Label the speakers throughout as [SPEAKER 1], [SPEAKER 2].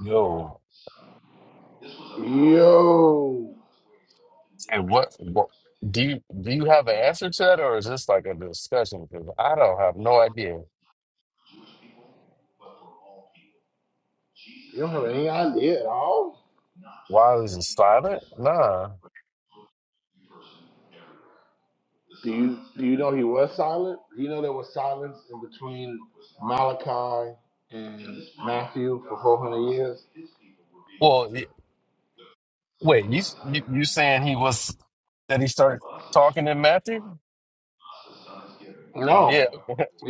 [SPEAKER 1] Yo,
[SPEAKER 2] Oh,
[SPEAKER 1] and what, what do you do you have an answer to that, or is this like a discussion? Because I don't have no idea.
[SPEAKER 2] ain't I there at all?
[SPEAKER 1] Why was it silent? Nah.
[SPEAKER 2] Do you know he was silent? Do you know there was silence in between Malachi and
[SPEAKER 1] Well, y- wait, you, s- you you saying he was that he started talking in Matthew? Yeah,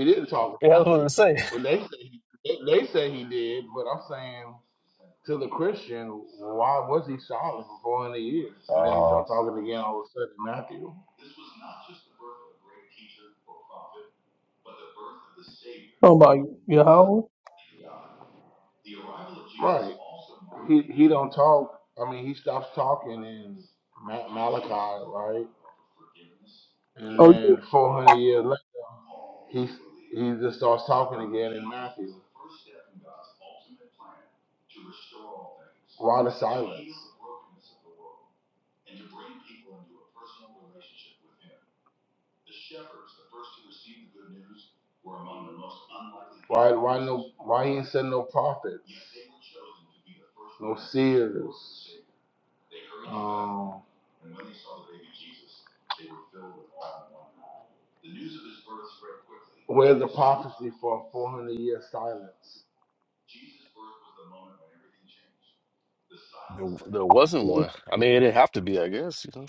[SPEAKER 2] didn't talk to
[SPEAKER 1] yeah, that's what
[SPEAKER 2] Matthew.
[SPEAKER 1] I'm saying.
[SPEAKER 2] They say he, they, they say he did, but I'm saying to the Christian, why was he silent for 400 years? And then he
[SPEAKER 1] Uh,
[SPEAKER 2] started talking again all of a sudden, Matthew.
[SPEAKER 3] Oh my Yahweh.
[SPEAKER 2] He he don't talk. I mean, he stops talking in Ma- Malachi, right? And
[SPEAKER 3] Oh, you-
[SPEAKER 2] then 400 years later, he just starts talking again. And why the saints send no prophet? Here. for a 400 year silence.
[SPEAKER 1] there, there wasn't one. I mean, it didn't have to be, I guess. You know?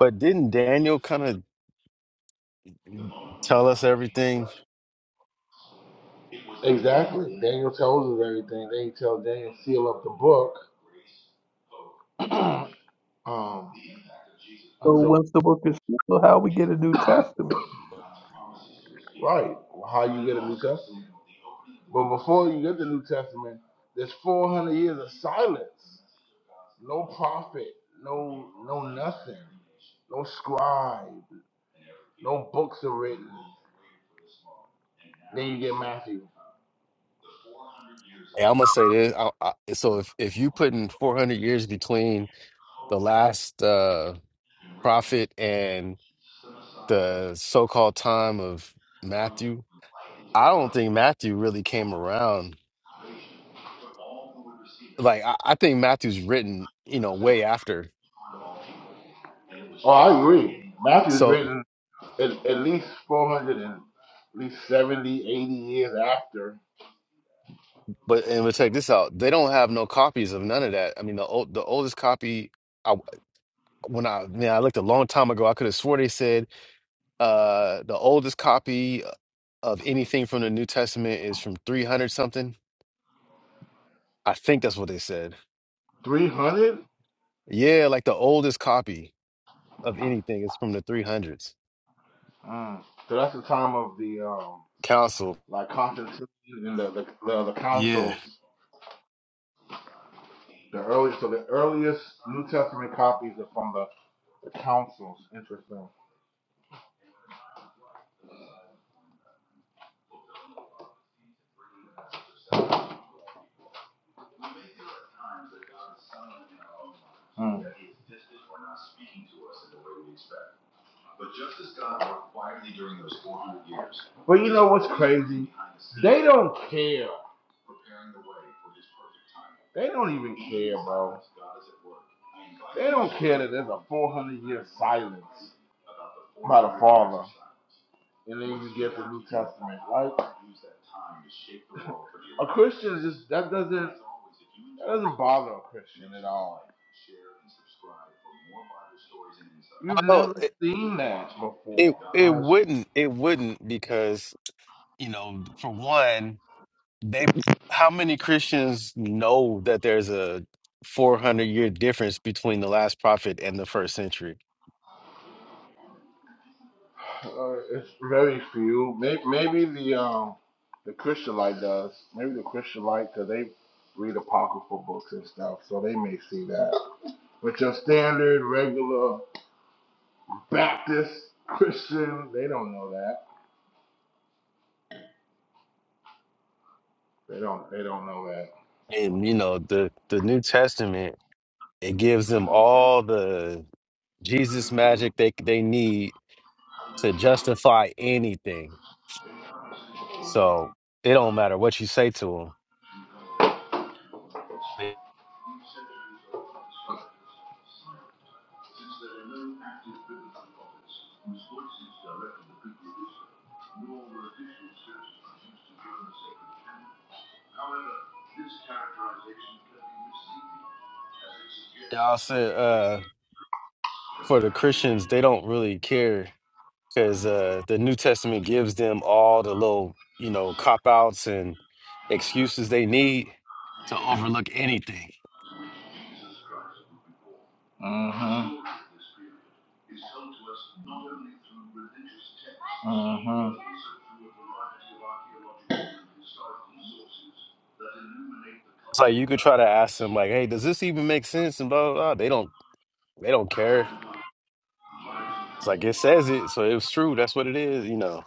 [SPEAKER 1] But didn't Daniel kind of tell us everything?
[SPEAKER 2] Daniel tells us everything. Then he tells Daniel, seal up the book. Um,
[SPEAKER 3] so
[SPEAKER 2] so,
[SPEAKER 3] what's the book of Shiloh? How we get a New Testament?
[SPEAKER 2] right. How but before you get the New Testament, there's 400 years of silence. No prophet, no no nothing. No scribe, no books are written. You get Matthew.
[SPEAKER 1] Hey, I'm gonna say this. I, I, so if if you putting 400 years between the last. uh prophet and the so-called time of Matthew. I don't think Matthew really came around. Like I, I think Matthew's written, you know, way after.
[SPEAKER 2] I agree. Matthew's
[SPEAKER 1] So,
[SPEAKER 2] written at, at least 400 and at least 70, 80 years after.
[SPEAKER 1] but and but check this out. They don't have no copies of none of that. I mean, the old the oldest copy. I when I man, I looked a long time ago. I could have swore they said uh the oldest copy of anything from the New Testament is from three hundred something. I think that's what they said.
[SPEAKER 2] 300?
[SPEAKER 1] Yeah, like the oldest copy of anything is from the three hundreds.
[SPEAKER 2] Mm. So that's the time of the um,
[SPEAKER 1] Council.
[SPEAKER 2] like Constantine and the the, the, the
[SPEAKER 1] Yeah.
[SPEAKER 2] councils. The earliest, so the earliest New Testament copies are from the, the councils. Interesting. But They don't care. They don't even care that there's a 400 year silence, and then you get the New Testament. Like a Christian just that doesn't doesn't bother a Christian at all. We've
[SPEAKER 1] Well,
[SPEAKER 2] never
[SPEAKER 1] it,
[SPEAKER 2] seen that
[SPEAKER 1] it
[SPEAKER 2] before.
[SPEAKER 1] it
[SPEAKER 2] Like,
[SPEAKER 1] wouldn't it wouldn't because you know for one they how many Christians know that there's a 400 year difference between the last prophet and the first century
[SPEAKER 2] Uh, it's very few. Maybe, maybe the um the Christianite does. Maybe the Christianite because they read apocryphal books and stuff, so they may see that. But your standard regular Baptist Christian, they don't know that. They don't. They don't know that.
[SPEAKER 1] and you know the the New Testament it gives them all the Jesus magic they they need to justify anything so it don't matter what you say to them y'all said for the Christians, they don't really care because uh, the New Testament gives them all the little, you know, cop outs and excuses they need to overlook anything.
[SPEAKER 2] Mhm.
[SPEAKER 1] It's like you could try to ask them, like, "Hey, does this even make sense?" and blah blah. blah. They don't. They don't care. It's like it says it, so it's true. That's what it is. You know,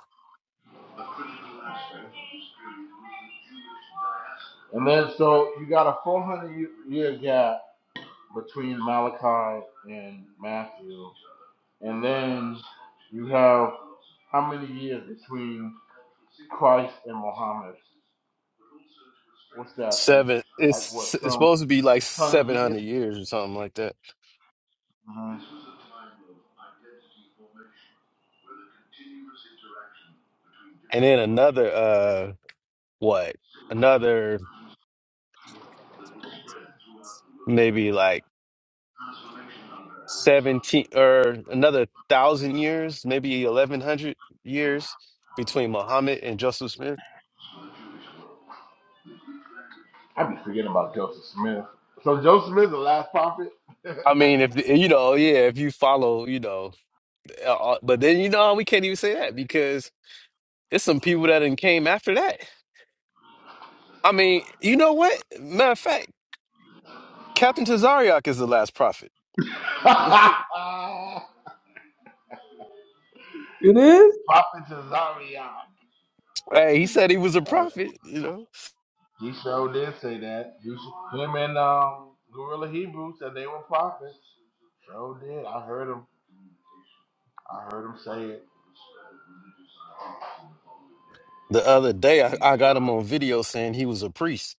[SPEAKER 2] And then so you got a 400 year gap between Malachi and Matthew, and then you have how many years between Christ and Muhammad? That
[SPEAKER 1] seven.
[SPEAKER 2] like what
[SPEAKER 1] It's it's
[SPEAKER 2] some
[SPEAKER 1] supposed to be like
[SPEAKER 2] hundred
[SPEAKER 1] seven
[SPEAKER 2] years.
[SPEAKER 1] hundred years or something like that.
[SPEAKER 2] Mhm.
[SPEAKER 1] And then another, uh, what? Another maybe like. 17 or another thousand years, maybe 1100 years between Muhammad and Joseph Smith.
[SPEAKER 2] I be forgetting about Joseph Smith. So Joseph Smith is the last prophet.
[SPEAKER 1] I
[SPEAKER 2] prophet
[SPEAKER 1] mean, if you know, yeah, if you follow, you know, uh, uh, but then you know, we can't even say that because it's some people that done came after that. I mean, you know what? Matter of fact, Captain Tazariak is the last prophet.
[SPEAKER 3] It is?
[SPEAKER 2] to Zion.
[SPEAKER 1] Hey, he said he was a
[SPEAKER 2] Uh,
[SPEAKER 1] prophet, you know.
[SPEAKER 2] he sure did say that. He, s- him and um, Gorilla Hebrew said they were prophets. Sure did. I heard him. I heard him say it.
[SPEAKER 1] The other day, I, I got him on video saying he was a priest.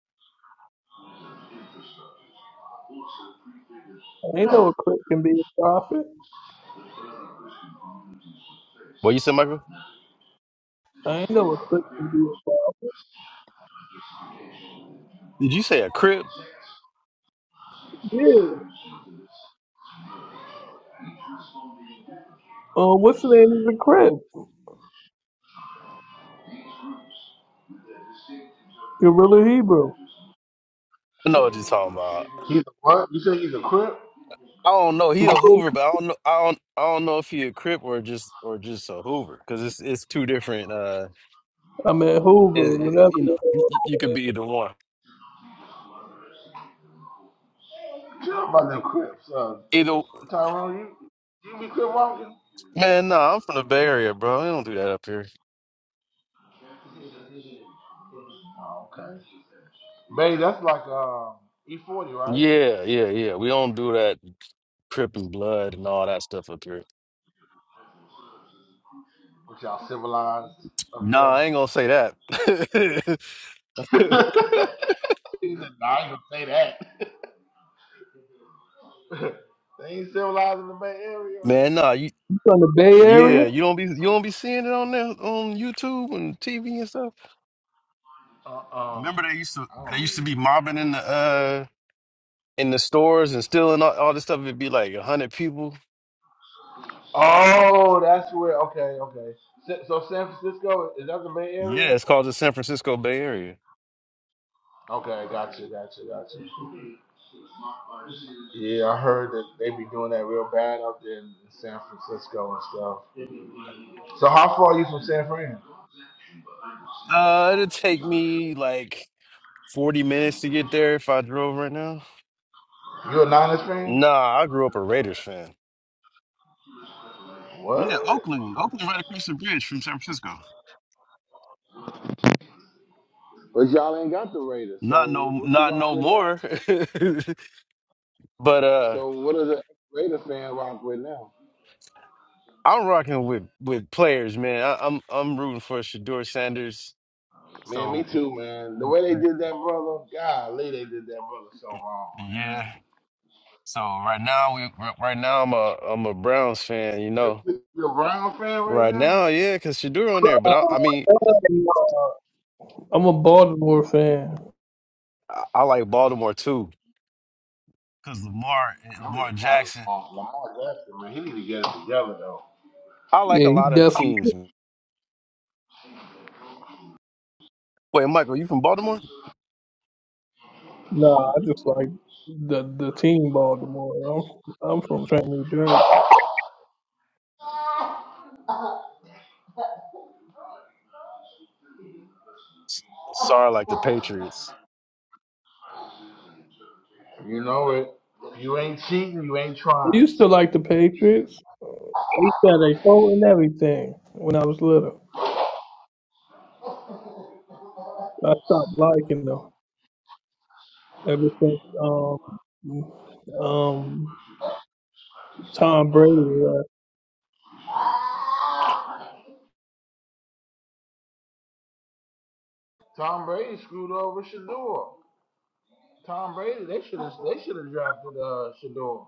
[SPEAKER 3] I ain't know a clerk can be a prophet.
[SPEAKER 1] What you said, Michael?
[SPEAKER 3] I ain't know a clerk can be a prophet.
[SPEAKER 1] Did you say a crib?
[SPEAKER 3] Yeah. Uh, what's the name of the clerk? Gorilla Hebrew.
[SPEAKER 1] No, what you talking about.
[SPEAKER 2] He's a what? You say he's a crip?
[SPEAKER 1] I don't know. He a Hoover, but I don't know. I don't. I don't know if he a Crip or just or just a Hoover because it's it's two different. Uh,
[SPEAKER 3] I'm at Hoover,
[SPEAKER 1] it,
[SPEAKER 3] whatever.
[SPEAKER 1] it- you know, you, you could
[SPEAKER 3] You
[SPEAKER 1] be either one.
[SPEAKER 2] Tell about them crips. Uh,
[SPEAKER 1] Either
[SPEAKER 2] Tyrone, you you be crip walking?
[SPEAKER 1] man, no, I'm from the Bay Area, bro. They don't do that up here.
[SPEAKER 2] Oh, okay. Babe, that's like uh, E40, right?
[SPEAKER 1] Yeah, yeah, yeah. We don't do that Crip and blood and all that stuff up here.
[SPEAKER 2] What y'all civilized up
[SPEAKER 1] Nah,
[SPEAKER 2] there?
[SPEAKER 1] I ain't gonna say that.
[SPEAKER 2] he said, nah, I ain't gonna say that. they ain't civilized in the Bay Area.
[SPEAKER 1] man, nah, you.
[SPEAKER 3] from the Bay
[SPEAKER 1] Yeah,
[SPEAKER 3] Area?
[SPEAKER 1] you don't be you don't be seeing it on there on YouTube and TV and stuff.
[SPEAKER 2] Uh uh
[SPEAKER 1] Remember they used to
[SPEAKER 2] I
[SPEAKER 1] they
[SPEAKER 2] don't
[SPEAKER 1] used to
[SPEAKER 2] mean.
[SPEAKER 1] be mobbing in the uh in the stores and stealing all, all this stuff, it'd be like 100 people.
[SPEAKER 2] Oh, that's where. Okay, okay. Sa- So San Francisco is that the Bay
[SPEAKER 1] Yeah,
[SPEAKER 2] Area?
[SPEAKER 1] it's called the San Francisco Bay Area.
[SPEAKER 2] Okay, gotcha, gotcha, gotcha. Yeah, I heard that they be doing that real bad up there in San Francisco and stuff. So how far are you from San Fran?
[SPEAKER 1] Uh, it'd take me like 40 minutes to get there if I drove right now.
[SPEAKER 2] You a Niners fan?
[SPEAKER 1] Nah, I grew up a Raiders fan. Yeah,
[SPEAKER 2] What?
[SPEAKER 1] Oakland. Oakland right across the bridge from San Francisco.
[SPEAKER 2] But y'all ain't got the Raiders,
[SPEAKER 1] Not no
[SPEAKER 2] so what you
[SPEAKER 1] not
[SPEAKER 2] rock
[SPEAKER 1] no
[SPEAKER 2] with now?
[SPEAKER 1] more. but uh
[SPEAKER 2] So what are the Raider fan rock with now?
[SPEAKER 1] I'm rocking with with players, man. I, I'm I'm rooting for Shador Sanders.
[SPEAKER 2] Man, me
[SPEAKER 1] So
[SPEAKER 2] too, man. The way they did that, brother. Golly, they did that, brother, so wrong, man.
[SPEAKER 1] yeah. So right now, we r- right now I'm a I'm a Browns fan, you
[SPEAKER 2] The
[SPEAKER 1] know.
[SPEAKER 2] the Brown fan right
[SPEAKER 1] Right
[SPEAKER 2] now.
[SPEAKER 1] now, yeah, because Shadur on there, but I,
[SPEAKER 3] Uh,
[SPEAKER 1] I mean,
[SPEAKER 3] I'm a Baltimore fan.
[SPEAKER 1] I, I like Baltimore too, because Lamar and
[SPEAKER 2] I'm
[SPEAKER 1] Lamar
[SPEAKER 2] getting tired of
[SPEAKER 1] Jackson.
[SPEAKER 2] Lamar. Lamar Jackson, man. He need to get it together, though.
[SPEAKER 1] I like
[SPEAKER 3] Yeah,
[SPEAKER 1] a
[SPEAKER 3] he
[SPEAKER 1] lot of
[SPEAKER 3] definitely.
[SPEAKER 1] teams. Wait, Michael, you from Baltimore?
[SPEAKER 3] Nah, I just like the the team Baltimore. I'm I'm from Trenton, New Jersey.
[SPEAKER 1] S- Sorry, like the Patriots.
[SPEAKER 2] You know it. You ain't cheating. You ain't
[SPEAKER 3] I
[SPEAKER 2] trying.
[SPEAKER 3] used to like the Patriots. He said they phone and everything when I was little. I stopped liking them ever since um um Tom Brady left.
[SPEAKER 2] Tom Brady screwed over Shador. Tom Brady, they should have, they should have drafted uh, Shador.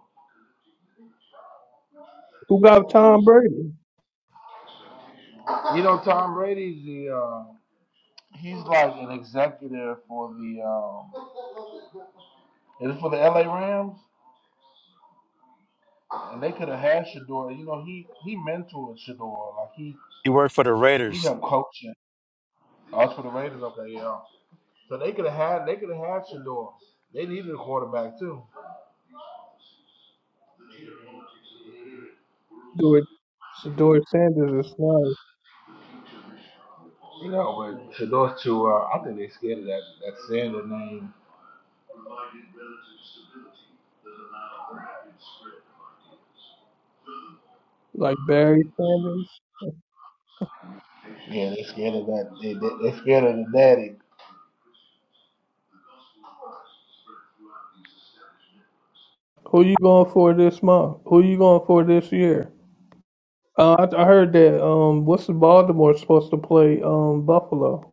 [SPEAKER 3] Who got Tom Brady?
[SPEAKER 2] You know, Tom Brady's the, uh, he's like an executive for the, um, is it for the LA Rams? And they could have had Shador. You know, he he mentored Shador. Like he
[SPEAKER 1] You work for the
[SPEAKER 2] he
[SPEAKER 1] Raiders.
[SPEAKER 2] helped coaching. Oh, it's for the Raiders. Okay, yeah. So they could have had they could have had Shador. They needed a quarterback too.
[SPEAKER 3] Dor Dor Sanders is nice.
[SPEAKER 2] Shador's too. Uh, I think they scared of that. that scared of the name.
[SPEAKER 3] Like Barry Sanders.
[SPEAKER 2] Yeah, they scared of that. They scared of the daddy.
[SPEAKER 3] Who you going for this month? Who you going for this year? Uh, I, I heard that um what's the Baltimore supposed to play um Buffalo.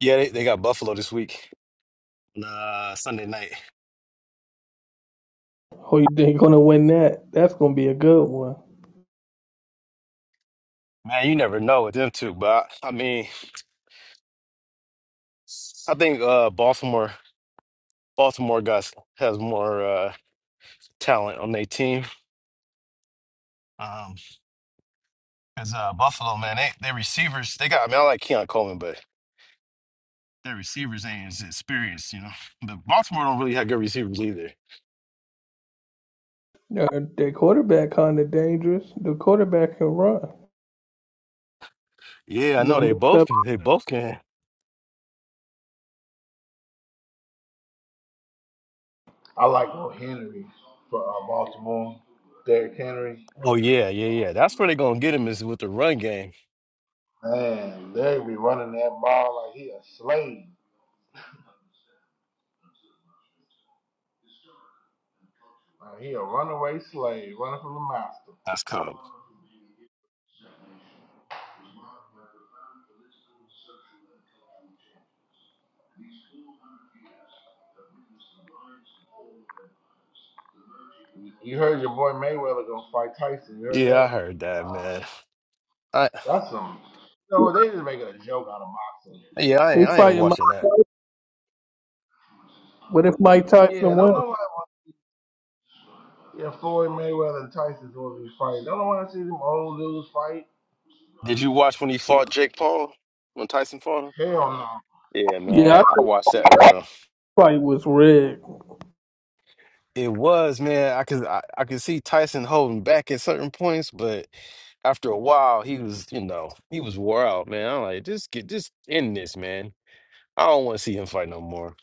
[SPEAKER 1] Yeah, they, they got Buffalo this week. Nah, Sunday night.
[SPEAKER 3] Who you think gonna win that? That's gonna be a good one.
[SPEAKER 1] Man, you never know with them two, but I, I mean, I think uh Baltimore Baltimore guys has more uh talent on their team. Um, Cause uh, Buffalo, man, they they receivers they got. I mean, I like Keon Coleman, but their receivers ain't as experienced, you know. But Baltimore don't really have good receivers either.
[SPEAKER 3] Uh, their quarterback kind of dangerous. The quarterback can run.
[SPEAKER 1] Yeah, I know
[SPEAKER 3] No,
[SPEAKER 1] they both
[SPEAKER 3] except
[SPEAKER 1] can. They both can.
[SPEAKER 2] I like Bo Henry from uh, Baltimore. Derrick Henry.
[SPEAKER 1] Oh yeah, yeah, yeah. That's where they gonna get him is with the run game.
[SPEAKER 2] Man, they be running that ball like he a slave. Like he a runaway slave running from the master.
[SPEAKER 1] That's cool.
[SPEAKER 2] You heard your boy Mayweather gonna fight Tyson. You heard
[SPEAKER 1] Yeah, I
[SPEAKER 2] that?
[SPEAKER 1] heard that, man. I
[SPEAKER 2] That's some. You know, they just making a joke out of boxing.
[SPEAKER 1] yeah, I
[SPEAKER 3] they
[SPEAKER 1] ain't I ain't
[SPEAKER 3] fighting. Mi-
[SPEAKER 1] watching that.
[SPEAKER 3] What if Mike
[SPEAKER 2] Yeah,
[SPEAKER 3] Tyson
[SPEAKER 2] don't
[SPEAKER 3] wins?
[SPEAKER 2] know why. Yeah, Floyd Mayweather and Tyson's going to be fighting. Don't know why I see them old dudes fight.
[SPEAKER 1] Did you watch when he fought Jake Paul? When Tyson fought him?
[SPEAKER 2] Hell no.
[SPEAKER 1] Yeah,
[SPEAKER 3] Yeah, I
[SPEAKER 1] man,
[SPEAKER 3] thought
[SPEAKER 1] I watched that, bro.
[SPEAKER 3] the fight was rigged.
[SPEAKER 1] It was, man. I could I, I could see Tyson holding back at certain points, but after a while, he was, you know, he was wore out, man. I'm like, just get just end this, man. I don't want to see him fight no more.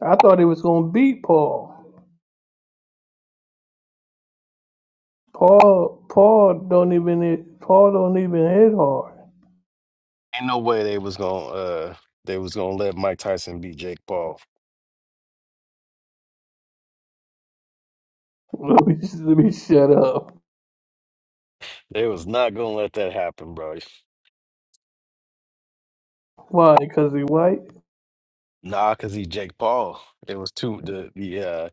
[SPEAKER 3] I thought he was gonna beat Paul. Paul, Paul don't even hit- Paul don't even hit hard.
[SPEAKER 1] Ain't no way they was gonna uh they was gonna let Mike Tyson beat Jake Paul.
[SPEAKER 3] Let me let me shut up.
[SPEAKER 1] They was not gonna let that happen, bro.
[SPEAKER 3] Why? Because he white.
[SPEAKER 1] Nah, cause he Jake Paul. It was too the the uh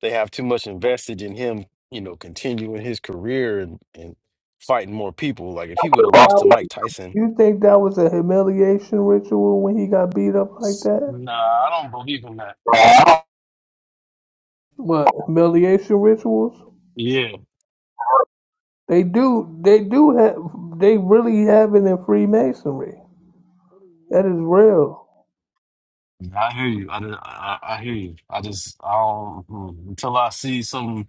[SPEAKER 1] they have too much invested in him, you know, continuing his career and and fighting more people. Like if he would have lost to Mike Tyson.
[SPEAKER 3] You think that was a humiliation ritual when he got beat up like that?
[SPEAKER 1] Nah, I don't believe in that.
[SPEAKER 3] What humiliation rituals?
[SPEAKER 1] Yeah,
[SPEAKER 3] They do. They do have. They really have it in Freemasonry. That is real.
[SPEAKER 1] I hear you. I, did- I, I I hear you. I just I don't mm, until I see some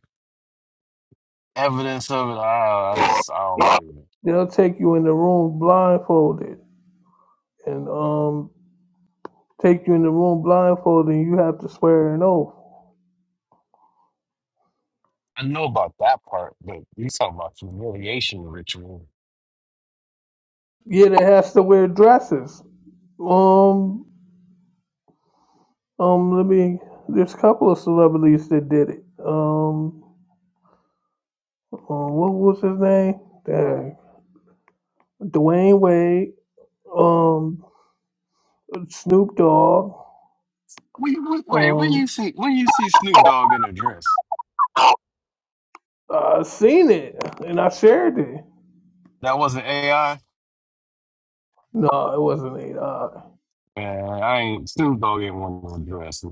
[SPEAKER 1] evidence of it. I, I just I don't believe it.
[SPEAKER 3] They'll take you in the room blindfolded and um take you in the room blindfolded and you have to swear an oath.
[SPEAKER 1] I know about that part, but you talking about humiliation ritual.
[SPEAKER 3] Yeah, they has to wear dresses. Um um let me there's a couple of celebrities that did it. Um, um what was his name? Dang. Dwayne Wade, um Snoop Dogg,
[SPEAKER 1] Wait, wait, wait, when you
[SPEAKER 3] um
[SPEAKER 1] see when you see Snoop Dogg in a dress,
[SPEAKER 3] I seen it and I shared it.
[SPEAKER 1] that wasn't AI.
[SPEAKER 3] No, it wasn't eight. Uh,
[SPEAKER 1] Man, I ain't Snoop Dogg ain't one no dress.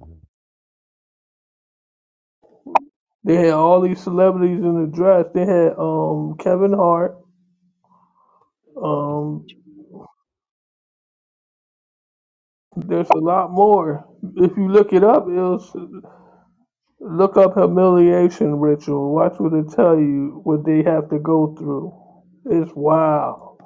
[SPEAKER 3] They had all these celebrities in the draft. They had um Kevin Hart. Um, there's a lot more. If you look it up, it's look up humiliation ritual. Watch what it tell you what they have to go through. It's wow.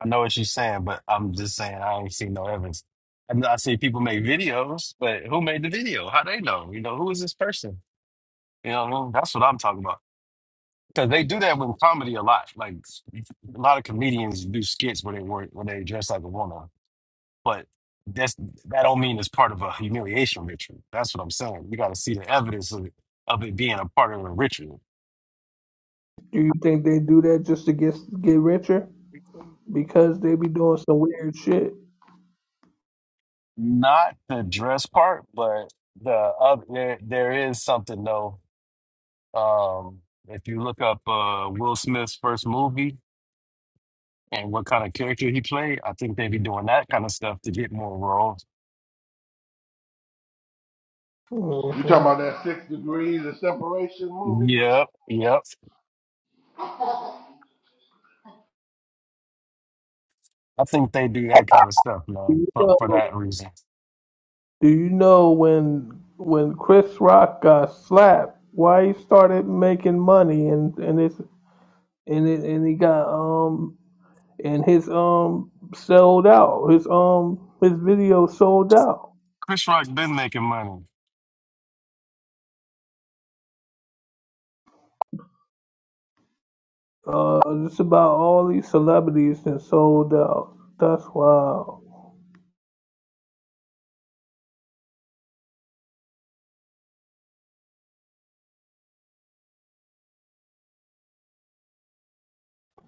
[SPEAKER 1] I know what you're saying, but I'm just saying I ain't seen no evidence. I, know- I see people make videos, but who made the video? How they know? You know, who is this person? You know, what I mean? that's what I'm talking about. Because they do that with comedy a lot. Like a lot of comedians do skits where they work where they dress like a woman, but that's that don't mean it's part of a humiliation ritual. That's what I'm saying. You got to see the evidence of it, of it being a part of a ritual.
[SPEAKER 3] Do you think they do that just to get get richer? Because they be doing some weird shit.
[SPEAKER 1] Not the dress part, but the other. There, there is something though Um, if you look up uh, Will Smith's first movie and what kind of character he played, I think they be doing that kind of stuff to get more roles.
[SPEAKER 2] You talking
[SPEAKER 3] hmm
[SPEAKER 2] about that Six Degrees of Separation movie?
[SPEAKER 1] Yep, yep. I think they do that kind of stuff,
[SPEAKER 3] Do you
[SPEAKER 1] man, for, for
[SPEAKER 3] know,
[SPEAKER 1] that reason.
[SPEAKER 3] do you know when when Chris Rock got slapped? Why he started making money and and it's and it, and he got um and his um sold out. His um his video sold out.
[SPEAKER 1] Chris Rock has been making money,
[SPEAKER 3] Uh, just about all these celebrities that sold out. That's wild.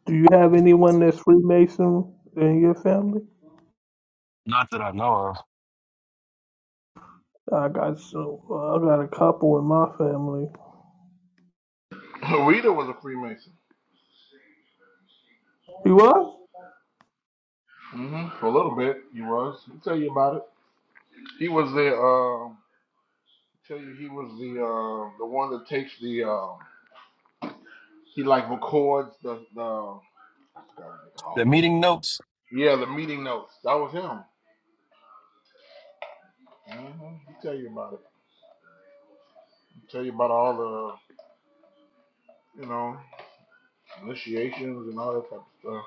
[SPEAKER 3] Do you have anyone that's Freemason in your family?
[SPEAKER 1] not that I know of.
[SPEAKER 3] I got some. uh, I got a couple in my family.
[SPEAKER 2] Rita was a Freemason.
[SPEAKER 3] You what?
[SPEAKER 2] mm hmm For a little bit, he was. I'll tell you about it. He was the. Uh, tell you, he was the uh, the one that takes the. Uh, he like records the the. God, what do they call
[SPEAKER 1] The
[SPEAKER 2] it
[SPEAKER 1] meeting notes,
[SPEAKER 2] Yeah, the meeting notes. That was him. hmm He tell you about it. He tell you about all the, you know, initiations and all that type of stuff.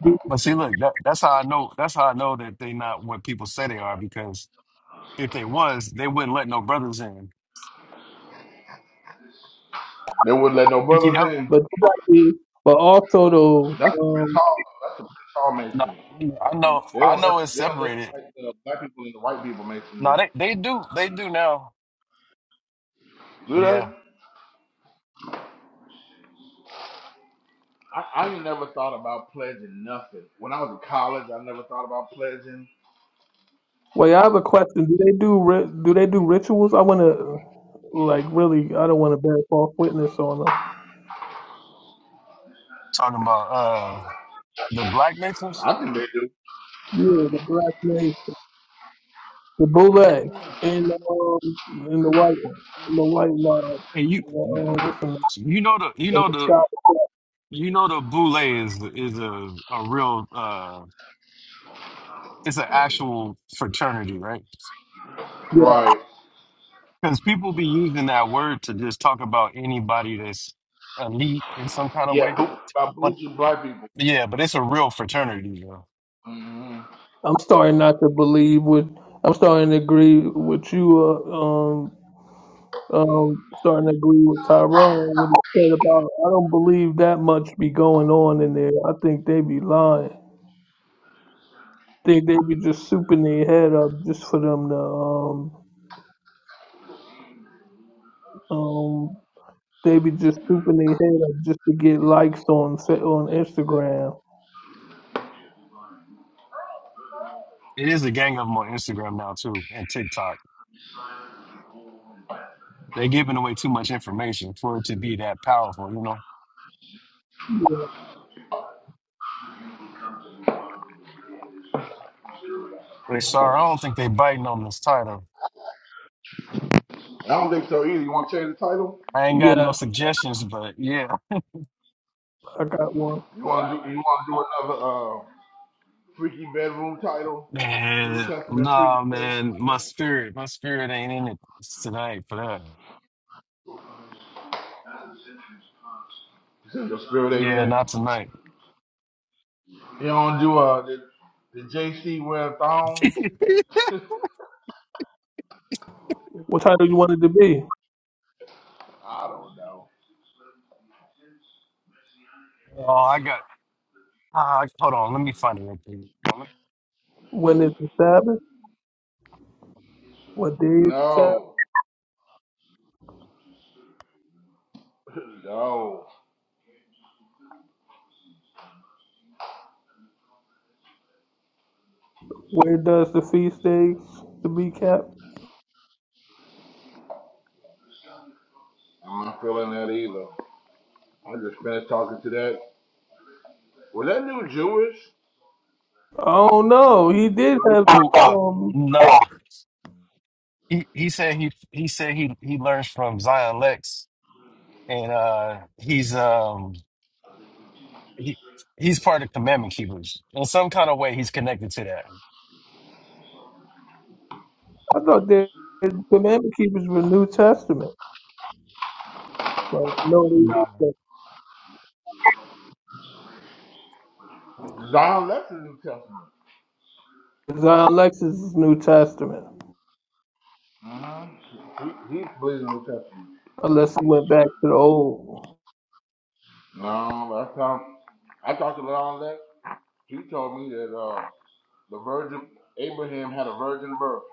[SPEAKER 3] But
[SPEAKER 1] but see, look, that, that's how I know. That's how I know that they not what people say they are because if they was, they wouldn't let no brothers in.
[SPEAKER 2] They wouldn't let no
[SPEAKER 1] you know?
[SPEAKER 2] brothers in.
[SPEAKER 3] you got the, but also though,
[SPEAKER 2] That's the Prince
[SPEAKER 3] um,
[SPEAKER 2] Hall. That's the Prince Hall
[SPEAKER 1] No,
[SPEAKER 2] Masonry.
[SPEAKER 1] I know.
[SPEAKER 2] They
[SPEAKER 1] I
[SPEAKER 2] don't let
[SPEAKER 1] know it's
[SPEAKER 2] they don't let
[SPEAKER 1] separated.
[SPEAKER 2] like the black people and the white people masonry.
[SPEAKER 1] No, they, they do. They do now.
[SPEAKER 2] Do they?
[SPEAKER 1] Yeah,
[SPEAKER 2] I, I ain't never thought about pledging nothing. When I was in college, I never thought about pledging.
[SPEAKER 3] wait, I have
[SPEAKER 2] When,
[SPEAKER 3] a question. Do they do ri- do they do rituals? I want to like really. I don't want to bear false witness on them.
[SPEAKER 1] talking about uh the black natives.
[SPEAKER 2] I think they do.
[SPEAKER 3] Yeah, the black lady, the boule, and um, and the white one, and the white line.
[SPEAKER 1] And you,
[SPEAKER 3] And, uh, what's the name?
[SPEAKER 1] you know the, you
[SPEAKER 3] And
[SPEAKER 1] know
[SPEAKER 3] the
[SPEAKER 1] the,
[SPEAKER 3] sky.
[SPEAKER 1] you know the Boule is is a a real uh, it's an actual fraternity, right?
[SPEAKER 3] Yeah,
[SPEAKER 2] Right.
[SPEAKER 1] Because people be using that word to just talk about anybody that's elite in some kind of
[SPEAKER 2] Yeah,
[SPEAKER 1] way.
[SPEAKER 2] boo- about
[SPEAKER 1] But
[SPEAKER 2] bougie black people.
[SPEAKER 1] yeah, but it's a real fraternity, though.
[SPEAKER 2] hmm
[SPEAKER 3] I'm starting not to believe with. I'm starting to agree with you. Uh, um, um, starting to agree with Tyrone. What he said about I don't believe that much be going on in there. I think they be lying. think they be just souping their head up just for them to um, um They be just stooping their head up just to get likes on sa- on Instagram.
[SPEAKER 1] It is a gang of them on Instagram now too and TikTok. They're giving away too much information for it to be that powerful, you know.
[SPEAKER 3] Yeah.
[SPEAKER 1] Hey, sorry, I don't think they biting on this title.
[SPEAKER 2] I don't think so either. You want to change the title?
[SPEAKER 1] I ain't got no
[SPEAKER 3] Yes,
[SPEAKER 1] suggestions, but yeah.
[SPEAKER 3] I got one.
[SPEAKER 2] You want to do? You want to do another uh, freaky bedroom title? New
[SPEAKER 1] Man,
[SPEAKER 2] Testament freaky
[SPEAKER 1] nah,
[SPEAKER 2] bedroom
[SPEAKER 1] man.
[SPEAKER 2] title.
[SPEAKER 1] My spirit, my spirit ain't in it tonight for that.
[SPEAKER 2] Since your spirit ain't in
[SPEAKER 1] Yeah,
[SPEAKER 2] it,
[SPEAKER 1] not tonight.
[SPEAKER 2] you don't do uh the, the JC wear thongs.
[SPEAKER 3] What title you want it to be?
[SPEAKER 2] I don't know.
[SPEAKER 1] oh, I got. Uh, hold on, let me find it. Real quick.
[SPEAKER 3] When is the Sabbath? What day is the Sabbath?
[SPEAKER 2] No, no,
[SPEAKER 3] Where does the feast days to be kept?
[SPEAKER 2] I'm not feeling that either. I just finished talking to that. Was that new Jewish?
[SPEAKER 3] Oh no, he did have.
[SPEAKER 1] Who? Uh,
[SPEAKER 3] Um,
[SPEAKER 1] nah. He he said he he said he he learns from Zion Lex, and uh, he's um he he's part of Commandment Keepers in some kind of way. He's connected to that.
[SPEAKER 3] I thought the commandment keepers were New Testament, but no, they
[SPEAKER 1] No.
[SPEAKER 3] didn't.
[SPEAKER 2] Zion left the New Testament.
[SPEAKER 3] Zion Lexus is New Testament,
[SPEAKER 2] Mm-hmm. He, he believes in the New Testament.
[SPEAKER 3] unless he went back to the old.
[SPEAKER 2] No, last time I talked to Zion left. He told me that. uh, The virgin Abraham had a virgin birth.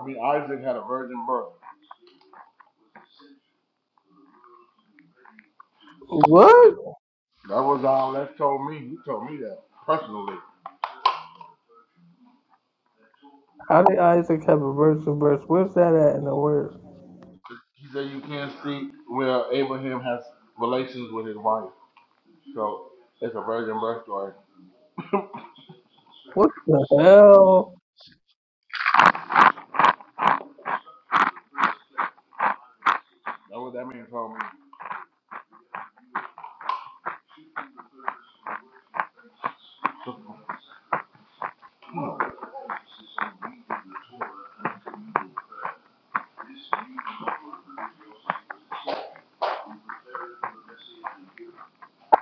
[SPEAKER 2] I mean Isaac had a virgin birth.
[SPEAKER 3] What?
[SPEAKER 2] That was all that told me. He told me that personally.
[SPEAKER 3] How did Isaac have a verse and verse? Where's that at in the word?
[SPEAKER 2] He said you can't see where Abraham has relations with his wife. So it's a virgin birth story.
[SPEAKER 3] What the hell?
[SPEAKER 2] That's what that man told me.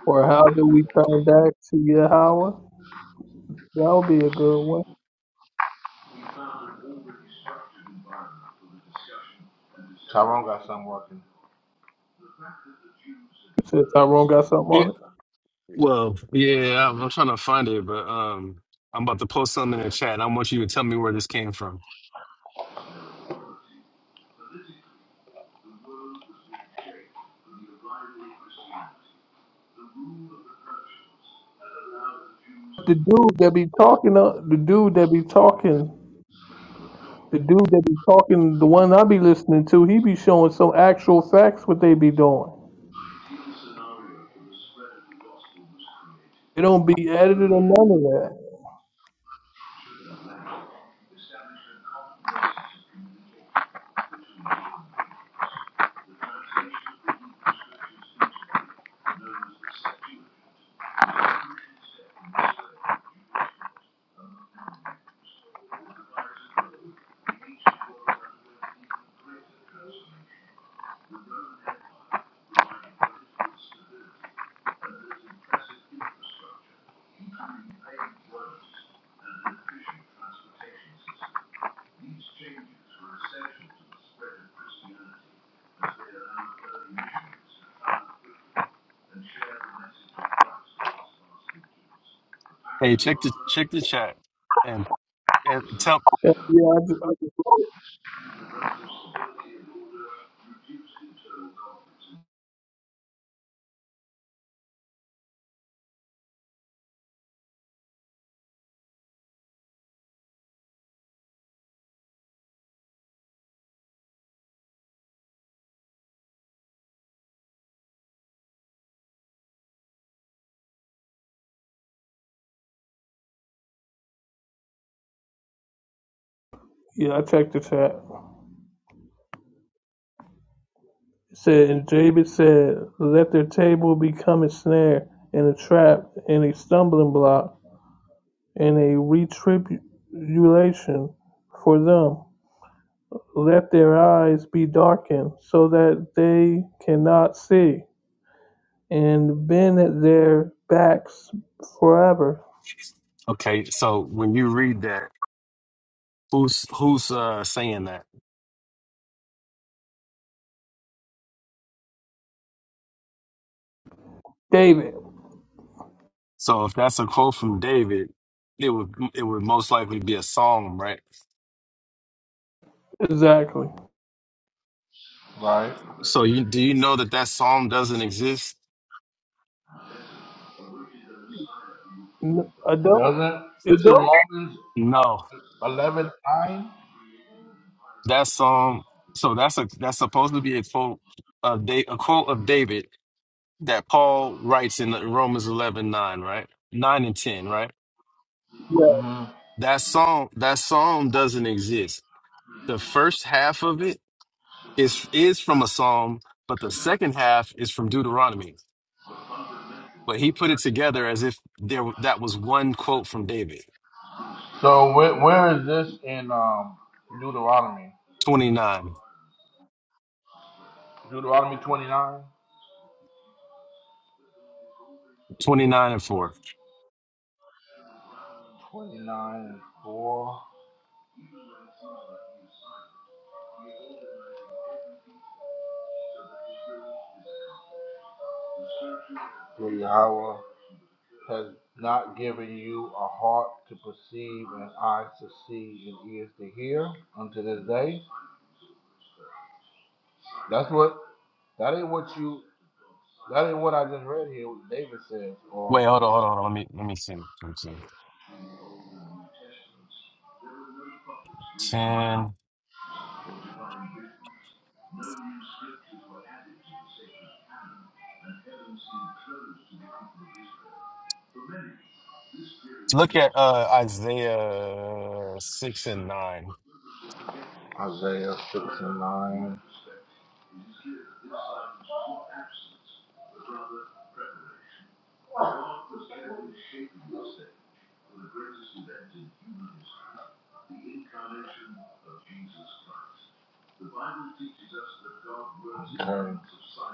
[SPEAKER 3] Or how do we transact to Yahweh? That would be a good one.
[SPEAKER 2] Tyrone got something working.
[SPEAKER 3] Since Tyrone got something on it.
[SPEAKER 1] Well, yeah, I'm, I'm trying to find it, but um, I'm about to post something in the chat. And I want you to tell me where this came from.
[SPEAKER 3] The dude that be talking, uh, the dude that be talking, the dude that be talking, the one I be listening to, he be showing some actual facts what they be doing. It don't be edited or none of that.
[SPEAKER 1] Hey, check the check the chat and and tell.
[SPEAKER 3] Yeah, yeah, I, just, I just, wrote it. yeah, I checked the chat. It said, and Jabez said, let their table become a snare and a trap and a stumbling block and a retribution for them. Let their eyes be darkened so that they cannot see, and bend at their backs forever.
[SPEAKER 1] Okay, so when you read that, who's who's uh saying that?
[SPEAKER 3] David,
[SPEAKER 1] So if that's a quote from David, it would it would most likely be a psalm, right?
[SPEAKER 3] exactly.
[SPEAKER 2] Right.
[SPEAKER 1] So you do you know that that psalm doesn't exist?
[SPEAKER 3] I I
[SPEAKER 2] It
[SPEAKER 3] don't.
[SPEAKER 2] doesn't.
[SPEAKER 3] It
[SPEAKER 2] This is
[SPEAKER 3] don't.
[SPEAKER 2] Romans
[SPEAKER 1] No,
[SPEAKER 2] eleven 9.
[SPEAKER 1] that psalm. So that's a that's supposed to be a quote of da- a quote of David that Paul writes in Romans 11 9 right? 9 and 10, right?
[SPEAKER 3] Yeah.
[SPEAKER 2] hmm
[SPEAKER 1] That song, that psalm doesn't exist. The first half of it is is from a psalm, but the second half is from Deuteronomy. But he put it together as if there that was one quote from David.
[SPEAKER 2] So where, where is this in um, Deuteronomy?
[SPEAKER 1] 29
[SPEAKER 2] Deuteronomy 29?
[SPEAKER 1] 29 and 4.
[SPEAKER 2] 29 and 4. Yahweh has not given you a heart to perceive and eyes to see and ears to hear unto this day. That's what that ain't what you that ain't what I just read here what David says or
[SPEAKER 1] Wait, hold on, hold on, hold on. Let me let me see. Let me see. 10. Look at uh Isaiah 6 and 9.
[SPEAKER 2] Isaiah six and nine.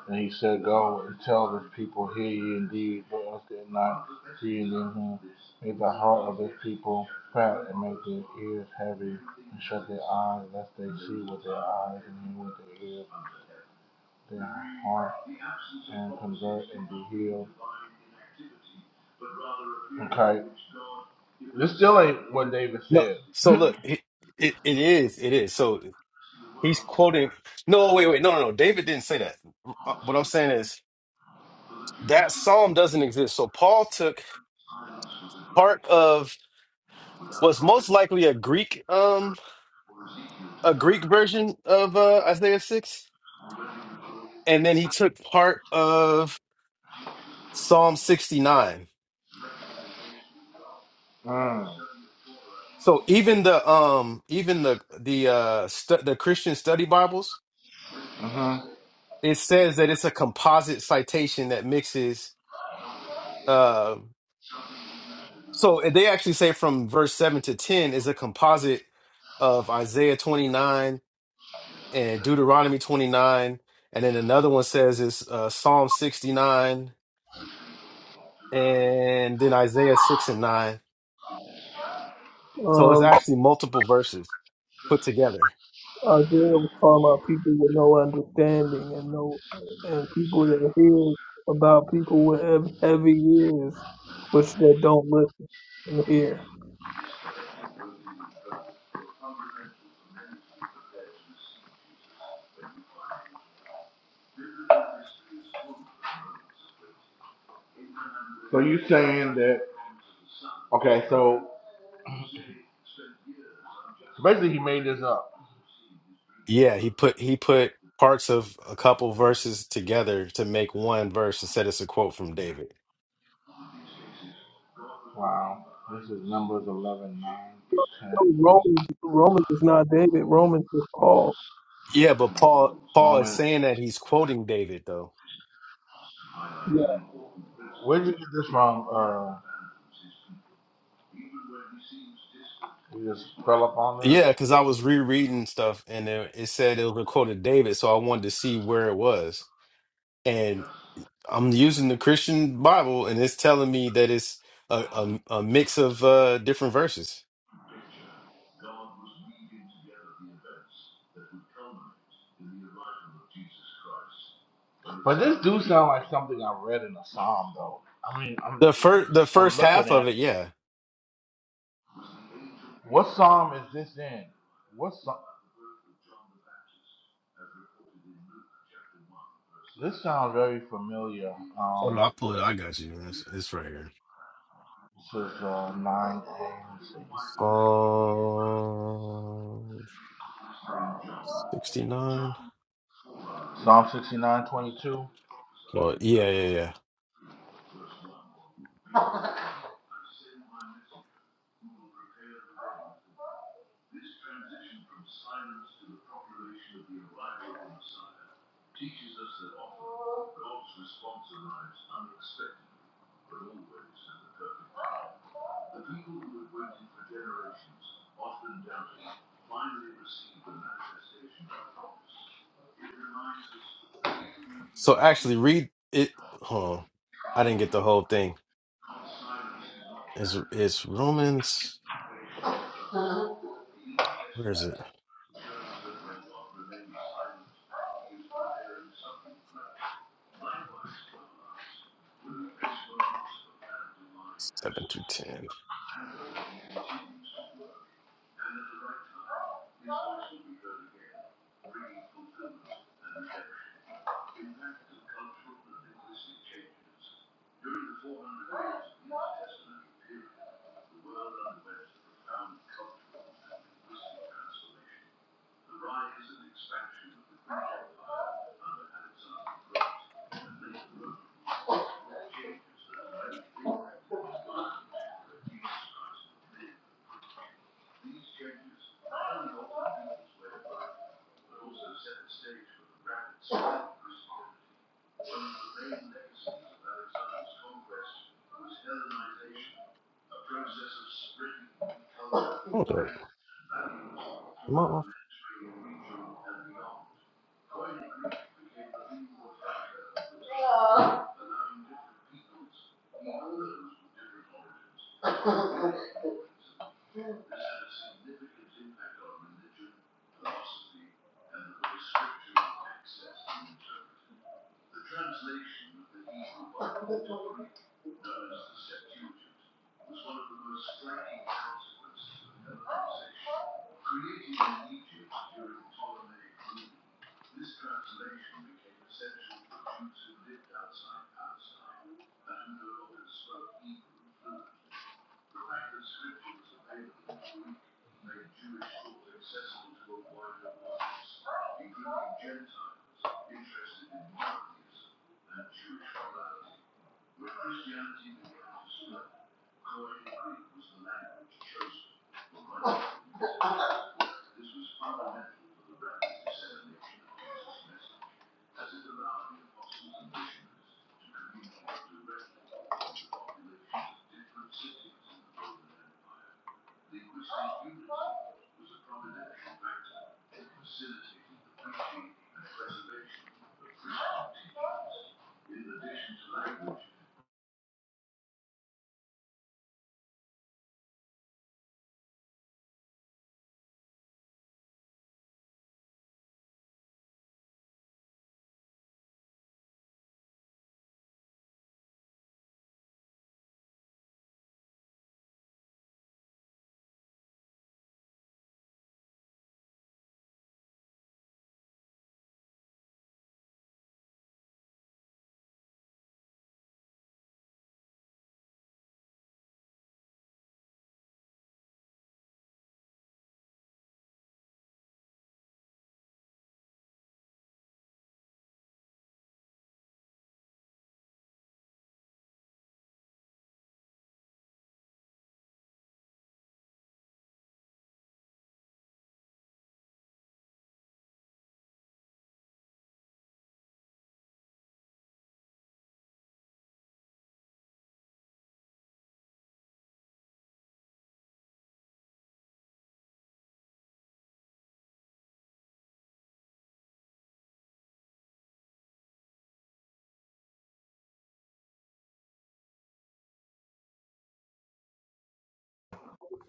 [SPEAKER 2] And he said, Go and tell this people, hear ye indeed, but understand not see ye them whom Make the heart of this people fat and make their ears heavy and shut their eyes lest they see with their eyes and hear with their ears, their heart and convert and be healed. This still ain't what David
[SPEAKER 1] No,
[SPEAKER 2] said.
[SPEAKER 1] so look, it, it, it is, it is. So He's quoting. No, wait, wait, no, no, no. David didn't say that. Uh, What I'm saying is that psalm doesn't exist. So Paul took part of what's most likely a Greek, um, a Greek version of uh, Isaiah six, and then he took part of Psalm sixty nine.
[SPEAKER 2] Mm.
[SPEAKER 1] So even the um, even the the uh, stu- the Christian study Bibles, it says that it's a composite citation that mixes. uh, So they actually say from verse 7 to 10 is a composite of Isaiah 29 and Deuteronomy 29. And then another one says it's uh, Psalm 69 and then Isaiah 6 and 9. So it's
[SPEAKER 3] Um,
[SPEAKER 1] actually multiple verses put together.
[SPEAKER 3] Isaiah was talking about people with no understanding and no, and people that hear about people with heavy ears, which they don't listen and hear.
[SPEAKER 2] So you saying that? Okay, so basically he made this up.
[SPEAKER 1] Yeah, he put he put parts of a couple verses together to make one verse and said it's a quote from David.
[SPEAKER 2] Wow. This is Numbers 11, nine through
[SPEAKER 3] Romans, Romans is not David. Romans is Paul.
[SPEAKER 1] Yeah, but Paul
[SPEAKER 2] 10.
[SPEAKER 1] Paul is
[SPEAKER 2] Romans.
[SPEAKER 1] saying that he's quoting David though.
[SPEAKER 3] Yeah.
[SPEAKER 2] Where did you get this from? Uh, you just fell up on this.
[SPEAKER 1] Yeah, because I was rereading stuff and it, it said it was a quote of David, so I wanted to see where it was. And I'm using the Christian Bible, and it's telling me that it's a, a, a mix of uh, different verses.
[SPEAKER 2] But this do sound like something I read in a psalm, though. I mean, I'm
[SPEAKER 1] The first the
[SPEAKER 2] I'm
[SPEAKER 1] first
[SPEAKER 2] looking
[SPEAKER 1] half
[SPEAKER 2] at
[SPEAKER 1] of it, yeah.
[SPEAKER 2] what psalm is this in? What psalm? This sounds very familiar.
[SPEAKER 1] Hold on,
[SPEAKER 2] Um,
[SPEAKER 1] I'll pull it. I got you. It's, it's right here.
[SPEAKER 2] this is uh, nine. A.
[SPEAKER 1] Um, 69.
[SPEAKER 2] Psalm 69 22.
[SPEAKER 1] Well, yeah, yeah, yeah. So actually, read it. Hold on. I didn't get the whole thing. It's, it's Romans. Where is it? Seven to ten. Hold up. Am I off?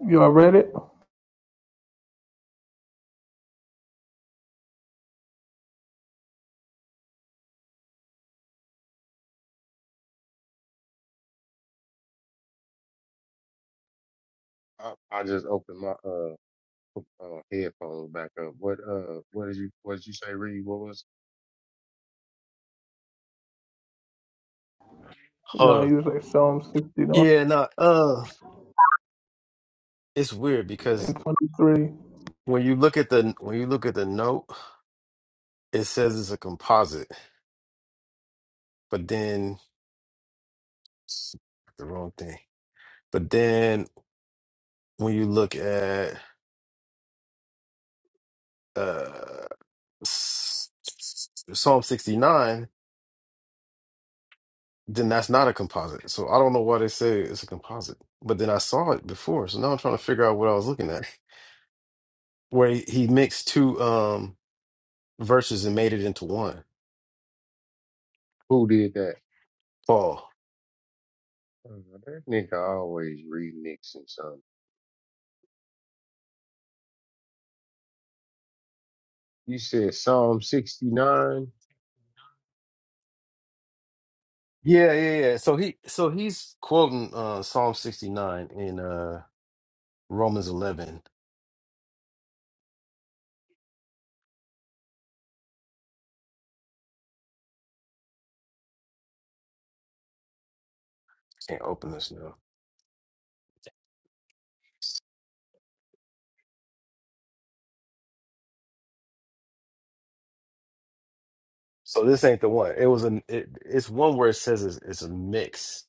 [SPEAKER 3] You all read it?
[SPEAKER 4] I, I just opened my uh, uh headphones back up. What uh what did you what did you say, Reed? What was
[SPEAKER 3] No,
[SPEAKER 1] Hold up.
[SPEAKER 3] you was like Psalm 69
[SPEAKER 1] Yeah, no, uh, it's weird because
[SPEAKER 3] and 23.
[SPEAKER 1] when you look at the when you look at the note, it says it's a composite, but then the wrong thing. But then when you look at uh s- Psalm 69, then that's not a composite. So I don't know why they say it's a composite. But then I saw it before, so now I'm trying to figure out what I was looking at. Where he he mixed two um verses and made it into one.
[SPEAKER 4] who did that?
[SPEAKER 1] Paul.
[SPEAKER 4] Uh, that nigga always remixing something. You said Psalm sixty nine,
[SPEAKER 1] Yeah, yeah, yeah. So he so he's quoting uh Psalm 69 in uh Romans 11. Can't open this now. So this ain't the one. It was an it, it's one where it says it's, it's a mix.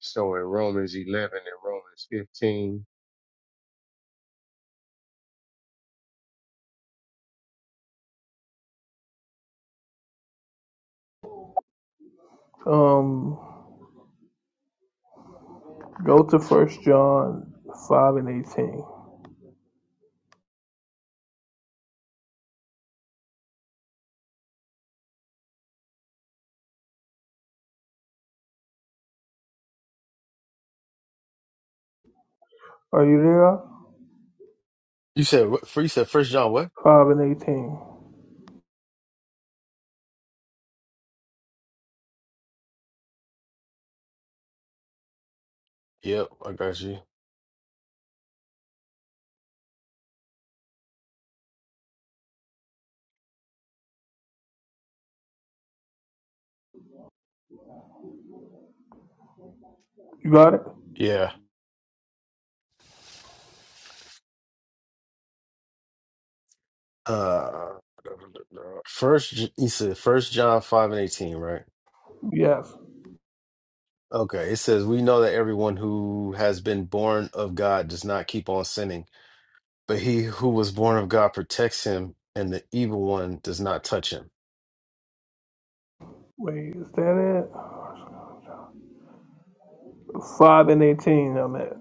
[SPEAKER 4] so in Romans eleven and Romans fifteen.
[SPEAKER 3] Um, go to First John 5 and 18. Are you there?
[SPEAKER 1] You said what- for you said First John what?
[SPEAKER 3] 5 and 18.
[SPEAKER 1] Yep, I got you.
[SPEAKER 3] You got it?
[SPEAKER 1] Yeah. Uh First he said First John 5 and 18, right?
[SPEAKER 3] Yes.
[SPEAKER 1] Okay. It says we know that everyone who has been born of God does not keep on sinning But he who was born of God protects him, and the evil one does not touch him.
[SPEAKER 3] Wait, is that it? 5 and 18, I'm at.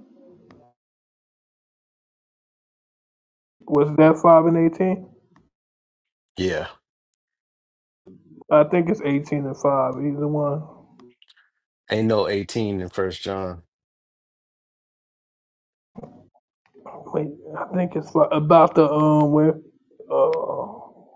[SPEAKER 3] Was that 5 and 18?
[SPEAKER 1] Yeah.
[SPEAKER 3] I think it's 18 and 5, either one.
[SPEAKER 1] Ain't no 18 in First John.
[SPEAKER 3] Wait, I think it's fi- about the, um, where, uh,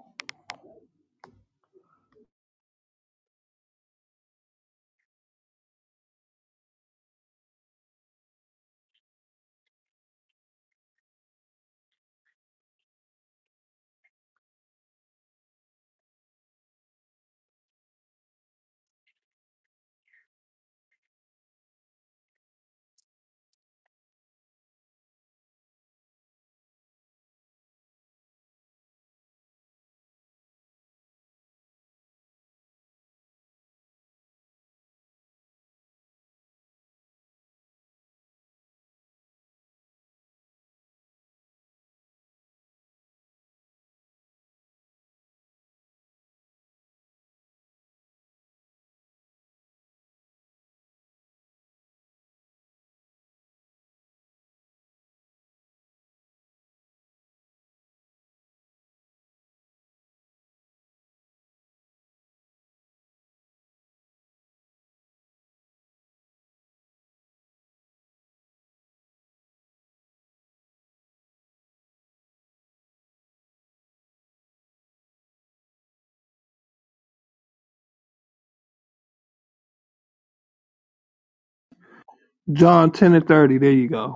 [SPEAKER 3] John 10 and 30. There you go.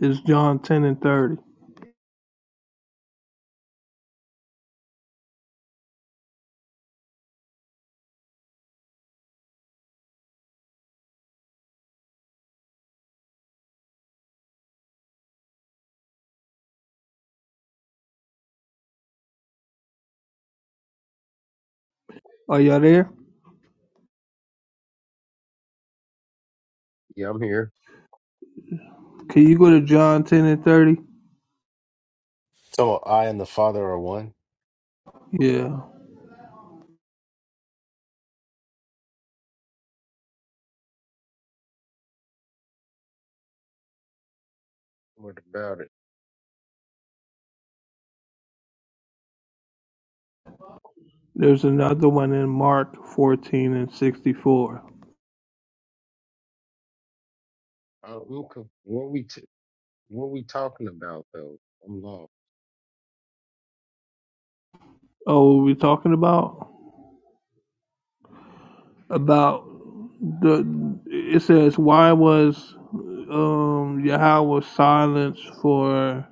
[SPEAKER 3] It's John 10 and 30. Are y'all there?
[SPEAKER 4] Yeah, I'm here.
[SPEAKER 3] Can you go to John 10 and 30?
[SPEAKER 1] So I and the Father are one.
[SPEAKER 3] Yeah.
[SPEAKER 4] What about it?
[SPEAKER 3] There's another one in Mark 14 and 64.
[SPEAKER 4] Uh, I'm co- what we t- what we talking about though? I'm lost.
[SPEAKER 3] Oh, what are we talking about? About the, it says, why was um, Yahweh silenced for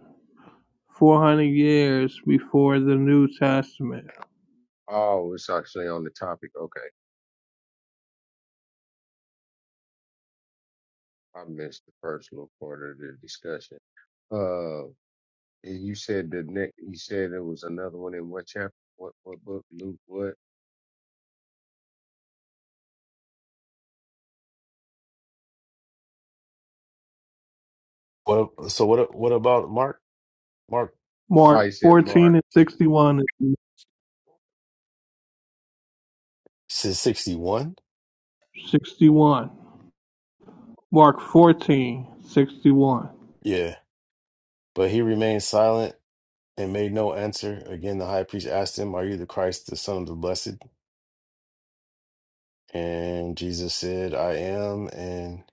[SPEAKER 3] 400 years before the New Testament?
[SPEAKER 4] Oh, it's actually on the topic. Okay, I missed the first little part of the discussion. Uh, And you said the next, you said there was another one in what chapter? What what book? Luke? What?
[SPEAKER 1] What so what what about Mark? Mark
[SPEAKER 3] Mark
[SPEAKER 4] Oh,
[SPEAKER 1] four
[SPEAKER 4] you said
[SPEAKER 3] 14
[SPEAKER 4] Mark.
[SPEAKER 3] and 61 is
[SPEAKER 1] says 61?
[SPEAKER 3] 61. Mark 14, 61.
[SPEAKER 1] Yeah. But he remained silent and made no answer. Again, the high priest asked him, Are you the Christ, the Son of the Blessed? And Jesus said, I am, and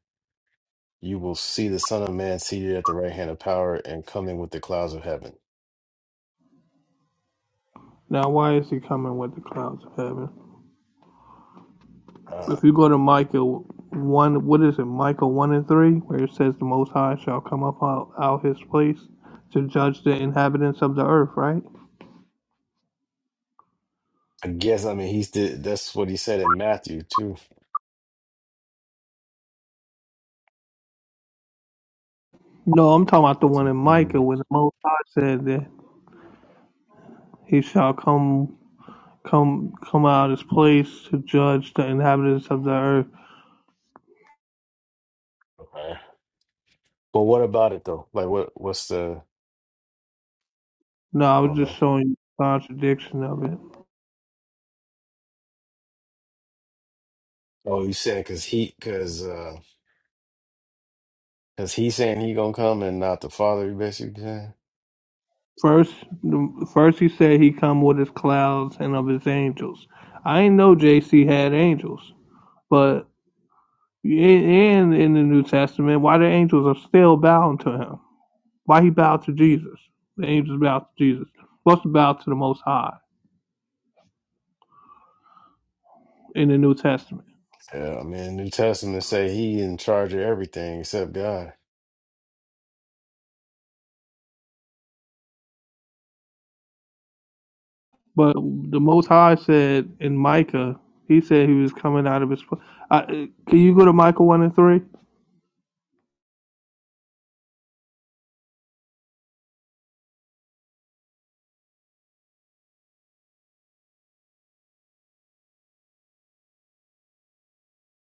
[SPEAKER 1] you will see the Son of Man seated at the right hand of power and coming with the clouds of heaven.
[SPEAKER 3] Now, why is he coming with the clouds of heaven? If you go to Micah one, what is it? Micah one and three, where it says the Most High shall come up out, out his place to judge the inhabitants of the earth, right?
[SPEAKER 1] I guess I mean he's the, that's what he said in Matthew too.
[SPEAKER 3] No, I'm talking about the one in Micah
[SPEAKER 1] You-
[SPEAKER 3] where the Most High said that he shall come, come, come out of his place to judge the inhabitants of the earth.
[SPEAKER 1] Okay. But what about it though? Like what what's the
[SPEAKER 3] No, I
[SPEAKER 1] I
[SPEAKER 3] was
[SPEAKER 1] don't know.
[SPEAKER 3] just showing you the contradiction of it.
[SPEAKER 1] Oh, you saying because he because uh because he's saying he gonna come and not the father. You basically saying.
[SPEAKER 3] First, first he said he come with his clouds and of his angels. I didn't know JC had angels, but in in the New Testament, why the angels are still bowing to him? Why he bowed to Jesus? The angels bowed to Jesus. Supposed to bow to the Most High in the New Testament,
[SPEAKER 1] Yeah, I mean New Testament say he in charge of everything except God.
[SPEAKER 3] but the Most High said in Micah, he said he was coming out of his. I, can you go to Micah one and three?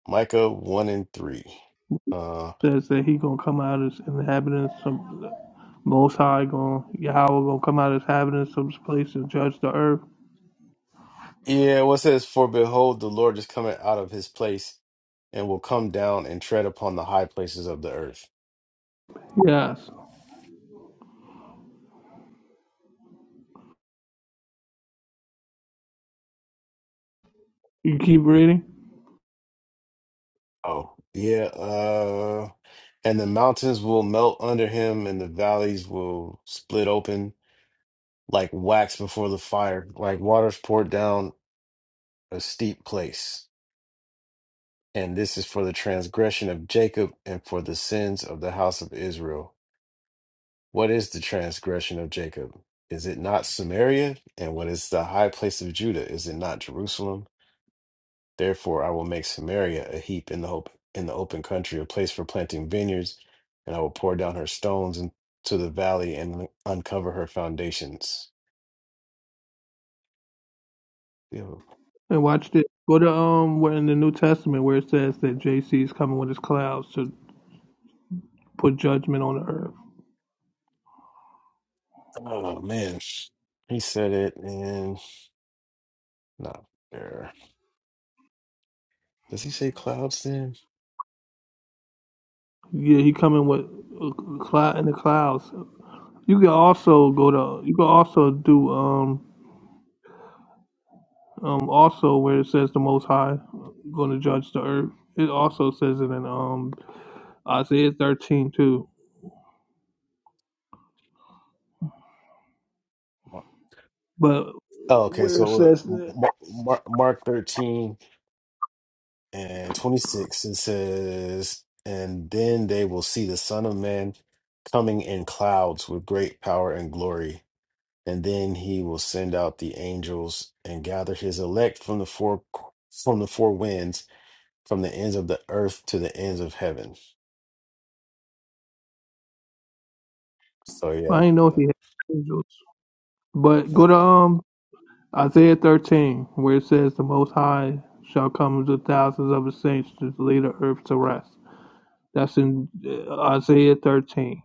[SPEAKER 1] Micah one and three. Uh,
[SPEAKER 3] Says that he gonna come out as inhabitants. of Most High going Yahweh gonna come out of his habitants of this place and judge the earth.
[SPEAKER 1] yeah. What says for behold the Lord is coming out of his place and will come down and tread upon the high places of the earth.
[SPEAKER 3] Yes. You keep reading
[SPEAKER 1] Oh yeah. Uh, And the mountains will melt under him, and the valleys will split open like wax before the fire, like waters poured down a steep place. And this is for the transgression of Jacob and for the sins of the house of Israel. What is the transgression of Jacob? Is it not Samaria? And what is the high place of Judah? Is it not Jerusalem? Therefore, I will make Samaria a heap in the hope in the open country, a place for planting vineyards, and I will pour down her stones into the valley and uncover her foundations. Yo,
[SPEAKER 3] and watch this. Go to um where in the New Testament where it says that JC is coming with his clouds to put judgment on the earth.
[SPEAKER 1] Oh man, he said it, and not there. Does he say clouds then?
[SPEAKER 3] Yeah, he coming with a cloud in the clouds. You can also go to you can also do um um also where it says the Most High going to judge the earth. It also says it in um Isaiah 13 too. But
[SPEAKER 1] Oh, okay.
[SPEAKER 3] where it
[SPEAKER 1] So look,
[SPEAKER 3] says
[SPEAKER 1] Mark, Mark thirteen and twenty six. It says, and then they will see the Son of Man coming in clouds with great power and glory. and then he will send out the angels and gather his elect from the four from the four winds from the ends of the earth to the ends of heaven so
[SPEAKER 3] I
[SPEAKER 1] yeah
[SPEAKER 3] did know he
[SPEAKER 1] Uh,
[SPEAKER 3] had angels. But
[SPEAKER 1] uh,
[SPEAKER 3] go to um Isaiah 13, where it says, The Most High shall come to thousands of his saints to lay the earth to rest. That's in uh, Isaiah 13.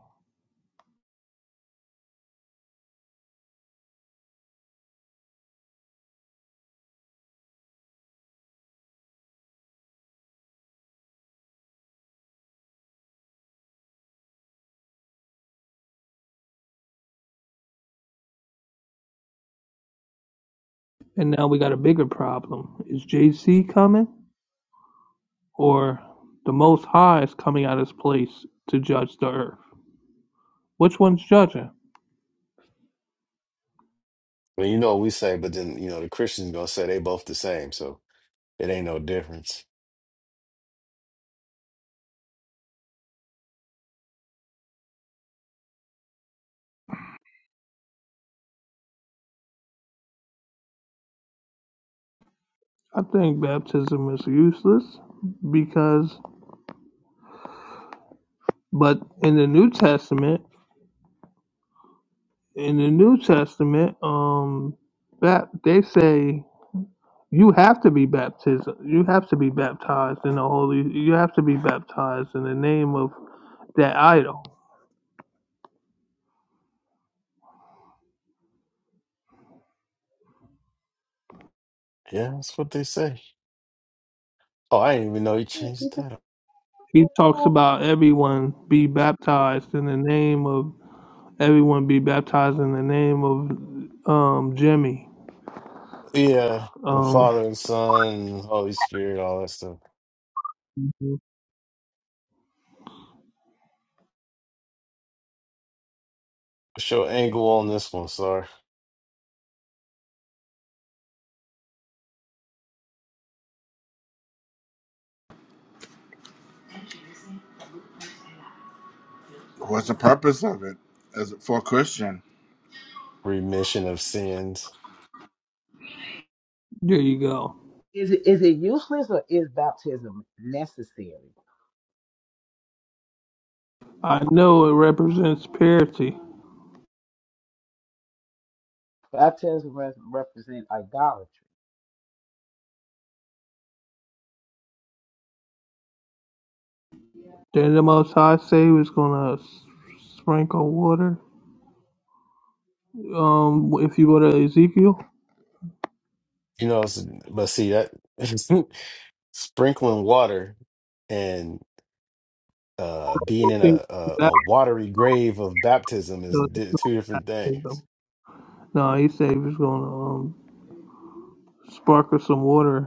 [SPEAKER 3] And now we got a bigger problem. Is JC coming? or the Most High is coming out of his place to judge the earth. Which one's judging?
[SPEAKER 1] well you know what we say but then you know the christians gonna say they both the same so it ain't no difference
[SPEAKER 3] I think baptism is useless because, but in the New Testament, in the New Testament, um, that they say you have to be baptized. You have to be baptized in the Holy. You have to be baptized in the name of that idol.
[SPEAKER 1] yeah that's what they say oh i didn't even know you changed the title
[SPEAKER 3] He talks about everyone be baptized in the name of Everyone be baptized in the name of um, Jimmy.
[SPEAKER 1] yeah the
[SPEAKER 3] Um,
[SPEAKER 1] father and son holy spirit all that stuff what's your angle on this one sir
[SPEAKER 2] What's the purpose of it as for a Christian?
[SPEAKER 1] remission of sins
[SPEAKER 3] there you go.
[SPEAKER 5] Is it is it useless or is baptism necessary?
[SPEAKER 3] I know it represents purity.
[SPEAKER 5] Baptism re- represent idolatry.
[SPEAKER 3] Then the Most High say he was gonna s- sprinkle water. Um, if you go to Ezekiel,
[SPEAKER 1] you know it's- but see that sprinkling water and uh,
[SPEAKER 3] I
[SPEAKER 1] being
[SPEAKER 3] don't
[SPEAKER 1] in
[SPEAKER 3] think
[SPEAKER 1] a, a,
[SPEAKER 3] that-
[SPEAKER 1] a watery grave of baptism is
[SPEAKER 3] no, it's
[SPEAKER 1] di- two
[SPEAKER 3] not
[SPEAKER 1] different things.
[SPEAKER 3] baptism. No, he said he was gonna um, sparkle some water.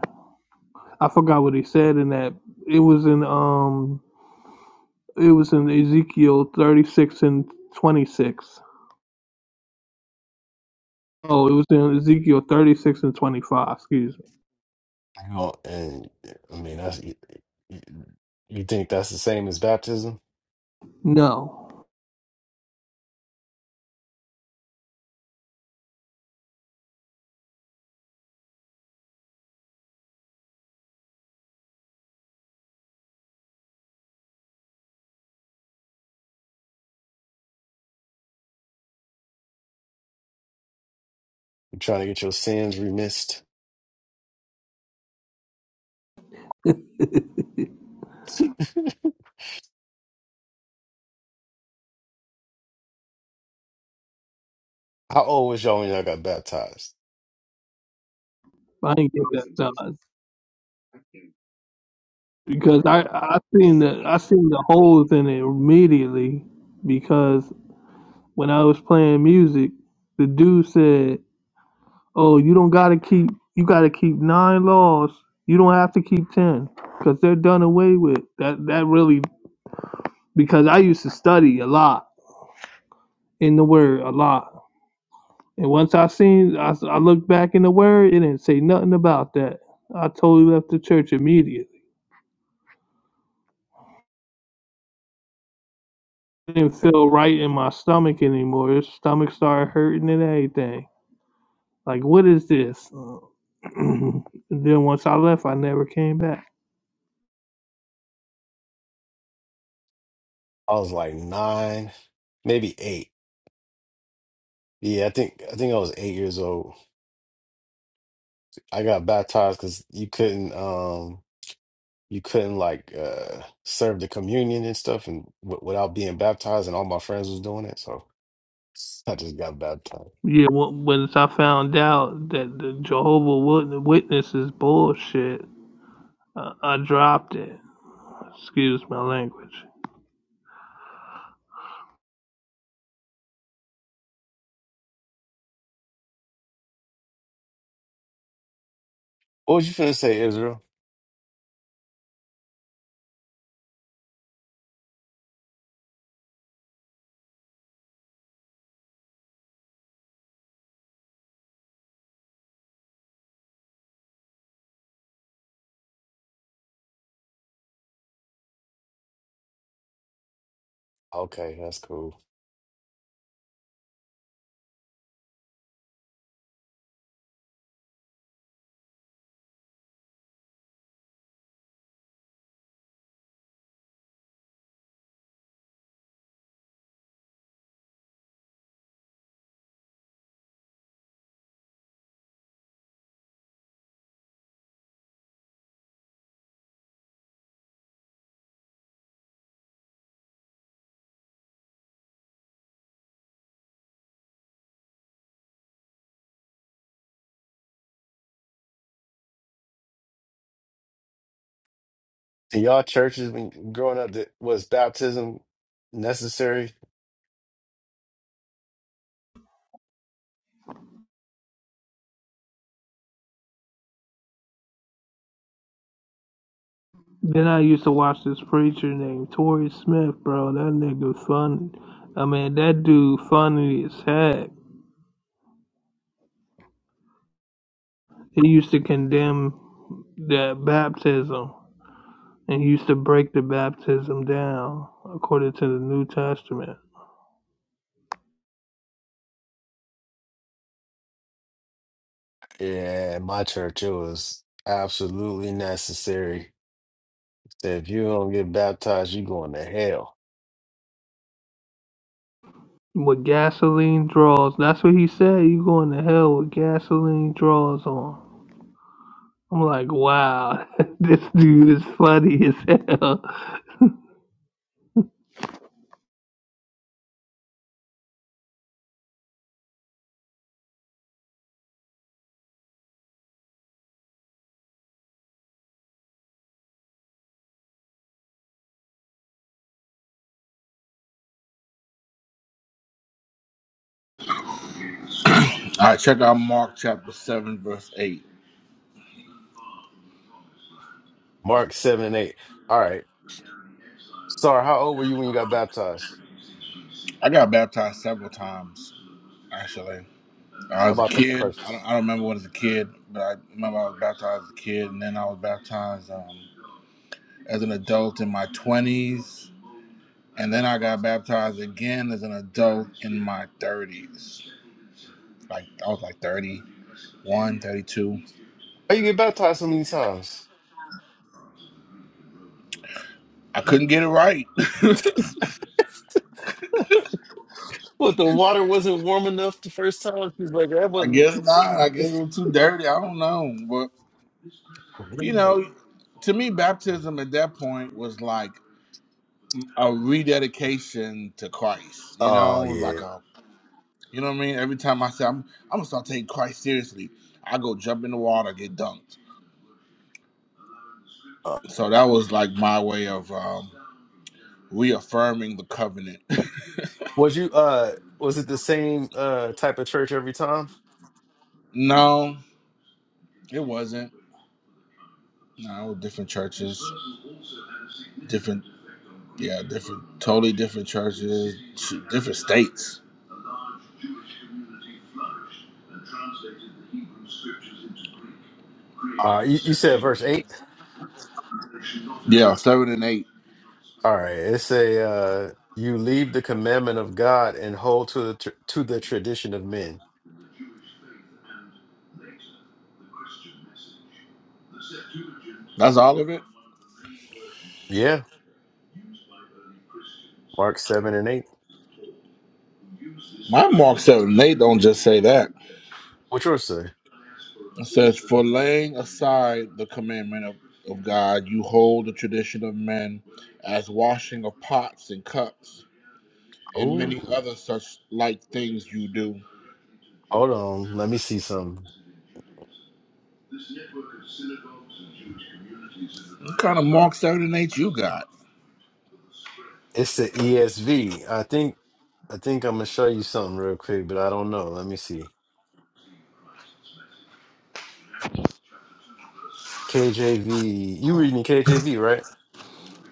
[SPEAKER 3] I forgot what he said in that. It was in um, it was in Ezekiel thirty six and twenty six. Oh, it was in Ezekiel 36 and 25. Excuse me.
[SPEAKER 1] You know, and I mean, that's, you, you you think that's the same as baptism?
[SPEAKER 3] No,
[SPEAKER 1] You're trying to get your sins remissed. How old was y'all when y'all got baptized?
[SPEAKER 3] I didn't get
[SPEAKER 4] Brothers
[SPEAKER 3] that
[SPEAKER 4] and
[SPEAKER 3] size
[SPEAKER 4] sisters, I think
[SPEAKER 3] because I
[SPEAKER 4] probably
[SPEAKER 3] I seen
[SPEAKER 4] eight.
[SPEAKER 3] the I seen the holes in it immediately because when I was playing music, the dude said, "Oh, you don't gotta keep you gotta keep nine laws. You don't have to keep ten because they're done away with." That that really because I used to study a lot in the word a lot And once I seen, I, s- I looked back in the word, it didn't say nothing about that. I totally left the church immediately. It didn't feel right in my stomach anymore. His stomach started hurting and everything. Like, what is this? Uh, and then once I left, I never came back.
[SPEAKER 1] I was like nine, maybe eight. Yeah, I think I think I was eight years old. I got baptized because you couldn't. Um, you couldn't like uh serve the communion and stuff and w without being baptized and all my friends was doing it so i just got baptized
[SPEAKER 3] Yeah, on- once I found out that the Jehovah Wit- Witness is bullshit, I, I dropped it. Excuse my language.
[SPEAKER 1] what was you finna say israel okay that's cool in y'all churches when growing up that was baptism necessary
[SPEAKER 3] Then I used to watch this preacher named Tory Smith, bro. That nigga funny. I mean, that dude funny as heck. He used to condemn that baptism and he used to break the baptism down according to the New Testament.
[SPEAKER 1] yeah in my church it was absolutely necessary if you don't get baptized you going to hell
[SPEAKER 3] With gasoline draws, that's what he said. You going to hell with gasoline draws on. I'm like, wow, this dude is funny as hell.
[SPEAKER 2] All right, check out Mark chapter seven, verse eight.
[SPEAKER 1] mark 7 and 8 all right sorry how old were you when you got baptized
[SPEAKER 2] I got baptized several times actually. I
[SPEAKER 1] how
[SPEAKER 2] was a
[SPEAKER 1] about the
[SPEAKER 2] kid. I don't,
[SPEAKER 1] first
[SPEAKER 2] I don't remember when I was a kid, but I remember I was baptized as a kid, and then I was baptized um, as an adult in my twenties, and then I got baptized again as an adult in my thirties. Like I was like thirty one, thirty two.
[SPEAKER 1] Oh, you get baptized so many times
[SPEAKER 2] I couldn't get it right.
[SPEAKER 1] What the water wasn't warm enough the first time? She's like, that
[SPEAKER 2] I
[SPEAKER 1] wasn't.
[SPEAKER 2] guess not. I guess it was too dirty. I don't know. But, you know, to me, baptism at that point was like a rededication to Christ. You
[SPEAKER 1] Oh
[SPEAKER 2] know, It was like
[SPEAKER 1] yeah.
[SPEAKER 2] a, you know what I mean? Every time I say, I'm, I'm going to start taking Christ seriously, I go jump in the water, get dunked.
[SPEAKER 1] Uh,
[SPEAKER 2] So that was like my way of um, reaffirming the covenant.
[SPEAKER 1] was you uh was it the same uh type of church every time?
[SPEAKER 2] no, it wasn't. No, different churches, different, yeah, different, totally different churches, ch- different states.
[SPEAKER 1] All right, you, you said verse eight.
[SPEAKER 2] Yeah, seven and eight.
[SPEAKER 1] All right, it's a uh you leave the commandment of God and hold to the tr to the tradition of men.
[SPEAKER 2] That's all of it.
[SPEAKER 1] Yeah, Mark seven and eight.
[SPEAKER 2] My Mark seven and eight don't just say that.
[SPEAKER 1] What yours say?
[SPEAKER 2] It says, For laying aside the commandment of, of God, you hold the tradition of men as washing of pots and cups, and
[SPEAKER 1] Oh,
[SPEAKER 2] many other such like things you do.
[SPEAKER 1] hold on, let me see something.
[SPEAKER 2] What kind of Mark 7 and eight you got?
[SPEAKER 1] It's the ESV. I think I think I'm gonna show you something real quick, but I don't know. Let me see. KJV. You reading KJV, right?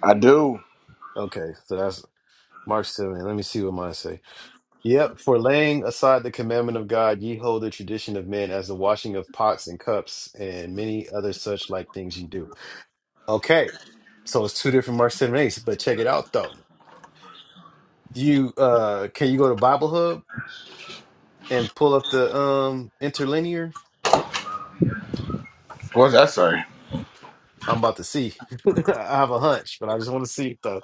[SPEAKER 2] I do.
[SPEAKER 1] Okay, so that's Mark 7. Let me see what mine say. Yep, for laying aside the commandment of God, ye hold the tradition of men as the washing of pots and cups and many other such like things you do. Okay, so it's two different Mark 7 eights, but check it out though. You uh can you go to Bible Hub and pull up the um interlinear?
[SPEAKER 2] What's that say?
[SPEAKER 1] I'm about to see. I have a hunch, but I just want to see it though.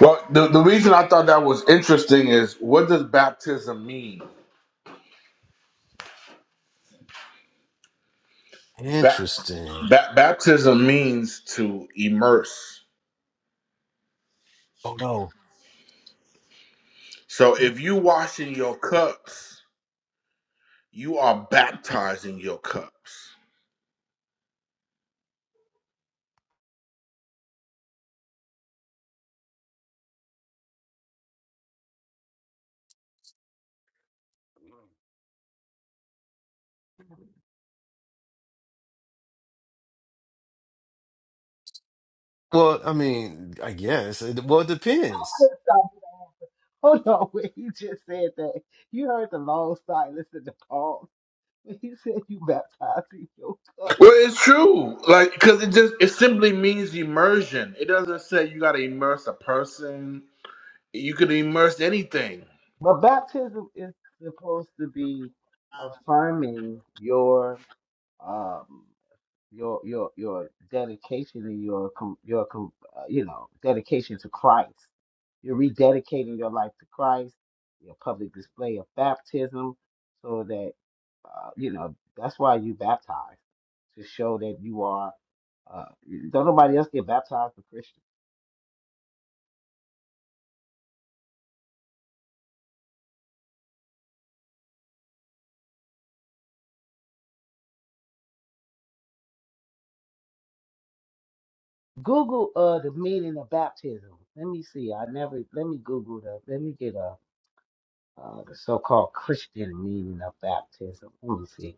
[SPEAKER 2] Well, the, the reason I thought that was interesting is what does baptism mean? Ba-
[SPEAKER 1] Interesting.
[SPEAKER 2] ba- baptism means to immerse.
[SPEAKER 1] Oh no.
[SPEAKER 2] So if you washing your cups, you are baptizing your cups.
[SPEAKER 1] Well, I mean, I guess. It, well, it depends.
[SPEAKER 5] Stop. Hold on, when he just said that, you heard the long silence in the call when he said you baptized in your cup.
[SPEAKER 2] Well, it's true. Like, because it just it simply means immersion. It doesn't say you got to immerse a person. You could immerse anything.
[SPEAKER 5] But baptism is supposed to be affirming your um your your your dedication and your com, your com, uh, you know dedication to Christ. You're rededicating your life to Christ. Your public display of baptism, so that uh, you know that's why you baptize to show that you are. Uh, don't nobody else get baptized for Christian. Google uh the meaning of baptism. Let me see. I never. Let me Google the. Let me get a uh, the so-called Christian meaning of baptism. Let me see.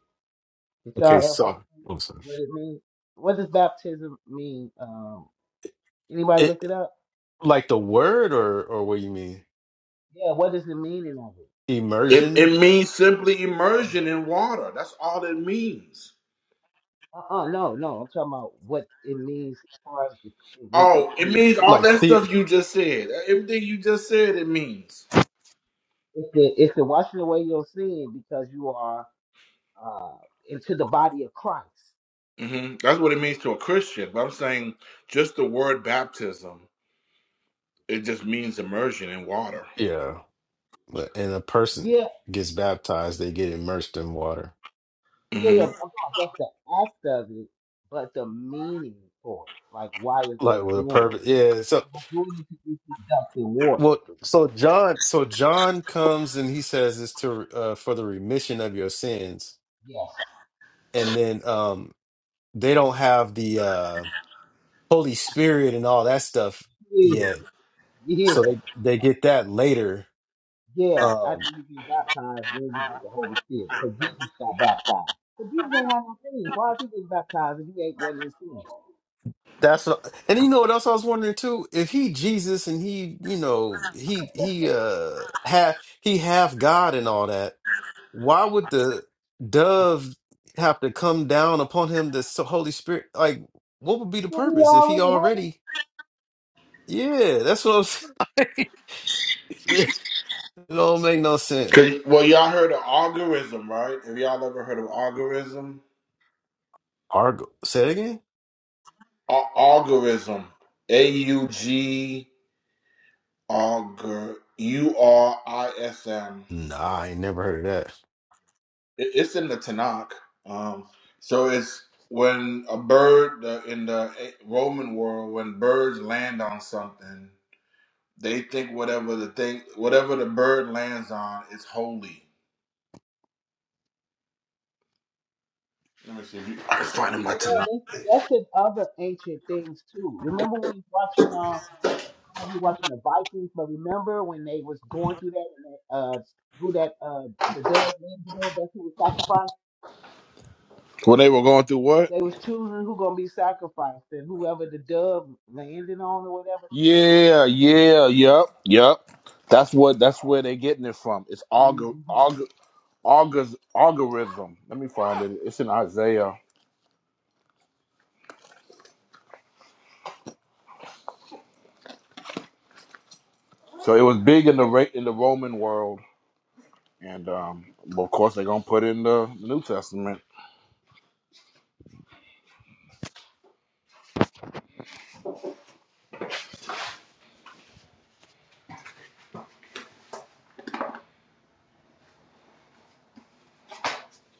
[SPEAKER 5] Did
[SPEAKER 1] Okay,
[SPEAKER 5] y'all ever
[SPEAKER 1] so
[SPEAKER 5] see
[SPEAKER 1] oh, sorry.
[SPEAKER 5] what it mean? What does baptism mean? Um, anybody looked it
[SPEAKER 1] It
[SPEAKER 5] up?
[SPEAKER 1] like the word or or what you mean?
[SPEAKER 5] Yeah, what does the meaning of it?
[SPEAKER 2] It
[SPEAKER 1] Immersion?
[SPEAKER 2] it means simply immersion in water. That's all it means.
[SPEAKER 5] Uh-uh, no, no. I'm talking about what it means as far as the when
[SPEAKER 2] Oh, it
[SPEAKER 5] in the
[SPEAKER 2] means all
[SPEAKER 1] Like
[SPEAKER 2] that
[SPEAKER 1] the
[SPEAKER 2] stuff you just said. Everything you just said, it means.
[SPEAKER 5] it's the it's the washing away your sin because you are uh into the body of Christ.
[SPEAKER 2] hmm That's what it means to a Christian. But I'm saying just the word baptism, it just means immersion in water.
[SPEAKER 1] yeah. But and a person
[SPEAKER 5] Yeah,
[SPEAKER 1] gets baptized, they get immersed in water.
[SPEAKER 5] yeah,
[SPEAKER 2] Mm-hmm.
[SPEAKER 5] yeah. I'm talking about just the act of it, but the meaning for it. Like why is they
[SPEAKER 1] Like with a
[SPEAKER 5] doing it?
[SPEAKER 1] purpose. Yeah. So
[SPEAKER 5] Doing it to be dunked in water.
[SPEAKER 1] well so John so John comes and he says it's to uh for the remission of your sins.
[SPEAKER 5] Yes.
[SPEAKER 1] And then um they don't have the uh Holy Spirit and all that stuff yet.
[SPEAKER 5] Yeah.
[SPEAKER 1] so
[SPEAKER 5] Yeah.
[SPEAKER 1] they they get that later.
[SPEAKER 5] Yeah, after
[SPEAKER 1] Um,
[SPEAKER 5] you get baptized, then you get the Holy Spirit. Because Jesus got baptized. But Jesus ain't had no sin. So why is he getting baptized if he ain't one not in sin? Did
[SPEAKER 1] that's what, and you know what else I was wondering too? If he Jesus and he, you know, he he uh half he half God and all that, why would the dove have to come down upon him? The s- Holy Spirit, like, what would be the
[SPEAKER 5] he
[SPEAKER 1] purpose if he
[SPEAKER 5] already have it?
[SPEAKER 1] already? Yeah, that's what I'm saying. it don't make no sense.
[SPEAKER 2] Cause, well, y'all heard of algorithm, right? Have y'all ever heard of algorithm?
[SPEAKER 1] Argo, say it again.
[SPEAKER 2] Al- algorithm. A U G algor U R I S M.
[SPEAKER 1] Nah, I ain't never heard of
[SPEAKER 2] It- It's in the Tanakh. Um, so it's when a bird the, in the Roman world, when birds land on something, they think whatever the thing, whatever the bird lands on, is holy. Let me see if you, I can find it in my
[SPEAKER 5] Yeah,
[SPEAKER 2] Tanakh.
[SPEAKER 5] they- that's in other ancient things too. Remember when we watching uh I don't know if you watching the Vikings, but remember when they was going through that and that, uh who that uh the dove named, you know that's who was sacrificed?
[SPEAKER 2] When they were going through what?
[SPEAKER 5] They was choosing who gonna be sacrificed and whoever the dove landed on or whatever.
[SPEAKER 2] Yeah, yeah, yep, yep. That's what that's where they're getting it from. It's augur,
[SPEAKER 5] Mm-hmm.
[SPEAKER 2] augur, augurs, algorithm. Let me find it. It's in Isaiah. So it was big in the Ra- in the Roman world, and um, well, of course they're gonna put in the New Testament.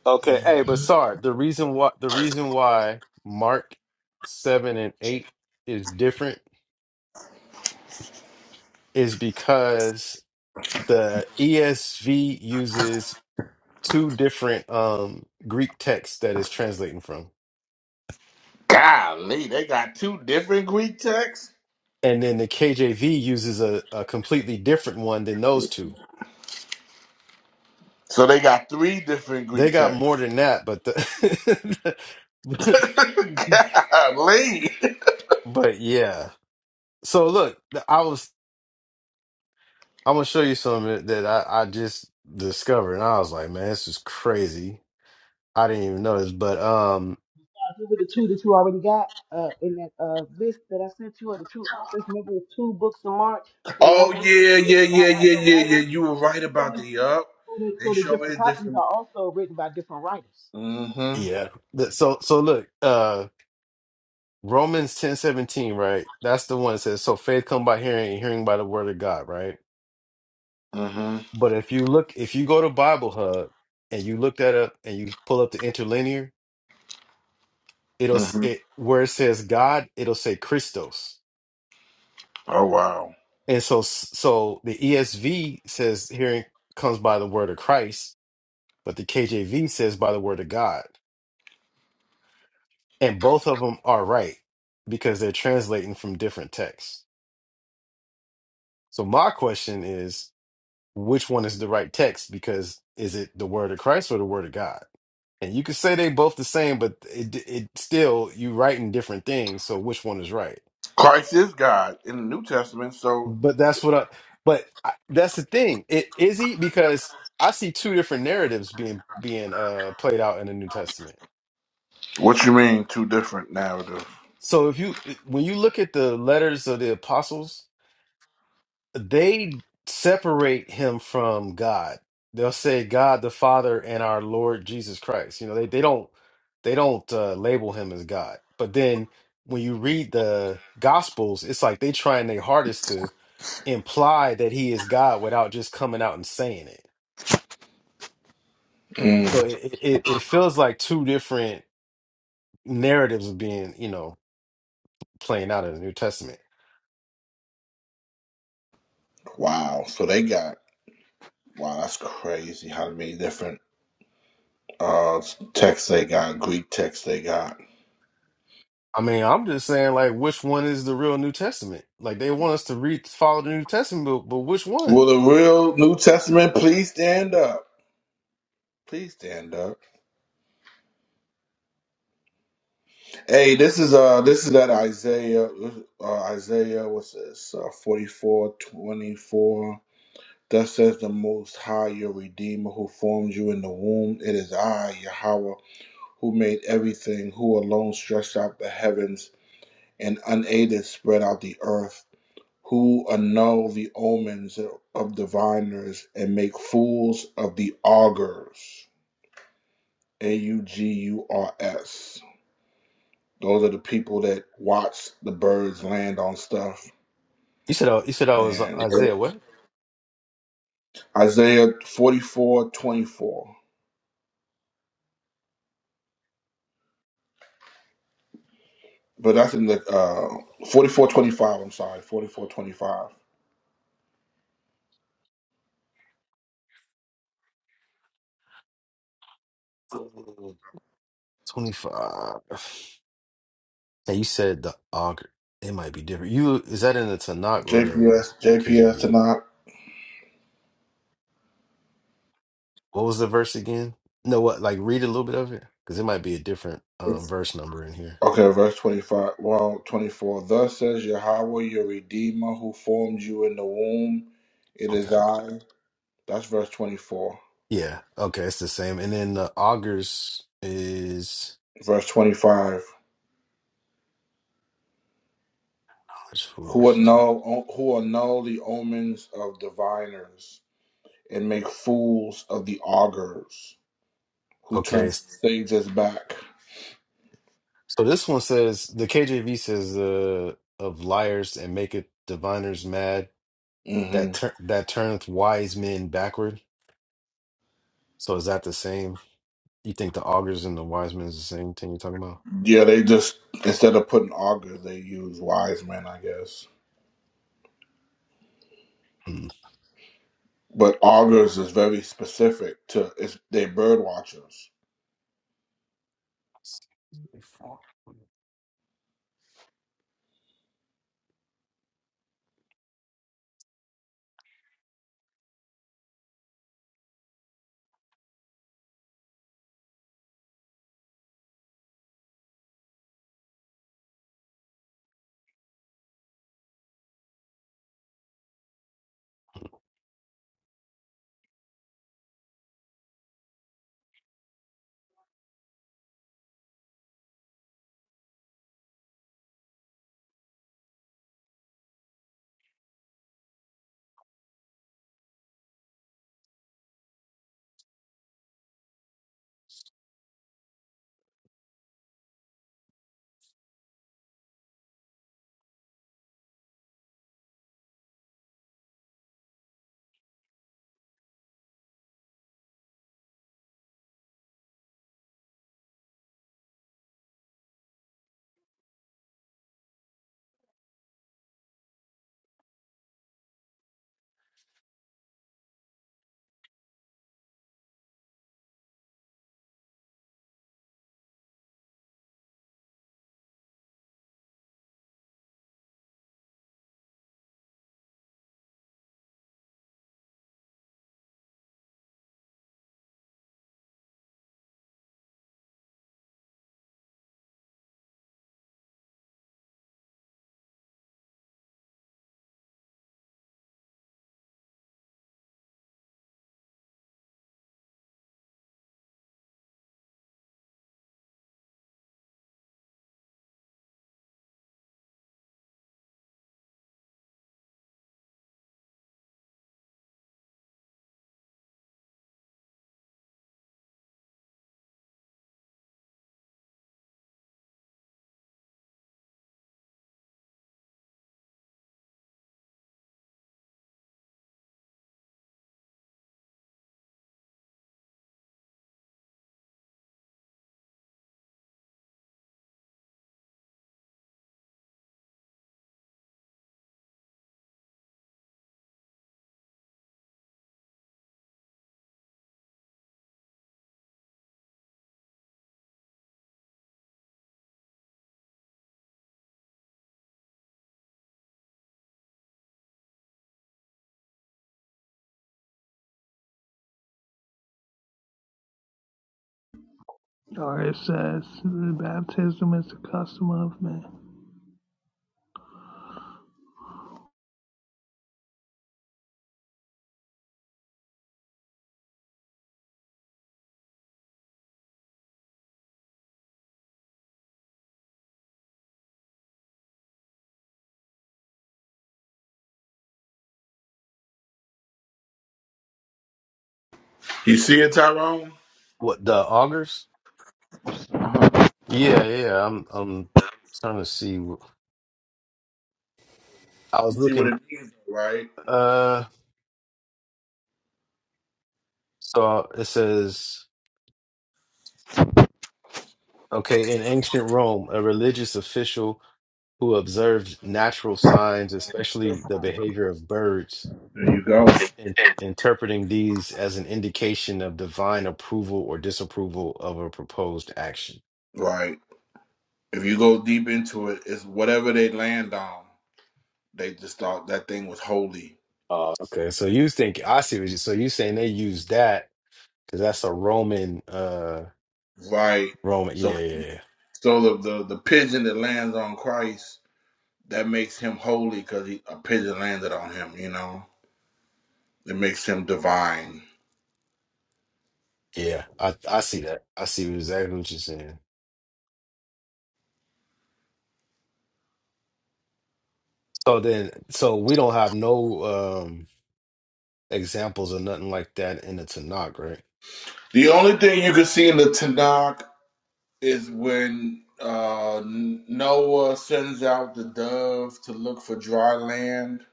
[SPEAKER 1] Okay, hey, but sorry, the reason why the reason why Mark seven and eight is different is because the ESV uses two different um Greek texts that it's translating from.
[SPEAKER 2] Golly, they got two different Greek texts.
[SPEAKER 1] And then the KJV uses a, a completely different one than those two.
[SPEAKER 2] So they got three different
[SPEAKER 1] They
[SPEAKER 2] Greek
[SPEAKER 1] got more
[SPEAKER 2] texts.
[SPEAKER 1] than that, but the
[SPEAKER 2] Golly.
[SPEAKER 1] but yeah. So look, I was I'm gonna show you something that I, I just discovered, and I was like, man, this is crazy. I didn't even notice, but um,
[SPEAKER 5] Remember the two that you already got uh, in that uh, list that I sent you, or the two authors. Remember the two books in March. So one
[SPEAKER 2] Oh
[SPEAKER 5] was written
[SPEAKER 2] yeah, yeah,
[SPEAKER 5] by
[SPEAKER 2] yeah, yeah, yeah,
[SPEAKER 5] another
[SPEAKER 2] yeah.
[SPEAKER 5] writer.
[SPEAKER 2] You were right
[SPEAKER 5] So,
[SPEAKER 2] about
[SPEAKER 5] it's-
[SPEAKER 2] the up.
[SPEAKER 5] so the
[SPEAKER 2] They
[SPEAKER 5] so the
[SPEAKER 2] show
[SPEAKER 5] different
[SPEAKER 2] it
[SPEAKER 5] copies
[SPEAKER 2] different.
[SPEAKER 5] are also written by different writers.
[SPEAKER 2] Mhm.
[SPEAKER 1] yeah. Th- So so look, uh, Romans ten seventeen, right? That's the one that says, so faith come by hearing, and hearing by the word of God, right?
[SPEAKER 2] hmm
[SPEAKER 1] But if you look, if you go to Bible Hub and you look that up and you pull up the interlinear, it'll s-
[SPEAKER 2] hmm
[SPEAKER 1] it where it says God, it'll say Christos,
[SPEAKER 2] Oh wow.
[SPEAKER 1] and so so the ESV says hearing comes by the word of Christ but the KJV says by the word of God. And both of them are right because they're translating from different texts. So my question is, which one is the right text? Because is it the word of Christ or the word of God? And you could say they both the same, but it it still you writing different things. So which one is right?
[SPEAKER 2] Christ is God in the New Testament, so
[SPEAKER 1] But that's what I. But I, that's the thing. It is he because I see two different narratives being being uh played out in the New Testament.
[SPEAKER 2] what you mean two different narrative?
[SPEAKER 1] So if you when you look at the letters of the apostles, they separate him from God. They'll say God the Father and our Lord Jesus Christ. You know, they they don't they don't uh, label him as God. But then when you read the Gospels, it's like they trying their hardest to imply that he is God without just coming out and saying it. So
[SPEAKER 2] Mm.
[SPEAKER 1] it it, it feels like two different narratives are being you know playing out in the New Testament.
[SPEAKER 2] Wow. So they got wow, that's crazy how many different uh texts they got, Greek texts they got.
[SPEAKER 1] I mean, I'm just saying, like, which one is the real New Testament? Like, they want us to read, follow the New Testament, but, but which one?
[SPEAKER 2] Will the real New Testament please stand up? Please stand up. Hey, this is uh this is that Isaiah uh, Isaiah what's this? Uh, 44, twenty-four. Thus says the Most High, your Redeemer, who formed you in the womb. It is I, Yahweh, who made everything, who alone stretched out the heavens and unaided spread out the earth, who annul the omens of diviners and make fools of the augurs. A U G U R S. Those are the people that watch the birds land on stuff.
[SPEAKER 1] You said, oh, you said I was uh,
[SPEAKER 2] And
[SPEAKER 1] Isaiah, what?
[SPEAKER 2] Isaiah forty four twenty four. But that's in the uh, 4425, I'm sorry, 4425.
[SPEAKER 1] 25. Yeah, you said the auger. It might be different. You, is that in the Tanakh or the
[SPEAKER 2] JPS, JPS
[SPEAKER 1] KJV?
[SPEAKER 2] tonight.
[SPEAKER 1] What was the verse again? No, what, like, read a little bit of it? Because it might be a different um,
[SPEAKER 2] It's,
[SPEAKER 1] verse number in here.
[SPEAKER 2] okay, verse 25. Well, 24. Thus says Yahweh, your Redeemer, who formed you in the womb. It
[SPEAKER 1] Okay.
[SPEAKER 2] is
[SPEAKER 1] I got-
[SPEAKER 2] I. That's verse 24.
[SPEAKER 1] Yeah. Okay. It's the same. And then the augers is,
[SPEAKER 2] Verse 25.
[SPEAKER 1] oh, it's
[SPEAKER 2] Who
[SPEAKER 1] foolish.
[SPEAKER 2] annul, who annul the omens of diviners and make fools of the augurs, who
[SPEAKER 1] Okay.
[SPEAKER 2] turn
[SPEAKER 1] it's
[SPEAKER 2] sages back.
[SPEAKER 1] So this one says the KJV says uh, of liars and maketh diviners mad
[SPEAKER 2] Mm-hmm.
[SPEAKER 1] that tur- that turneth wise men backward. So is that the same? You think the augurs and the wise men is the same thing you're talking about?
[SPEAKER 2] Yeah, they just instead of putting augurs, they use wise men, I guess.
[SPEAKER 1] Hmm.
[SPEAKER 2] But augurs is very specific to it's they bird watchers.
[SPEAKER 3] Or it says, the baptism is the custom of man.
[SPEAKER 2] You see it, Tyrone?
[SPEAKER 1] What the augurs? Yeah, yeah. I'm I'm trying to see. wh- I was
[SPEAKER 2] You see what
[SPEAKER 1] looking.
[SPEAKER 2] it means, right?
[SPEAKER 1] Uh, so it says okay. In ancient Rome, a religious official who observed natural signs, especially the behavior of birds.
[SPEAKER 2] There you go.
[SPEAKER 1] in- in- interpreting these as an indication of divine approval or disapproval of a proposed action.
[SPEAKER 2] Right. If you go deep into it, it's whatever they land on. They just thought that thing was holy.
[SPEAKER 1] Oh, okay. So you think I see what you. So you saying they use that because that's a Roman, uh,
[SPEAKER 2] Right.
[SPEAKER 1] Roman.
[SPEAKER 2] So,
[SPEAKER 1] Yeah, yeah, yeah.
[SPEAKER 2] so the the, the pigeon that lands on Christ that makes him holy because a pigeon landed on him. You know, it makes him divine.
[SPEAKER 1] Yeah, I I see that. I see exactly what you're saying. So then, so we don't have no um examples or nothing like that in the Tanakh, right?
[SPEAKER 2] The only thing you can see in the Tanakh is when uh, Noah sends out the dove to look for dry land,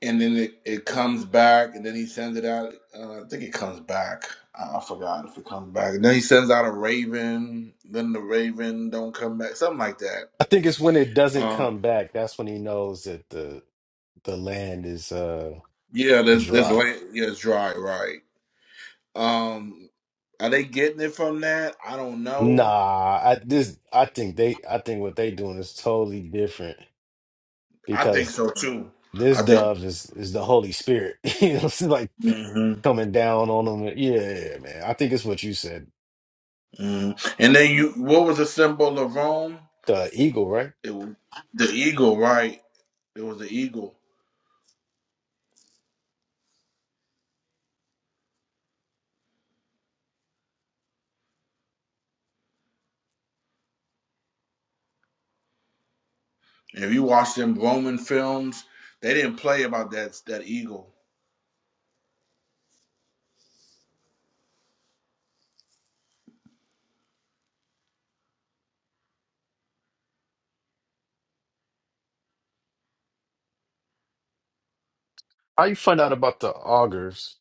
[SPEAKER 2] and then it, it comes back, and then he sends it out. Uh, I think it comes back. I forgot if it comes back. And then he sends out a raven. Then the raven don't come back. Something like that.
[SPEAKER 1] I think it's when it doesn't
[SPEAKER 2] Um,
[SPEAKER 1] come back. That's when he knows that the the land is uh
[SPEAKER 2] yeah, there's there's
[SPEAKER 1] dry.
[SPEAKER 2] land. Yeah, it's dry. Right. Um, are they getting it from that? I don't know.
[SPEAKER 1] Nah, I this I think they I think what they doing is totally different
[SPEAKER 2] I think
[SPEAKER 1] because
[SPEAKER 2] so too.
[SPEAKER 1] this
[SPEAKER 2] I think.
[SPEAKER 1] dove is is the Holy Spirit. You know, it's like
[SPEAKER 2] mm-hmm.
[SPEAKER 1] coming down on them. Yeah, man. I think it's what you said.
[SPEAKER 2] Mm. And then you, what was the symbol of Rome?
[SPEAKER 1] The eagle, right?
[SPEAKER 2] It was the eagle, right? It was the eagle. And if you watch them Roman films, they didn't play about that that eagle.
[SPEAKER 1] How you find out about the augurs?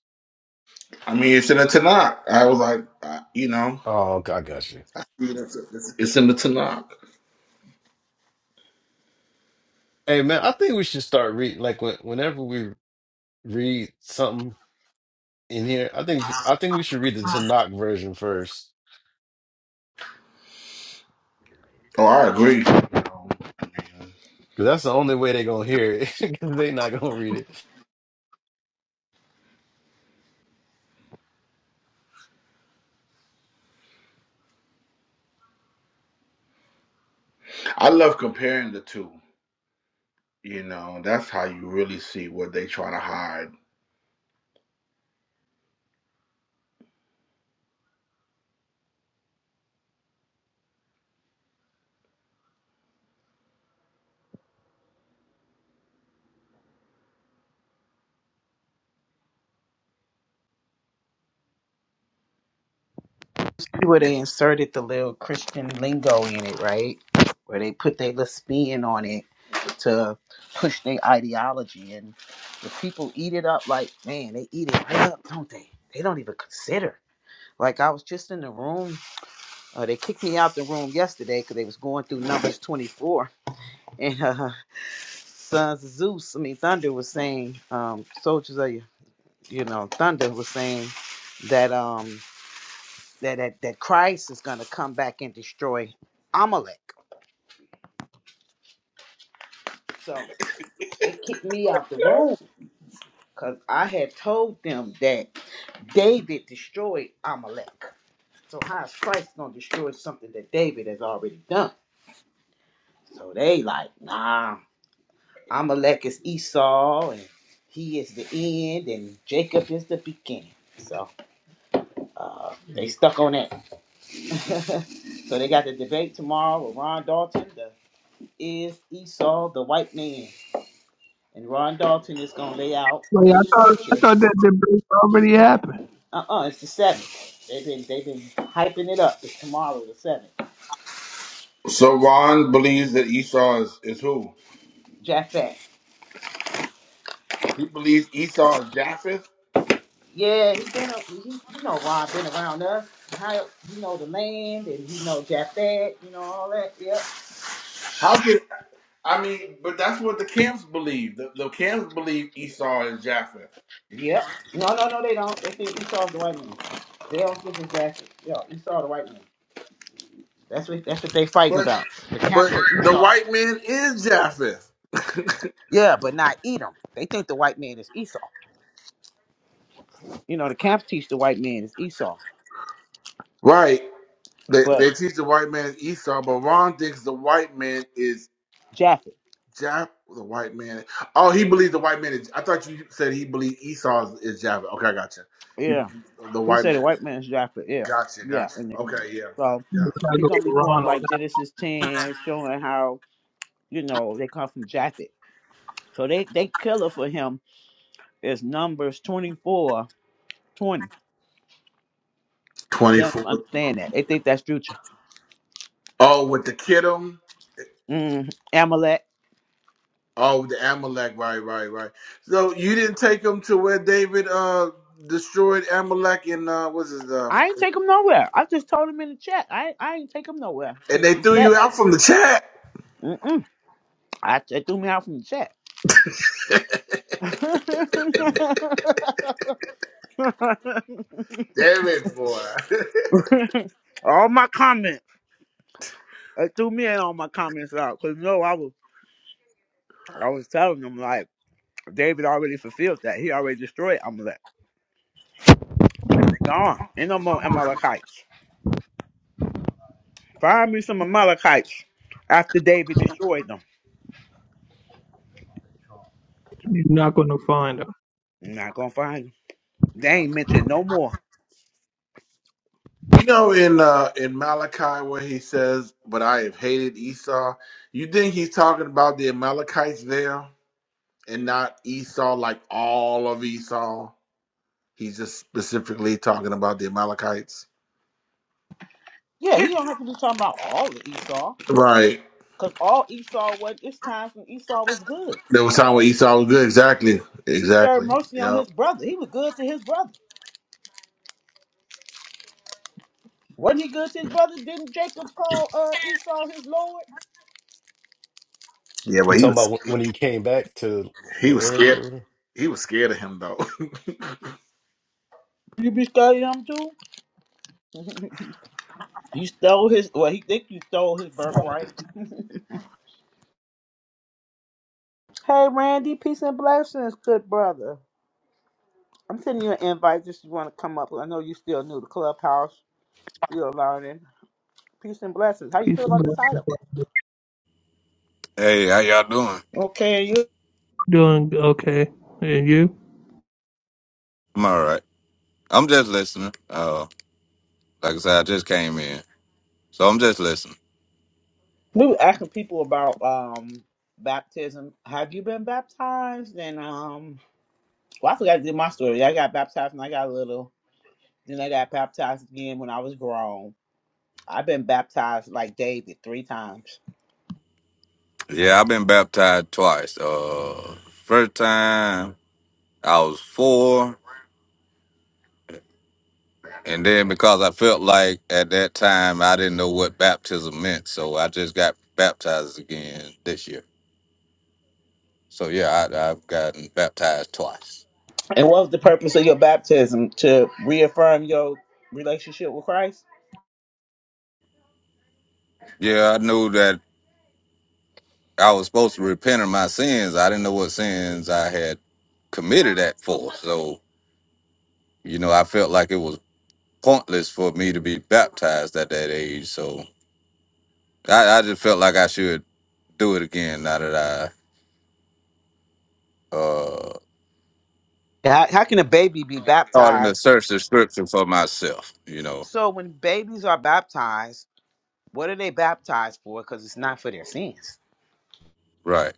[SPEAKER 2] I mean, it's in the Tanakh. I was like, I, you know,
[SPEAKER 1] Oh, I got you.
[SPEAKER 2] it's, it's, it's in the Tanakh.
[SPEAKER 1] Hey, man, I think we should start read like when, whenever we read something in here. I think I think we should read the Tanakh version first
[SPEAKER 2] Oh, I agree.
[SPEAKER 1] because that's the only way they're gonna hear it. They're not gonna read it.
[SPEAKER 2] I love comparing the two. You know, that's how you really see what they trying to hide.
[SPEAKER 5] See Where they inserted the little Christian lingo in it, right? Where they put their little spin on it to push their ideology, and the people eat it up like man, they eat it right up, don't they? They don't even consider. Like I was just in the room Uh, they kicked me out the room yesterday because they was going through numbers 24, and uh, Sons of Zeus, I mean Thunder, was saying, um, soldiers of you, you know, Thunder was saying that um that that, that Christ is gonna come back and destroy Amalek. So they kicked me out the room because I had told them that David destroyed Amalek. So how is Christ gonna destroy something that David has already done? So they like, nah, Amalek is Esau, and he is the end, and Jacob is the beginning. So uh, they stuck on that. So they got the debate tomorrow with Ron Dalton. The, is Esau the white man? And Ron Dalton is gonna lay out
[SPEAKER 3] Wait,
[SPEAKER 5] through the
[SPEAKER 3] I thought I
[SPEAKER 5] scriptures.
[SPEAKER 3] thought that the break already happened.
[SPEAKER 5] Uh uh it's the seventh. They've been they've been hyping it up. It's tomorrow the seventh.
[SPEAKER 2] So Ron believes that Esau is, is who?
[SPEAKER 5] Japhet.
[SPEAKER 2] He believes Esau is Japheth.
[SPEAKER 5] Yeah, he's been a- he, you know Ron been around us. How he know the land and he know Japhet. You know all that. Yep.
[SPEAKER 2] How could I mean, but that's what the camps believe. The, the camps believe Esau is Japheth.
[SPEAKER 5] Yep. No, no, no, they don't. They think Esau's the white man. They don't think it's Jackson. Yeah, Esau the white man. That's what that's what they fighting
[SPEAKER 2] But
[SPEAKER 5] about. The camps
[SPEAKER 2] but
[SPEAKER 5] say
[SPEAKER 2] the
[SPEAKER 5] Esau.
[SPEAKER 2] white man is Japheth.
[SPEAKER 5] Yeah, but not Edom. They think the white man is Esau. You know, the camps teach the white man is Esau,
[SPEAKER 2] Right. They
[SPEAKER 5] but
[SPEAKER 2] they teach the white man is Esau, but Ron thinks the white man is
[SPEAKER 5] Japheth.
[SPEAKER 2] Jap the white man. Oh, he believes the white man is I thought you said he believed Esau is, is Japheth. Okay, I gotcha. He
[SPEAKER 5] Yeah,
[SPEAKER 2] believes the
[SPEAKER 5] he
[SPEAKER 2] white
[SPEAKER 5] said the
[SPEAKER 2] man
[SPEAKER 5] white man is Japheth. Yeah,
[SPEAKER 2] gotcha,
[SPEAKER 5] yeah,
[SPEAKER 2] gotcha.
[SPEAKER 5] and
[SPEAKER 2] Okay, yeah.
[SPEAKER 5] so
[SPEAKER 2] Yeah.
[SPEAKER 3] You're not
[SPEAKER 5] he
[SPEAKER 3] gonna
[SPEAKER 5] gonna
[SPEAKER 3] get
[SPEAKER 5] be going
[SPEAKER 3] wrong on
[SPEAKER 5] like
[SPEAKER 3] that.
[SPEAKER 5] Genesis ten, showing how you know they come from Japheth. So they they killer for him is Numbers 24 20.
[SPEAKER 2] Twenty
[SPEAKER 5] They don't
[SPEAKER 2] four.
[SPEAKER 5] even understand that. They think that's future.
[SPEAKER 2] Oh, with the kiddo.
[SPEAKER 5] Mm, Amalek.
[SPEAKER 2] Oh, the Amalek, right, right, right. So you didn't take them to where David uh destroyed Amalek and uh what's his uh
[SPEAKER 5] I ain't take him nowhere. I just told him in the chat. I I ain't take him nowhere.
[SPEAKER 2] and
[SPEAKER 5] Cause
[SPEAKER 2] they
[SPEAKER 5] he
[SPEAKER 2] threw you
[SPEAKER 5] said,
[SPEAKER 2] out from the chat.
[SPEAKER 5] mm-mm. I it threw me out from the chat.
[SPEAKER 2] Damn it, boy.
[SPEAKER 5] all my comments. It threw me and all my comments out. Cause no, I was I was telling them like David already fulfilled that. He already destroyed Amalek. They gone. Ain't no more Amalekites. Find me some Amalekites after David destroyed them.
[SPEAKER 3] You're not gonna find her.
[SPEAKER 5] I'm not gonna find them. They ain't mentioned no more.
[SPEAKER 2] You know in uh in Malachi where he says, But I have hated Esau, you think he's talking about the Amalekites there and not Esau like all of Esau? He's just specifically talking about the Amalekites.
[SPEAKER 5] Yeah, he don't have to be talking about all of Esau,
[SPEAKER 2] Right.
[SPEAKER 5] because all Esau was it's times when Esau was good.
[SPEAKER 2] There was time when Esau was good, exactly.
[SPEAKER 5] He shared
[SPEAKER 2] Exactly.
[SPEAKER 5] mercy on
[SPEAKER 2] Yep.
[SPEAKER 5] his brother. He was good to his brother. Wasn't he good to his brother? Didn't Jacob call uh, Esau his lord?
[SPEAKER 2] Yeah,
[SPEAKER 1] You
[SPEAKER 2] but he
[SPEAKER 1] talking
[SPEAKER 2] was
[SPEAKER 1] about wh- when he came back to
[SPEAKER 2] He
[SPEAKER 1] the
[SPEAKER 2] was
[SPEAKER 1] area or
[SPEAKER 2] scared.
[SPEAKER 1] whatever?
[SPEAKER 2] He was scared of him though.
[SPEAKER 5] You be studying him too? You stole his well, he think you stole his birthright. Hey Randy, peace and blessings, good brother. I'm sending you an invite just if you want to come up. I know you still new to Clubhouse. You're learning. Peace and blessings. How you
[SPEAKER 3] Peace
[SPEAKER 5] feel
[SPEAKER 3] and
[SPEAKER 5] about the
[SPEAKER 3] blessings.
[SPEAKER 5] title?
[SPEAKER 3] brother.
[SPEAKER 6] Hey, how y'all doing?
[SPEAKER 5] Okay,
[SPEAKER 3] Doing okay, and you?
[SPEAKER 6] I'm all right. I'm just listening. Uh, like I said, I just came in, so I'm just listening.
[SPEAKER 5] We were asking people about um baptism. Have you been baptized? And um, well, I forgot to do my story. I got baptized when I got little. Then I got baptized again when I was grown. I've been baptized like David three times.
[SPEAKER 6] Yeah, I've been baptized twice. Uh, first time I was four, and then because I felt like at that time I didn't know what baptism meant, so I just got baptized again this year. So yeah, I, I've gotten baptized twice.
[SPEAKER 5] And what was the purpose of your baptism? To reaffirm your relationship with Christ?
[SPEAKER 6] Yeah, I knew that I was supposed to repent of my sins. I didn't know what sins I had committed that for. So You know, I felt like it was pointless for me to be baptized at that age. So I, I just felt like I should do it again now that I uh
[SPEAKER 5] How, how can a baby be
[SPEAKER 6] starting to
[SPEAKER 5] baptized?
[SPEAKER 6] search the scripture for myself, you know.
[SPEAKER 5] So when babies are baptized, what are they baptized for? Because it's not for their sins.
[SPEAKER 6] Right.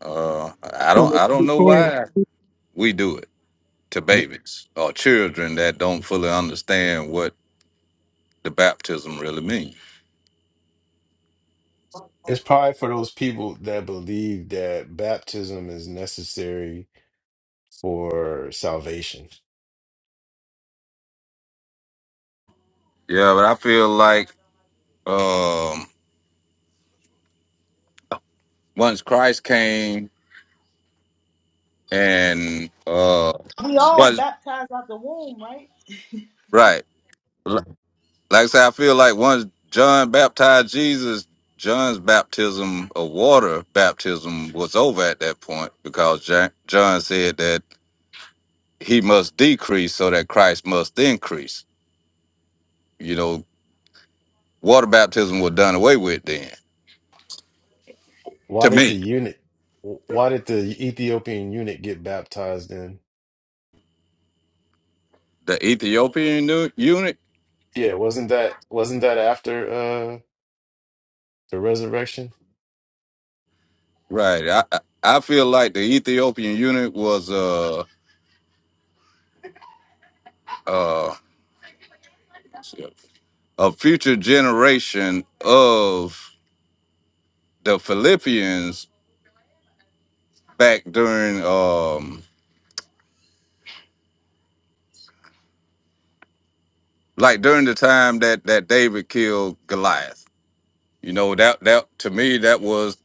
[SPEAKER 6] Uh I
[SPEAKER 3] So
[SPEAKER 6] don't
[SPEAKER 3] what's
[SPEAKER 6] I don't
[SPEAKER 3] the
[SPEAKER 6] know
[SPEAKER 3] story?
[SPEAKER 6] why we do it to
[SPEAKER 1] Be-
[SPEAKER 6] babies or children that don't fully understand what the baptism really means.
[SPEAKER 1] It's probably for those people that believe that baptism is necessary for salvation.
[SPEAKER 6] Yeah, but I feel like um once Christ came and uh
[SPEAKER 5] We all
[SPEAKER 6] was
[SPEAKER 5] baptized out the womb, right?
[SPEAKER 6] right. like I say, I feel like once John baptized Jesus, John's baptism of water baptism was over at that point because Ja- John said that he must decrease so that Christ must increase. You know, water baptism was done away with then.
[SPEAKER 1] Why
[SPEAKER 6] To
[SPEAKER 1] did the
[SPEAKER 6] me,
[SPEAKER 1] eunuch? Why did the Ethiopian eunuch get baptized then?
[SPEAKER 6] the Ethiopian nu- unit,
[SPEAKER 1] Yeah, wasn't that wasn't that after uh the resurrection?
[SPEAKER 6] right? I I I feel like the Ethiopian unit was a uh, a future generation of the Philippians back during um like during the time that that David killed Goliath. You know, that that to me that was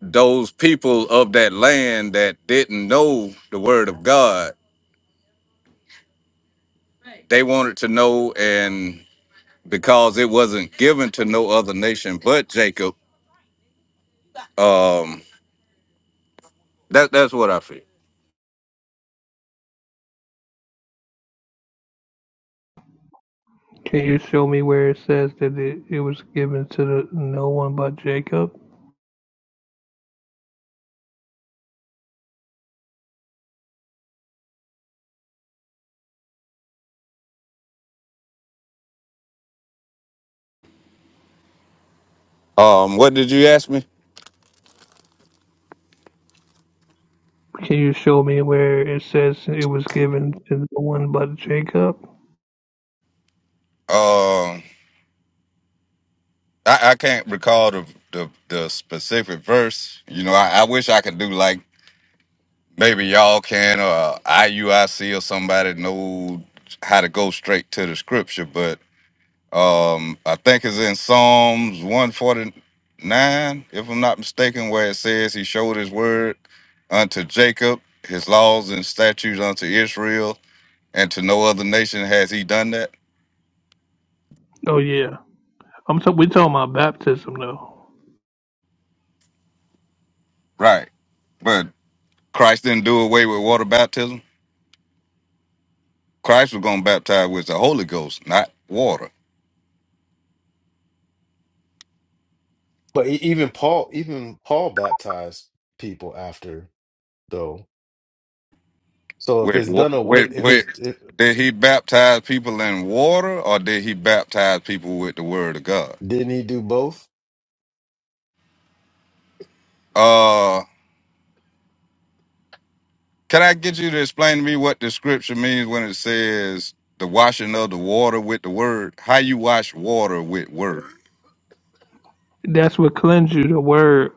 [SPEAKER 6] those people of that land that didn't know the word of God. They wanted to know and because it wasn't given to no other nation but Jacob, um that that's what I feel.
[SPEAKER 3] Can you show me where it says that it, it was given to the no one but Jacob?
[SPEAKER 6] Um what did you ask me?
[SPEAKER 3] Can you show me where it says it was given to no one but Jacob?
[SPEAKER 6] Um I, I can't recall the, the the specific verse. You know, I, I wish I could do like Maybe y'all can or IUIC or somebody know how to go straight to the scripture, but um I think it's in Psalms 149, if I'm not mistaken, where it says he showed his word unto Jacob, his laws and statutes unto Israel, and to no other nation has he done that.
[SPEAKER 3] Oh yeah, I'm. T- we talking about baptism though.
[SPEAKER 6] Right. But Christ didn't do away with water baptism. Christ was gonna baptize with the Holy Ghost, not water.
[SPEAKER 1] But e- even Paul, even Paul baptized people after though. So if
[SPEAKER 6] Wait,
[SPEAKER 1] it's
[SPEAKER 6] wa-
[SPEAKER 1] done away,
[SPEAKER 6] wait,
[SPEAKER 1] if
[SPEAKER 6] wait.
[SPEAKER 1] it's it,
[SPEAKER 6] Did he baptize people in water or did he baptize people with the word of God?
[SPEAKER 1] didn't he do both?
[SPEAKER 6] Uh, can I get you to explain to me what the scripture means when it says the washing of the water with the word? How you wash water with word?
[SPEAKER 3] That's what cleanse you. The word,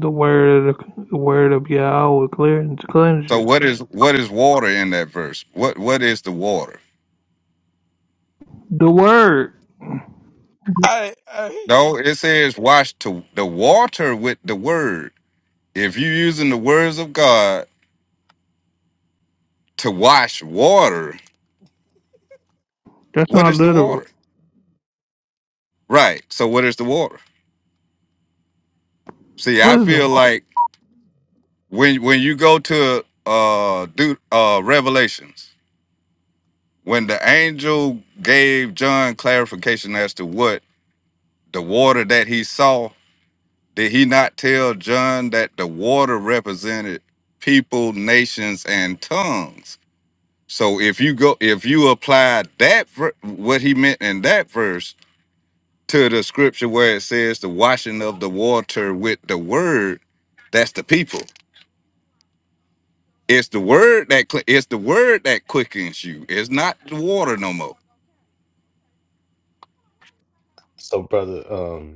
[SPEAKER 3] the word, of the, the word of Yahweh will cleanse cleanse you.
[SPEAKER 6] So what is what is water in that verse? What what is the water?
[SPEAKER 3] The word.
[SPEAKER 7] Hey, hey,
[SPEAKER 6] No, it says wash to the water with the word. If you're using the words of God to wash water,
[SPEAKER 3] That's
[SPEAKER 6] what
[SPEAKER 3] not
[SPEAKER 6] is the
[SPEAKER 3] literal.
[SPEAKER 6] water? Right. So what is the water? See, I
[SPEAKER 3] Wisdom.
[SPEAKER 6] feel like when when you go to uh do uh Revelations, when the angel gave John clarification as to what the water that he saw, did he not tell John that the water represented people, nations, and tongues? So if you go if you apply that ver- what he meant in that verse to the scripture where it says the washing of the water with the word, that's the people. It's the word that cl- it's the word that quickens you. It's not the water no more.
[SPEAKER 1] So brother, um.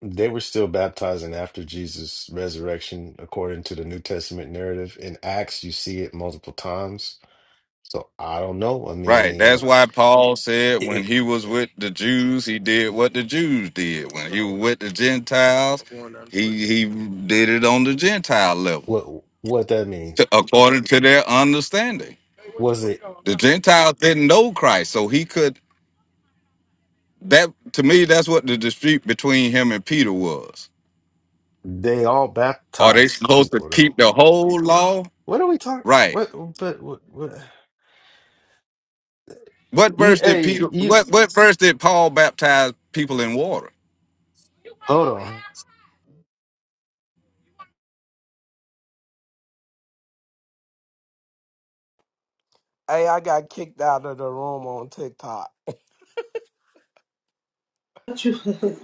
[SPEAKER 1] They were still baptizing after Jesus' resurrection, according to the New Testament narrative. In Acts, you see it multiple times. So I don't know. I
[SPEAKER 6] Right. That's
[SPEAKER 1] mean,
[SPEAKER 6] why Paul said
[SPEAKER 1] it,
[SPEAKER 6] when
[SPEAKER 1] it-
[SPEAKER 6] he was with the Jews, he did what the Jews did. When he was with the Gentiles, he he did it on the Gentile level,
[SPEAKER 1] what what that mean?
[SPEAKER 6] to, according to their understanding.
[SPEAKER 1] Was it
[SPEAKER 6] The Gentiles didn't know Christ, so he could. That to me, that's what the dispute between him and Peter was.
[SPEAKER 1] they all
[SPEAKER 6] Are they
[SPEAKER 1] baptized
[SPEAKER 6] supposed to
[SPEAKER 1] people though?
[SPEAKER 6] keep the whole law?
[SPEAKER 1] What are we talking?
[SPEAKER 6] Right.
[SPEAKER 1] What? But what? what
[SPEAKER 6] What
[SPEAKER 1] you,
[SPEAKER 6] verse did Peter?
[SPEAKER 1] hey, you
[SPEAKER 6] What what verse did Paul baptize people in water?
[SPEAKER 1] hold on.
[SPEAKER 7] hey, I got kicked out of the room on TikTok.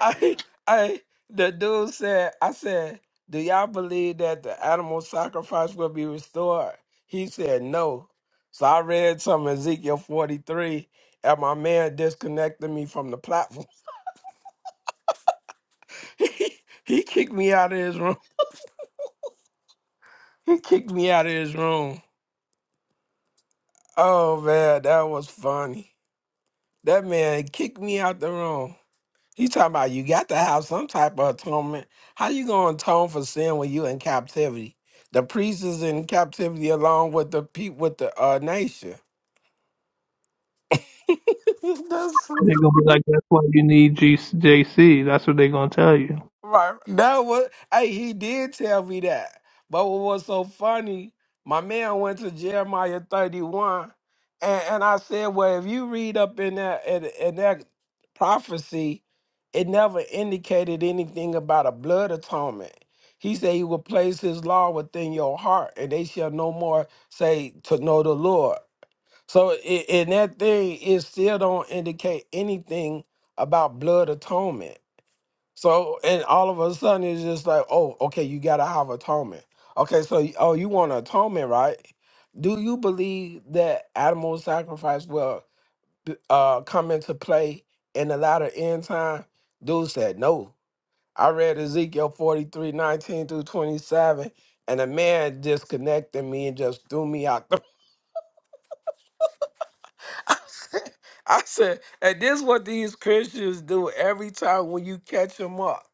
[SPEAKER 7] I, I, the dude said, I said, do y'all believe that the animal sacrifice will be restored? He said no. So I read some Ezekiel 43 and my man disconnected me from the platform. he he kicked me out of his room. He kicked me out of his room. Oh man, that was funny. That man kicked me out the room. You talking about you got to have some type of atonement. How you gonna atone for sin when you in captivity? The priest is in captivity along with the people with the uh, nation. That's
[SPEAKER 3] They're gonna be like, that's why you need G- JC. That's what they're gonna tell you.
[SPEAKER 7] Right. That was hey, he did tell me that. But what was so funny, my man went to Jeremiah 31 and, and I said, Well, if you read up in that in, in that prophecy, it never indicated anything about a blood atonement. He said he will place his law within your heart, and they shall no more say to know the Lord. So in, in that thing, it still don't indicate anything about blood atonement. So, and all of a sudden it's just like, oh, okay, you gotta have atonement. Okay, so y- oh, you want atonement, right? Do you believe that animal sacrifice will b- uh come into play in the latter end time? Dude said no. I read Ezekiel 43 19 through 27, and a man disconnected me and just threw me out the I said, and this is what these Christians do every time when you catch them up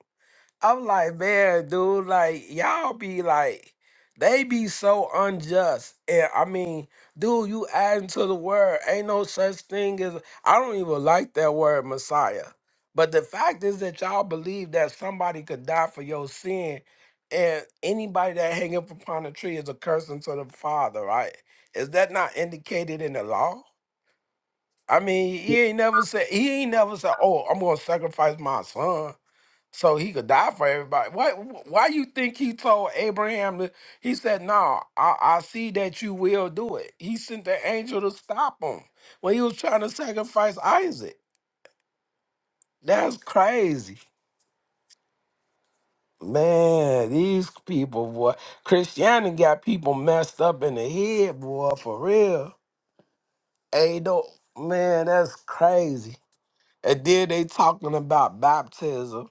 [SPEAKER 7] I'm like, man, dude, like y'all be like, they be so unjust. And I mean, dude, you adding to the word. Ain't no such thing as I don't even like that word Messiah. But the fact is that y'all believe that somebody could die for your sin, and anybody that hang up upon a tree is a curse unto the Father, right? Is that not indicated in the law? I mean, he ain't never said he ain't never said, "Oh, I'm gonna sacrifice my son." so he could die for everybody. Why? Why you think he told Abraham? To, he said, "No, I, I see that you will do it." He sent the angel to stop him when he was trying to sacrifice Isaac. That's crazy, man. These people, boy, Christianity got people messed up in the head, boy, for real. Hey, do man, that's crazy. And then they talking about baptism.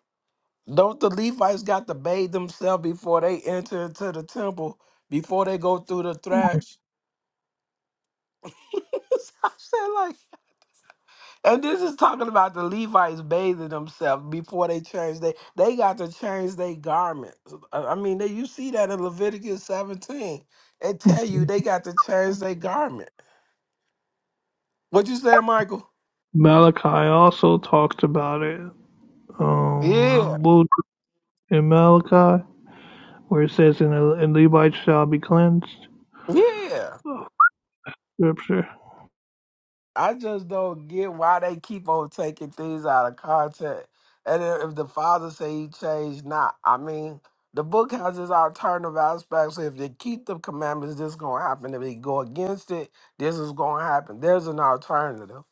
[SPEAKER 7] Don't the Levites got to bathe themselves before they enter into the temple, before they go through the thrash? I said like, and this is talking about the Levites bathing themselves before they change. They they got to change their garments. I I mean, they, you see that in Leviticus 17. it tell you
[SPEAKER 3] Mhm.
[SPEAKER 7] they got to change their garment. What you saying, Michael?
[SPEAKER 3] Malachi also talks about it.
[SPEAKER 7] Yeah,
[SPEAKER 3] Um, what was it in Malachi, where it says, "And, the- and Levites shall be cleansed."
[SPEAKER 7] yeah.
[SPEAKER 3] Scripture.
[SPEAKER 7] I just don't get why they keep on taking things out of context. And then if the father say he changed, not. I mean, the book has its alternative aspects. So if they keep the commandments, this is gonna happen. If they go against it, this is gonna happen. There's an alternative.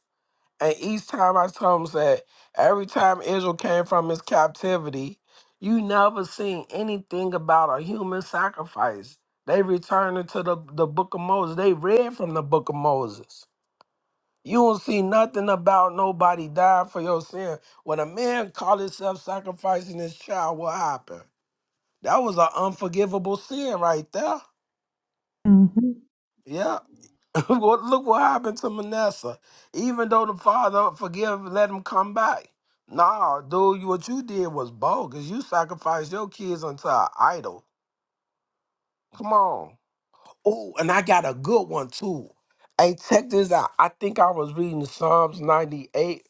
[SPEAKER 7] And each time I told him that every time Israel came from his captivity, you never seen anything about a human sacrifice. They returned to the, the book of Moses. They read from the book of Moses. You don't see nothing about nobody dying for your sin. When a man called himself sacrificing his child, what happened? That was an unforgivable sin right there.
[SPEAKER 3] Mm-hmm.
[SPEAKER 7] Yeah. What- Look what happened to Manasseh. Even though the father forgive, let him come back. Nah, dude, you- what you did was bogus. You sacrificed your kids unto an idol. Come on. Oh, and I got a good one too. Hey, check this out. I think I was reading Psalms 98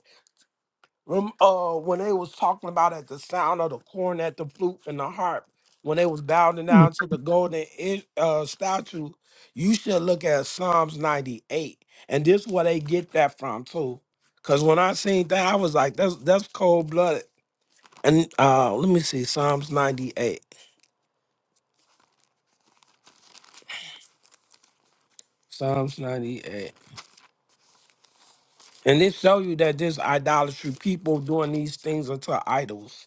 [SPEAKER 7] Rem- uh, when they was talking about at the sound of the cornet, the flute, and the harp, when they was bowing down to the golden i- uh, statue, you should look at Psalms 98. And this where they get that from too. Cause when I seen that, I was like, that's that's cold blooded. And uh let me see, Psalms 98. Psalms 98. And it show you that this idolatry, people doing these things unto idols.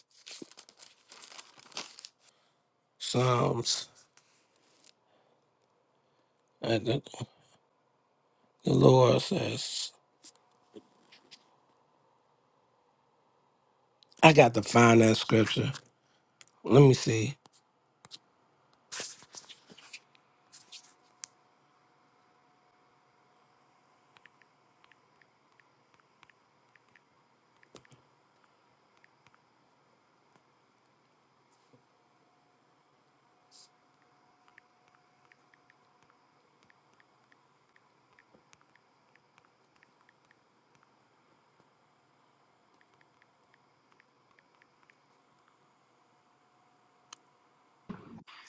[SPEAKER 7] Psalms. And the the Lord says. I got to find that scripture. Let me see.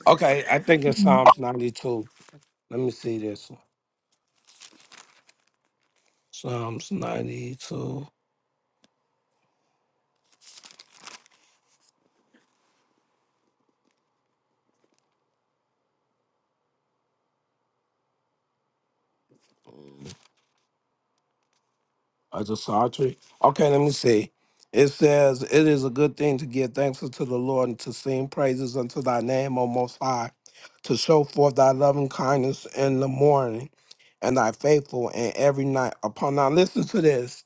[SPEAKER 7] Okay, I think it's
[SPEAKER 3] Mm-hmm.
[SPEAKER 7] Psalms 92. Let me see this one. Psalms 92. I just saw it. too. Okay, let me see. It says, It is a good thing to give thanks unto the Lord and to sing praises unto thy name, O Most High, to show forth thy loving kindness in the morning and thy faithful in every night. Upon now, listen to this.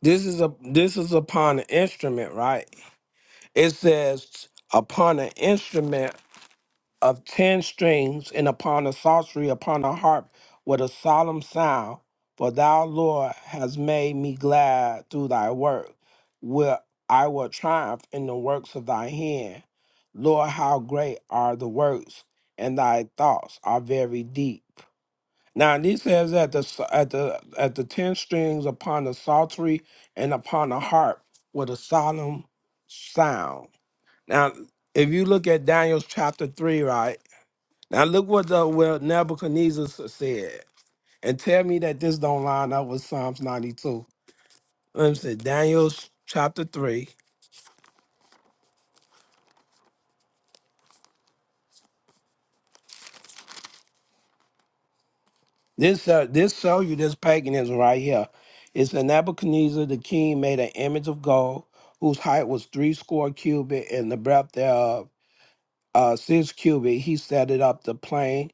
[SPEAKER 7] This is a this is upon an instrument, right? It says upon an instrument of ten strings, and upon a psaltery, upon a harp, with a solemn sound. For thou, Lord, hast made me glad through thy work. Will I will triumph in the works of thy hand. Lord, how great are the works, and thy thoughts are very deep. Now he says at the s- at the at the ten strings upon the psaltery and upon the harp with a solemn sound. Now, if you look at Daniel's chapter three, right? Now look what the, well Nebuchadnezzar s- said, and tell me that this don't line up with Psalms 92. Let me say Daniel s- chapter three. This uh, this show you this paganism right here. It's a Nebuchadnezzar the king made an image of gold whose height was three score cubit and the breadth thereof uh, six cubit. He set it up the plain.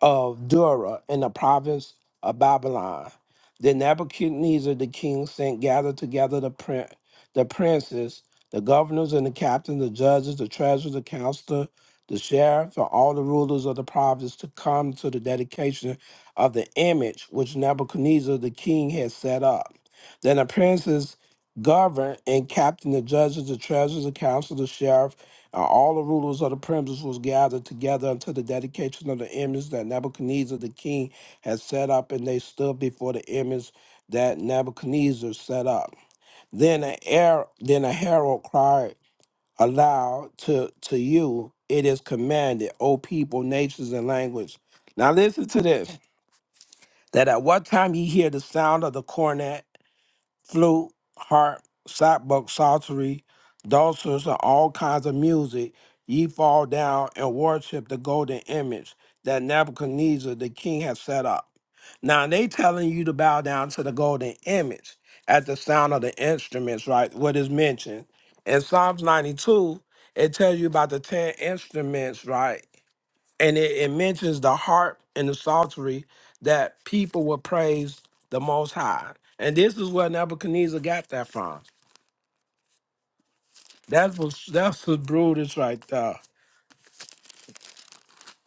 [SPEAKER 7] of Dura in the province of Babylon. Then Nebuchadnezzar the king sent gathered together the prin- the princes, the governors and the captains, the judges, the treasurers, the counselor, the sheriff, and all the rulers of the province to come to the dedication of the image which Nebuchadnezzar the king had set up. Then the princes governed and captained the judges, the treasurers, the counselor, the sheriff, and all the rulers of the princes was gathered together unto the dedication of the image that Nebuchadnezzar the king had set up, and they stood before the image that Nebuchadnezzar set up. Then a her- then a herald cried aloud to to you, it is commanded, O people, nations, and language. Now listen to this: that at what time ye hear the sound of the cornet flute, harp, sackbut, psaltery, dulcers, and all kinds of music, ye fall down and worship the golden image that Nebuchadnezzar the king has set up. Now they telling you to bow down to the golden image at the sound of the instruments, right? What is mentioned in Psalms 92, it tells you about the ten instruments, right? and it, it mentions the harp and the psaltery that people will praise the Most High. And this is where Nebuchadnezzar got that from. That's what that's what Brutus right there.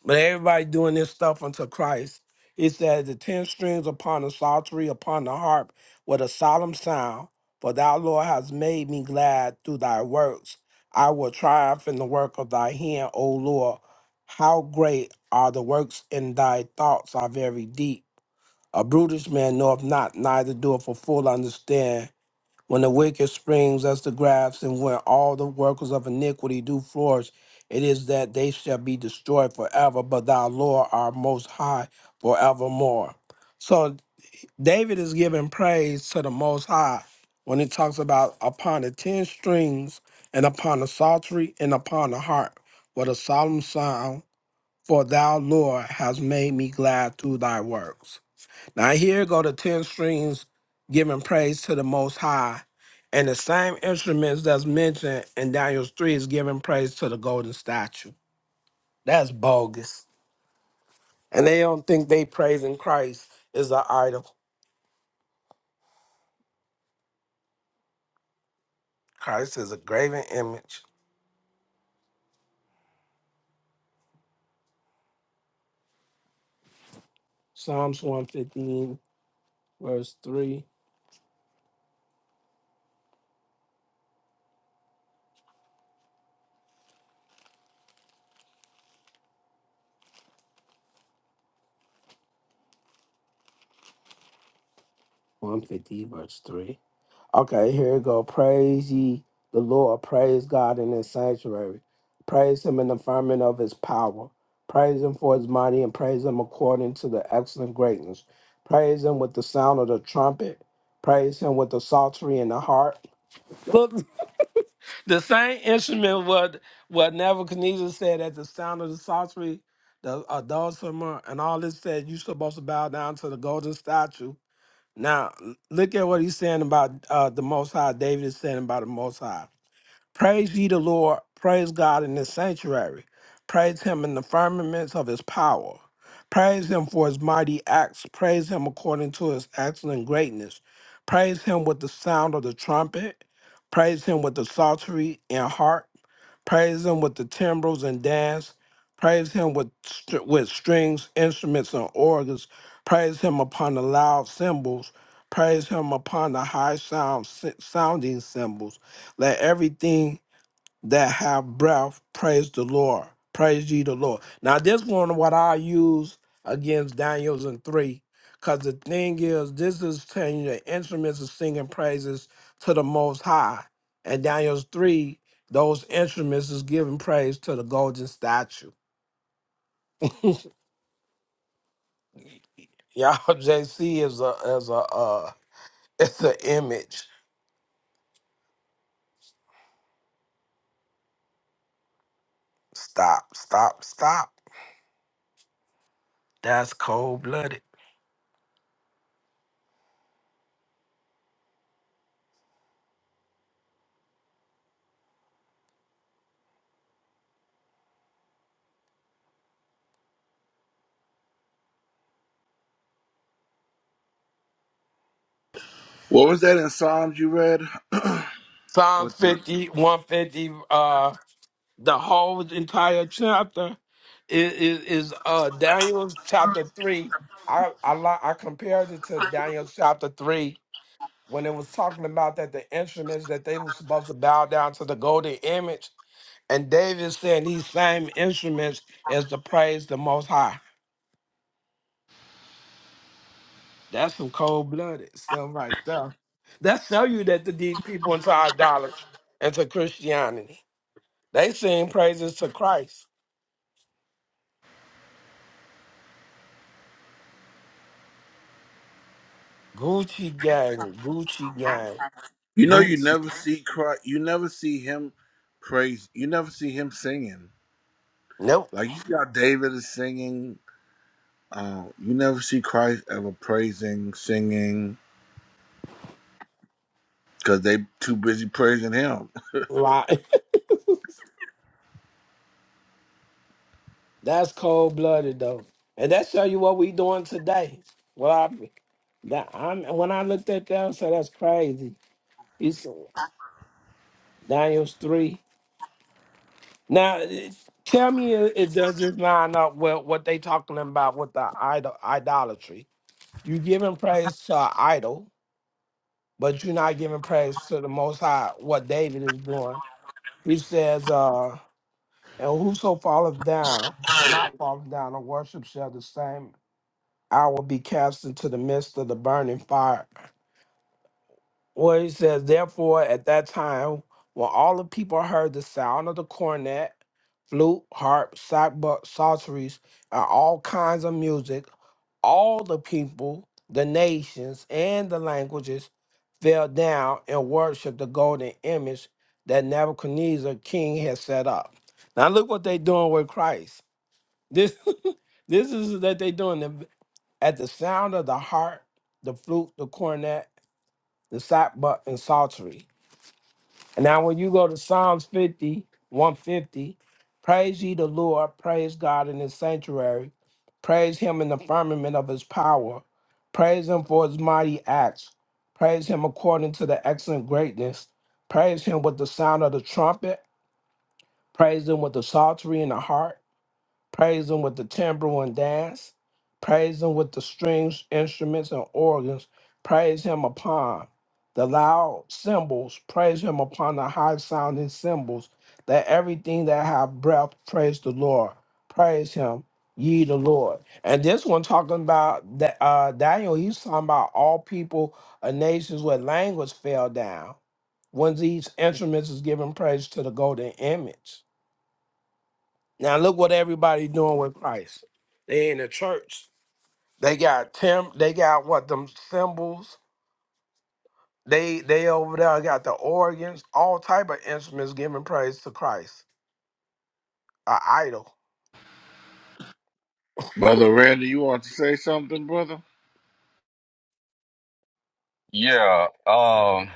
[SPEAKER 7] But everybody doing this stuff unto Christ. It says the ten strings upon the psaltery, upon the harp, with a solemn sound. For thou, Lord, hast made me glad through thy works. I will triumph in the work of thy hand, O Lord. How great are the works in thy thoughts are very deep. A brutish man knoweth not, neither doeth a fool understand. When the wicked springs as the grass, and when all the workers of iniquity do flourish, it is that they shall be destroyed forever, but thou, Lord, art most high forevermore. So David is giving praise to the Most High when he talks about upon the ten strings, and upon the psaltery, and upon the harp, with a solemn sound, for thou, Lord, hast made me glad through thy works. Now here go the ten strings giving praise to the Most High, and the same instruments that's mentioned in Daniel three is giving praise to the golden statue. That's bogus, and they don't think they praising Christ is an idol. Christ is a graven image. Psalms one fifteen verse three. One fifty verse three. Okay, here we go. Praise ye the Lord. Praise God in his sanctuary. Praise him in the firmament of his power. Praise him for his mighty and praise him according to the excellent greatness. Praise him with the sound of the trumpet. Praise him with the psaltery and the harp. Look, the same instrument what what Nebuchadnezzar said at the sound of the psaltery, the adulterer, and all this said, you supposed to bow down to the golden statue now, l- look at what he's saying about uh, the Most High. David is saying about the Most High. Praise ye the Lord. Praise God in his sanctuary. Praise him in the firmaments of his power. Praise him for his mighty acts. Praise him according to his excellent greatness. Praise him with the sound of the trumpet. Praise him with the psaltery and harp Praise him with the timbrels and dance. Praise him with str- with strings, instruments, and organs. Praise him upon the loud cymbals. Praise him upon the high sound si- sounding cymbals. Let everything that have breath, praise the Lord. Praise ye the Lord. Now, this one, what I use against Daniels and 3, because the thing is, this is telling you the instruments of singing praises to the Most High. And Daniels 3, those instruments is giving praise to the golden statue. Y'all, JC is a, is a, uh, it's an image. Stop, stop, stop. That's cold blooded.
[SPEAKER 2] What was that in Psalms you read?
[SPEAKER 7] Psalms
[SPEAKER 2] What the?
[SPEAKER 7] fifty one, fifty, 150, the whole entire chapter is is, is uh Daniel chapter three. I I li- I compared it to Daniel chapter three when it was talking about that the instruments that they were supposed to bow down to the golden image, and David saying these same instruments is to praise the Most High. That's some cold blooded stuff right there. That tell you that the, these people into idolatry, into Christianity, they sing praises to Christ. Gucci gang, Gucci gang.
[SPEAKER 2] You know, you
[SPEAKER 7] Boots.
[SPEAKER 2] never see Christ. You never see him praise. You never see him singing.
[SPEAKER 7] Nope.
[SPEAKER 2] Like you see how David is singing. Uh, you never see Christ ever praising, singing, because they too busy praising him.
[SPEAKER 7] Right. That's cold blooded though. And that show you what we doing today. Well I that I'm when I looked at that I said that's crazy. It's Daniels three. Now it- tell me it, it does this line up with what they talking about with the idol idolatry. You giving praise to an idol, but you're not giving praise to the most high what David is doing. He says, uh, and whoso falleth down, not falleth down, or worship shall the same I will be cast into the midst of the burning fire. Well, he says, Therefore, at that time, when all the people heard the sound of the cornet, flute, harp, sackbut, sorceries, and all kinds of music, all the people, the nations, and the languages fell down and worshiped the golden image that Nebuchadnezzar king had set up. Now look what they are doing with Christ. This this is that they are doing. At the sound of the harp, the flute, the cornet, the sackbut, and psaltery. And now, when you go to Psalms fifty, one fifty, praise ye the Lord, praise God in his sanctuary, praise him in the firmament of his power, praise him for his mighty acts, praise him according to the excellent greatness, praise him with the sound of the trumpet, praise him with the psaltery and the harp Praise him with the timbrel and dance. Praise him with the strings, instruments, and organs. Praise him upon the loud cymbals. Praise him upon the high sounding cymbals. Let everything that have breath praise the Lord. Praise him, ye the Lord. And this one talking about that uh, Daniel, he's talking about all people and nations where language fell down. When these instruments is giving praise to the golden image. Now look what everybody's doing with Christ. They in the church. They got tem they got what them cymbals. They they over there got the organs, all type of instruments giving praise to Christ. A idol.
[SPEAKER 2] Brother Randy, you want to say something, brother?
[SPEAKER 6] Yeah. Um.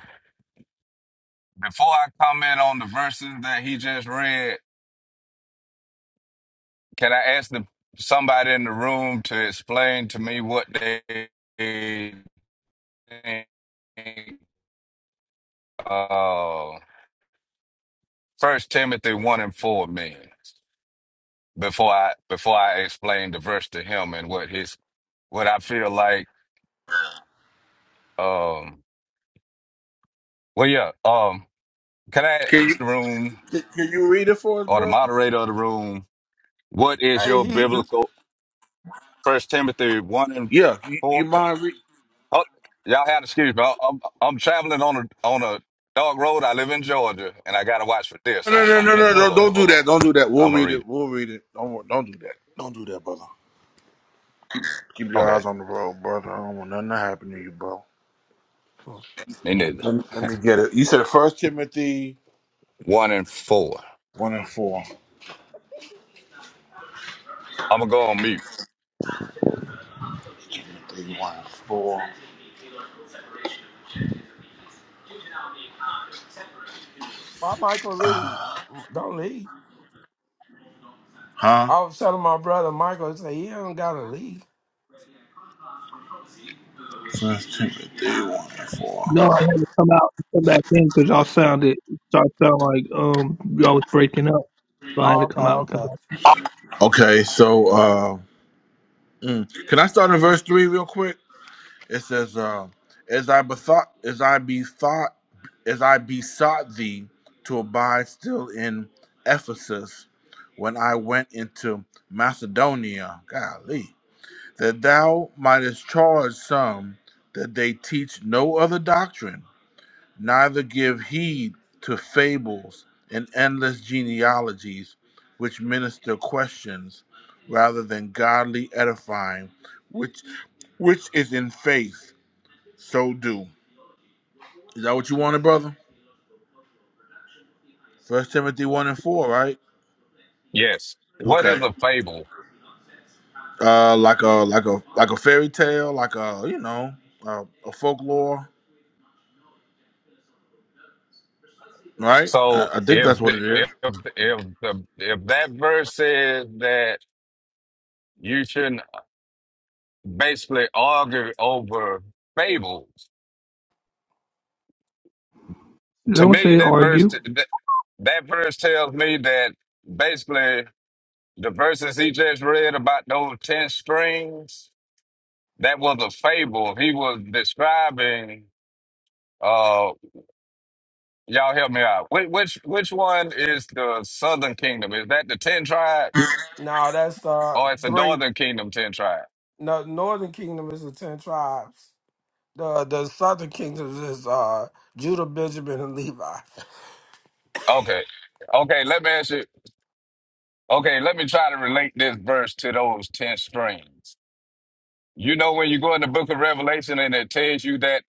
[SPEAKER 6] Before I comment on the verses that he just read, can I ask the somebody in the room to explain to me what they think? Uh, First Timothy one and four means before I before I explain the verse to him and what his what I feel like. Um. Well, yeah. Um. Can I
[SPEAKER 2] Can
[SPEAKER 6] ask
[SPEAKER 2] you
[SPEAKER 6] the room?
[SPEAKER 2] can, you read it for us,
[SPEAKER 6] or the
[SPEAKER 2] brother?
[SPEAKER 6] moderator of the room, what is
[SPEAKER 7] Hey,
[SPEAKER 6] your
[SPEAKER 7] he
[SPEAKER 6] biblical First Timothy one and
[SPEAKER 2] Yeah, you, you
[SPEAKER 6] four?
[SPEAKER 2] mind? Re-
[SPEAKER 6] Oh, y'all have to excuse me. I- I'm I'm traveling on a on a dog road. I live in Georgia, and I gotta watch for this,
[SPEAKER 2] No,
[SPEAKER 6] so
[SPEAKER 2] no,
[SPEAKER 6] I'm
[SPEAKER 2] no, no,
[SPEAKER 6] finna
[SPEAKER 2] no!
[SPEAKER 6] pull over.
[SPEAKER 7] okay.
[SPEAKER 2] Don't do
[SPEAKER 6] Hold
[SPEAKER 2] that!
[SPEAKER 6] on,
[SPEAKER 2] Don't do that! We'll
[SPEAKER 6] I'm gonna
[SPEAKER 2] read
[SPEAKER 6] read
[SPEAKER 2] it.
[SPEAKER 6] it.
[SPEAKER 2] We'll read it. Don't, wor- don't do that. Don't do that, brother. Keep your
[SPEAKER 6] Okay,
[SPEAKER 2] eyes on the road, brother. I don't want nothing to happen to you, bro.
[SPEAKER 6] me neither.
[SPEAKER 2] Let me, let me get it. You said First Timothy
[SPEAKER 6] One and four.
[SPEAKER 2] one and four.
[SPEAKER 6] I'm gonna go on mute.
[SPEAKER 2] Timothy one and four.
[SPEAKER 7] Why Michael leave? Don't leave.
[SPEAKER 2] Huh?
[SPEAKER 7] I was telling my brother Michael, he said, he don't gotta leave.
[SPEAKER 2] First Timothy one and four.
[SPEAKER 3] No, I had to come out and come back in because y'all sounded start sound like um y'all was breaking up. So I had
[SPEAKER 7] Oh,
[SPEAKER 3] to
[SPEAKER 7] okay,
[SPEAKER 3] come out and come
[SPEAKER 7] okay.
[SPEAKER 3] back.
[SPEAKER 2] Okay, so uh, mm. can I start in verse three real quick? It says, uh, "As I bethought, as I bethought, as I besought thee to abide still in Ephesus, when I went into Macedonia, golly, that thou mightest charge some that they teach no other doctrine, neither give heed to fables and endless genealogies, which minister questions rather than godly edifying, which which is in faith." So do. Is that what you wanted, brother? First Timothy one and four, right?
[SPEAKER 6] Yes. What is
[SPEAKER 2] Okay.
[SPEAKER 6] a fable?
[SPEAKER 2] Uh, like a like a like a fairy tale, like a you know a, a folklore, right? I,
[SPEAKER 6] So
[SPEAKER 2] I think
[SPEAKER 6] if
[SPEAKER 2] that's what
[SPEAKER 6] the,
[SPEAKER 2] it is.
[SPEAKER 6] if if the if that verse says that you shouldn't basically argue over fables
[SPEAKER 3] They
[SPEAKER 6] to
[SPEAKER 3] Don't
[SPEAKER 6] me,
[SPEAKER 3] say
[SPEAKER 6] that verse
[SPEAKER 3] argue.
[SPEAKER 6] that, that verse tells me that basically the verses he just read about those ten strings that was a fable. He was describing. Uh, y'all help me out. Which which which one is the Southern Kingdom? Is that the ten tribes,
[SPEAKER 7] No, that's uh
[SPEAKER 6] or it's the
[SPEAKER 7] three
[SPEAKER 6] Northern Kingdom ten tribes?
[SPEAKER 7] no Northern Kingdom is the ten tribes. The the southern kingdoms is uh Judah, Benjamin, and Levi.
[SPEAKER 6] Okay, okay. Let me ask you. Okay, let me try to relate this verse to those ten strings. You know when you go in the Book of Revelation and it tells you that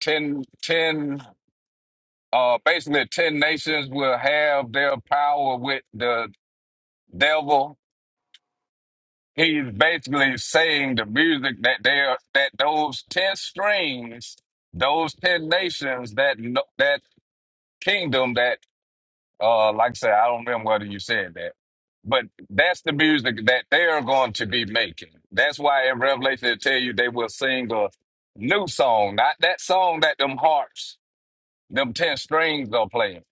[SPEAKER 6] ten ten uh, basically, ten nations will have their power with the devil. He's basically saying the music that they are, that those ten strings, those ten nations, that no- that kingdom, that uh, like I said, I don't remember whether you said that, but that's the music that they are going to be making. That's why in Revelation they tell you they will sing a new song, not that song that them harps, them ten strings are playing,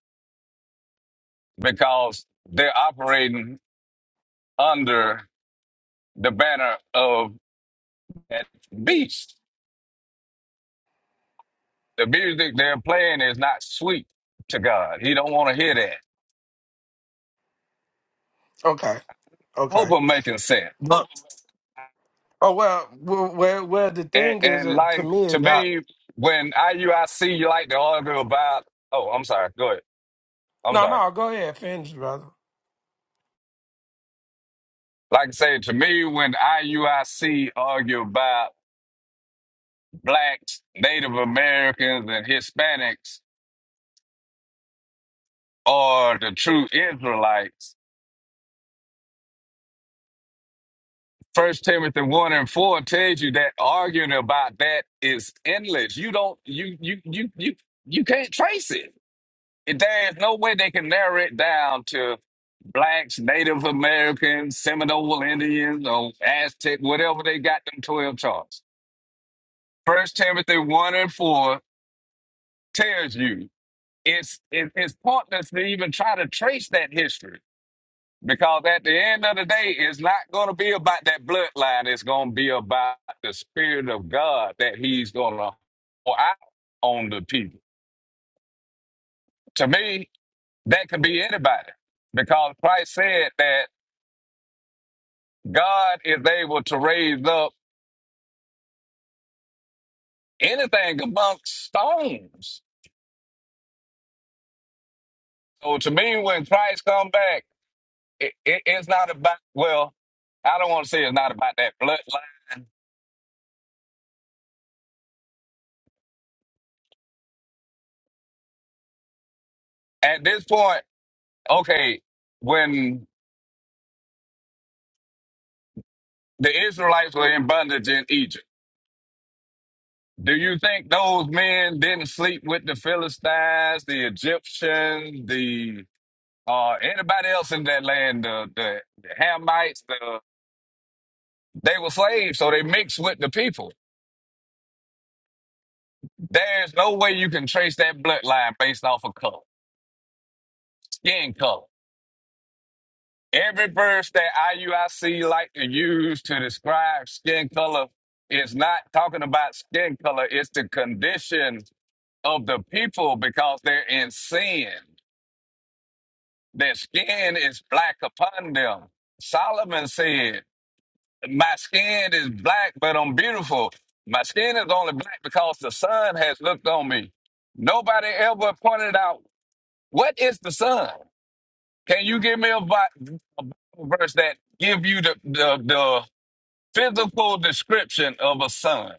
[SPEAKER 6] because they're operating under the banner of that beast. The music they're playing is not sweet to God. He don't want to hear that.
[SPEAKER 7] Okay,
[SPEAKER 6] Hope
[SPEAKER 7] okay.
[SPEAKER 6] I'm making sense.
[SPEAKER 7] But oh well, well, well, well the
[SPEAKER 6] And,
[SPEAKER 7] thing is
[SPEAKER 6] and
[SPEAKER 7] that to
[SPEAKER 6] like
[SPEAKER 7] me
[SPEAKER 6] to
[SPEAKER 7] is that
[SPEAKER 6] me, when IUIC like to argue about, oh, I'm sorry. Go ahead. I'm
[SPEAKER 7] no,
[SPEAKER 6] sorry.
[SPEAKER 7] no. Go ahead, finish, brother.
[SPEAKER 6] Like I say, to me, when IUIC argue about blacks, Native Americans, and Hispanics are the true Israelites, First Timothy one and four tells you that arguing about that is endless. You don't you you you you you can't trace it. There is no way they can narrow it down to blacks, Native Americans, Seminole Indians, or Aztec, whatever they got them twelve charts. First Timothy one and four tells you it's it, it's pointless to even try to trace that history Because at the end of the day, it's not going to be about that bloodline. It's going to be about the spirit of God that He's going to pour out on the people. To me, that could be anybody, because Christ said that God is able to raise up anything amongst stones. So to me, when Christ come back, it, it, it's not about well. I don't want to say it's not about that bloodline. At this point, okay, when The Israelites were in bondage in Egypt. Do you think those men didn't sleep with the Philistines, the Egyptians, the uh, anybody else in that land, the, the, the Hamites? The, they were slaves, so they mixed with the people. There's no way you can trace that bloodline based off of color, skin color. Every verse that IUIC like to use to describe skin color is not talking about skin color, it's the condition of the people because they're in sin. Their skin is black upon them. Solomon said, My skin is black, but I'm beautiful. My skin is only black because the sun has looked on me. Nobody ever pointed out what is the sun. Can you give me a vi- verse that give you the, the, the physical description of a sun?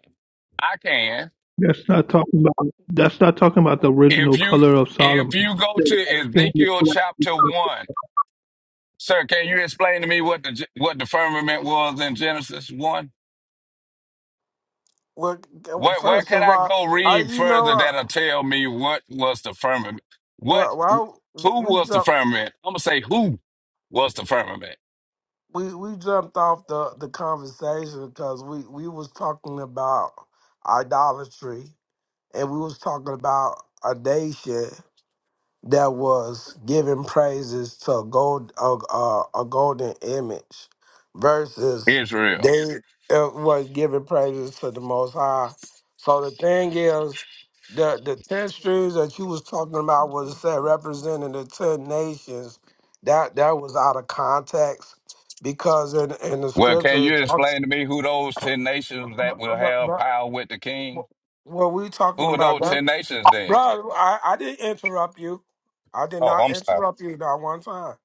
[SPEAKER 6] I can.
[SPEAKER 3] That's not talking about. That's not talking about the
[SPEAKER 6] If
[SPEAKER 3] original
[SPEAKER 6] you
[SPEAKER 3] color of Solomon.
[SPEAKER 6] if you go to Ezekiel chapter one, Sir, can you explain to me what the what the firmament was in Genesis one?
[SPEAKER 7] Well,
[SPEAKER 6] Where where
[SPEAKER 7] first
[SPEAKER 6] can
[SPEAKER 7] of
[SPEAKER 6] I
[SPEAKER 7] all,
[SPEAKER 6] go
[SPEAKER 7] I
[SPEAKER 6] read
[SPEAKER 7] you know
[SPEAKER 6] further
[SPEAKER 7] what?
[SPEAKER 6] that'll tell me what was the firmament? What
[SPEAKER 7] Well,
[SPEAKER 6] who
[SPEAKER 7] well we
[SPEAKER 6] was the
[SPEAKER 7] jumped
[SPEAKER 6] firmament? I'm gonna say who was the firmament?
[SPEAKER 7] we we jumped off the the conversation because we we was talking about idolatry and we was talking about a nation that was giving praises to a gold a, a, a golden image versus
[SPEAKER 6] Israel.
[SPEAKER 7] they uh, was giving praises to the most high so the thing is the the 10 streams that you was talking about was said representing the 10 nations that that was out of context because in in the
[SPEAKER 6] Well, can
[SPEAKER 7] scripture it
[SPEAKER 6] you
[SPEAKER 7] talks
[SPEAKER 6] explain to me who those ten nations that will have power with the king?
[SPEAKER 7] what we talking
[SPEAKER 6] Who are those
[SPEAKER 7] about
[SPEAKER 6] ten nations then?
[SPEAKER 7] Bro, I, I didn't interrupt you. I did
[SPEAKER 6] Oh,
[SPEAKER 7] not
[SPEAKER 6] I'm sorry.
[SPEAKER 7] interrupt you not one time.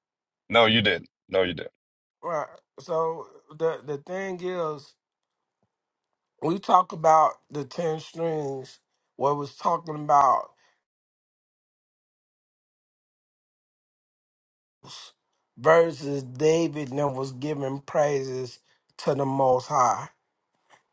[SPEAKER 6] No, you didn't. No, you didn't.
[SPEAKER 7] Right. So the the thing is, we talk about the ten strings. What was talking about versus David and was giving praises to the Most High.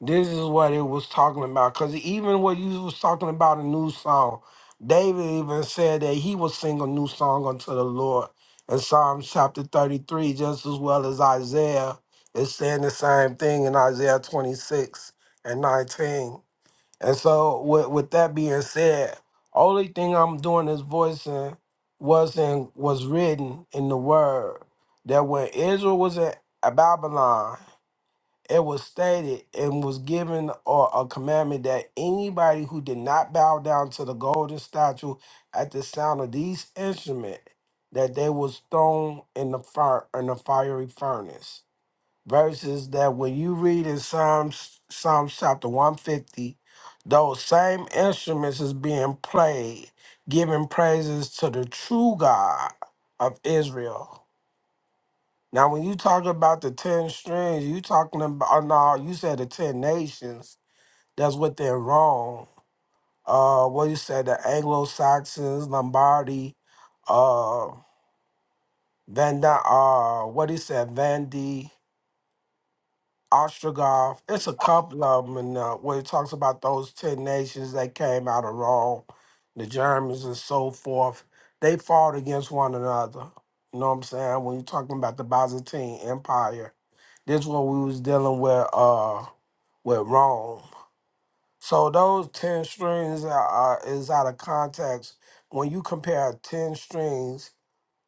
[SPEAKER 7] This is what it was talking about. Cause even what you was talking about a new song, David even said that he would sing a new song unto the Lord. In Psalms chapter 33, just as well as Isaiah is saying the same thing in Isaiah 26 and 19. And so with, with that being said, only thing I'm doing is voicing was in was written in the word that when Israel was in Babylon, it was stated and was given or a commandment that anybody who did not bow down to the golden statue at the sound of these instruments, that they was thrown in the fire in the fiery furnace. Verses that when you read in Psalms Psalms chapter 150, those same instruments is being played, giving praises to the true God of Israel now, when you talk about the ten strings, you talking about oh, no? You said the ten nations. That's what they're wrong. Uh, what you said the Anglo Saxons, Lombardi, uh, Van, Di- uh, what he said, Vandy. Ostrogoth. It's a couple of them in, uh, where it talks about those 10 nations that came out of Rome, the Germans and so forth. They fought against one another. You know what I'm saying? When you're talking about the Byzantine Empire, this is what we was dealing with uh with Rome. So those 10 strings are, are, is out of context. When you compare 10 strings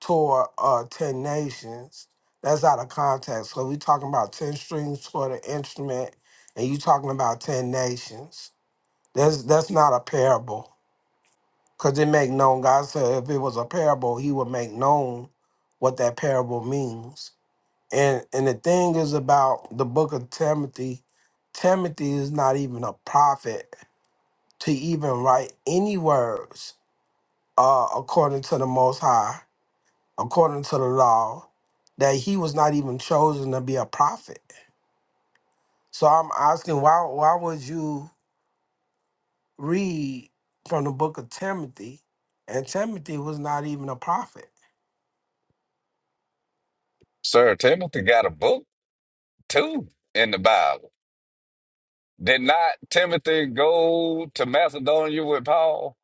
[SPEAKER 7] toward uh, 10 nations. That's out of context. So we talking about 10 strings toward an instrument, and you talking about 10 nations. That's that's not a parable. Because it make known, God said if it was a parable, he would make known what that parable means. And and the thing is about the book of Timothy, Timothy is not even a prophet to even write any words uh, according to the Most High according to the law that he was not even chosen to be a prophet. So I'm asking why why would you read from the book of Timothy and Timothy was not even a prophet?
[SPEAKER 6] Sir, Timothy got a book too in the Bible. Did not Timothy go to Macedonia with Paul?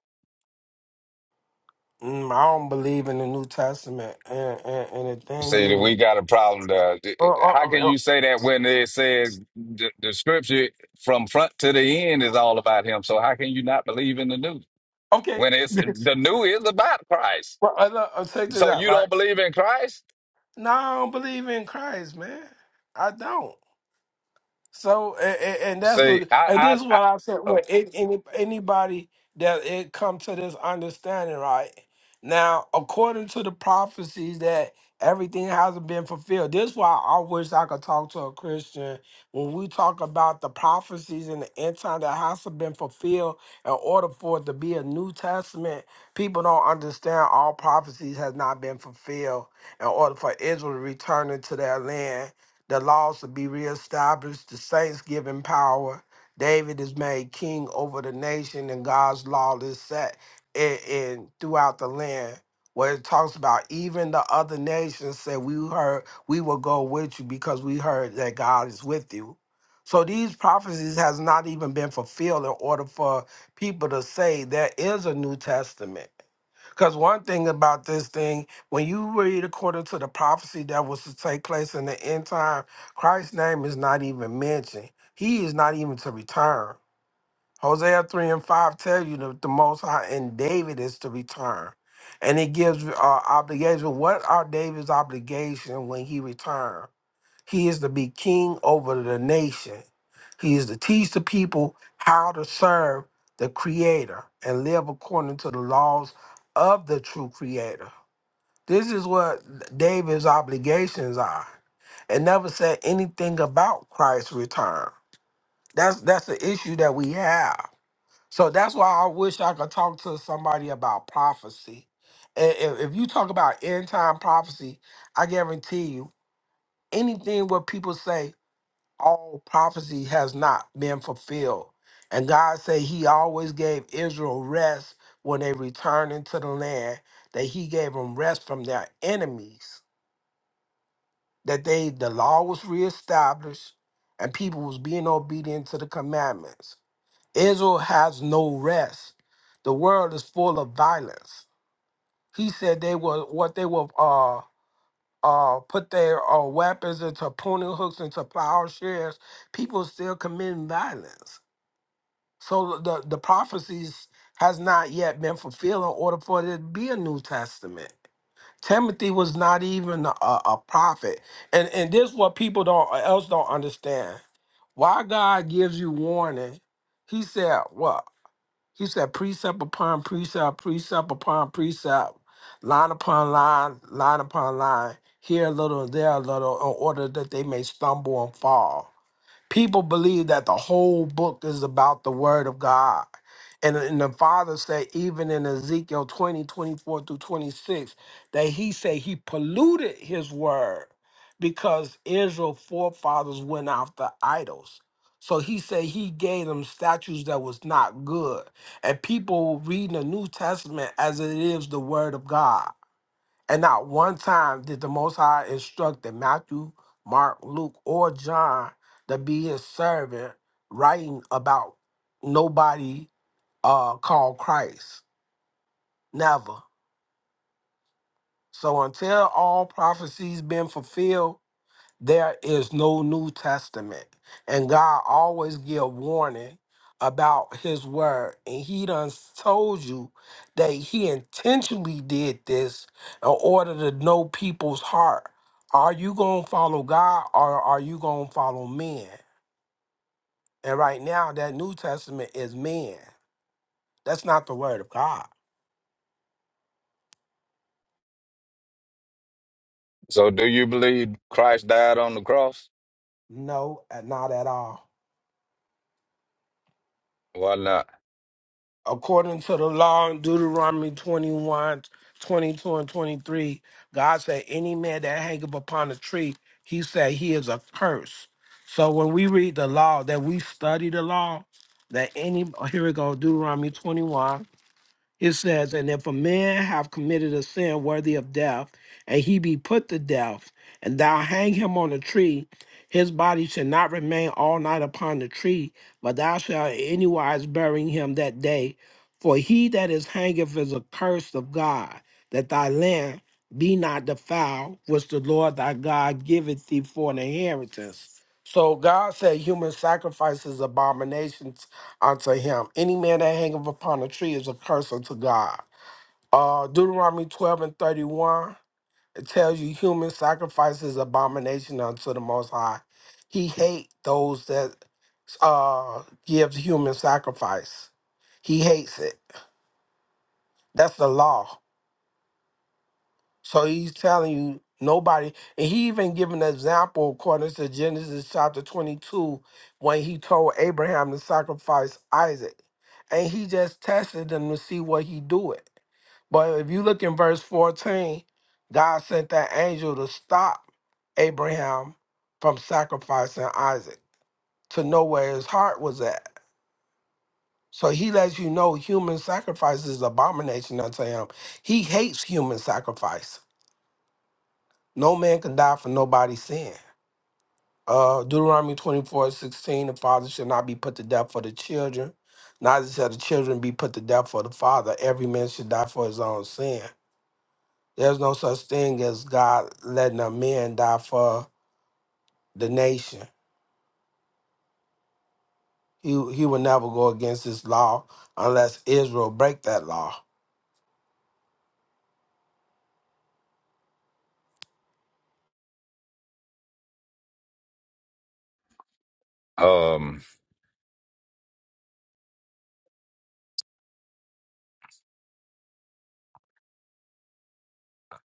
[SPEAKER 7] Mm, I don't believe in the New Testament and and, and the thing
[SPEAKER 6] See, that
[SPEAKER 7] is
[SPEAKER 6] we got a problem there.
[SPEAKER 7] oh, oh,
[SPEAKER 6] How can
[SPEAKER 7] oh,
[SPEAKER 6] you say that when they said the, the scripture from front to the end is all about him? So how can you not believe in the new?
[SPEAKER 7] oh, okay.
[SPEAKER 6] When it's the new is about Christ.
[SPEAKER 7] well, I look, I'll take this
[SPEAKER 6] So
[SPEAKER 7] out,
[SPEAKER 6] you
[SPEAKER 7] right?
[SPEAKER 6] don't believe in Christ?
[SPEAKER 7] No, I don't believe in Christ, man. I don't. So and, and that's
[SPEAKER 6] See,
[SPEAKER 7] what,
[SPEAKER 6] I,
[SPEAKER 7] and
[SPEAKER 6] I,
[SPEAKER 7] this is
[SPEAKER 6] I
[SPEAKER 7] what I said.
[SPEAKER 6] oh.
[SPEAKER 7] What any- anybody that it come to this understanding, right? Now, according to the prophecies that everything hasn't been fulfilled. This is why I wish I could talk to a Christian when we talk about the prophecies in the end time that hasn't been fulfilled in order for it to be a New Testament. People don't understand all prophecies has not been fulfilled in order for Israel to return into their land the laws will be reestablished, the saints given power. David is made king over the nation, and God's law is set in, in throughout the land. Where it talks about even the other nations said, We heard we will go with you because we heard that God is with you. So these prophecies has not even been fulfilled in order for people to say there is a New Testament. Because one thing about this thing, when you read according to the prophecy that was to take place in the end time, Christ's name is not even mentioned. He is not even to return. Hosea 3 and 5 tell you that the Most High and David is to return. And it gives uh, obligation. What are David's obligation when he returns? He is to be king over the nation. He is to teach the people how to serve the Creator and live according to the laws of the true Creator. This is what David's obligations are. And never said anything about Christ's return. That's that's the issue that we have. So that's why I wish I could talk to somebody about prophecy. And if if you talk about end time prophecy, I guarantee you anything what people say all prophecy has not been fulfilled. And God said he always gave Israel rest when they returned into the land, that he gave them rest from their enemies, that they the law was reestablished and people was being obedient to the commandments. Israel has no rest. The world is full of violence. He said they were what they were uh uh put their uh, weapons into pruning hooks into plowshares. People still committing violence So the the prophecies has not yet been fulfilled in order for there to be a New Testament. Timothy was not even a, a prophet, and and this is what people don't else don't understand. Why God gives you warning? He said what? He said precept upon precept, precept upon precept, line upon line, line upon line. Here a little, there a little, in order that they may stumble and fall People believe that the whole book is about the word of God. And, and the father said, even in Ezekiel 20 24 through 26, that he said he polluted his word because Israel forefathers went after idols. So he said he gave them statues that was not good. And people reading the New Testament as it is the word of God. And not one time did the Most High instruct that Matthew, Mark, Luke, or John to be his servant, writing about nobody uh, called Christ. Never. So until all prophecies been fulfilled, there is no new testament and god always give warning about his word and he done told you that he intentionally did this in order to know people's heart are you gonna follow god or are you gonna follow men and right now that new testament is men that's not the word of god
[SPEAKER 6] so do you believe Christ died on the cross?
[SPEAKER 7] no uh, not at all
[SPEAKER 6] Why not?
[SPEAKER 7] according to the law in Deuteronomy 21:22 and 23, God said, Any man that hangeth upon a tree, he said he is a curse. So when we read the law, that we study the law, that any, oh, here we go, Deuteronomy 21. It says, And if a man have committed a sin worthy of death, and he be put to death, and thou hang him on a tree, his body shall not remain all night upon the tree, but thou shalt in any wise bury him that day. For he that is hangeth is accursed of God, that thy land be not defiled, which the Lord thy God giveth thee for an inheritance. So God said human sacrifice is abomination unto him. Any man that hangeth upon a tree is a curse unto God. Uh, Deuteronomy 12 and 31, it tells you human sacrifice is abomination unto the Most High. He hate those that uh, gives human sacrifice. He hates it. That's the law. So he's telling you nobody, and he even gave an example according to Genesis chapter 22 when he told Abraham to sacrifice Isaac. And he just tested him to see what he do it. But if you look in verse 14, God sent that angel to stop Abraham from sacrificing Isaac to know where his heart was at. So he lets you know human sacrifice is abomination unto him. He hates human sacrifice. No man can die for nobody's sin. Uh, Deuteronomy 24 16: the father shall not be put to death for the children, neither shall the children be put to death for the father. Every man should die for his own sin. There's no such thing as God letting a man die for the nation. He, he will never go against his law unless Israel break that law.
[SPEAKER 6] Um,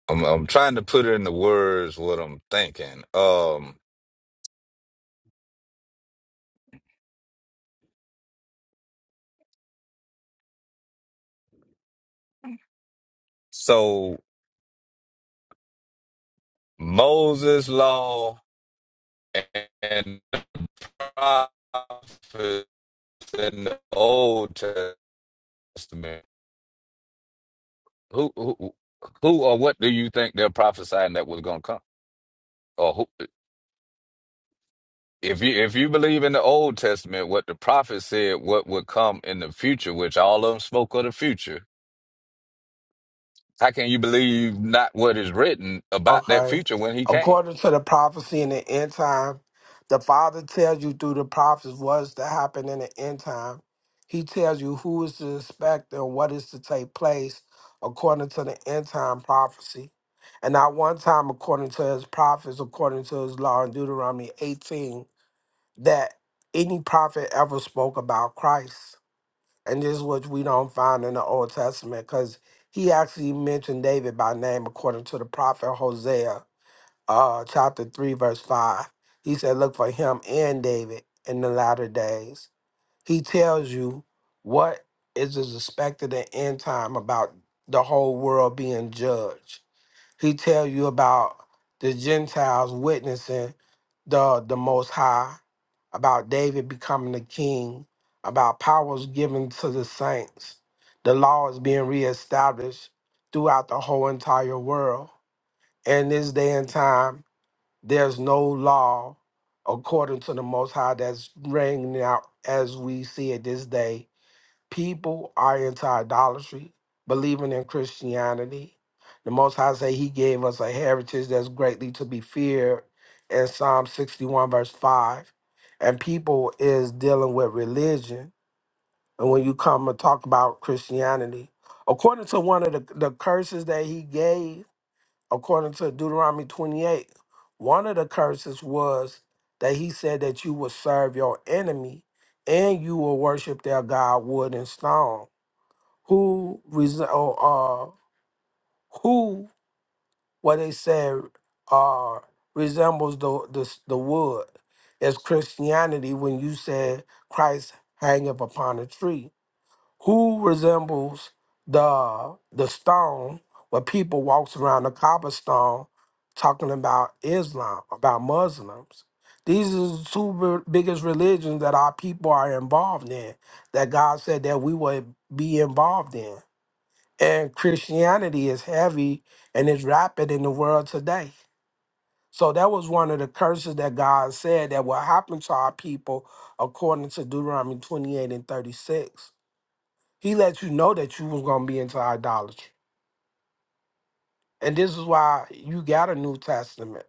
[SPEAKER 6] I'm, I'm trying to put in the words what I'm thinking. Um, so Moses' law and the prophets in the Old Testament. Who, who, who, or what do you think they're prophesying that was going to come? Or who, if you if you believe in the Old Testament, what the prophets said, what would come in the future, which all of them spoke of the future. How can you believe not what is written about that
[SPEAKER 7] Okay.
[SPEAKER 6] future when he came?
[SPEAKER 7] According to the prophecy in the end time, the Father tells you through the prophets what's to happen in the end time. He tells you who is to expect and what is to take place according to the end time prophecy. And not one time, according to his prophets, according to his law in Deuteronomy 18, that any prophet ever spoke about Christ. And this is what we don't find in the Old Testament because he actually mentioned David by name according to the prophet Hosea uh, chapter 3, verse 5. He said, Look for him and David in the latter days. He tells you what is is expected at end time about the whole world being judged. He tells you about the Gentiles witnessing the, the Most High, about David becoming the king, about powers given to the saints. The law is being reestablished throughout the whole entire world. In this day and time, there's no law according to the Most High that's reigning out as we see it this day. People are into idolatry, believing in Christianity. The Most High say He gave us a heritage that's greatly to be feared in Psalm 61, verse 5. And people is dealing with religion. And when you come and talk about Christianity, according to one of the, the curses that He gave, according to Deuteronomy 28, one of the curses was that he said that you will serve your enemy and you will worship their god wood and stone. Who res- or, uh who what they said uh resembles the the, the wood It's Christianity when you said Christ hangeth upon a tree who resembles the the stone where people walks around the cobblestone talking about Islam, about Muslims. These are the two re- biggest religions that our people are involved in, that God said that we would be involved in. And Christianity is heavy and is rapid in the world today. So that was one of the curses that God said that will happen to our people according to Deuteronomy 28 and 36 he let you know that you was gonna be into idolatry, and this is why you got a New Testament,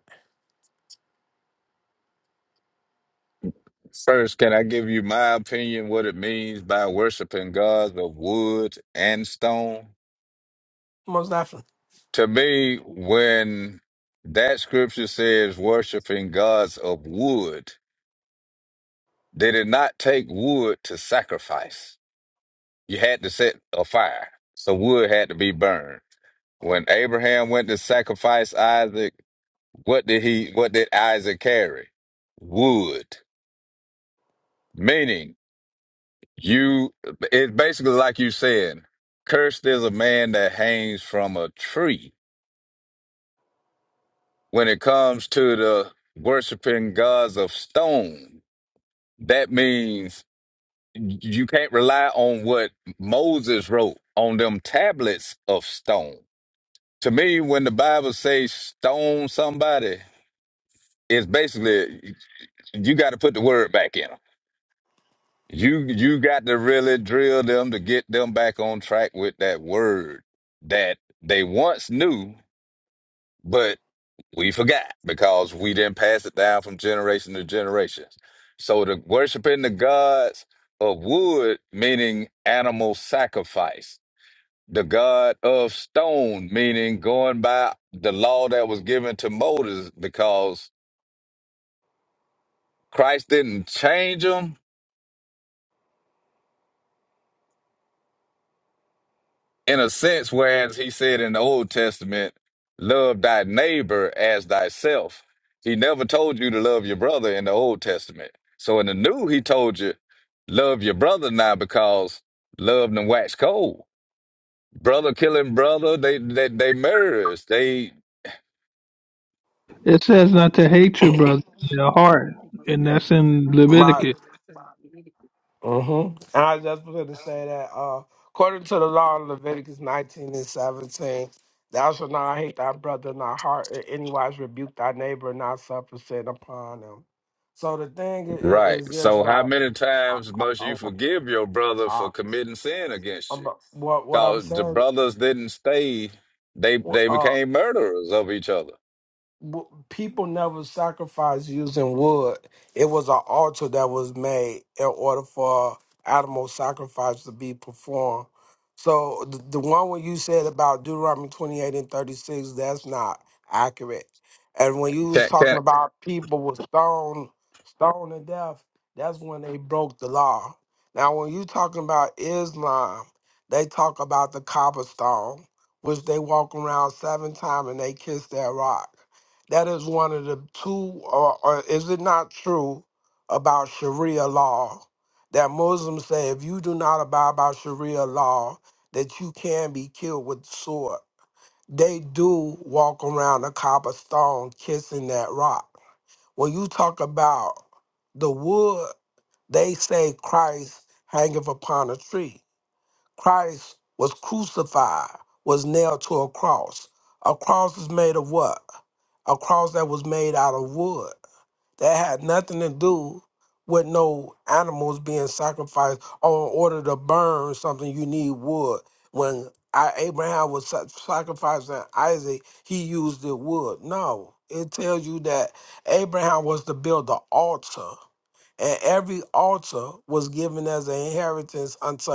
[SPEAKER 6] First, can I give you my opinion what it means by worshiping gods of wood and stone?
[SPEAKER 7] most definitely.
[SPEAKER 6] to me, when that scripture says worshiping gods of wood, they did not take wood to sacrifice. You had to set a fire. So wood had to be burned. When Abraham went to sacrifice Isaac, what did he what did Isaac carry? Wood. Meaning you it's basically like you saying, cursed is a man that hangs from a tree. When it comes to the worshiping gods of stone. That means you can't rely on what Moses wrote on them tablets of stone. To me, when the Bible says stone somebody, it's basically you got to put the word back in them. You you got to really drill them to get them back on track with that word that they once knew, but We forgot because we didn't pass it down from generation to generation. So the worshiping the gods of wood, meaning animal sacrifice. The god of stone, meaning going by the law that was given to Moses, because Christ didn't change them. in a sense, whereas he said in the Old Testament, love thy neighbor as thyself. He never told you to love your brother in the Old Testament. So in the New, he told you, love your brother now because love them wax cold. Brother killing brother, they, they, they murderers. They,
[SPEAKER 3] It says not to hate your brother in their heart, and that's in
[SPEAKER 7] Right.
[SPEAKER 3] Leviticus.
[SPEAKER 7] Mm-hmm. And I just wanted to say that uh, according to the law in Leviticus 19 and 17, thou shalt not hate thy brother in thy heart, or anywise rebuke thy neighbor, and not suffer sin upon him. So the thing
[SPEAKER 6] right.
[SPEAKER 7] is, is this
[SPEAKER 6] So how
[SPEAKER 7] right?
[SPEAKER 6] many
[SPEAKER 7] I,
[SPEAKER 6] times
[SPEAKER 7] I,
[SPEAKER 6] must
[SPEAKER 7] I,
[SPEAKER 6] you forgive your brother
[SPEAKER 7] I,
[SPEAKER 6] for committing sin against
[SPEAKER 7] I'm,
[SPEAKER 6] you?
[SPEAKER 7] what what I'm
[SPEAKER 6] Cause the
[SPEAKER 7] saying?
[SPEAKER 6] brothers didn't stay. They, they became murderers of each other.
[SPEAKER 7] w- people never sacrificed using wood. It was an altar that was made in order for animal sacrifice to be performed. So the, the one when you said about Deuteronomy 28 and 36, that's not accurate. And when you was
[SPEAKER 6] Can,
[SPEAKER 7] talking
[SPEAKER 6] can,
[SPEAKER 7] about people with stone, stone to death, that's when they broke the law. Now, when you talking about Islam, they talk about the cobblestone, which they walk around seven times and they kiss that rock that is one of the two, or, or is it not true about Sharia law that Muslims say if you do not abide by Sharia law, that you can be killed with the sword? They do walk around the cobblestone kissing that rock. When you talk about the wood, they say Christ hangeth upon a tree. Christ was crucified, was nailed to a cross. A cross is made of what? A cross that was made out of wood. That had nothing to do with no animals being sacrificed or in order to burn something you need wood. When I, Abraham was sa- sacrificing Isaac, he used the wood. No, it tells you that Abraham was to build the altar and every altar was given as an inheritance unto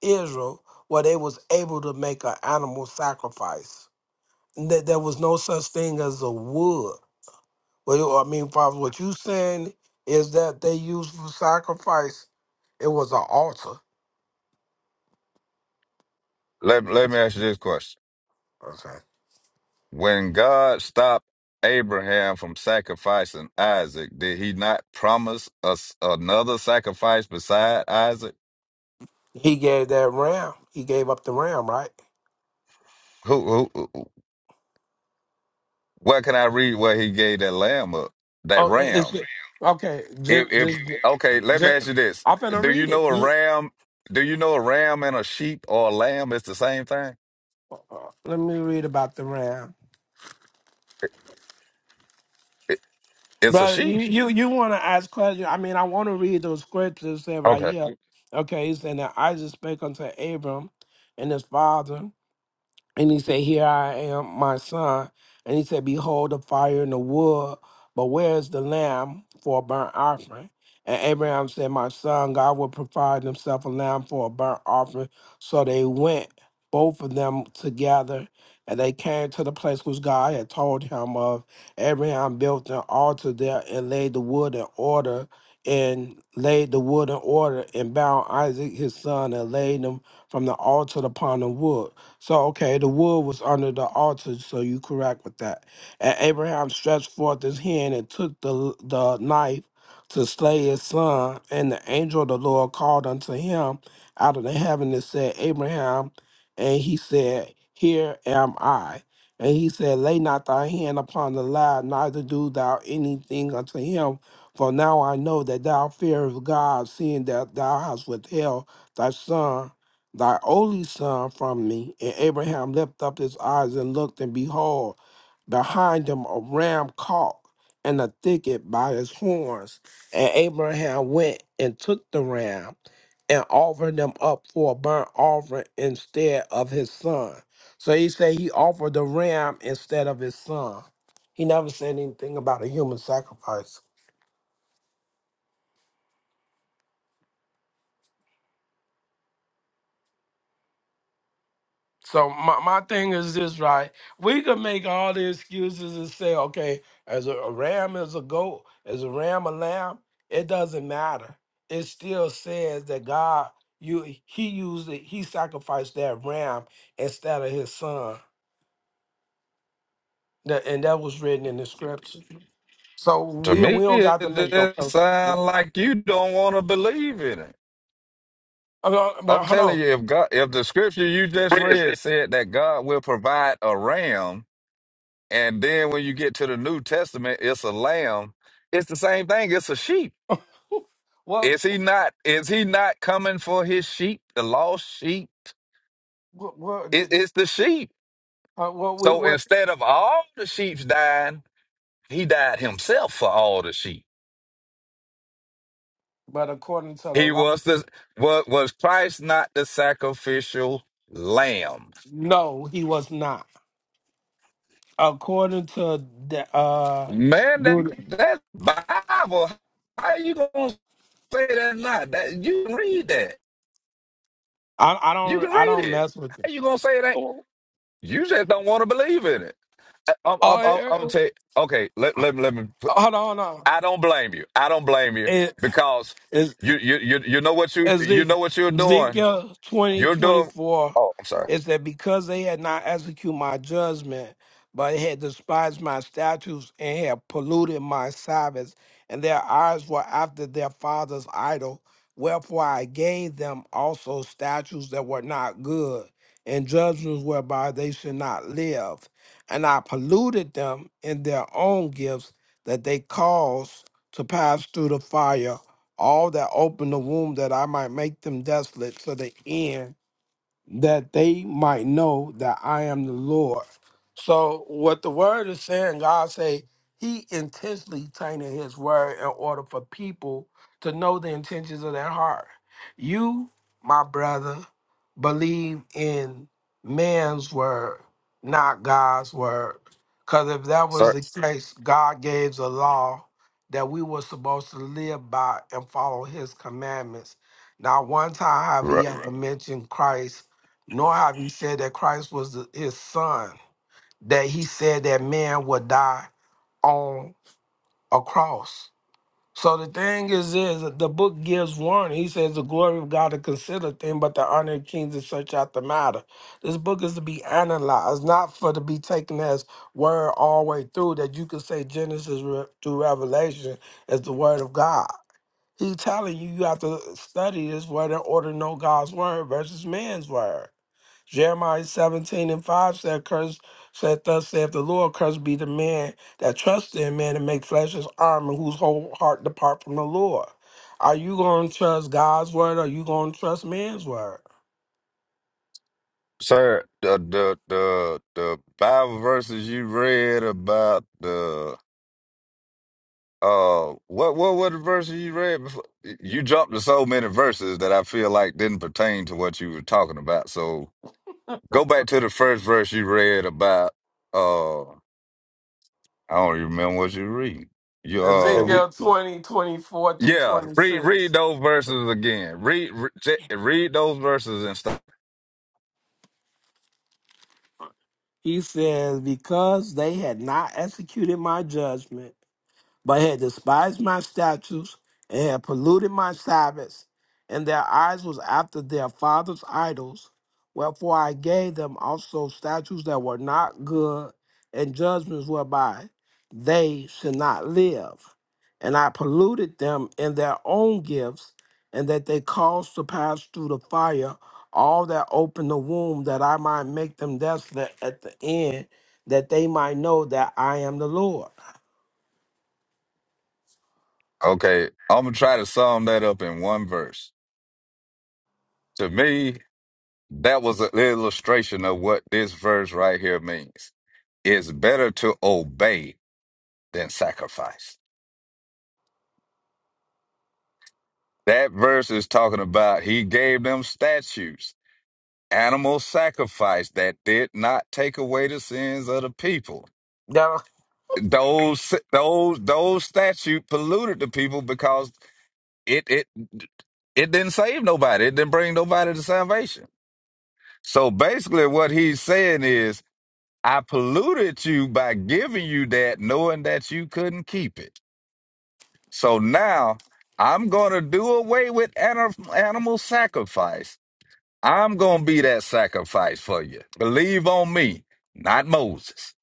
[SPEAKER 7] Israel, where they was able to make an animal sacrifice. That there was no such thing as a wood. Well, I mean, Father, what you saying is that they used for sacrifice. It was an altar.
[SPEAKER 6] Let, let me ask you this question.
[SPEAKER 7] Okay.
[SPEAKER 6] When God stopped Abraham from sacrificing Isaac, did he not promise us another sacrifice beside Isaac?
[SPEAKER 7] He gave that ram. He gave up the ram, right?
[SPEAKER 6] Who, who, who- where can I read where he gave that lamb up, that
[SPEAKER 7] Oh, i- it's
[SPEAKER 6] ram?
[SPEAKER 7] okay.
[SPEAKER 6] If,
[SPEAKER 7] Just, just,
[SPEAKER 6] if, okay, let me
[SPEAKER 7] just,
[SPEAKER 6] ask you this.
[SPEAKER 7] I'm finna
[SPEAKER 6] Do you
[SPEAKER 7] read it.
[SPEAKER 6] know a
[SPEAKER 7] You,
[SPEAKER 6] ram? Do you know a ram and a sheep or a lamb is the same thing?
[SPEAKER 7] uh, let me read about the ram.
[SPEAKER 6] It, it's a
[SPEAKER 7] Brother, you
[SPEAKER 6] sheep.
[SPEAKER 7] you, you want to ask questions? I mean, I want to read those scriptures there right
[SPEAKER 6] Okay.
[SPEAKER 7] here. Okay, he's saying that Isaac spake unto Abram and his father. And he said, Here I am, my son. And he said, Behold the fire and the wood, but where is the lamb for a burnt offering? And Abraham said, My son, God will provide himself a lamb for a burnt offering. So they went, both of them together, and they came to the place which God had told him of. Abraham built an altar there and laid the wood in order, and laid the wood in order, and bound Isaac his son, and laid him from the altar upon the wood. So, okay, the wood was under the altar, so you correct with that. And Abraham stretched forth his hand and took the, the knife to slay his son. And the angel of the Lord called unto him out of the heaven and said, Abraham, and he said, Here am I. And he said, Lay not thy hand upon the lad, neither do thou anything unto him. For now I know that thou fearest God, seeing that thou hast withheld thy son thy only son from me. And Abraham lifted up his eyes and looked, and behold, behind him a ram caught in a thicket by his horns. And Abraham went and took the ram and offered him up for a burnt offering instead of his son. So he said he offered the ram instead of his son. He never said anything about a human sacrifice. So my, my thing is this, right? We can make all the excuses and say, okay, as a, a ram is a goat, as a ram a lamb, it doesn't matter. It still says that God, you he used it, he sacrificed that ram instead of his son. That, and that was written in the scripture. So
[SPEAKER 6] To
[SPEAKER 7] we we
[SPEAKER 6] me,
[SPEAKER 7] don't
[SPEAKER 6] it
[SPEAKER 7] got to make no. Uh,
[SPEAKER 6] just sounds like you don't want to believe in it.
[SPEAKER 7] uh, but
[SPEAKER 6] I'm
[SPEAKER 7] hold on.
[SPEAKER 6] telling you, if God, if the scripture you just
[SPEAKER 7] Yes, yes.
[SPEAKER 6] read said that God will provide a ram, and then when you get to the New Testament, it's a lamb. It's the same thing. It's a sheep.
[SPEAKER 7] Well,
[SPEAKER 6] Is he not? Is he not coming for his sheep, the lost sheep?
[SPEAKER 7] what, what,
[SPEAKER 6] It,
[SPEAKER 7] did, did-
[SPEAKER 6] it's the sheep.
[SPEAKER 7] uh, what we
[SPEAKER 6] So
[SPEAKER 7] what?
[SPEAKER 6] instead of all the sheep dying, he died himself for all the sheep.
[SPEAKER 7] But according to the
[SPEAKER 6] He
[SPEAKER 7] law,
[SPEAKER 6] was the was was Christ not the sacrificial lamb?
[SPEAKER 7] no, he was not. according to the uh
[SPEAKER 6] Man, that
[SPEAKER 7] dude
[SPEAKER 6] that Bible. How you gonna say that not? That you can read that.
[SPEAKER 7] I, I
[SPEAKER 6] You
[SPEAKER 7] don't
[SPEAKER 6] can
[SPEAKER 7] I
[SPEAKER 6] read
[SPEAKER 7] don't
[SPEAKER 6] it.
[SPEAKER 7] mess with it.
[SPEAKER 6] How you gonna say that?
[SPEAKER 7] Oh,
[SPEAKER 6] You just don't want to believe in it. I, I'm,
[SPEAKER 7] oh,
[SPEAKER 6] I'm,
[SPEAKER 7] eh,
[SPEAKER 6] I'm,
[SPEAKER 7] eh,
[SPEAKER 6] I'm gonna tell you. Okay, let let me let me. put-
[SPEAKER 7] hold on, hold on.
[SPEAKER 6] I don't blame you. I don't blame you
[SPEAKER 7] It
[SPEAKER 6] because
[SPEAKER 7] is
[SPEAKER 6] you you you you know what you you
[SPEAKER 7] Ezek-
[SPEAKER 6] know what you're doing.
[SPEAKER 7] Ezekiel 20
[SPEAKER 6] You're
[SPEAKER 7] twenty
[SPEAKER 6] doing.
[SPEAKER 7] four
[SPEAKER 6] Oh, I'm sorry,
[SPEAKER 7] is that because they had not executed my judgment, but had despised my statutes and had polluted my Sabbaths, and their eyes were after their father's idol, wherefore I gave them also statutes that were not good, and judgments whereby they should not live. And I polluted them in their own gifts that they caused to pass through the fire all that open the womb that I might make them desolate to the end that they might know that I am the Lord. So what the word is saying, God say he intentionally tainted his word in order for people to know the intentions of their heart. You, my brother, believe in man's word, not God's word. Because if that was
[SPEAKER 6] sir.
[SPEAKER 7] the case, God gave a law that we were supposed to live by and follow his commandments. Not one time have
[SPEAKER 6] Ru-
[SPEAKER 7] he ever mentioned Christ nor have you said that Christ was the- his son, that he said that man would die on a cross. So the thing is, is that the book gives warning. He says the glory of God to consider thing, but the honor of kings is such out the matter. This book is to be analyzed, not for to be taken as word all the way through. That you can say Genesis re- through Revelation is the word of God. He telling you you have to study this word in order to know God's word versus man's word. Jeremiah 17 and 5 said, Curse said, Thus saith the Lord, cursed be the man that trusts in man and make flesh his arm and whose whole heart depart from the Lord. Are you going to trust God's word or are you going to trust man's word?
[SPEAKER 6] Sir, the the the the Bible verses you read about the. Uh, what what what verse you read before? You jumped to so many verses that I feel like didn't pertain to what you were talking about. So go back to the first verse you read about. Uh, I don't even remember what you read. You
[SPEAKER 1] Hey, we.
[SPEAKER 6] um,
[SPEAKER 7] Ezekiel 20 24 through
[SPEAKER 6] yeah, read
[SPEAKER 7] 26.
[SPEAKER 6] read those verses again. Read re- j- read those verses and stuff.
[SPEAKER 7] He says, Because they had not executed my judgment, but had despised my statutes and had polluted my Sabbaths, and their eyes was after their fathers' idols. Wherefore I gave them also statutes that were not good, and judgments whereby they should not live. And I polluted them in their own gifts, and that they caused to pass through the fire all that opened the womb, that I might make them desolate at the end, that they might know that I am the Lord.
[SPEAKER 6] Okay, I'm gonna try to sum that up in one verse. To me, that was an illustration of what this verse right here means. It's better to obey than sacrifice. That verse is talking about he gave them statutes, animal sacrifice that did not take away the sins of the people. Those those those statute polluted the people because it it it didn't save nobody. It didn't bring nobody to salvation. So basically, what he's saying is, I polluted you by giving you that, knowing that you couldn't keep it. So now I'm going to do away with ani- animal sacrifice. I'm going to be that sacrifice for you. Believe on me, not Moses.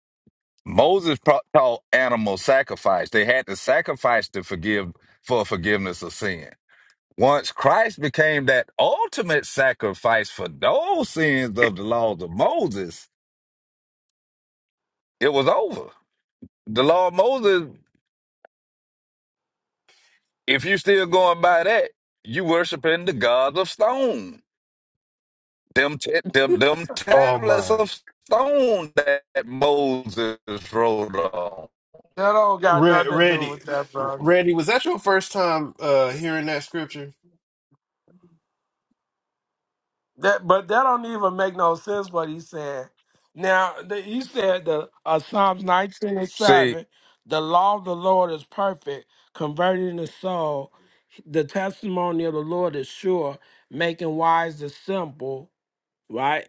[SPEAKER 6] Moses pro- taught animal sacrifice. They had to sacrifice to forgive for forgiveness of sin. Once Christ became that ultimate sacrifice for those sins of the laws of Moses, it was over. The law of Moses, if you're still going by that, you worshiping the God of stone Them, ta- them, them
[SPEAKER 1] Oh
[SPEAKER 6] tablets
[SPEAKER 1] my,
[SPEAKER 6] of stone that Moses wrote on.
[SPEAKER 7] That don't got
[SPEAKER 1] Ra-
[SPEAKER 7] nothing to do
[SPEAKER 1] Randy,
[SPEAKER 7] with that, bro.
[SPEAKER 1] Randy, was that your first time uh hearing that scripture?
[SPEAKER 7] That, but that don't even make no sense what he said. Now the, he said the uh, Psalms nineteen and
[SPEAKER 6] See,
[SPEAKER 7] seven, the law of the Lord is perfect, converting the soul. The testimony of the Lord is sure, making wise the simple. right?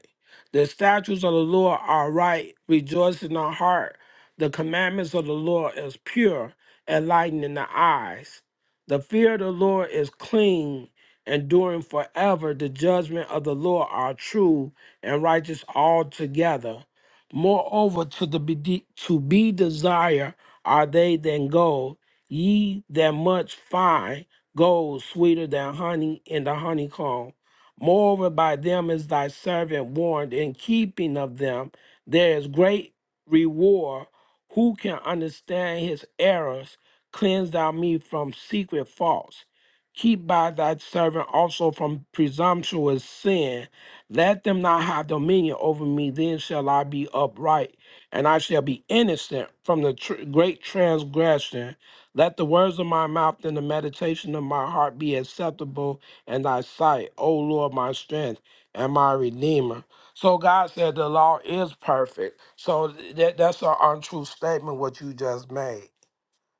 [SPEAKER 7] The statutes of the Lord are right, rejoice in our heart. The commandments of the Lord is pure, enlightening the eyes. The fear of the Lord is clean, enduring forever. The judgment of the Lord are true and righteous altogether. Moreover, to the be de- to be desire are they than gold, ye than much fine gold, sweeter than honey in the honeycomb Moreover, by them is thy servant warned in keeping of them. There is great reward. Who can understand his errors? Cleanse thou me from secret faults. Keep by thy servant also from presumptuous sin. Let them not have dominion over me. Then shall I be upright, and I shall be innocent from the tr- great transgression. Let the words of my mouth and the meditation of my heart be acceptable and thy sight, O Lord, my strength and my redeemer. So God said the law is perfect. So that, that's an untrue statement what you just made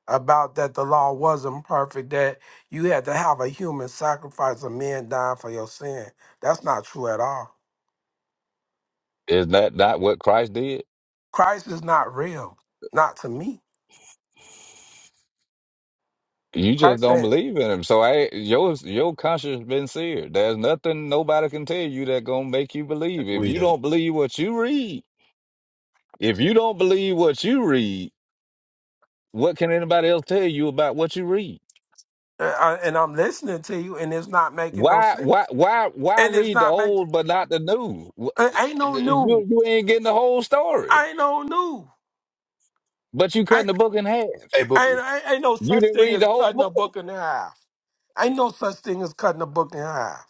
[SPEAKER 7] about that the law wasn't perfect, that you had to have a human sacrifice of men dying for your sin. That's not true at all.
[SPEAKER 6] is that not what Christ did?
[SPEAKER 7] Christ is not real, not to me.
[SPEAKER 6] You just
[SPEAKER 7] Christ
[SPEAKER 6] don't
[SPEAKER 7] ain't,
[SPEAKER 6] believe in him. So I, your your conscience been seared. There's nothing nobody can tell you that gonna make you believe. If
[SPEAKER 1] we
[SPEAKER 6] you
[SPEAKER 1] do.
[SPEAKER 6] don't believe what you read, if you don't believe what you read, what can anybody else tell you about what you read?
[SPEAKER 7] uh, uh, and I'm listening to you, and it's not making no
[SPEAKER 6] Why why
[SPEAKER 7] sense.
[SPEAKER 6] why why
[SPEAKER 7] And it's
[SPEAKER 6] read the
[SPEAKER 7] not making,
[SPEAKER 6] old but not the new? Wh-
[SPEAKER 7] ain't no
[SPEAKER 6] You
[SPEAKER 7] new.
[SPEAKER 6] you ain't getting the whole story.
[SPEAKER 7] Ain't no new.
[SPEAKER 6] But you cutting the book in half.
[SPEAKER 1] Hey, but
[SPEAKER 7] Ain't, ain't, ain't no
[SPEAKER 6] You
[SPEAKER 7] such
[SPEAKER 6] didn't
[SPEAKER 7] thing
[SPEAKER 6] read the
[SPEAKER 7] as
[SPEAKER 6] whole
[SPEAKER 7] cutting a
[SPEAKER 6] book.
[SPEAKER 7] book in half. Ain't no such thing as cutting a book in half.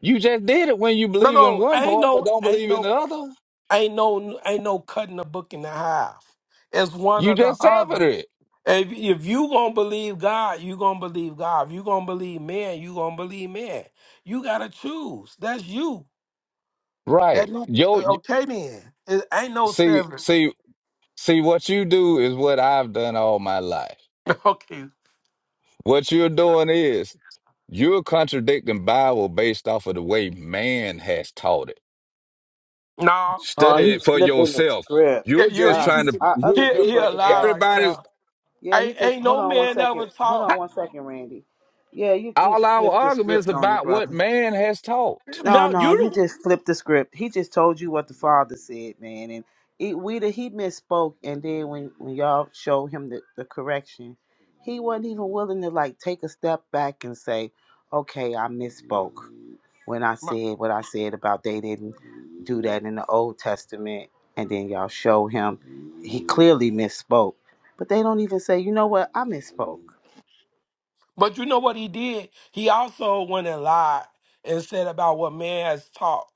[SPEAKER 6] You just did it when you
[SPEAKER 7] No,
[SPEAKER 6] believe in
[SPEAKER 7] no,
[SPEAKER 6] one
[SPEAKER 7] ain't
[SPEAKER 6] part but
[SPEAKER 7] no,
[SPEAKER 6] don't
[SPEAKER 7] ain't
[SPEAKER 6] believe in
[SPEAKER 7] no,
[SPEAKER 6] the other.
[SPEAKER 7] ain't no, ain't no cutting a book in half. It's one
[SPEAKER 6] You
[SPEAKER 7] or the
[SPEAKER 6] just severed
[SPEAKER 7] other.
[SPEAKER 6] it.
[SPEAKER 7] If, if you gonna believe God, you gonna believe God. If you gonna believe man, you gonna believe man. You gotta choose. That's you. That
[SPEAKER 6] Right.
[SPEAKER 7] you.
[SPEAKER 6] Yo y-
[SPEAKER 7] Okay, then. It ain't no
[SPEAKER 6] see
[SPEAKER 7] seven.
[SPEAKER 6] see see what you do is what I've done all my life.
[SPEAKER 7] Okay.
[SPEAKER 6] What you're doing is you're contradicting Bible based off of the way man has taught it.
[SPEAKER 7] No.
[SPEAKER 5] Oh,
[SPEAKER 6] Study it
[SPEAKER 5] he's
[SPEAKER 6] for
[SPEAKER 5] flipping the
[SPEAKER 6] yourself.
[SPEAKER 5] script.
[SPEAKER 7] Yeah,
[SPEAKER 6] You're
[SPEAKER 7] you.
[SPEAKER 6] just
[SPEAKER 7] you-
[SPEAKER 5] Uh,
[SPEAKER 6] trying to
[SPEAKER 5] our
[SPEAKER 6] you
[SPEAKER 5] other
[SPEAKER 7] He,
[SPEAKER 5] good
[SPEAKER 6] you
[SPEAKER 7] he a
[SPEAKER 5] brother
[SPEAKER 7] lie
[SPEAKER 5] back.
[SPEAKER 7] right there.
[SPEAKER 6] everybody's
[SPEAKER 5] Yeah, he
[SPEAKER 7] Ain't,
[SPEAKER 5] just
[SPEAKER 7] ain't
[SPEAKER 5] hold
[SPEAKER 7] no
[SPEAKER 5] on one
[SPEAKER 7] man
[SPEAKER 5] second.
[SPEAKER 7] ever
[SPEAKER 5] Hold
[SPEAKER 7] taught.
[SPEAKER 5] on one second, Randy. Yeah, you just
[SPEAKER 6] all our
[SPEAKER 5] flipped the
[SPEAKER 6] arguments
[SPEAKER 5] script on the
[SPEAKER 6] about what
[SPEAKER 5] brother.
[SPEAKER 6] man has taught.
[SPEAKER 5] No,
[SPEAKER 7] Now
[SPEAKER 5] no, you
[SPEAKER 7] you
[SPEAKER 5] just flipped the script. He just told you what the father said, man, and it, we the, he misspoke. And then when, when y'all showed him the, the correction, he wasn't even willing to like take a step back and say, "Okay, I misspoke when I
[SPEAKER 7] the
[SPEAKER 5] said what I said about they didn't." do that in the Old Testament, and then y'all show him he clearly misspoke. But they don't even say, you know what, I misspoke.
[SPEAKER 7] But you know what he did? He also went and lied and said about what man has taught.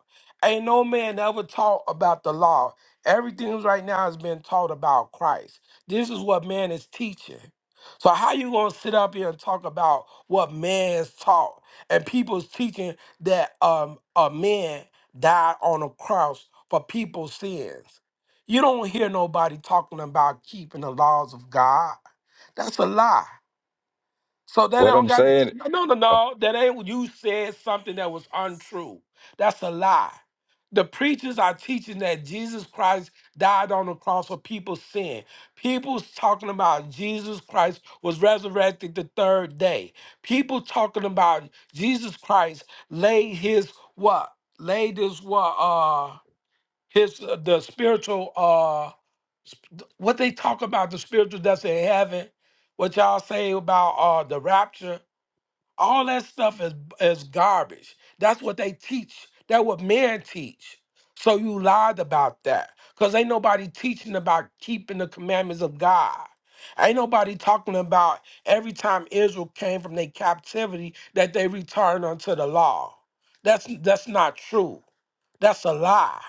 [SPEAKER 7] Ain't no man ever taught about the law. Everything right now has been taught about Christ. This is what man is teaching. So how you gonna sit up here and talk about what man has taught and people's teaching that um a man died on a cross for people's sins? You don't hear nobody talking about keeping the laws of God. That's a lie. So that
[SPEAKER 6] What
[SPEAKER 7] don't
[SPEAKER 6] I'm
[SPEAKER 7] got
[SPEAKER 6] saying
[SPEAKER 7] no, no, no, no. That ain't what you said something that was untrue. That's a lie. The preachers are teaching that Jesus Christ died on the cross for people's sin. People's talking about Jesus Christ was resurrected the third day. People talking about Jesus Christ laid his what? Laid his what? uh, his uh, the spiritual uh sp- what they talk about the spiritual deaths in heaven what y'all say about uh the rapture all that stuff is is garbage that's what they teach that what men teach so you lied about that because ain't nobody teaching about keeping the commandments of god ain't nobody talking about every time israel came from their captivity that they returned unto the law that's that's not true that's a lie.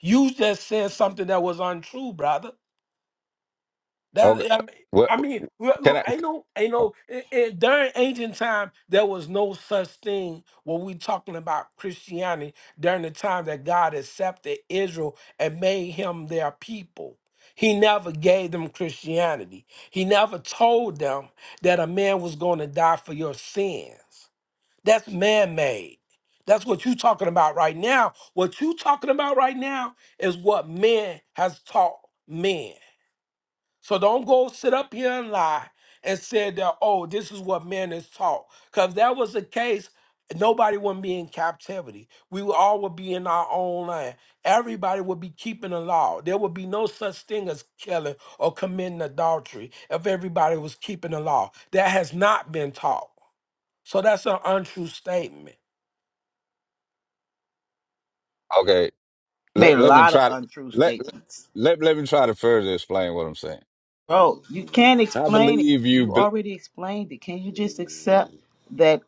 [SPEAKER 7] You just said something that was untrue, brother. That
[SPEAKER 6] Okay.
[SPEAKER 7] I mean,
[SPEAKER 6] What
[SPEAKER 7] I mean, look,
[SPEAKER 6] can
[SPEAKER 7] look,
[SPEAKER 6] I?
[SPEAKER 7] ain't no, ain't no. i- i- during ancient time, there was no such thing. When we talking about Christianity, during the time that God accepted Israel and made him their people, He never gave them Christianity. He never told them that a man was going to die for your sins. That's man-made. That's what you talking about right now. What you talking about right now is what men has taught men. So don't go sit up here and lie and say that, oh, this is what men is taught. Because that was the case, nobody wouldn't be in captivity. We would all would be in our own land. Everybody would be keeping the law. There would be no such thing as killing or committing adultery if everybody was keeping the law. That has not been taught. So that's an untrue statement.
[SPEAKER 6] Okay. Let
[SPEAKER 5] Made a
[SPEAKER 6] let me
[SPEAKER 5] lot of
[SPEAKER 6] try to
[SPEAKER 5] untrue
[SPEAKER 6] let
[SPEAKER 5] statements.
[SPEAKER 6] let let me try to further explain what I'm saying.
[SPEAKER 5] Bro, you can't
[SPEAKER 6] I
[SPEAKER 5] explain it.
[SPEAKER 6] believe you.
[SPEAKER 5] You
[SPEAKER 6] Be,
[SPEAKER 5] already explained it. Can you just accept that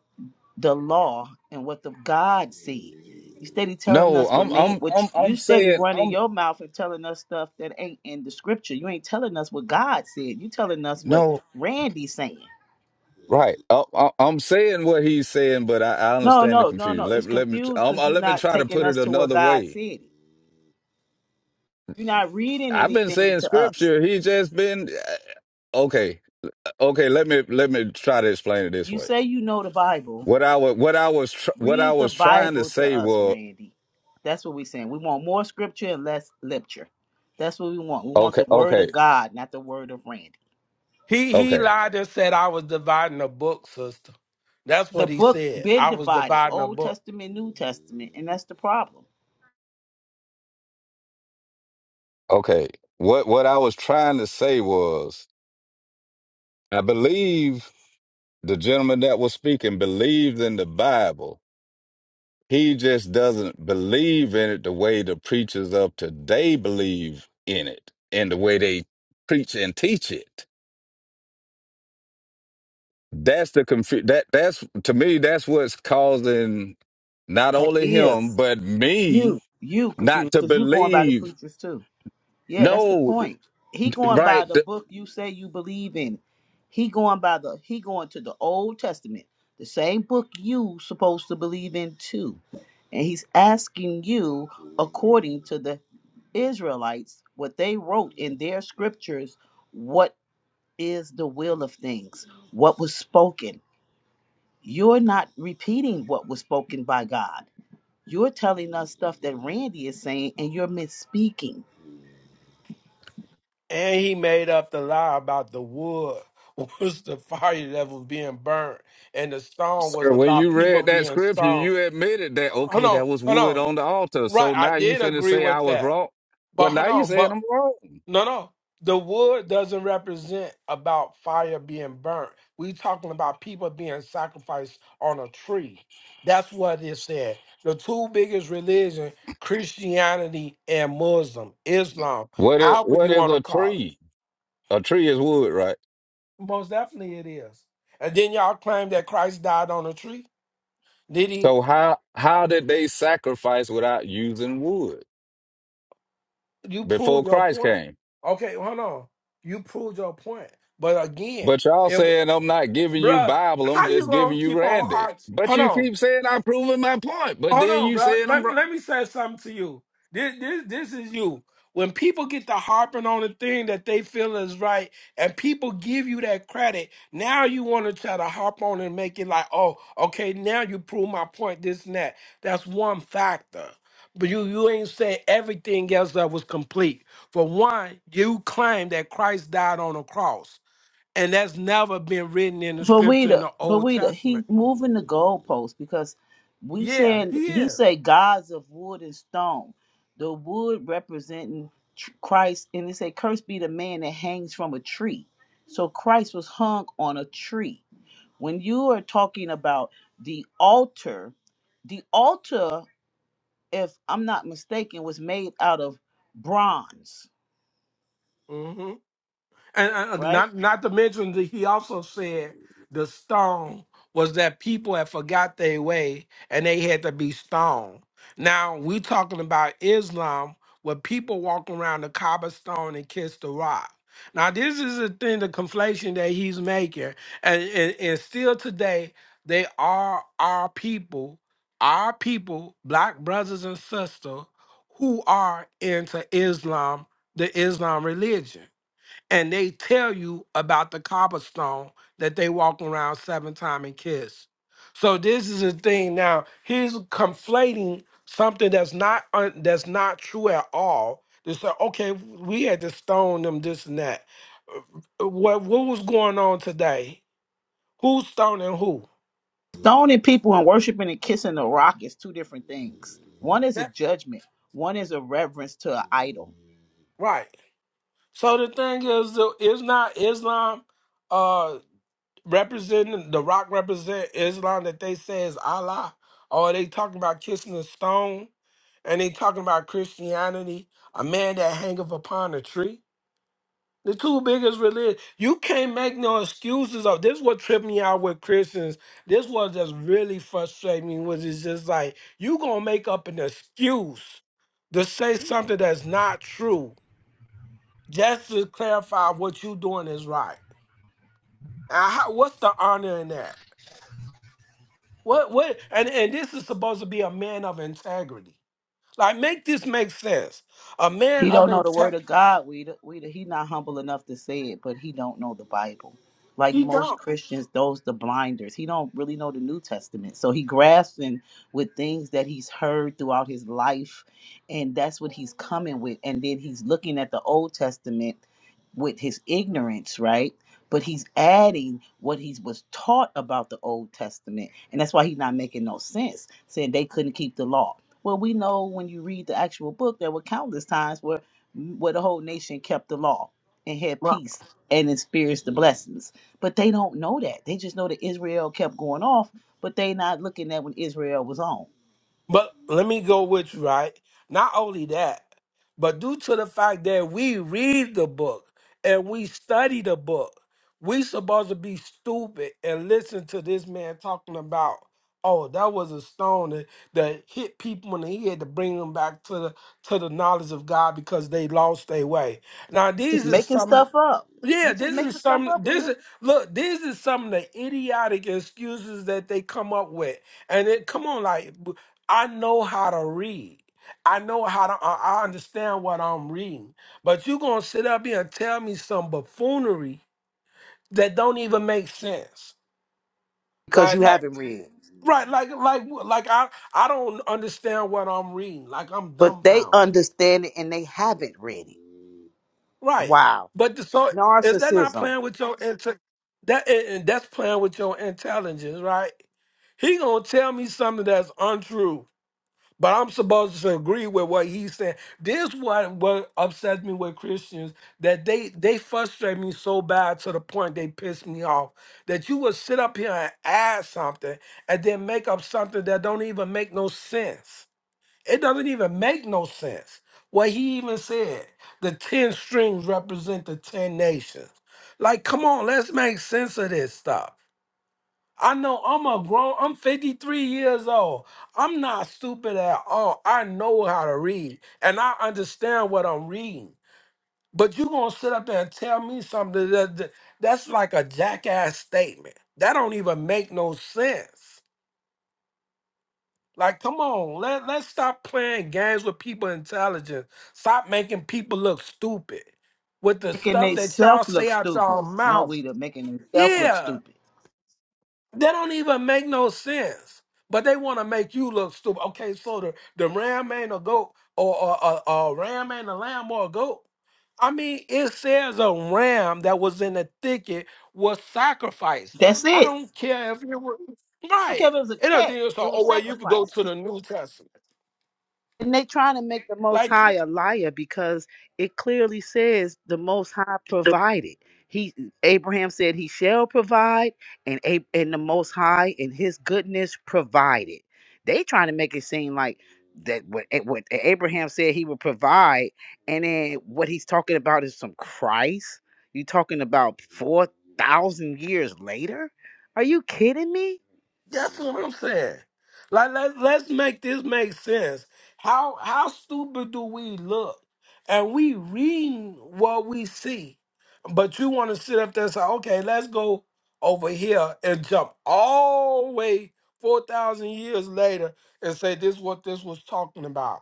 [SPEAKER 5] the law and what the God see? You steady telling
[SPEAKER 6] no,
[SPEAKER 5] us what
[SPEAKER 6] I'm
[SPEAKER 5] mean
[SPEAKER 6] I'm
[SPEAKER 5] what
[SPEAKER 6] I'm
[SPEAKER 5] you you
[SPEAKER 6] I'm
[SPEAKER 5] steady
[SPEAKER 6] saying
[SPEAKER 5] running
[SPEAKER 6] I'm
[SPEAKER 5] your mouth and telling us stuff that ain't in the scripture. You ain't telling us what God said. You telling us what
[SPEAKER 6] no
[SPEAKER 5] Randy's saying.
[SPEAKER 6] right. I, I, I'm saying what he's saying, but I, I
[SPEAKER 5] No,
[SPEAKER 6] understand the
[SPEAKER 5] no, no, no.
[SPEAKER 6] confusion. Let
[SPEAKER 5] It's
[SPEAKER 6] let me
[SPEAKER 5] confused
[SPEAKER 6] um,
[SPEAKER 5] because
[SPEAKER 6] uh,
[SPEAKER 5] you're
[SPEAKER 6] let me
[SPEAKER 5] not
[SPEAKER 6] try to
[SPEAKER 5] taking
[SPEAKER 6] put it
[SPEAKER 5] us to what
[SPEAKER 6] another
[SPEAKER 5] God
[SPEAKER 6] way.
[SPEAKER 5] said. You're not reading
[SPEAKER 6] I've been
[SPEAKER 5] anything
[SPEAKER 6] saying
[SPEAKER 5] to us.
[SPEAKER 6] scripture. He just been uh, okay. uh, Okay. Let me let me try to explain it this
[SPEAKER 5] You
[SPEAKER 6] way.
[SPEAKER 5] say you know the Bible.
[SPEAKER 6] What I was what I was tr- what I
[SPEAKER 5] Read the
[SPEAKER 6] was trying to
[SPEAKER 5] Bible to
[SPEAKER 6] say
[SPEAKER 5] us,
[SPEAKER 6] was
[SPEAKER 5] Randy. That's what we're saying. We want more scripture and less lecture. That's what we want. We want
[SPEAKER 6] okay.
[SPEAKER 5] the word
[SPEAKER 6] Okay.
[SPEAKER 5] of God, not the word of Randy.
[SPEAKER 7] He
[SPEAKER 6] Okay.
[SPEAKER 7] he lied and said I was dividing a book, sister. That's
[SPEAKER 5] The
[SPEAKER 7] what he
[SPEAKER 5] book
[SPEAKER 7] said.
[SPEAKER 5] been
[SPEAKER 7] I was
[SPEAKER 5] divided,
[SPEAKER 7] dividing a
[SPEAKER 5] Old
[SPEAKER 7] book.
[SPEAKER 5] Testament, New Testament, and that's the problem.
[SPEAKER 6] Okay. What what I was trying to say was I believe the gentleman that was speaking believes in the Bible. He just doesn't believe in it the way the preachers of today believe in it and the way they preach and teach it. That's the confu- that that's to me that's what's causing not
[SPEAKER 5] That
[SPEAKER 6] only him
[SPEAKER 5] is
[SPEAKER 6] but me
[SPEAKER 5] you. You
[SPEAKER 6] not
[SPEAKER 5] confused
[SPEAKER 6] to
[SPEAKER 5] because you're going by the
[SPEAKER 6] believe
[SPEAKER 5] preachers too. Yeah, that's the
[SPEAKER 6] no,
[SPEAKER 5] point. He going by
[SPEAKER 6] right?
[SPEAKER 5] the book you say you believe in. He going by the he going to the Old Testament, the same book you supposed to believe in too. And he's asking you according to the Israelites what they wrote in their scriptures, what is the will of things? What was spoken? You're not repeating what was spoken by God. You're telling us stuff that Randy is saying and you're misspeaking
[SPEAKER 7] And he made up the lie about the wood was the fire that was being burnt. And the stone was
[SPEAKER 6] Sir, when
[SPEAKER 7] about
[SPEAKER 6] you
[SPEAKER 7] people
[SPEAKER 6] read that
[SPEAKER 7] being
[SPEAKER 6] scripture,
[SPEAKER 7] stoned.
[SPEAKER 6] you admitted that
[SPEAKER 7] Hold
[SPEAKER 6] okay,
[SPEAKER 7] on,
[SPEAKER 6] that was
[SPEAKER 7] hold
[SPEAKER 6] wood
[SPEAKER 7] on.
[SPEAKER 6] on the altar.
[SPEAKER 7] Right,
[SPEAKER 6] So
[SPEAKER 7] I
[SPEAKER 6] now you
[SPEAKER 7] did
[SPEAKER 6] finna
[SPEAKER 7] agree
[SPEAKER 6] say I
[SPEAKER 7] with
[SPEAKER 6] was
[SPEAKER 7] that.
[SPEAKER 6] wrong.
[SPEAKER 7] But
[SPEAKER 6] Well,
[SPEAKER 7] hold
[SPEAKER 6] now you
[SPEAKER 7] on, but
[SPEAKER 6] saying I'm wrong.
[SPEAKER 7] No, no. The wood doesn't represent about fire being burnt. we talking about people being sacrificed on a tree. That's what it said. The two biggest religion, Christianity and Muslim, Islam,
[SPEAKER 6] What is
[SPEAKER 7] however
[SPEAKER 6] what
[SPEAKER 7] you
[SPEAKER 6] is
[SPEAKER 7] want to
[SPEAKER 6] a
[SPEAKER 7] call
[SPEAKER 6] tree? A tree is wood, right?
[SPEAKER 7] it. Most definitely it is. And then y'all claim that Christ died on a tree. Did he?
[SPEAKER 6] So how how did they sacrifice without using wood
[SPEAKER 7] You
[SPEAKER 6] before
[SPEAKER 7] proved your
[SPEAKER 6] Christ
[SPEAKER 7] point.
[SPEAKER 6] came?
[SPEAKER 7] Okay, hold on. You proved your point. But again,
[SPEAKER 6] But y'all
[SPEAKER 7] it, w-
[SPEAKER 6] saying I'm not giving you
[SPEAKER 7] bruh,
[SPEAKER 6] Bible, I'm
[SPEAKER 7] how you
[SPEAKER 6] just
[SPEAKER 7] gonna
[SPEAKER 6] giving you
[SPEAKER 7] keep on
[SPEAKER 6] Randy.
[SPEAKER 7] hard?
[SPEAKER 6] But
[SPEAKER 7] Hold
[SPEAKER 6] you
[SPEAKER 7] on.
[SPEAKER 6] keep saying I'm proving my point, but
[SPEAKER 7] Hold
[SPEAKER 6] then
[SPEAKER 7] on,
[SPEAKER 6] you
[SPEAKER 7] bro.
[SPEAKER 6] saying I'm wrong.
[SPEAKER 7] Let, let me say something to you. This, this, this is you. When people get to harping on the thing that they feel is right, and people give you that credit, now you want to try to harp on and make it like, oh, okay, now you prove my point, this and that. That's one factor. But you, you ain't say everything else that was complete. For one, you claim that Christ died on a cross, and that's never been written in the
[SPEAKER 5] But we
[SPEAKER 7] scripture in
[SPEAKER 5] the
[SPEAKER 7] the
[SPEAKER 5] but
[SPEAKER 7] Old
[SPEAKER 5] we the he's
[SPEAKER 7] Testament.
[SPEAKER 5] moving the goalposts because we
[SPEAKER 7] Yeah,
[SPEAKER 5] said
[SPEAKER 7] he
[SPEAKER 5] he
[SPEAKER 7] is.
[SPEAKER 5] say gods of wood and stone, the wood representing tr- Christ, and they say cursed be the man that hangs from a tree. So Christ was hung on a tree. When you are talking about the altar, the altar, if I'm not mistaken, was made out of bronze,
[SPEAKER 7] Mm-hmm. And uh,
[SPEAKER 5] right?
[SPEAKER 7] not not to mention that he also said the stone was that people had forgot their way and they had to be stoned. Now we talking about Islam where people walk around the Kaaba stone and kiss the rock. Now this is the thing, the conflation that he's making, and and, and still today they are our people, our people, black brothers and sisters who are into Islam, the Islam religion and they tell you about the cobblestone that they walk around seven time and kiss. So this is the thing. Now he's conflating something that's not un- that's not true at all. They say, okay, we had to stone them, this and that. Uh, What what was going on today? Who's stoning who?
[SPEAKER 5] Stoning people and worshiping and kissing the rock is two different things. One is a
[SPEAKER 7] That
[SPEAKER 5] judgment, one is a reverence to an idol.
[SPEAKER 7] right. So the thing is, the Islam Islam. uh, representing the rock represent Islam that they say is Allah, or they talking about kissing a stone, and they talking about Christianity, a man that hangeth upon a tree. The two biggest religions. You can't make no excuses of this. What tripped me out with Christians. This was just really frustrating me. Was it's just like you gonna make up an excuse to say
[SPEAKER 8] him
[SPEAKER 7] something that's not true just to clarify what you doing is right. And how, what's the honor in that? What what and, and this is supposed to be a man of integrity. Like make this make sense. A man
[SPEAKER 5] He
[SPEAKER 7] of
[SPEAKER 5] don't know the word
[SPEAKER 7] integrity.
[SPEAKER 5] of God. We we he not humble enough to say it, but he don't know the Bible. Like
[SPEAKER 7] He
[SPEAKER 5] most
[SPEAKER 7] don't.
[SPEAKER 5] Christians, those the blinders. He don't really know the New Testament. So he grasping with things that he's heard throughout his life, and that's what he's coming with. And then he's looking at the Old Testament with his ignorance, right? But he's adding what he was taught about the Old Testament, and that's why he's not making no sense. Saying they couldn't keep the law well, we know when you read the actual book, there were countless times where mm, where the whole nation kept the law and had
[SPEAKER 7] Right.
[SPEAKER 5] peace and experienced the blessings. But they don't know that. They just know that Israel kept going off, but they not looking at when Israel was on.
[SPEAKER 7] But let me go with you, right? Not only that, but due to the fact that we read the book and we study the book, we supposed to be stupid and listen to this man talking about, oh, that was a stone that, that hit people in the head to bring them back to the to the knowledge of God because they lost their way. Now
[SPEAKER 5] Just
[SPEAKER 7] these are
[SPEAKER 5] making
[SPEAKER 7] some.
[SPEAKER 5] stuff up.
[SPEAKER 7] Yeah,
[SPEAKER 5] He just
[SPEAKER 7] this
[SPEAKER 5] making
[SPEAKER 7] is
[SPEAKER 5] stuff
[SPEAKER 7] some.
[SPEAKER 5] up,
[SPEAKER 7] This
[SPEAKER 5] Rita.
[SPEAKER 7] is look. This is some of the idiotic excuses that they come up with, and it come on, like b- I know how to read. I know how to. I, I understand what I'm reading. But you gonna sit up here and tell me some buffoonery that don't even make sense.
[SPEAKER 5] because you
[SPEAKER 7] Like, like
[SPEAKER 5] haven't read.
[SPEAKER 7] right, like like like I I don't understand what I'm reading. Like I'm
[SPEAKER 5] But they
[SPEAKER 7] dumbfounded.
[SPEAKER 5] understand it and they haven't read it.
[SPEAKER 7] Right.
[SPEAKER 5] Wow.
[SPEAKER 7] But the, so is that not
[SPEAKER 5] Narcissism.
[SPEAKER 7] playing with your inte- that and and that's playing with your intelligence, right? He gonna tell me something that's untrue, but I'm supposed to agree with what he's saying. This what what upsets me with Christians that they they frustrate me so bad to the point they piss me off. That you will sit up here and add something and then make up something that don't even make no sense. It doesn't even make no sense. What he even said, the 10 strings represent the 10 nations. Like, come on, let's make sense of this stuff. I know I'm a grown, I'm 53 years old. I'm not stupid at all. I know how to read and I understand what I'm reading. But you gonna sit up there and tell me something that, that- that's like a jackass statement. That don't even make no sense. Like, come on, let let's stop playing games with people intelligence. Stop making people look stupid with the
[SPEAKER 5] Making
[SPEAKER 7] stuff that y'all
[SPEAKER 5] themselves look
[SPEAKER 7] say out
[SPEAKER 5] stupid.
[SPEAKER 7] y'all
[SPEAKER 5] No,
[SPEAKER 7] mouth.
[SPEAKER 5] Rita, making themselves look
[SPEAKER 7] Yeah,
[SPEAKER 5] stupid.
[SPEAKER 7] they don't even make no sense. But they want to make you look stupid. Okay, so the, the ram ain't a goat, or or, or, or ram ain't a lamb or a goat. I mean, it says a ram that was in the thicket was sacrificed.
[SPEAKER 5] That's
[SPEAKER 7] I
[SPEAKER 5] it.
[SPEAKER 7] don't care if it was
[SPEAKER 5] Okay,
[SPEAKER 7] right.
[SPEAKER 5] if it was a
[SPEAKER 7] It
[SPEAKER 5] cat,
[SPEAKER 7] doesn't.
[SPEAKER 5] it
[SPEAKER 7] So, oh
[SPEAKER 5] was
[SPEAKER 7] well, you could go
[SPEAKER 5] sacrificed.
[SPEAKER 7] to the New Testament.
[SPEAKER 5] And they trying to make the Most
[SPEAKER 7] Like,
[SPEAKER 5] High a liar because it clearly says the Most High provided. He Abraham said he shall provide, and Ab- and the Most High in His goodness provided. They trying to make it seem like that what, A- what Abraham said he would provide, and then what he's talking about is some Christ. You talking about four thousand years later? Are you kidding me?
[SPEAKER 7] That's what I'm saying. Like let let's make this make sense. How how stupid do we look? And we reading what we see, but you want to sit up there and say, okay, let's go over here and jump all the way four thousand years later and say this is what this was talking about.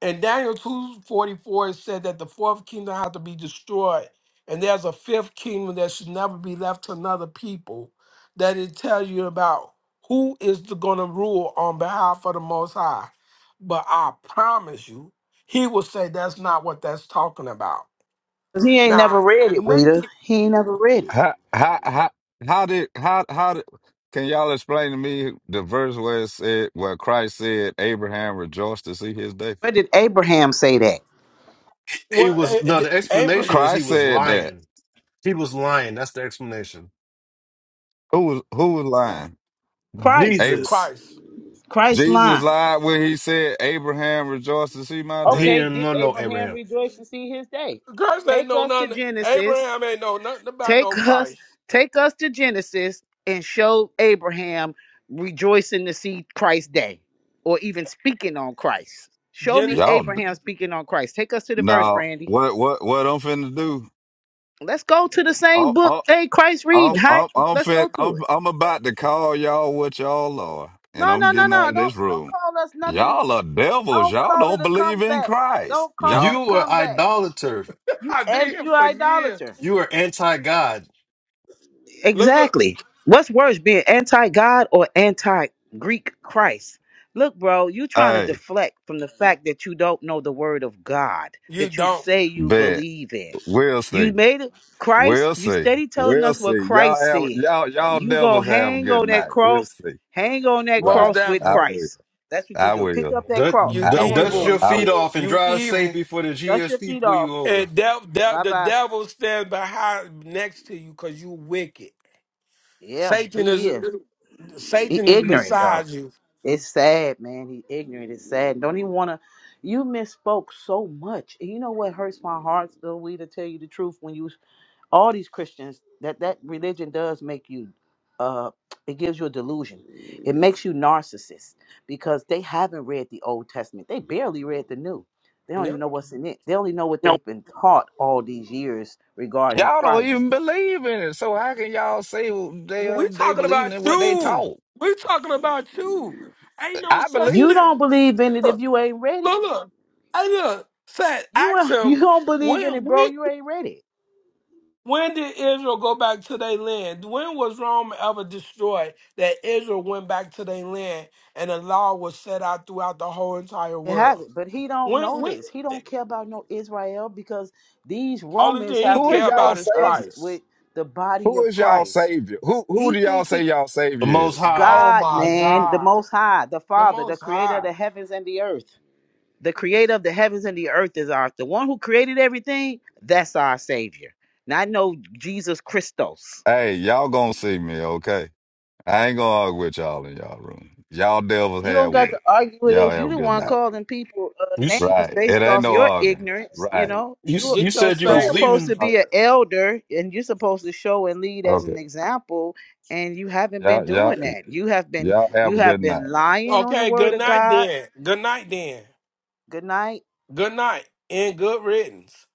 [SPEAKER 7] And Daniel 2:44 said that the fourth kingdom had to be destroyed. And there's a fifth kingdom that should never be left to another people that it tells you about who is going to rule on behalf of the Most High. But I promise you, he will say that's not what that's talking about.
[SPEAKER 5] He ain't never
[SPEAKER 7] Now,
[SPEAKER 5] read
[SPEAKER 7] I
[SPEAKER 5] it,
[SPEAKER 7] may
[SPEAKER 5] Weeda.
[SPEAKER 7] think,
[SPEAKER 5] He ain't never read it.
[SPEAKER 6] How how how how did how how did, can y'all explain to me the verse where it said where Christ said Abraham rejoiced to see his day?
[SPEAKER 5] Where did Abraham say that?
[SPEAKER 1] He
[SPEAKER 7] well, eh,
[SPEAKER 1] was
[SPEAKER 7] eh,
[SPEAKER 1] no. The
[SPEAKER 7] Abraham,
[SPEAKER 1] explanation is he
[SPEAKER 6] Christ
[SPEAKER 1] was
[SPEAKER 6] said that.
[SPEAKER 1] lying. He was lying. That's the explanation.
[SPEAKER 6] Who was who was lying?
[SPEAKER 5] Christ.
[SPEAKER 6] Ab-
[SPEAKER 1] Jesus,
[SPEAKER 7] Christ.
[SPEAKER 5] Christ
[SPEAKER 6] Jesus
[SPEAKER 5] line.
[SPEAKER 6] lied when he said Abraham rejoiced to see my
[SPEAKER 1] he
[SPEAKER 6] day.
[SPEAKER 5] Okay,
[SPEAKER 1] didn't
[SPEAKER 5] did
[SPEAKER 1] know no
[SPEAKER 5] Abraham
[SPEAKER 1] Abraham.
[SPEAKER 5] rejoice and see his day?
[SPEAKER 7] Christ ain't
[SPEAKER 5] Take
[SPEAKER 7] know
[SPEAKER 5] us to
[SPEAKER 7] nothing.
[SPEAKER 5] Genesis.
[SPEAKER 7] Abraham ain't know nothing about no
[SPEAKER 5] Take us,
[SPEAKER 7] Christ.
[SPEAKER 5] take us to Genesis and show Abraham rejoicing to see Christ's day or even speaking on Christ. Show me
[SPEAKER 7] Genesis,
[SPEAKER 6] Y'all d-
[SPEAKER 5] Abraham speaking on Christ. Take us to the verse,
[SPEAKER 6] now
[SPEAKER 5] Randy.
[SPEAKER 6] what what what I'm finna do?
[SPEAKER 5] Let's go to the same
[SPEAKER 6] I'm
[SPEAKER 5] book.
[SPEAKER 6] I'm
[SPEAKER 5] Hey, Christ reading.
[SPEAKER 6] I'm
[SPEAKER 5] Hi,
[SPEAKER 6] I'm I'm,
[SPEAKER 5] let's
[SPEAKER 6] fin-
[SPEAKER 5] go to
[SPEAKER 6] I'm
[SPEAKER 5] it.
[SPEAKER 6] I'm about to call y'all what y'all are, and
[SPEAKER 5] No, no,
[SPEAKER 6] I'm
[SPEAKER 5] no,
[SPEAKER 6] getting
[SPEAKER 5] no.
[SPEAKER 6] out of
[SPEAKER 5] Don't
[SPEAKER 6] this
[SPEAKER 5] don't
[SPEAKER 6] room.
[SPEAKER 5] call us nothing
[SPEAKER 6] Y'all are devils.
[SPEAKER 5] Don't
[SPEAKER 6] Y'all
[SPEAKER 5] call it
[SPEAKER 6] don't
[SPEAKER 5] a
[SPEAKER 6] believe in
[SPEAKER 5] comeback.
[SPEAKER 6] Christ.
[SPEAKER 5] Don't call
[SPEAKER 6] Y'all.
[SPEAKER 5] it a
[SPEAKER 1] You were
[SPEAKER 5] comeback.
[SPEAKER 1] idolater.
[SPEAKER 5] You
[SPEAKER 7] I've been
[SPEAKER 5] and
[SPEAKER 7] here
[SPEAKER 5] you're
[SPEAKER 7] for years.
[SPEAKER 5] idolater.
[SPEAKER 1] You were anti God.
[SPEAKER 7] Look, look.
[SPEAKER 5] Exactly. What's worse, being anti God or anti Greek Christ? Look, bro, you trying to
[SPEAKER 6] Hey,
[SPEAKER 5] deflect from the fact that you don't know the word of God
[SPEAKER 7] You
[SPEAKER 5] that you
[SPEAKER 7] don't.
[SPEAKER 5] say you
[SPEAKER 6] bet
[SPEAKER 5] believe in.
[SPEAKER 6] we'll
[SPEAKER 5] You
[SPEAKER 6] see.
[SPEAKER 5] made it Christ,
[SPEAKER 6] We'll
[SPEAKER 5] you
[SPEAKER 6] see.
[SPEAKER 5] steady telling
[SPEAKER 6] We'll
[SPEAKER 5] us what
[SPEAKER 6] see. Y'all
[SPEAKER 5] Christ
[SPEAKER 6] have
[SPEAKER 5] said.
[SPEAKER 6] y'all y'all
[SPEAKER 5] You go
[SPEAKER 6] devils have a
[SPEAKER 5] hang
[SPEAKER 6] good
[SPEAKER 5] on that
[SPEAKER 6] night. We'll
[SPEAKER 5] cross,
[SPEAKER 6] see.
[SPEAKER 5] hang on that
[SPEAKER 7] Most
[SPEAKER 6] Right.
[SPEAKER 5] cross with
[SPEAKER 6] I
[SPEAKER 7] definitely.
[SPEAKER 6] will.
[SPEAKER 5] Christ. That's what you
[SPEAKER 6] I
[SPEAKER 5] do. Pick
[SPEAKER 6] will.
[SPEAKER 5] up that cross,
[SPEAKER 7] You
[SPEAKER 6] I
[SPEAKER 5] hang on that
[SPEAKER 1] Dust
[SPEAKER 6] will.
[SPEAKER 5] cross,
[SPEAKER 1] your
[SPEAKER 7] evil.
[SPEAKER 6] I
[SPEAKER 5] bro.
[SPEAKER 1] feet
[SPEAKER 6] will.
[SPEAKER 1] off and
[SPEAKER 7] You
[SPEAKER 1] drive safe
[SPEAKER 7] evil.
[SPEAKER 1] before the
[SPEAKER 5] Dust your
[SPEAKER 1] GSP
[SPEAKER 5] feet
[SPEAKER 1] pull
[SPEAKER 5] off.
[SPEAKER 1] you over.
[SPEAKER 7] And devil,
[SPEAKER 5] Bye
[SPEAKER 7] the
[SPEAKER 5] bye.
[SPEAKER 7] devil stands behind next to you because you wicked.
[SPEAKER 5] Yeah,
[SPEAKER 7] Satan is
[SPEAKER 5] he is. He
[SPEAKER 7] Satan is
[SPEAKER 5] ignorant though.
[SPEAKER 7] beside you.
[SPEAKER 5] It's sad, man. He ignorant. It's sad. Don't even wanna you misspoke so much. And you know what hurts my heart, though we to tell you the truth, when you all these Christians that that religion does make you uh it gives you a delusion. It makes you narcissist because they haven't read the Old Testament. They barely read the New. They don't even
[SPEAKER 7] Yep.
[SPEAKER 5] know what's in it. They only know what they've been taught all these years regarding
[SPEAKER 6] Y'all don't
[SPEAKER 5] Christ.
[SPEAKER 6] even believe in it. So how can y'all say they uh,
[SPEAKER 7] We
[SPEAKER 6] they
[SPEAKER 7] talking
[SPEAKER 6] believing
[SPEAKER 7] about
[SPEAKER 6] in what they
[SPEAKER 7] you.
[SPEAKER 6] taught?
[SPEAKER 7] We talking about you. Ain't no
[SPEAKER 6] I
[SPEAKER 7] such
[SPEAKER 6] believe.
[SPEAKER 5] You
[SPEAKER 7] thing.
[SPEAKER 5] don't believe in it if
[SPEAKER 7] Look,
[SPEAKER 5] you ain't ready.
[SPEAKER 7] look, look. Hey, look. Said,
[SPEAKER 5] You
[SPEAKER 7] ask
[SPEAKER 5] ain't- you
[SPEAKER 7] him
[SPEAKER 5] don't believe in
[SPEAKER 7] when.
[SPEAKER 5] it, bro.
[SPEAKER 7] When?
[SPEAKER 5] You ain't read it.
[SPEAKER 7] When did Israel go back to their land? When was Rome ever destroyed that Israel went back to their land and the law was set out throughout the whole entire
[SPEAKER 5] It has
[SPEAKER 7] world?
[SPEAKER 5] it, but he don't
[SPEAKER 7] When,
[SPEAKER 5] know
[SPEAKER 7] when
[SPEAKER 5] this. He don't care about no Israel because these
[SPEAKER 7] only
[SPEAKER 5] Romans
[SPEAKER 7] thing he
[SPEAKER 5] have
[SPEAKER 6] Who is
[SPEAKER 7] care
[SPEAKER 6] y'all
[SPEAKER 7] about
[SPEAKER 5] replaced
[SPEAKER 7] is
[SPEAKER 5] us
[SPEAKER 6] savior?
[SPEAKER 5] with
[SPEAKER 7] Christ.
[SPEAKER 5] the body
[SPEAKER 6] Who
[SPEAKER 5] of
[SPEAKER 6] is y'all
[SPEAKER 5] Christ.
[SPEAKER 6] savior? Who who
[SPEAKER 5] He
[SPEAKER 6] do y'all
[SPEAKER 5] think
[SPEAKER 6] say
[SPEAKER 5] he
[SPEAKER 6] y'all
[SPEAKER 1] The
[SPEAKER 6] savior
[SPEAKER 1] Most
[SPEAKER 6] is?
[SPEAKER 1] High.
[SPEAKER 7] Oh
[SPEAKER 5] God,
[SPEAKER 7] my
[SPEAKER 5] man, the
[SPEAKER 7] God,
[SPEAKER 5] Most High, the
[SPEAKER 7] the
[SPEAKER 5] Father, the
[SPEAKER 7] Most
[SPEAKER 5] Creator of
[SPEAKER 7] High.
[SPEAKER 5] the heavens and the earth. The Creator of the heavens and the earth is our the one who created everything. That's our Savior, not no Jesus Christos.
[SPEAKER 6] Hey, y'all gonna see me, okay? I ain't gonna argue with y'all in y'all room. Y'all devils
[SPEAKER 5] You don't
[SPEAKER 6] have
[SPEAKER 5] got
[SPEAKER 6] with
[SPEAKER 5] to
[SPEAKER 6] it.
[SPEAKER 5] argue with
[SPEAKER 6] Y'all
[SPEAKER 5] us.
[SPEAKER 6] have
[SPEAKER 5] You
[SPEAKER 6] a
[SPEAKER 5] the
[SPEAKER 6] good
[SPEAKER 5] one
[SPEAKER 6] night.
[SPEAKER 5] calling people uh,
[SPEAKER 1] You s-
[SPEAKER 5] names
[SPEAKER 6] Right. It
[SPEAKER 5] based
[SPEAKER 6] ain't
[SPEAKER 5] off
[SPEAKER 6] no
[SPEAKER 5] your
[SPEAKER 6] arguing.
[SPEAKER 5] ignorance. You
[SPEAKER 6] Right.
[SPEAKER 5] know,
[SPEAKER 1] you s-
[SPEAKER 5] you
[SPEAKER 1] you
[SPEAKER 7] Get your
[SPEAKER 1] said you
[SPEAKER 5] you
[SPEAKER 6] Right.
[SPEAKER 1] was
[SPEAKER 7] Satan.
[SPEAKER 5] supposed to
[SPEAKER 1] leaving.
[SPEAKER 6] Uh,
[SPEAKER 5] be an elder, and you're supposed to show and lead as
[SPEAKER 6] Okay.
[SPEAKER 5] an example. And you haven't been
[SPEAKER 6] Y'all, y'all,
[SPEAKER 5] doing that. You have been
[SPEAKER 6] y'all have
[SPEAKER 5] you
[SPEAKER 6] a good
[SPEAKER 5] have
[SPEAKER 6] night.
[SPEAKER 5] been lying on the
[SPEAKER 7] Okay,
[SPEAKER 5] word
[SPEAKER 7] good
[SPEAKER 5] of
[SPEAKER 7] night
[SPEAKER 5] God.
[SPEAKER 7] then. Good night then.
[SPEAKER 5] Good night.
[SPEAKER 7] Good night and good riddance.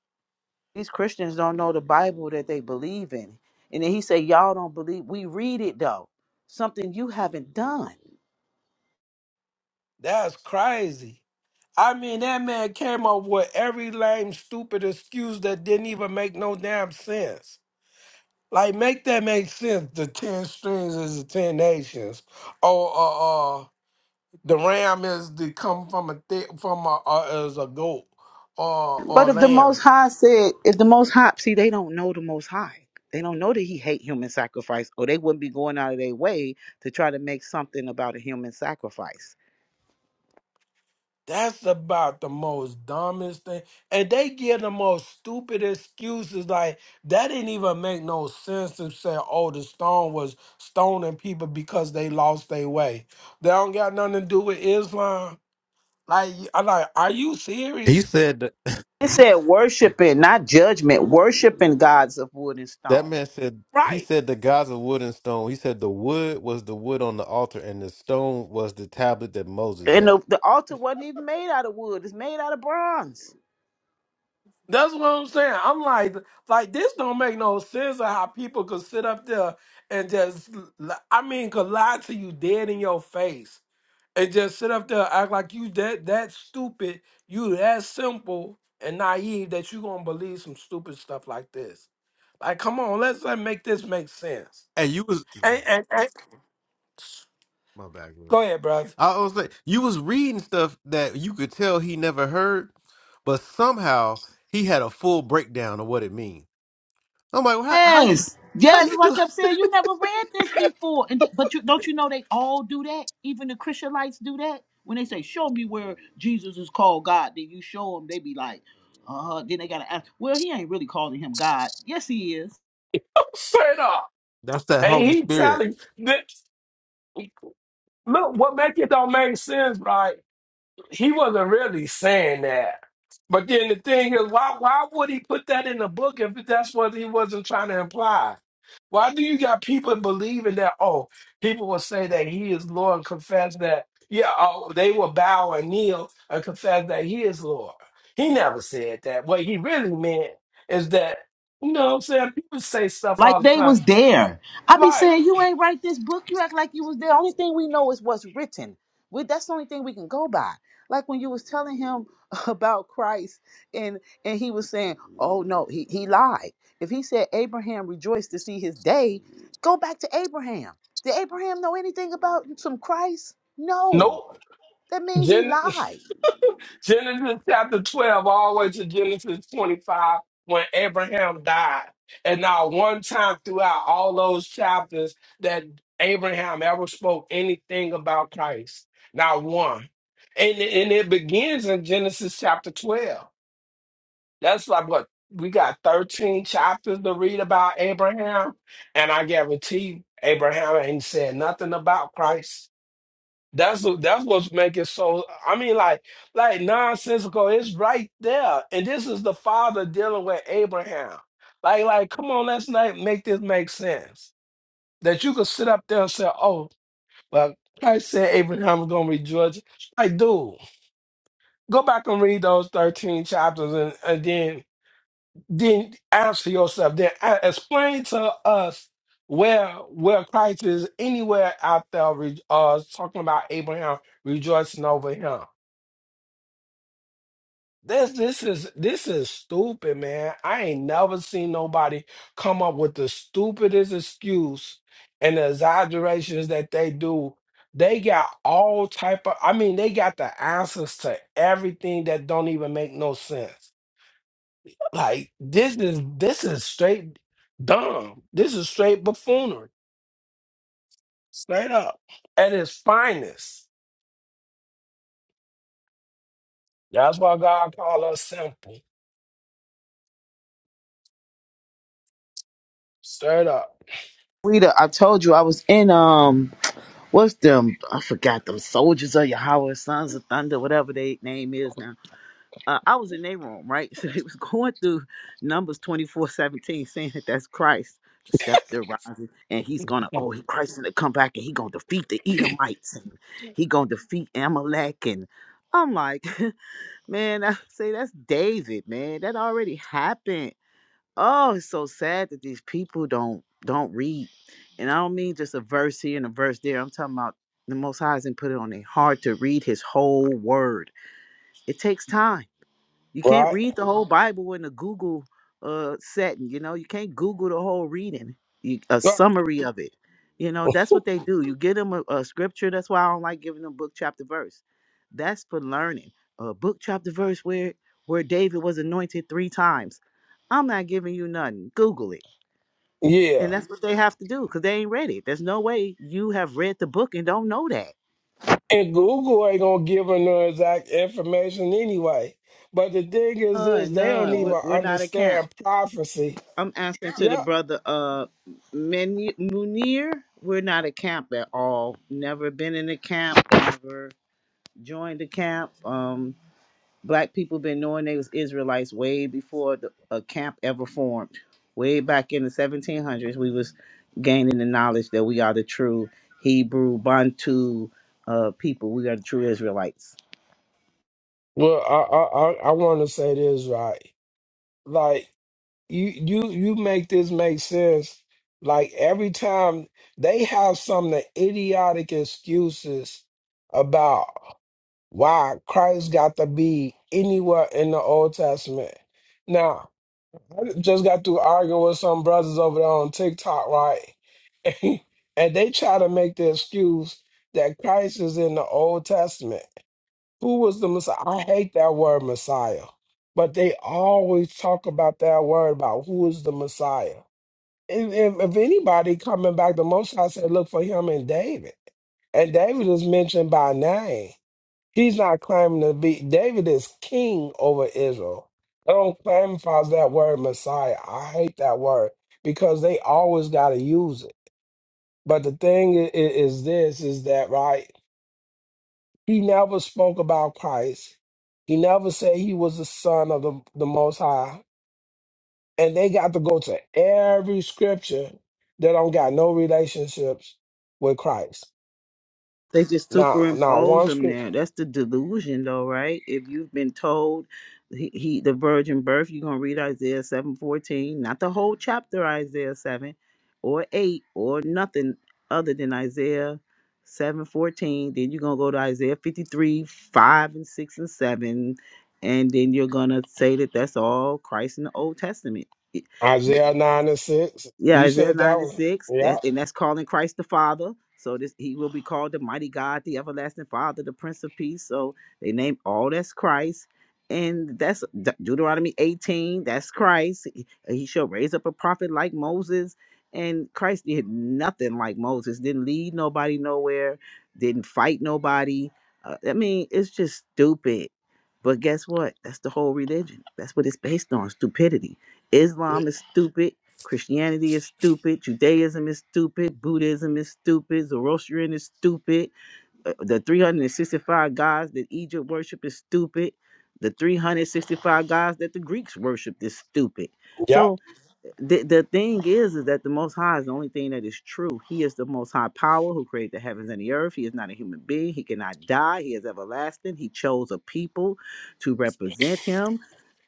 [SPEAKER 5] These Christians don't know the Bible that they believe in. And then he said, "Y'all don't believe. We read it though. Something you haven't done."
[SPEAKER 7] That's crazy. I mean, that man came up with every lame, stupid excuse that didn't even make no damn sense. Like, make that make sense. The 10 strings is the 10 nations. Or uh, uh, the ram is the come from a thick, from a, uh, is a goat or, or
[SPEAKER 5] But if the Most
[SPEAKER 7] lamb.
[SPEAKER 5] High said, if the Most High, see, they don't know the Most High. They don't know that He hate human sacrifice, or they wouldn't be going out of their way to try to make something about a human sacrifice.
[SPEAKER 7] That's about the most dumbest thing. And they give the most stupid excuses. Like, that didn't even make no sense to say, oh, the stone was stoning people because they lost their way. They don't got nothing to do with Islam. Like, I'm like, are you
[SPEAKER 1] He
[SPEAKER 7] serious?
[SPEAKER 1] said that,
[SPEAKER 5] It said worshiping, not judgment. Worshiping gods of wood and
[SPEAKER 1] that
[SPEAKER 5] stone.
[SPEAKER 1] man said he
[SPEAKER 7] Right.
[SPEAKER 1] said the gods of wood and stone. He said the wood was the wood on the altar and the stone was the tablet that Moses
[SPEAKER 5] And the,
[SPEAKER 1] had.
[SPEAKER 5] the altar wasn't even made out of wood; it's made out of bronze.
[SPEAKER 7] That's what I'm saying. I'm like, like this don't make no sense of how people could sit up there and just, li- I mean, could lie to you dead in your face and just sit up there act like you that that stupid, you that simple and naive that you gonna believe some stupid stuff like this. Like, come on, let's let make this make sense.
[SPEAKER 1] And you was.
[SPEAKER 7] And and, and
[SPEAKER 1] My back
[SPEAKER 7] go
[SPEAKER 1] hurt.
[SPEAKER 7] ahead, brother.
[SPEAKER 1] I was like, you was reading stuff that you could tell he never heard, but somehow he had a full breakdown of what it means. I'm like, well, how how you
[SPEAKER 5] Yes,
[SPEAKER 1] how
[SPEAKER 5] yes. That's
[SPEAKER 1] you
[SPEAKER 5] why I
[SPEAKER 1] do?
[SPEAKER 5] kept saying you never read this before, and th- but you don't you know they all do that. Even the Christianites do that when they say, "Show me where Jesus is called God." Then you show them, they be like, "Uh." Then they gotta ask, "Well, he ain't really calling him God." Yes, he is.
[SPEAKER 7] Straight up,
[SPEAKER 1] That's that
[SPEAKER 7] and
[SPEAKER 1] Holy
[SPEAKER 7] he
[SPEAKER 1] Spirit.
[SPEAKER 7] telling this. Look, what make it don't make sense, right? he wasn't really saying that. But then the thing is, why why would he put that in the book if that's what he wasn't trying to imply? Why do you got people believing that? Oh, people will say that he is Lord and confess that. Yeah, oh, they will bow and kneel and confess that he is Lord. He never said that. What he really meant is that you know what I'm saying. People say stuff
[SPEAKER 5] Like
[SPEAKER 7] all the
[SPEAKER 5] they
[SPEAKER 7] time.
[SPEAKER 5] was there. I be
[SPEAKER 7] Like,
[SPEAKER 5] saying you ain't write this book. You act like you was there. Only thing we know is what's written. We, that's the only thing we can go by. Like when you was telling him about Christ, and and he was saying, "Oh no, he he lied." If he said Abraham rejoiced to see his day, go back to Abraham. Did Abraham know anything about some Christ? No.
[SPEAKER 7] nope.
[SPEAKER 5] That means he lied.
[SPEAKER 7] Genesis chapter 12, all the way to Genesis 25, when Abraham died. And not one time throughout all those chapters that Abraham ever spoke anything about Christ. Not one. And, and it begins in Genesis chapter 12. That's like what we got 13 chapters to read about Abraham. And I guarantee you, Abraham ain't said nothing about Christ. That's the- that's what's making so. I mean, like like nonsensical. It's right there, and this is the father dealing with Abraham. Like like, come on, let's not make this make sense. That you could sit up there and say, "Oh, well, Christ said Abraham was gonna rejoice." Like, dude, go back and read those thirteen chapters, and, and then then answer yourself. Then a- explain to us where where Christ is anywhere out there re- uh, talking about Abraham rejoicing over him. This this is this is stupid, man. I ain't never seen nobody come up with the stupidest excuse and the exaggerations that they do. They got all type of I mean, they got the answers to everything that don't even make no sense. Like this is this is straight dumb. This is straight buffoonery. Straight up. At its finest. That's why God called us simple. Straight up.
[SPEAKER 5] Rita, I told you I was in um what's them I forgot them soldiers of Yahweh, Sons of Thunder, whatever their name is now. Uh, I was in their room, right? So they was going through Numbers twenty four seventeen, saying that that's Christ, the scepter rising, and he's gonna oh he Christ gonna come back and he gonna defeat the Edomites and he gonna defeat Amalek and I'm like, man, I say that's David, man. That already happened oh it's so sad that these people don't don't read and i don't mean just a verse here and a verse there i'm talking about the most high hasn't put it on their heart to read his whole word it takes time you can't
[SPEAKER 7] Right?
[SPEAKER 5] read the whole Bible in a Google uh setting, you know. You can't Google the whole reading, you, a summary of it. You know, that's what they do. You give them a, a scripture. That's why I don't like giving them book, chapter, verse. That's for learning. A book, chapter, verse where where David was anointed three times. I'm not giving you nothing. Google it.
[SPEAKER 7] Yeah.
[SPEAKER 5] And that's what they have to do because they ain't read it. There's no way you have read the book and don't know that.
[SPEAKER 7] And Google ain't gonna give her no exact information anyway. But the thing is this,
[SPEAKER 5] None,
[SPEAKER 7] they don't
[SPEAKER 5] none. We're,
[SPEAKER 7] even
[SPEAKER 5] we're not account.
[SPEAKER 7] understand prophecy.
[SPEAKER 5] I'm answering to the
[SPEAKER 7] Yeah.
[SPEAKER 5] brother uh Menu Munir. We're not a camp at all. Never been in a camp, never joined a camp. Um black people been knowing they was Israelites way before the, a camp ever formed. Way back in the 1700s, we was gaining the knowledge that we are the true Hebrew Bantu uh people. We are the true Israelites.
[SPEAKER 7] Well, I I I, I wanna say this right. Like you you you make this make sense. Like every time they have some of the idiotic excuses about why Christ got to be anywhere in the Old Testament. Now, I just got through arguing with some brothers over there on TikTok, right? and they try to make the excuse that Christ is in the Old Testament. Who was the Messiah? I hate that word Messiah, but they always talk about that word about who is the Messiah. And, and if anybody coming back, the Most High said, look for him in David, and David is mentioned by name. He's not claiming to be. David is king over Israel. They don't claim for that word Messiah. I hate that word because they always got to use it. But the thing i- i- is this is that right? He never spoke about Christ. He never said he was the son of the, the most high. And they got to go to every scripture that don't got no relationships with Christ.
[SPEAKER 5] They just
[SPEAKER 7] Now now
[SPEAKER 5] superimpose
[SPEAKER 7] one
[SPEAKER 5] them
[SPEAKER 7] scripture.
[SPEAKER 5] there. That's the delusion, though, right? If you've been told he, he the virgin birth, you're gonna read Isaiah seven fourteen, not the whole chapter Isaiah seven, or eight, or nothing other than Isaiah seven fourteen. Then you're gonna go to Isaiah fifty three five and six and seven, and then you're gonna say that that's all Christ in the Old Testament.
[SPEAKER 7] Isaiah nine and six.
[SPEAKER 5] Yeah,
[SPEAKER 7] You
[SPEAKER 5] Isaiah
[SPEAKER 7] said that
[SPEAKER 5] 9 and
[SPEAKER 7] one.
[SPEAKER 5] 6. That's,
[SPEAKER 7] Yeah.
[SPEAKER 5] and that's calling Christ the Father. So this he will be called the mighty God, the everlasting Father, the Prince of Peace. So they name all that's Christ. And that's De- Deuteronomy 18. That's Christ. He, he shall raise up a prophet like Moses. And Christ did nothing like Moses, didn't lead nobody nowhere, didn't fight nobody. Uh, I mean, it's just stupid. But guess what? That's the whole religion. That's what it's based on stupidity. Islam is stupid. Christianity is stupid. Judaism is stupid. Buddhism is stupid. Zoroastrian is stupid. uh, The 365 gods that Egypt worship is stupid. The 365 gods that the Greeks worship is stupid.
[SPEAKER 7] Yeah.
[SPEAKER 5] So the, the thing is is that the most high is the only thing that is true he is the most high power who created the heavens and the earth he is not a human being he cannot die he is everlasting he chose a people to represent him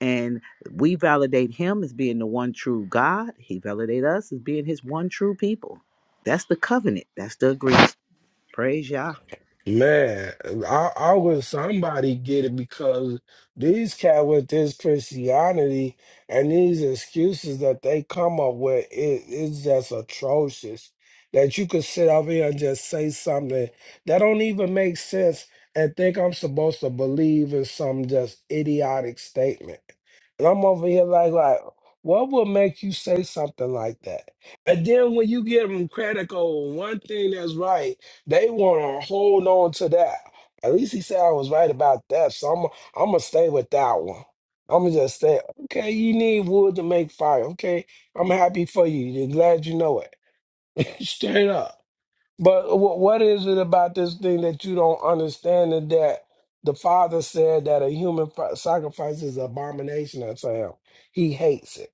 [SPEAKER 5] and we validate him as being the one true god he validate us as being his one true people that's the covenant that's the agreement praise yah
[SPEAKER 7] Man, I, I was somebody get it because these cat with this Christianity and these excuses that they come up with it is just atrocious. That you could sit over here and just say something that don't even make sense and think I'm supposed to believe in some just idiotic statement. And I'm over here like like what would make you say something like that? And then when you give them credit over one thing that's right. They want to hold on to that. At least he said I was right about that, so I'm I'm gonna stay with that one. I'm gonna just say, okay, you need wood to make fire. Okay, I'm happy for you. Glad you know it. Straight up. But wh- what is it about this thing that you don't understand? and That the father said that a human fi- sacrifice is an abomination unto him. He hates it.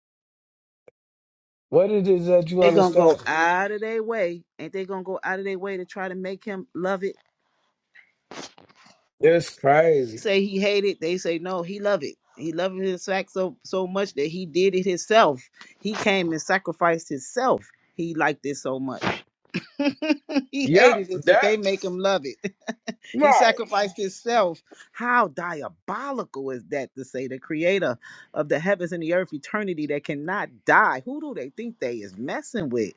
[SPEAKER 7] What it is that you
[SPEAKER 5] they gonna go
[SPEAKER 7] understand?
[SPEAKER 5] out of their way ain't they gonna go out of their way to try to make him love it
[SPEAKER 7] It's crazy.
[SPEAKER 5] say he hated, they say no, he loved it. He loved his sax so so much that he did it himself. He came and sacrificed himself. He liked it so much. he
[SPEAKER 7] Yep,
[SPEAKER 5] hated it, but they
[SPEAKER 7] that
[SPEAKER 5] make him love it. He
[SPEAKER 7] right.
[SPEAKER 5] sacrificed himself. How diabolical is that to say the creator of the heavens and the earth, eternity that cannot die? Who do they think they is messing with?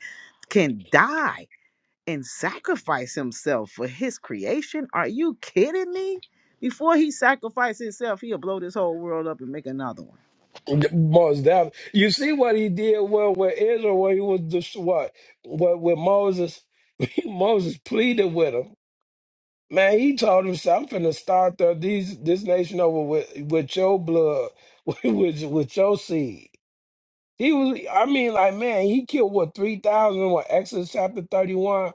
[SPEAKER 5] Can die and sacrifice himself for his creation? Are you kidding me? Before he sacrificed himself, he'll blow this whole world up and make another one.
[SPEAKER 7] Most definitely. You see what he did well with Israel, where he was just what, what with Moses. Moses pleaded with him. Man, he told him, "I'm finna start the, these this nation over with with your blood, with with with your seed." He was, I mean, like man, he killed what three thousand? What Exodus chapter thirty one?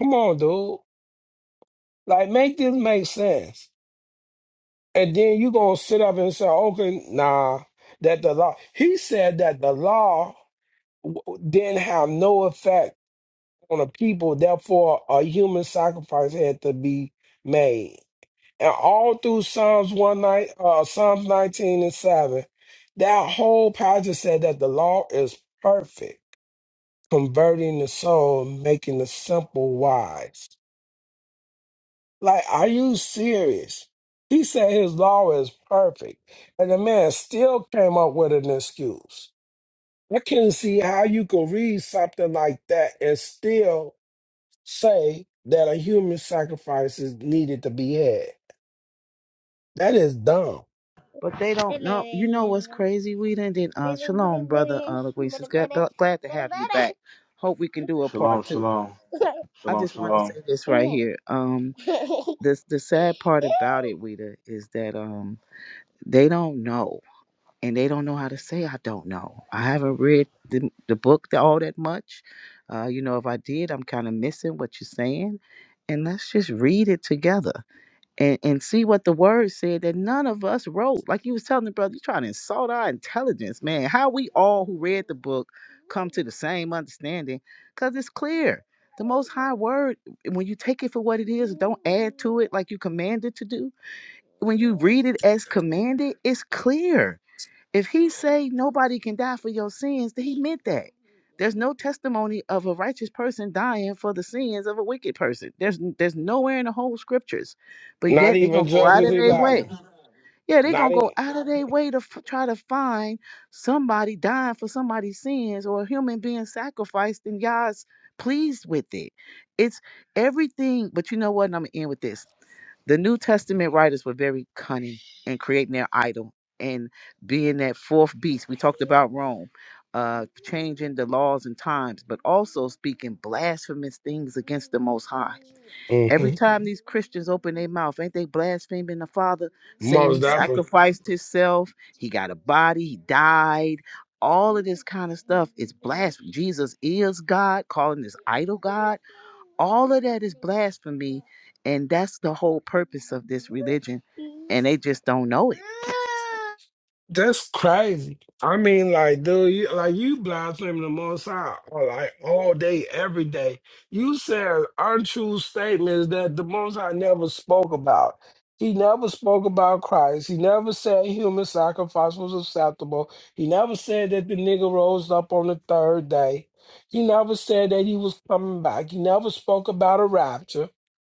[SPEAKER 7] Come on, dude. Like, make this make sense. And then you gonna sit up and say, "Okay, nah, that the law." He said that the law w- then have no effect on the people. Therefore, a human sacrifice had to be made. And all through Psalms one night, uh, Psalms nineteen and seven, that whole passage said that the law is perfect, converting the soul, making the simple wise. Like, are you serious? He said his law is perfect, and the man still came up with an excuse. I can see how you could read something like that and still say that a human sacrifice is needed to be had. That is dumb.
[SPEAKER 5] But they don't know. You know what's crazy? We done did. Uh, shalom, brother uh, Luis. It's glad, glad to have you back. Hope we can do a
[SPEAKER 9] Shalom,
[SPEAKER 5] part two.
[SPEAKER 9] shalom,
[SPEAKER 5] I
[SPEAKER 9] shalom,
[SPEAKER 5] just want to
[SPEAKER 9] shalom.
[SPEAKER 5] say this right here. Um, the the sad part about it, Weeda, is that um they don't know. and they don't know how to say I don't know. I haven't read the, the book all that much. Uh, you know, if I did, I'm kind of missing what you're saying. And let's just read it together and, and see what the word said that none of us wrote. Like you was telling the brother, you're trying to insult our intelligence, man. How we all who read the book come to the same understanding because it's clear. The most high word, when you take it for what it is, don't add to it like you commanded to do. When you read it as commanded, it's clear if he say nobody can die for your sins, then he meant that. There's no testimony of a righteous person dying for the sins of a wicked person. There's there's nowhere in the whole scriptures, but
[SPEAKER 7] Not
[SPEAKER 5] yet they're
[SPEAKER 7] even
[SPEAKER 5] gonna go out
[SPEAKER 7] Judges
[SPEAKER 5] of their way.
[SPEAKER 7] 11.
[SPEAKER 5] Yeah, they're
[SPEAKER 7] Not
[SPEAKER 5] gonna go
[SPEAKER 7] even.
[SPEAKER 5] out of their way to f- try to find somebody dying for somebody's sins or a human being sacrificed, and God's pleased with it. It's everything. But you know what? And I'm gonna end with this the New Testament writers were very cunning in creating their idol and being that fourth beast. We talked about Rome, uh, changing the laws and times, but also speaking blasphemous things against the Most High. Every
[SPEAKER 7] hmm
[SPEAKER 5] time these Christians open their mouth, ain't they blaspheming the Father, saying he
[SPEAKER 7] Most definitely.
[SPEAKER 5] sacrificed himself, he got a body, he died. All of this kind of stuff is blasphemy. Jesus is God, calling this idol God all of that is blasphemy and that's the whole purpose of this religion and they just don't know it
[SPEAKER 7] That's crazy. I mean, like, dude, you, like you blaspheming the Most High, or, like all day, every day. You said untrue statements that the Most High never spoke about. He never spoke about Christ. He never said human sacrifice was acceptable. He never said that the nigga rose up on the third day. He never said that he was coming back. He never spoke about a rapture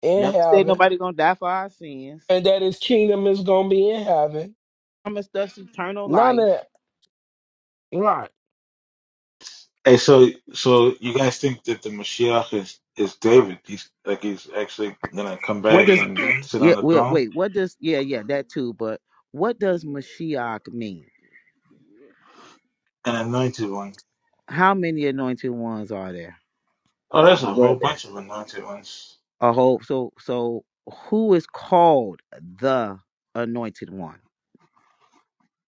[SPEAKER 7] in
[SPEAKER 5] never said
[SPEAKER 7] heaven
[SPEAKER 5] nobody gonna die for our sins
[SPEAKER 7] and that his kingdom is gonna be in heaven.
[SPEAKER 5] promised us eternal
[SPEAKER 7] None of
[SPEAKER 5] life
[SPEAKER 7] that. Right.
[SPEAKER 9] Hey, so so you guys think that the Mashiach is is David? He's like he's actually gonna come
[SPEAKER 5] what
[SPEAKER 9] back
[SPEAKER 5] does
[SPEAKER 9] and sit
[SPEAKER 5] yeah
[SPEAKER 9] on the
[SPEAKER 5] wait,
[SPEAKER 9] throne,
[SPEAKER 5] wait what does yeah yeah that too but what does mashiach mean
[SPEAKER 9] an anointed one.
[SPEAKER 5] how many anointed ones are there
[SPEAKER 9] Oh, there's
[SPEAKER 5] or
[SPEAKER 9] a
[SPEAKER 5] were
[SPEAKER 9] whole
[SPEAKER 5] there
[SPEAKER 9] bunch of anointed ones.
[SPEAKER 5] a whole so so who is called the anointed one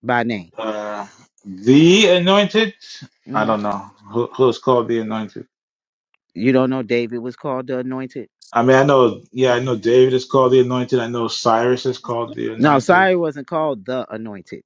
[SPEAKER 5] by name
[SPEAKER 9] Uh, the anointed? I
[SPEAKER 5] hmm
[SPEAKER 9] don't know who who is called the anointed.
[SPEAKER 5] you don't know david was called the anointed
[SPEAKER 9] I mean, I know, yeah, I know David is called the anointed. I know Cyrus is called the
[SPEAKER 5] No,
[SPEAKER 9] anointed.
[SPEAKER 5] Cyrus wasn't called the anointed.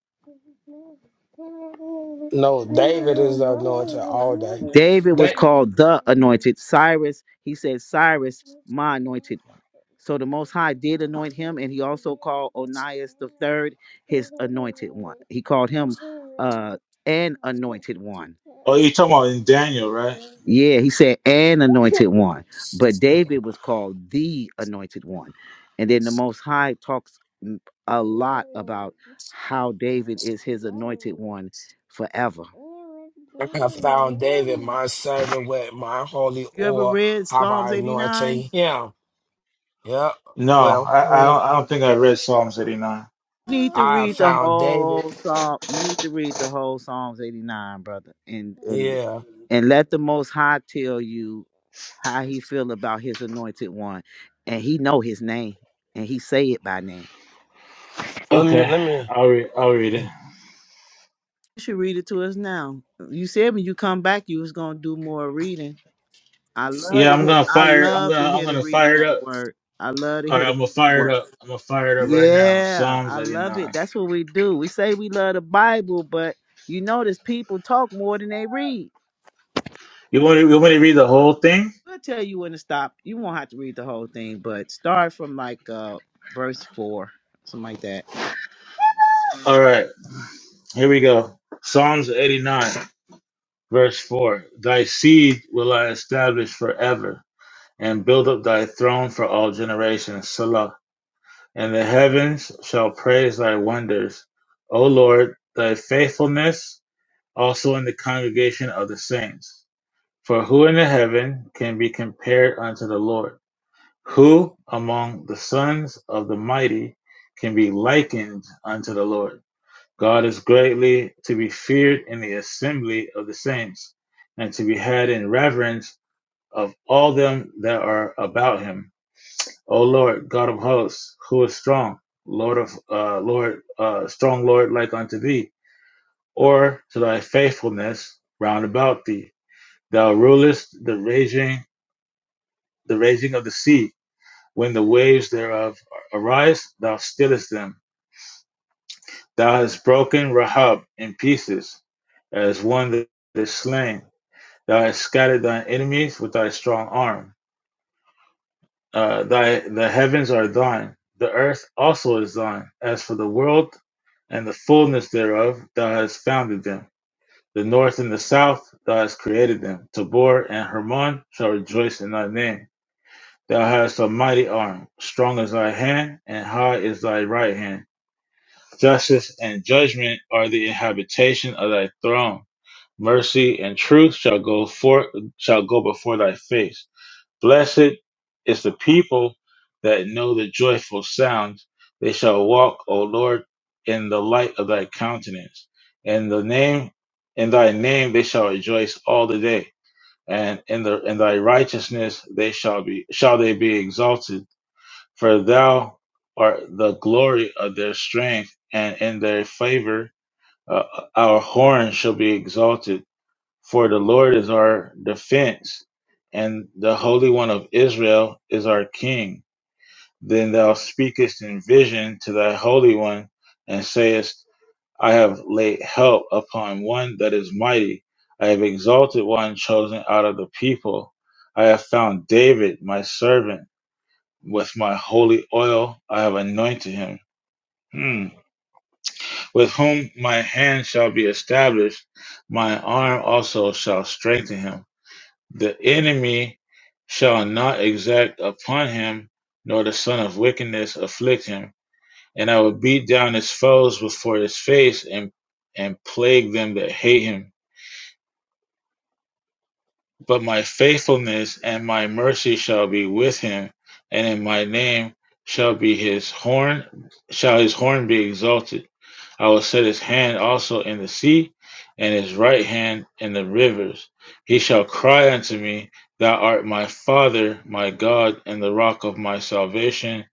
[SPEAKER 7] No, David is the anointed all day.
[SPEAKER 5] David was
[SPEAKER 7] That
[SPEAKER 5] called the anointed. Cyrus, he said, Cyrus, my anointed one. So the Most High did anoint him, and he also called Onias the third his anointed one. He called him uh, an anointed one.
[SPEAKER 9] Oh, you're talking about in Daniel, right?
[SPEAKER 5] Yeah, he said an anointed one. But David was called the anointed one. And then the Most High talks m- a lot about how David is his anointed one forever.
[SPEAKER 7] I have found David, my servant, with my holy
[SPEAKER 5] You ever
[SPEAKER 7] oil
[SPEAKER 5] read
[SPEAKER 7] have
[SPEAKER 5] Psalms
[SPEAKER 7] I
[SPEAKER 5] 89?
[SPEAKER 7] anointed him. Yeah.
[SPEAKER 9] No,
[SPEAKER 7] Well,
[SPEAKER 9] I I
[SPEAKER 7] who
[SPEAKER 9] don't, I don't think I read Psalms 89.
[SPEAKER 5] You need to
[SPEAKER 7] I have
[SPEAKER 5] read the
[SPEAKER 7] found David.
[SPEAKER 5] whole psalm. You need to read the whole Psalms 89, brother, and and
[SPEAKER 7] Yeah.
[SPEAKER 5] and let the Most High tell you how He feel about His anointed one, and He know His name, and He say it by name.
[SPEAKER 7] Let me
[SPEAKER 9] Okay,
[SPEAKER 7] let me
[SPEAKER 9] I'll read. I'll read it.
[SPEAKER 5] You should read it to us now. You said when you come back, you was gonna do more reading. I love
[SPEAKER 9] Yeah,
[SPEAKER 5] to
[SPEAKER 9] I'm
[SPEAKER 5] hear.
[SPEAKER 9] gonna
[SPEAKER 5] I
[SPEAKER 9] fire. I'm
[SPEAKER 5] love to
[SPEAKER 9] gonna. I'm
[SPEAKER 5] hear the
[SPEAKER 9] gonna
[SPEAKER 5] reading
[SPEAKER 9] fire
[SPEAKER 5] of
[SPEAKER 9] it
[SPEAKER 5] the
[SPEAKER 9] up.
[SPEAKER 5] word. I love to
[SPEAKER 9] All
[SPEAKER 5] hear
[SPEAKER 9] right,
[SPEAKER 5] the
[SPEAKER 9] I'm gonna
[SPEAKER 5] reading of the
[SPEAKER 9] fire it
[SPEAKER 5] word.
[SPEAKER 9] up. I'm gonna fire it up right now.
[SPEAKER 5] Yeah,
[SPEAKER 9] Psalms
[SPEAKER 5] I love
[SPEAKER 9] 89.
[SPEAKER 5] it. That's what we do. We say we love the Bible, but you notice people talk more than they read.
[SPEAKER 9] You want? To, you want me to read the whole thing?
[SPEAKER 5] I'll tell you when to stop. You won't have to read the whole thing, but start from like uh verse four, something like that.
[SPEAKER 9] All right, here we go. Psalms 89, verse four. Thy seed will I establish forever, and build up thy throne for all generations. Salah. And the heavens shall praise thy wonders, O Lord, thy faithfulness also in the congregation of the saints For who in the heaven can be compared unto the Lord? Who among the sons of the mighty can be likened unto the Lord? God is greatly to be feared in the assembly of the saints, and to be had in reverence of all them that are about him. O Lord, God of hosts, who is strong, Lord of uh, Lord, uh, strong Lord like unto thee, or to thy faithfulness round about thee. Thou rulest the raging the raging of the sea, when the waves thereof arise, thou stillest them. Thou hast broken Rahab in pieces, as one that is slain. Thou hast scattered thine enemies with thy strong arm. Uh, thy the heavens are thine, the earth also is thine. As for the world and the fullness thereof, thou hast founded them. The north and the south, thou hast created them. Tabor and Hermon shall rejoice in thy name Thou hast a mighty arm, strong is thy hand, and high is thy right hand. Justice and judgment are the habitation of thy throne. Mercy and truth shall go for, shall go before thy face. Blessed is the people that know the joyful sound. They shall walk, O Lord, in the light of thy countenance. In the name, in thy name they shall rejoice all the day, and in the in thy righteousness they shall be shall they be exalted. For thou art the glory of their strength, and in their favor uh, our horn shall be exalted. For the Lord is our defense, and the Holy One of Israel is our King. Then thou speakest in vision to thy Holy One, and sayest, I have laid help upon one that is mighty. I have exalted one chosen out of the people. I have found David, my servant with my holy oil I have anointed him. Hmm. With whom my hand shall be established, my arm also shall strengthen him. The enemy shall not exact upon him, nor the son of wickedness afflict him. And I will beat down his foes before his face and, and plague them that hate him. But my faithfulness and my mercy shall be with him, and in my name shall be his horn shall his horn be exalted. I will set his hand also in the sea, and his right hand in the rivers. He shall cry unto me, Thou art my Father, my God, and the rock of my salvation.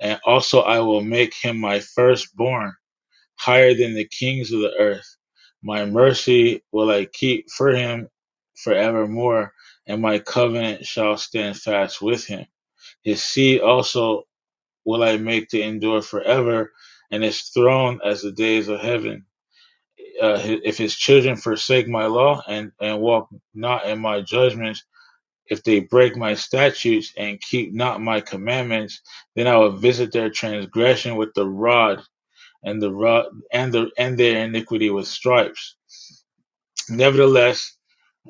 [SPEAKER 9] And also I will make him my firstborn, higher than the kings of the earth. My mercy will I keep for him forevermore, and my covenant shall stand fast with him. His seed also will I make to endure forever, and his throne as the days of heaven uh, if his children forsake my law and, and walk not in my judgments, if they break my statutes and keep not my commandments, then I will visit their transgression with the rod and the rod and the and their iniquity with stripes. Nevertheless,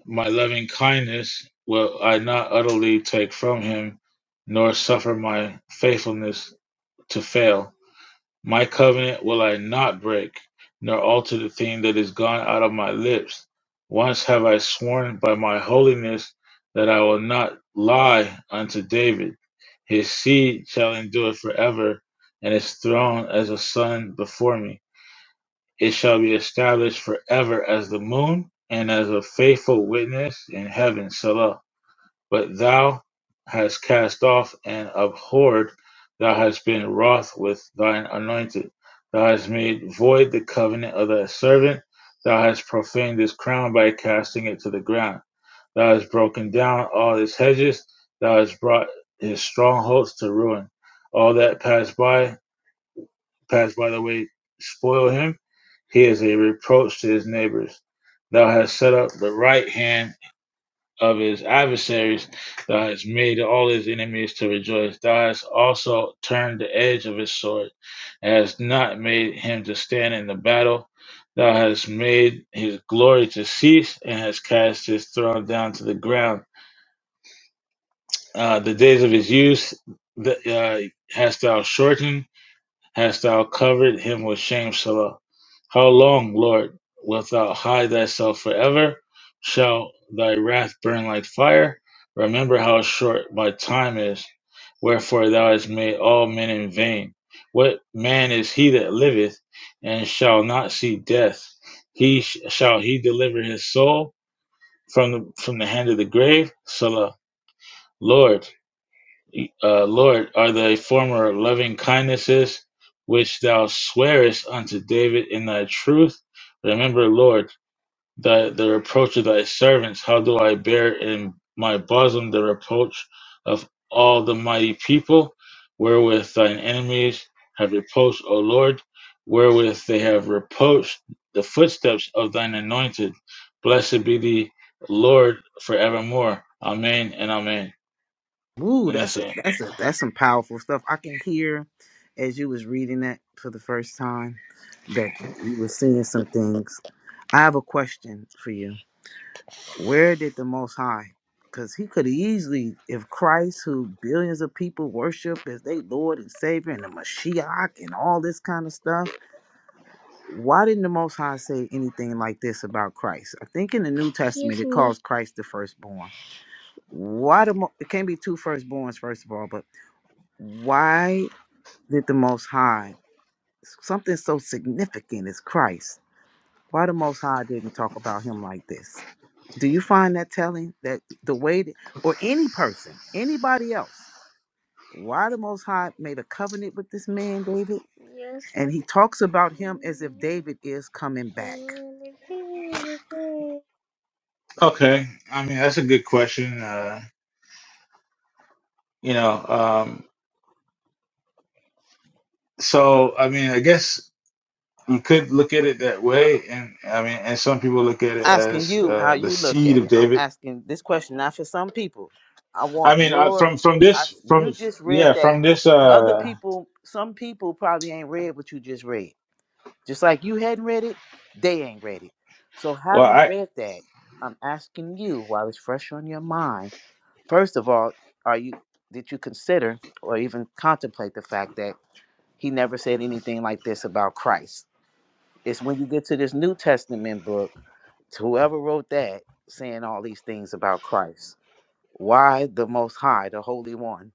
[SPEAKER 9] my loving kindness will I not utterly take from him, nor suffer my faithfulness to fail. My covenant will I not break, nor alter the thing that is gone out of my lips. Once have I sworn by my holiness that I will not lie unto David. His seed shall endure forever, and his throne as a sun before me. It shall be established forever as the moon, and as a faithful witness in heaven. Selah. But thou hast cast off and abhorred, thou hast been wroth with thine anointed, thou hast made void the covenant of thy servant, thou hast profaned his crown by casting it to the ground, thou hast broken down all his hedges, thou hast brought his strongholds to ruin. All that pass by, pass by the way, spoil him. He is a reproach to his neighbors. Thou hast set up the right hand of his adversaries. Thou hast made all his enemies to rejoice. Thou hast also turned the edge of his sword, and hast not made him to stand in the battle. Thou hast made his glory to cease, and hast cast his throne down to the ground. Uh, the days of his use the, uh, hast thou shortened hast thou covered him with shame, Selah. How long, Lord, wilt thou hide thyself forever? Shall thy wrath burn like fire? Remember how short my time is, wherefore thou hast made all men in vain. What man is he that liveth and shall not see death? He sh- shall he deliver his soul from the, from the hand of the grave? Selah, Lord uh, Lord, are thy former loving kindnesses, which thou swearest unto David in thy truth. Remember, Lord, the, the reproach of thy servants. How do I bear in my bosom the reproach of all the mighty people, wherewith thine enemies have reproached, O Lord, wherewith they have reproached the footsteps of thine anointed. Blessed be thee, Lord, forevermore. Amen and amen.
[SPEAKER 5] Ooh,
[SPEAKER 9] And that's
[SPEAKER 5] that's a,
[SPEAKER 9] it.
[SPEAKER 5] that's a, that's some powerful stuff. I can hear as you was reading that for the first time that you were seeing some things. I have a question for you. Where did the Most High? Because he could easily, if Christ, who billions of people worship as they Lord and Savior, and the Mashiach, and all this kind of stuff, why didn't the Most High say anything like this about Christ? I think in the New Testament it calls Christ the firstborn. Why the? Mo- It can't be two firstborns, first of all, but why did the Most High? Something so significant as Christ. Why the Most High didn't talk about him like this? Do you find that telling that the way that, or any person, anybody else, why the Most High made a covenant with this man, David? Yes. And he talks about him as if David is coming back.
[SPEAKER 9] Okay, I mean that's a good question. Uh, you know, um, so I mean, I guess you could look at it that way, and I mean, and some people look at it
[SPEAKER 5] Asking
[SPEAKER 9] as
[SPEAKER 5] you how
[SPEAKER 9] uh, the
[SPEAKER 5] you look
[SPEAKER 9] seed
[SPEAKER 5] at
[SPEAKER 9] of
[SPEAKER 5] it. I'm
[SPEAKER 9] David.
[SPEAKER 5] asking this question not for some people. I
[SPEAKER 9] I
[SPEAKER 5] want
[SPEAKER 9] mean, uh,
[SPEAKER 5] your.
[SPEAKER 9] from from
[SPEAKER 5] I,
[SPEAKER 9] this,
[SPEAKER 5] you
[SPEAKER 9] from
[SPEAKER 5] just read
[SPEAKER 9] yeah,
[SPEAKER 5] that.
[SPEAKER 9] from this.
[SPEAKER 5] Other
[SPEAKER 9] Uh,
[SPEAKER 5] people, some people probably ain't read what you just read. Just like you hadn't read it, they ain't read it. So
[SPEAKER 9] well,
[SPEAKER 5] having
[SPEAKER 9] I
[SPEAKER 5] read that, I'm asking you while it's fresh on your mind. First of all, are you did you consider or even contemplate the fact that he never said anything like this about Christ? It's when you get to this New Testament book, to whoever wrote that saying all these things about Christ. Why the most high, the holy one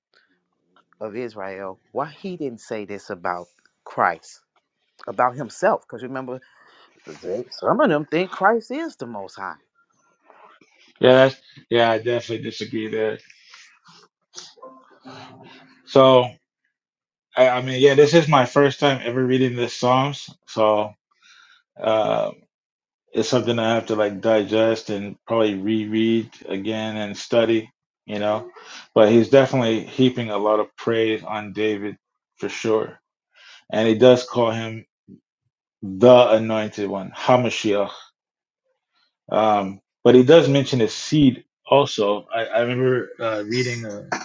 [SPEAKER 5] of Israel, why he didn't say this about Christ, about himself? Because remember Some of them think Christ is the Most High.
[SPEAKER 9] yeah, that's, yeah, I definitely disagree there. So I, I mean, yeah, this is my first time ever reading the Psalms, so. uh, it's something I have to like digest and probably reread again and study, you know. But he's definitely heaping a lot of praise on David for sure. And he does call him the anointed one, Hamashiach. Um, but he does mention his seed also. I, I remember uh, reading, ai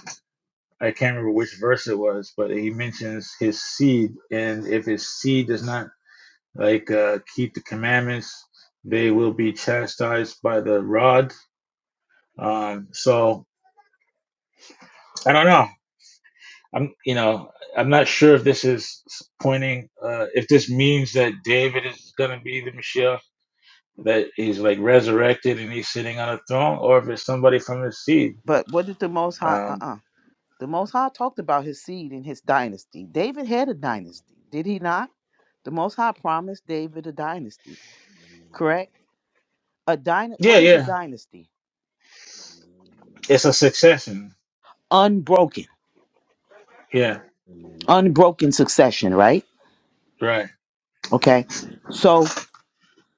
[SPEAKER 9] can't remember which verse it was, but he mentions his seed. And if his seed does not like uh, keep the commandments, they will be chastised by the rod Um, so I don't know. I'm, you know, I'm not sure if this is pointing, uh, if this means that David is going to be the Messiah, that he's like resurrected and he's sitting on a throne, or if it's somebody from his seed.
[SPEAKER 5] But what did the Most High? Uh
[SPEAKER 9] Um,
[SPEAKER 5] uh The Most High talked about his seed and his dynasty. David had a dynasty, did he not? The Most High promised David a dynasty, correct? A dyn-
[SPEAKER 9] yeah,
[SPEAKER 5] What is a
[SPEAKER 9] yeah,
[SPEAKER 5] dynasty?
[SPEAKER 9] it's a succession.
[SPEAKER 5] Unbroken,
[SPEAKER 9] Yeah,
[SPEAKER 5] unbroken succession, right?
[SPEAKER 9] right.
[SPEAKER 5] Okay. So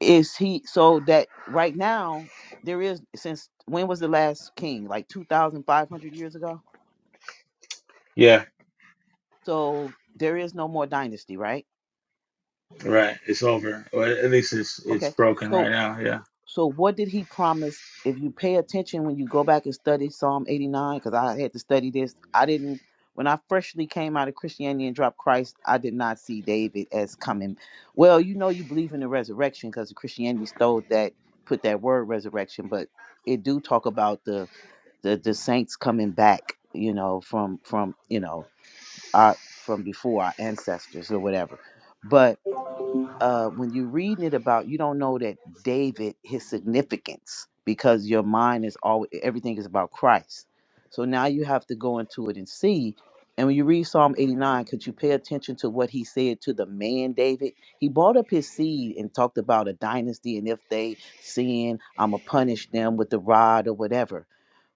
[SPEAKER 5] is he? So that right now there is since when was the last king? Like two thousand five hundred years ago.
[SPEAKER 9] Yeah,
[SPEAKER 5] So there is no more dynasty, right?
[SPEAKER 9] right. It's over, or at least it's it's
[SPEAKER 5] Okay.
[SPEAKER 9] broken
[SPEAKER 5] So
[SPEAKER 9] right now. Yeah,
[SPEAKER 5] So what did he promise? If you pay attention when you go back and study Psalm 89, because I had to study this, I didn't. When I freshly came out of Christianity and dropped Christ, I did not see David as coming. Well, you know, you believe in the resurrection because Christianity stole that, put that word resurrection, but it do talk about the the, the saints coming back, you know, from from you know our from before our ancestors or whatever. But uh, when you're reading it about, you don't know that David, his significance, because your mind is always everything is about Christ. So now you have to go into it and see. And when you read Psalm 89, could you pay attention to what he said to the man David? He brought up his seed and talked about a dynasty, and if they sin, I'ma punish them with the rod or whatever.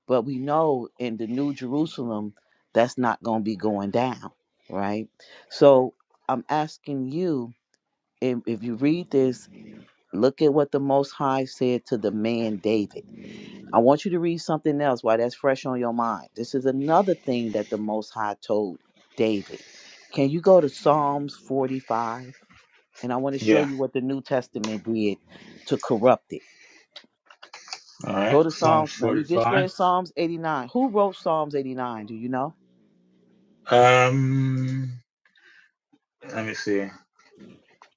[SPEAKER 5] But we know in the New Jerusalem, that's not gonna be going down, right? So I'm asking you if, if you read this, look at what the Most High said to the man David. I want you to read something else while that's fresh on your mind. This is another thing that the Most High told David. Can you go to Psalms 45? And I want to show
[SPEAKER 9] yeah.
[SPEAKER 5] you what the New Testament did to corrupt it.
[SPEAKER 9] All right.
[SPEAKER 5] Go to
[SPEAKER 9] Psalms
[SPEAKER 5] Psalms. Now, you just
[SPEAKER 9] 45.
[SPEAKER 5] read Psalms 89. Who wrote Psalms 89? Do you know?
[SPEAKER 9] Um, let me see.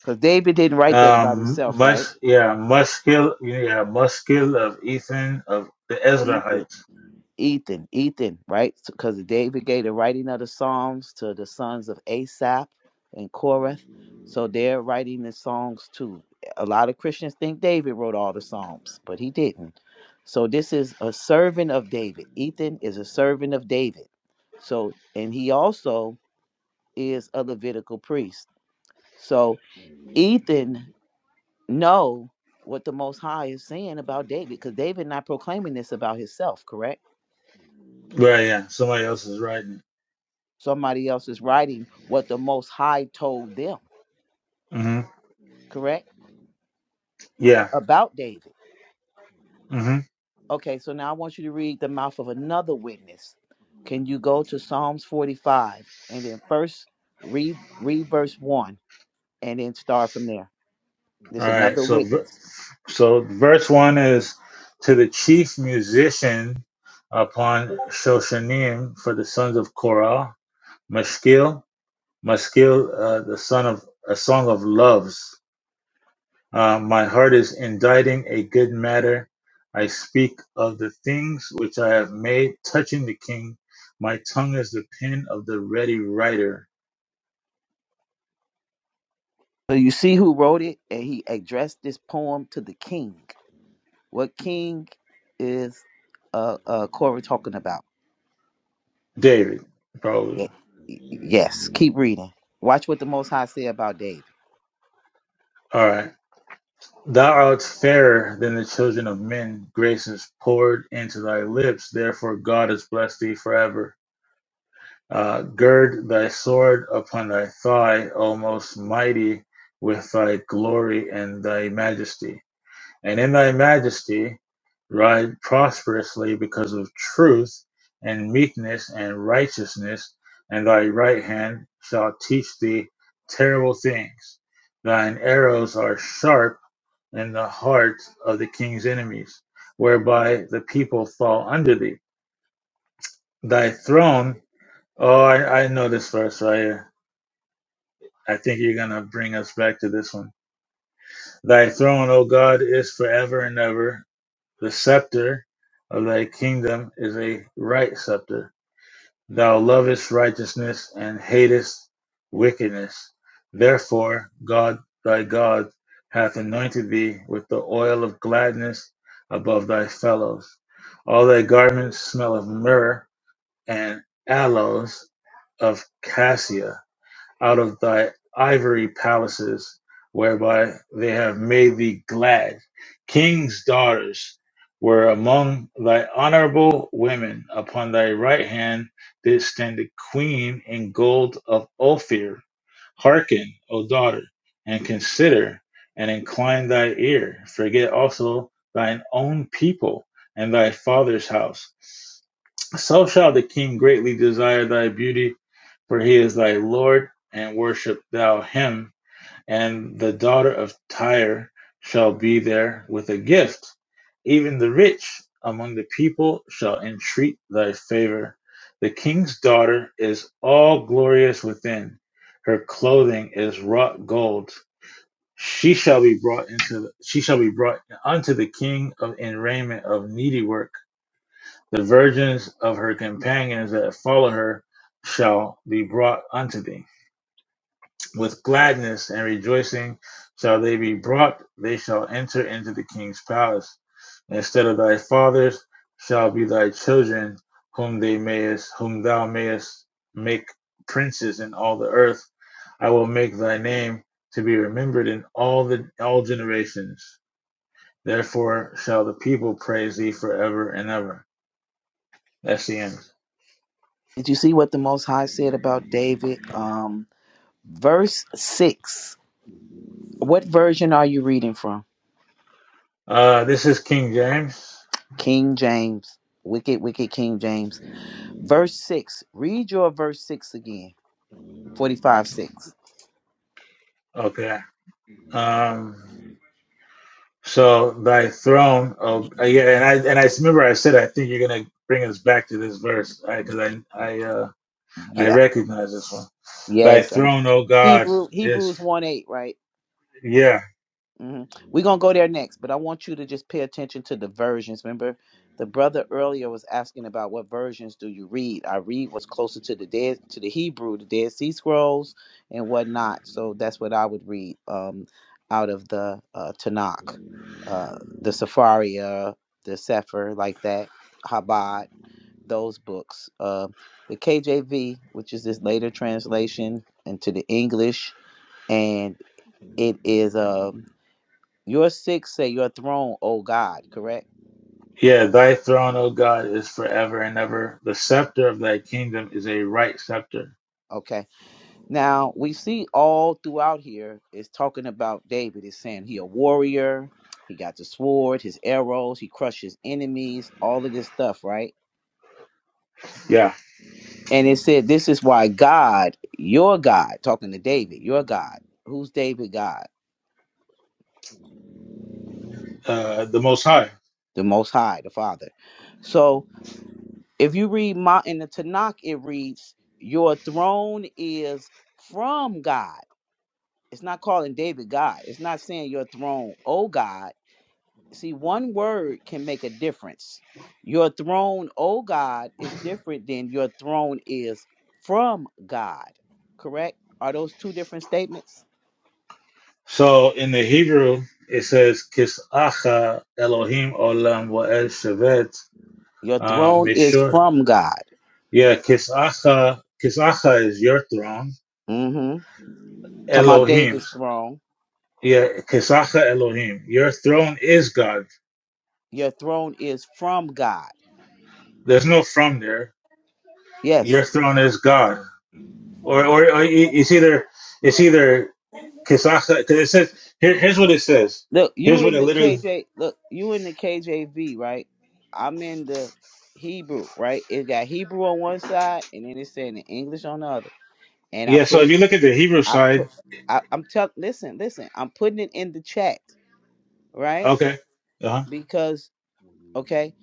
[SPEAKER 5] Because David didn't write that about
[SPEAKER 9] Um,
[SPEAKER 5] himself, right?
[SPEAKER 9] Mus, yeah, Muskil, yeah, Muskil of Ethan of the
[SPEAKER 5] He did.
[SPEAKER 9] Ezrahites.
[SPEAKER 5] Ethan, Ethan, right? Because David gave the writing of the Psalms to the sons of Asaph and Koreth. So they're writing the songs too. A lot of Christians think David wrote all the Psalms, but he didn't. So this is a servant of David. Ethan is a servant of David. So, and he also is a Levitical priest. So Ethan know what the Most High is saying about David, because David not proclaiming this about himself, correct?
[SPEAKER 9] Right, yeah, somebody else is writing.
[SPEAKER 5] Somebody else is writing what the Most High told them,
[SPEAKER 9] it. hmm
[SPEAKER 5] correct?
[SPEAKER 9] Yeah.
[SPEAKER 5] About David.
[SPEAKER 9] hmm
[SPEAKER 5] Okay, so now I want you to read the mouth of another witness. Can you go to Psalms 45 and then first read, read verse 1 and then start from there?
[SPEAKER 9] All
[SPEAKER 5] There's
[SPEAKER 9] right.
[SPEAKER 5] another
[SPEAKER 9] So, ver-
[SPEAKER 5] witness.
[SPEAKER 9] so verse one is to the chief musician upon Shoshanim for the sons of Korah, Mashkil, Mashkil, uh, the son of a song of loves. Uh, my heart is inditing a good matter. I speak of the things which I have made touching the king. My tongue is the pen of the ready writer.
[SPEAKER 5] So you see who wrote it, and he addressed this poem to the king. What king is uh, uh, Corey talking about?
[SPEAKER 9] David, probably.
[SPEAKER 5] Y- Yes, keep reading. Watch what the Most High said about David.
[SPEAKER 9] All right. Thou art fairer than the children of men. Grace is poured into thy lips. Therefore, God has blessed thee forever. Uh, gird thy sword upon thy thigh, O most mighty, with thy glory and thy majesty. and in thy majesty ride prosperously because of truth and meekness and righteousness, and thy right hand shall teach thee terrible things. Thine arrows are sharp in the heart of the king's enemies, whereby the people fall under thee. Thy throne, oh, I, I know this verse, so I, uh, I think you're going to bring us back to this one. Thy throne, O God, is forever and ever. The scepter of thy kingdom is a right scepter. Thou lovest righteousness and hatest wickedness. Therefore, God thy God hath anointed thee with the oil of gladness above thy fellows. All thy garments smell of myrrh and aloes of cassia out of thy ivory palaces, whereby they have made thee glad. Kings' daughters were among thy honorable women. Upon thy right hand did stand the queen in gold of Ophir. Hearken, O daughter, and consider, and incline thy ear. Forget also thine own people and thy father's house. So shall the king greatly desire thy beauty for he is thy Lord, and worship thou him. And the daughter of Tyre shall be there with a gift. Even the rich among the people shall entreat thy favor. The king's daughter is all glorious within. Her clothing is wrought gold. She shall be brought into the, she shall be brought unto the king of in raiment of needle work. The virgins of her companions that follow her shall be brought unto thee with gladness and rejoicing shall they be brought they shall enter into the king's palace instead of thy fathers shall be thy children whom they mayest whom thou mayest make princes in all the earth i will make thy name to be remembered in all the all generations therefore shall the people praise thee forever and ever that's the end
[SPEAKER 5] Did you see what the Most High said about David? Um, verse 6. What version are you reading from?
[SPEAKER 9] uh this is king james
[SPEAKER 5] King James. Wicked, wicked King James. Verse 6. Read your verse 6 again. 45 6.
[SPEAKER 9] okay um So thy throne, oh uh, yeah, and I and I remember I said I think you're gonna bring us back to this verse because I I uh, I
[SPEAKER 5] Yeah.
[SPEAKER 9] recognize this one. Thy
[SPEAKER 5] Yes. and
[SPEAKER 9] throne, O God,
[SPEAKER 5] Hebrew
[SPEAKER 9] is
[SPEAKER 5] Hebrews 1 8, right?
[SPEAKER 9] yeah
[SPEAKER 5] hmm We're gonna go there next, but I want you to just pay attention to the versions. Remember, the brother earlier was asking about what versions do you read. I read what's closer to the dead to the Hebrew, the Dead Sea Scrolls, and whatnot. So that's what I would read um, out of the uh, Tanakh, uh, the Safaria, the Sefer, like that, Habad, those books. Uh, the KJV, which is this later translation into the English, and it is um, your six say your throne, O God, correct?
[SPEAKER 9] yeah. Thy throne, O God, is forever and ever. The scepter of thy kingdom is a right scepter.
[SPEAKER 5] Okay. Now we see all throughout here is talking about David. It's saying he a warrior, he got the sword, his arrows, he crushes enemies, all of this stuff, right?
[SPEAKER 9] Yeah,
[SPEAKER 5] And it said this is why God, your God, talking to David, your God. Who's David God?
[SPEAKER 9] uh, the Most High.
[SPEAKER 5] The most high, the Father. So if you read my in the Tanakh, it reads, Your throne is from God. It's not calling David God. It's not saying your throne, oh God. See, one word can make a difference. Your throne, oh God, is different than your throne is from God. Correct? Are those two different statements?
[SPEAKER 9] So in the Hebrew it says Kisacha Elohim Olam Wael Shevet
[SPEAKER 5] Your
[SPEAKER 9] um,
[SPEAKER 5] throne is
[SPEAKER 9] Mishur.
[SPEAKER 5] from God.
[SPEAKER 9] Yeah, Kisacha Kisacha is your throne
[SPEAKER 5] Mm-hmm. Talking about
[SPEAKER 9] Elohim.
[SPEAKER 5] David's throne.
[SPEAKER 9] Yeah, Kesacha Elohim. Your throne is God.
[SPEAKER 5] Your throne is from God.
[SPEAKER 9] There's no from there.
[SPEAKER 5] Yes.
[SPEAKER 9] Your throne is God. Or or, or it's either it's either Kesacha because it says here, here's what it says.
[SPEAKER 5] Look,
[SPEAKER 9] Here's
[SPEAKER 5] you
[SPEAKER 9] what
[SPEAKER 5] in
[SPEAKER 9] it
[SPEAKER 5] the
[SPEAKER 9] literally
[SPEAKER 5] KJ. Look, you in the KJV, right? I'm in the Hebrew, right? It got Hebrew on one side, and then it's saying the English on the other. And I
[SPEAKER 9] Yeah, so
[SPEAKER 5] put
[SPEAKER 9] if
[SPEAKER 5] it.
[SPEAKER 9] you look at the Hebrew
[SPEAKER 5] I,
[SPEAKER 9] side,
[SPEAKER 5] I I'm tell. Listen, listen. I'm putting it in the chat, right?
[SPEAKER 9] okay. Uh-huh.
[SPEAKER 5] Because okay.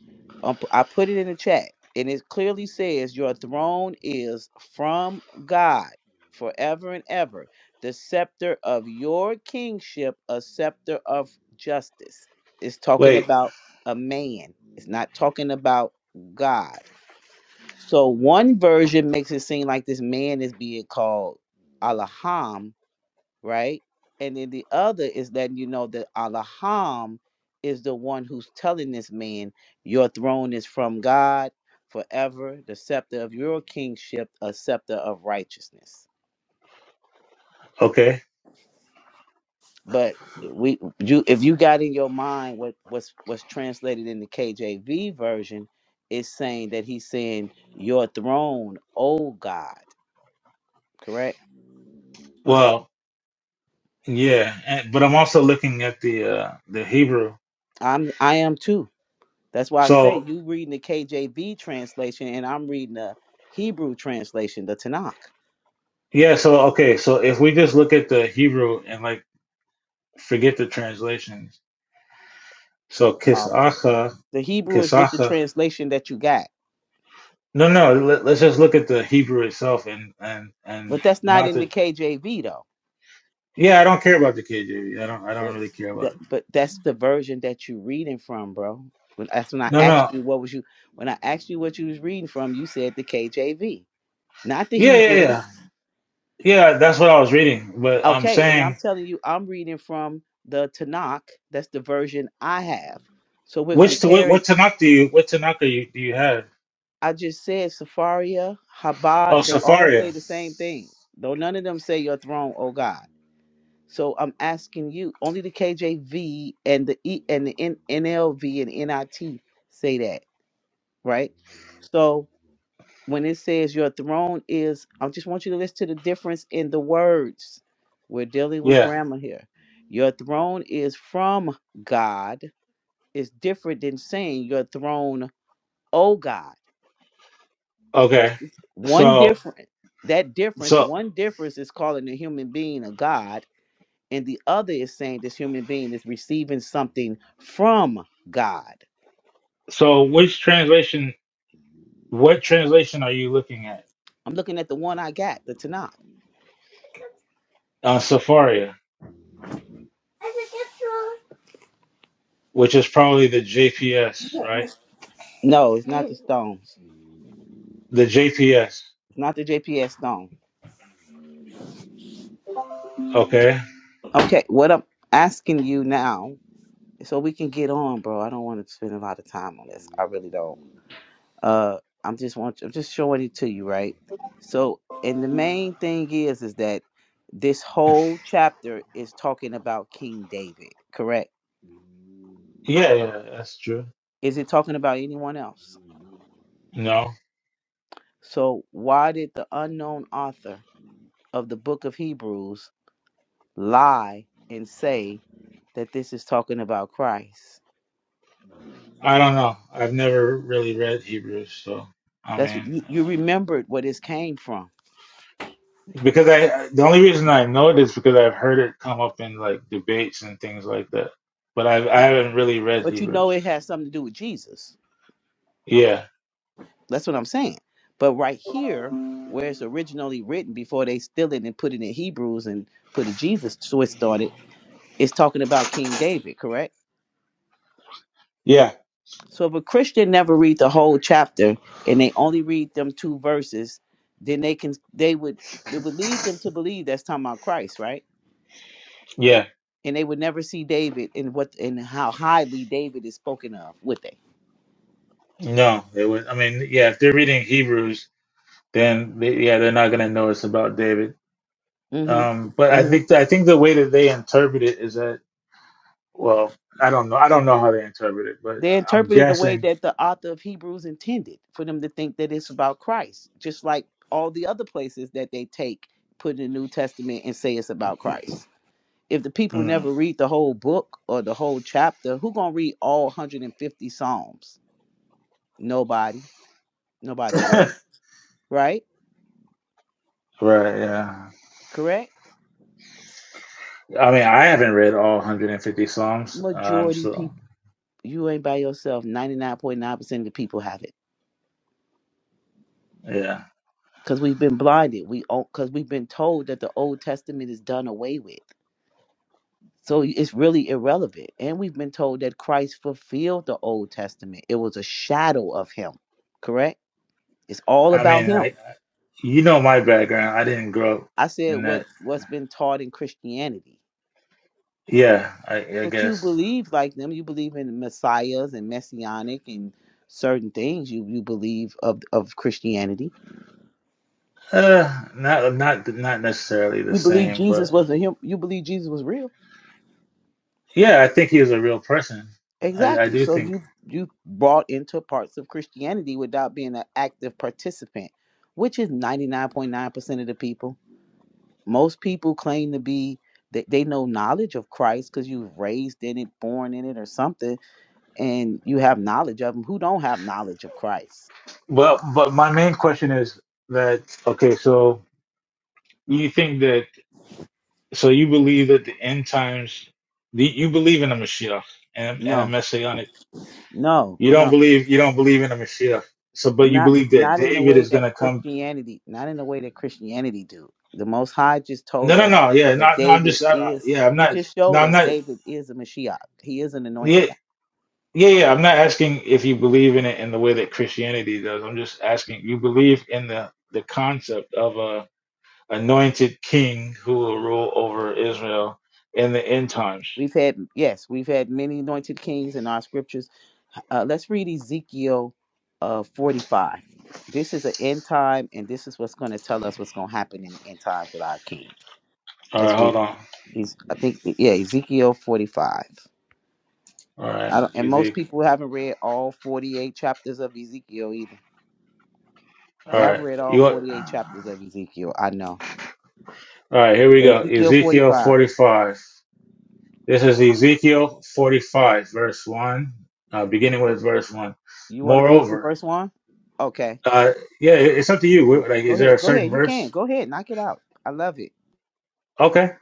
[SPEAKER 5] Um, I put it in the chat, and it clearly says, Your throne is from God forever and ever, the scepter of your kingship, a scepter of justice. It's talking
[SPEAKER 9] Wait,
[SPEAKER 5] about a man, it's not talking about God. So one version makes it seem like this man is being called Allaham, right? And then the other is letting you know that Allaham is the one who's telling this man, Your throne is from God forever, the scepter of your kingship, a scepter of righteousness.
[SPEAKER 9] okay.
[SPEAKER 5] But we you if you got in your mind what what's what's translated in the KJV version is saying that he's saying your throne, O God, correct?
[SPEAKER 9] Well, yeah, and, but I'm also looking at the uh the Hebrew.
[SPEAKER 5] I'm I am too. That's why I say
[SPEAKER 9] So
[SPEAKER 5] you reading the KJV translation and I'm reading the Hebrew translation, the Tanakh.
[SPEAKER 9] yeah, so okay, so if we just look at the Hebrew and like forget the translations. So
[SPEAKER 5] Um,
[SPEAKER 9] Kisacha
[SPEAKER 5] the Hebrew is with the
[SPEAKER 9] Kisaka.
[SPEAKER 5] translation that you got,
[SPEAKER 9] No, no. Let, let's just look at the Hebrew itself, and and and
[SPEAKER 5] but that's not
[SPEAKER 9] not
[SPEAKER 5] in the
[SPEAKER 9] to.
[SPEAKER 5] KJV though.
[SPEAKER 9] Yeah, I don't care about the KJV. I don't. I don't
[SPEAKER 5] But
[SPEAKER 9] really care about
[SPEAKER 5] that,
[SPEAKER 9] it.
[SPEAKER 5] but that's the version that you reading from, bro. When, that's when I
[SPEAKER 9] No,
[SPEAKER 5] asked
[SPEAKER 9] no.
[SPEAKER 5] you what was you when I asked you what you was reading from, you said the KJV, not the
[SPEAKER 9] Yeah, yeah,
[SPEAKER 5] Hebrew.
[SPEAKER 9] yeah, yeah. That's what I was reading. But I'm
[SPEAKER 5] Okay, and I'm
[SPEAKER 9] saying,
[SPEAKER 5] telling you, I'm reading from the Tanakh. That's the version I have. So we're
[SPEAKER 9] which to what,
[SPEAKER 5] comparing
[SPEAKER 9] what Tanakh do you? What Tanakh do you do you have?
[SPEAKER 5] I just said Safaria, Habad,
[SPEAKER 9] Oh,
[SPEAKER 5] they all
[SPEAKER 9] Safaria.
[SPEAKER 5] say the same thing. Though none of them say your throne, oh God. So I'm asking you, only the KJV and the E and the N- NLV and NIT say that, right? So when it says your throne is, I just want you to listen to the difference in the words. We're dealing with
[SPEAKER 9] Yeah.
[SPEAKER 5] grammar here. Your throne is from God is different than saying your throne, oh God. What's
[SPEAKER 9] Okay.
[SPEAKER 5] this? One
[SPEAKER 9] So
[SPEAKER 5] difference. That difference,
[SPEAKER 9] so
[SPEAKER 5] one difference is calling a human being a God, and the other is saying this human being is receiving something from God.
[SPEAKER 9] so which translation what translation are you looking at?
[SPEAKER 5] I'm looking at the one I got, the Tanakh.
[SPEAKER 9] Uh Safaria, which is probably the JPS, right?
[SPEAKER 5] No, it's not the stones.
[SPEAKER 9] The JPS.
[SPEAKER 5] It's not the JPS stone.
[SPEAKER 9] Okay.
[SPEAKER 5] Okay, what I'm asking you now, so we can get on, bro. I don't want to spend a lot of time on this. I really don't. uh i'm just want i'm just showing it to you right so and the main thing is is that this whole chapter is talking about king david correct
[SPEAKER 9] Yeah, yeah, that's true.
[SPEAKER 5] is it talking about anyone else
[SPEAKER 9] No,
[SPEAKER 5] so why did the unknown author of the book of hebrews lie and say that this is talking about christ
[SPEAKER 9] I don't know. I've never really read Hebrews, so I
[SPEAKER 5] that's
[SPEAKER 9] mean,
[SPEAKER 5] you, you remembered where this came from
[SPEAKER 9] because I I- the only reason I know it is because I've heard it come up in like debates and things like that. But I I haven't really read
[SPEAKER 5] but you
[SPEAKER 9] Hebrews.
[SPEAKER 5] know it has something to do with jesus
[SPEAKER 9] Yeah,
[SPEAKER 5] That's what I'm saying. But right here, where it's originally written before they steal it and put it in Hebrews and put a Jesus twist on it, it's talking about King David, correct?
[SPEAKER 9] yeah,
[SPEAKER 5] So if a Christian never read the whole chapter and they only read them two verses, then they can they would it would lead them to believe that's talking about Christ, right?
[SPEAKER 9] yeah.
[SPEAKER 5] And they would never see David and what and how highly David is spoken of, would they?
[SPEAKER 9] No, it was. I mean, yeah. If they're reading Hebrews, then they, yeah, they're not gonna know it's about David. Um, but
[SPEAKER 5] Mm-hmm.
[SPEAKER 9] I
[SPEAKER 5] Mm-hmm.
[SPEAKER 9] think I think the way that they interpret it is that well, I don't know. I don't know how they interpret it, but
[SPEAKER 5] They
[SPEAKER 9] I'm
[SPEAKER 5] interpreted the way
[SPEAKER 9] guessing.
[SPEAKER 5] that the author of Hebrews intended for them to think that it's about Christ, just like all the other places that they take, put in the New Testament and say it's about Christ. If the people
[SPEAKER 9] hmm,
[SPEAKER 5] never read the whole book or the whole chapter, who gonna read all 150 Psalms? Nobody. Nobody really. Right?
[SPEAKER 9] Right, yeah.
[SPEAKER 5] Correct?
[SPEAKER 9] I mean, I haven't read all 150 songs. um,
[SPEAKER 5] Majority
[SPEAKER 9] so
[SPEAKER 5] people, you ain't by yourself. 99.9% of the people have it.
[SPEAKER 9] yeah.
[SPEAKER 5] Because we've been blinded. We because we've been told that the Old Testament is done away with So it's really irrelevant. And we've been told that Christ fulfilled the Old Testament. It was a shadow of him, correct? It's all
[SPEAKER 9] I
[SPEAKER 5] about
[SPEAKER 9] mean, I
[SPEAKER 5] him.
[SPEAKER 9] you know my background. I didn't grow up
[SPEAKER 5] I said
[SPEAKER 9] in
[SPEAKER 5] what
[SPEAKER 9] that.
[SPEAKER 5] what's been taught in Christianity.
[SPEAKER 9] Yeah, I, I
[SPEAKER 5] But you
[SPEAKER 9] guess
[SPEAKER 5] believe like them, you believe in messiahs and messianic and certain things you you believe of of Christianity.
[SPEAKER 9] uh, not not not necessarily the
[SPEAKER 5] You believe
[SPEAKER 9] same,
[SPEAKER 5] Jesus
[SPEAKER 9] but
[SPEAKER 5] was a him you believe Jesus was real.
[SPEAKER 9] yeah, I think he was a real person. I, I
[SPEAKER 5] Exactly.
[SPEAKER 9] do
[SPEAKER 5] So
[SPEAKER 9] think.
[SPEAKER 5] you you brought into parts of Christianity without being an active participant, which is ninety nine point nine percent of the people. Most people claim to be they, they know knowledge of Christ because you were raised in it, born in it, or something, and you have knowledge of him. Who don't have knowledge of Christ?
[SPEAKER 9] Well, but my main question is that okay, so you think that so you believe that the end times, the, you believe in a Mashiach and and a
[SPEAKER 5] No,
[SPEAKER 9] messianic
[SPEAKER 5] no,
[SPEAKER 9] You
[SPEAKER 5] no.
[SPEAKER 9] don't believe you don't believe in a Mashiach. So, but you
[SPEAKER 5] not
[SPEAKER 9] believe that
[SPEAKER 5] not in the
[SPEAKER 9] David
[SPEAKER 5] way
[SPEAKER 9] is
[SPEAKER 5] that
[SPEAKER 9] gonna come.
[SPEAKER 5] Christianity, not in the way that Christianity do. The Most High just
[SPEAKER 9] No,
[SPEAKER 5] told
[SPEAKER 9] no,
[SPEAKER 5] us
[SPEAKER 9] no. Yeah,
[SPEAKER 5] that
[SPEAKER 9] no, no. I'm
[SPEAKER 5] David
[SPEAKER 9] just. I, I-
[SPEAKER 5] is.
[SPEAKER 9] yeah, I'm
[SPEAKER 5] He
[SPEAKER 9] not.
[SPEAKER 5] just
[SPEAKER 9] No,
[SPEAKER 5] showed
[SPEAKER 9] I'm
[SPEAKER 5] us
[SPEAKER 9] not.
[SPEAKER 5] David is a Mashiach. He is an
[SPEAKER 9] Yeah,
[SPEAKER 5] anointed one.
[SPEAKER 9] yeah, yeah. I'm not asking if you believe in it in the way that Christianity does. I'm just asking you believe in the the concept of a anointed king who will rule over Israel in the end times.
[SPEAKER 5] We've had yes, we've had many anointed kings in our scriptures. Uh, let's read Ezekiel uh, forty-five. This is an end time, and this is what's going to tell us what's going to happen in the end times with our king.
[SPEAKER 9] All
[SPEAKER 5] Let's
[SPEAKER 9] right,
[SPEAKER 5] read.
[SPEAKER 9] hold on.
[SPEAKER 5] Ez- I think yeah, Ezekiel forty-five.
[SPEAKER 9] All right,
[SPEAKER 5] I don't, and most
[SPEAKER 9] Ezekiel.
[SPEAKER 5] people haven't read all forty-eight chapters of Ezekiel either.
[SPEAKER 9] All
[SPEAKER 5] Yeah, I've
[SPEAKER 9] right,
[SPEAKER 5] read all
[SPEAKER 9] you. want-
[SPEAKER 5] 48 chapters
[SPEAKER 9] All
[SPEAKER 5] of Ezekiel. I know.
[SPEAKER 9] right, here we
[SPEAKER 5] So
[SPEAKER 9] go.
[SPEAKER 5] Ezekiel
[SPEAKER 9] Ezekiel
[SPEAKER 5] 45.
[SPEAKER 9] 45. This is Ezekiel 45, verse 1, uh, beginning with verse 1.
[SPEAKER 5] You want to read from
[SPEAKER 9] Moreover,
[SPEAKER 5] verse 1? Okay.
[SPEAKER 9] uh, yeah, it- it's up to you.
[SPEAKER 5] Yeah.
[SPEAKER 9] Wh- Like,
[SPEAKER 5] Go
[SPEAKER 9] is there a
[SPEAKER 5] ahead. Go
[SPEAKER 9] certain
[SPEAKER 5] ahead. You can.
[SPEAKER 9] verse?
[SPEAKER 5] Go ahead. Knock it out. I love it.
[SPEAKER 9] Okay.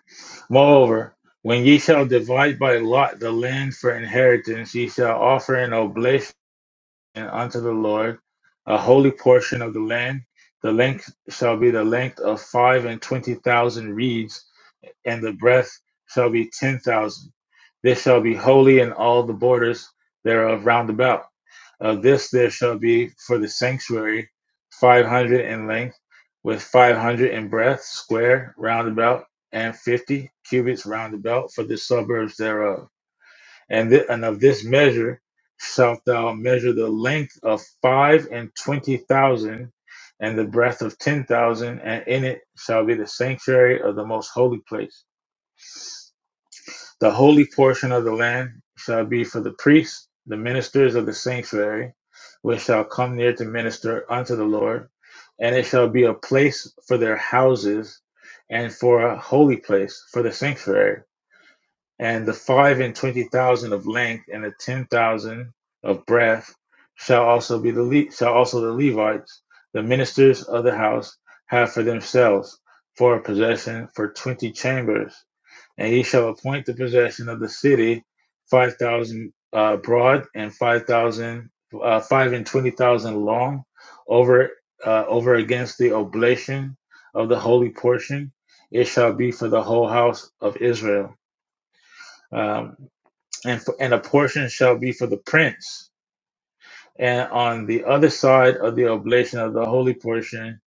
[SPEAKER 9] Moreover, when ye shall divide by lot the land for inheritance, ye shall offer an oblation unto the Lord, a holy portion of the land. The length shall be the length of five and twenty thousand reeds, and the breadth shall be ten thousand. This shall be holy in all the borders thereof round about Of this there shall be for the sanctuary five hundred in length, with five hundred in breadth, square round about, and fifty cubits round about for the suburbs thereof. And, thi- and of this measure shalt thou measure the length of five and twenty thousand, and the breadth of ten thousand, and in it shall be the sanctuary of the most holy place the holy portion of the land shall be for the priests, the ministers of the sanctuary, which shall come near to minister unto the Lord, and it shall be a place for their houses and for a holy place for the sanctuary. And the five and twenty thousand of length and the ten thousand of breadth shall also be the Le- shall also the Levites, the ministers of the house, have for themselves for a possession for twenty chambers and he shall appoint the possession of the city five thousand uh, broad and five thousand uh, five and twenty thousand long over uh, over against the oblation of the holy portion it shall be for the whole house of israel um, and for, and a portion shall be for the prince and on the other side of the oblation of the holy portion,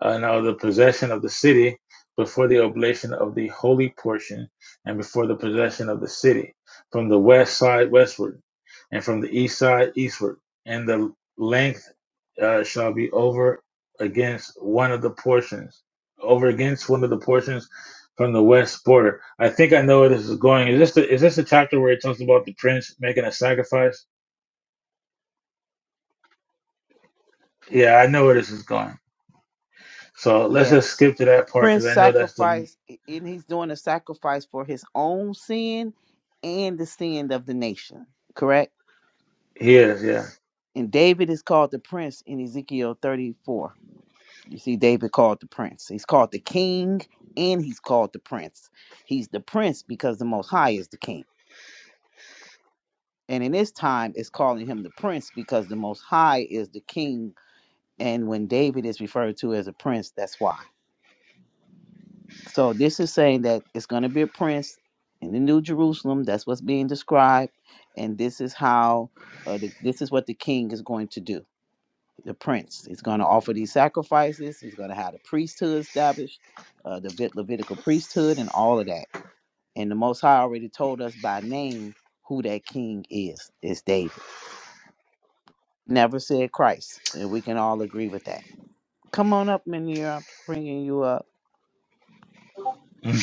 [SPEAKER 9] and of the possession of the city, before the oblation of the holy portion, and before the possession of the city, from the west side westward, and from the east side eastward, and the length uh, shall be over against one of the portions, over against one of the portions from the west border. I think I know where this is going. Is this the, is this the chapter where it talks about the prince making a sacrifice? Yeah, I know where this is going. So let's just
[SPEAKER 5] Yes.
[SPEAKER 9] skip to
[SPEAKER 5] The
[SPEAKER 9] that part because
[SPEAKER 5] prince
[SPEAKER 9] I know that's the
[SPEAKER 5] sacrificed, and he's doing a sacrifice for his own sin and the sin of the nation. Correct?
[SPEAKER 9] he is, yeah.
[SPEAKER 5] And David is called the prince in Ezekiel 34. You see, David called the prince. He's called the king and he's called the prince. He's the prince because the Most High is the king. And in this time, it's calling him the prince because the Most High is the king. And when David is referred to as a prince, that's why. So this is saying that it's going to be a prince in the New Jerusalem. That's what's being described. And this is how, uh, the, this is what the king is going to do. The prince. is going to offer these sacrifices. He's going to have the priesthood established, uh, the Vit- Levitical priesthood, and all of that. And the Most High already told us by name who that king is. It's David. never said Christ, and we can all agree with that. Come on up, Manir. I'm bringing you up.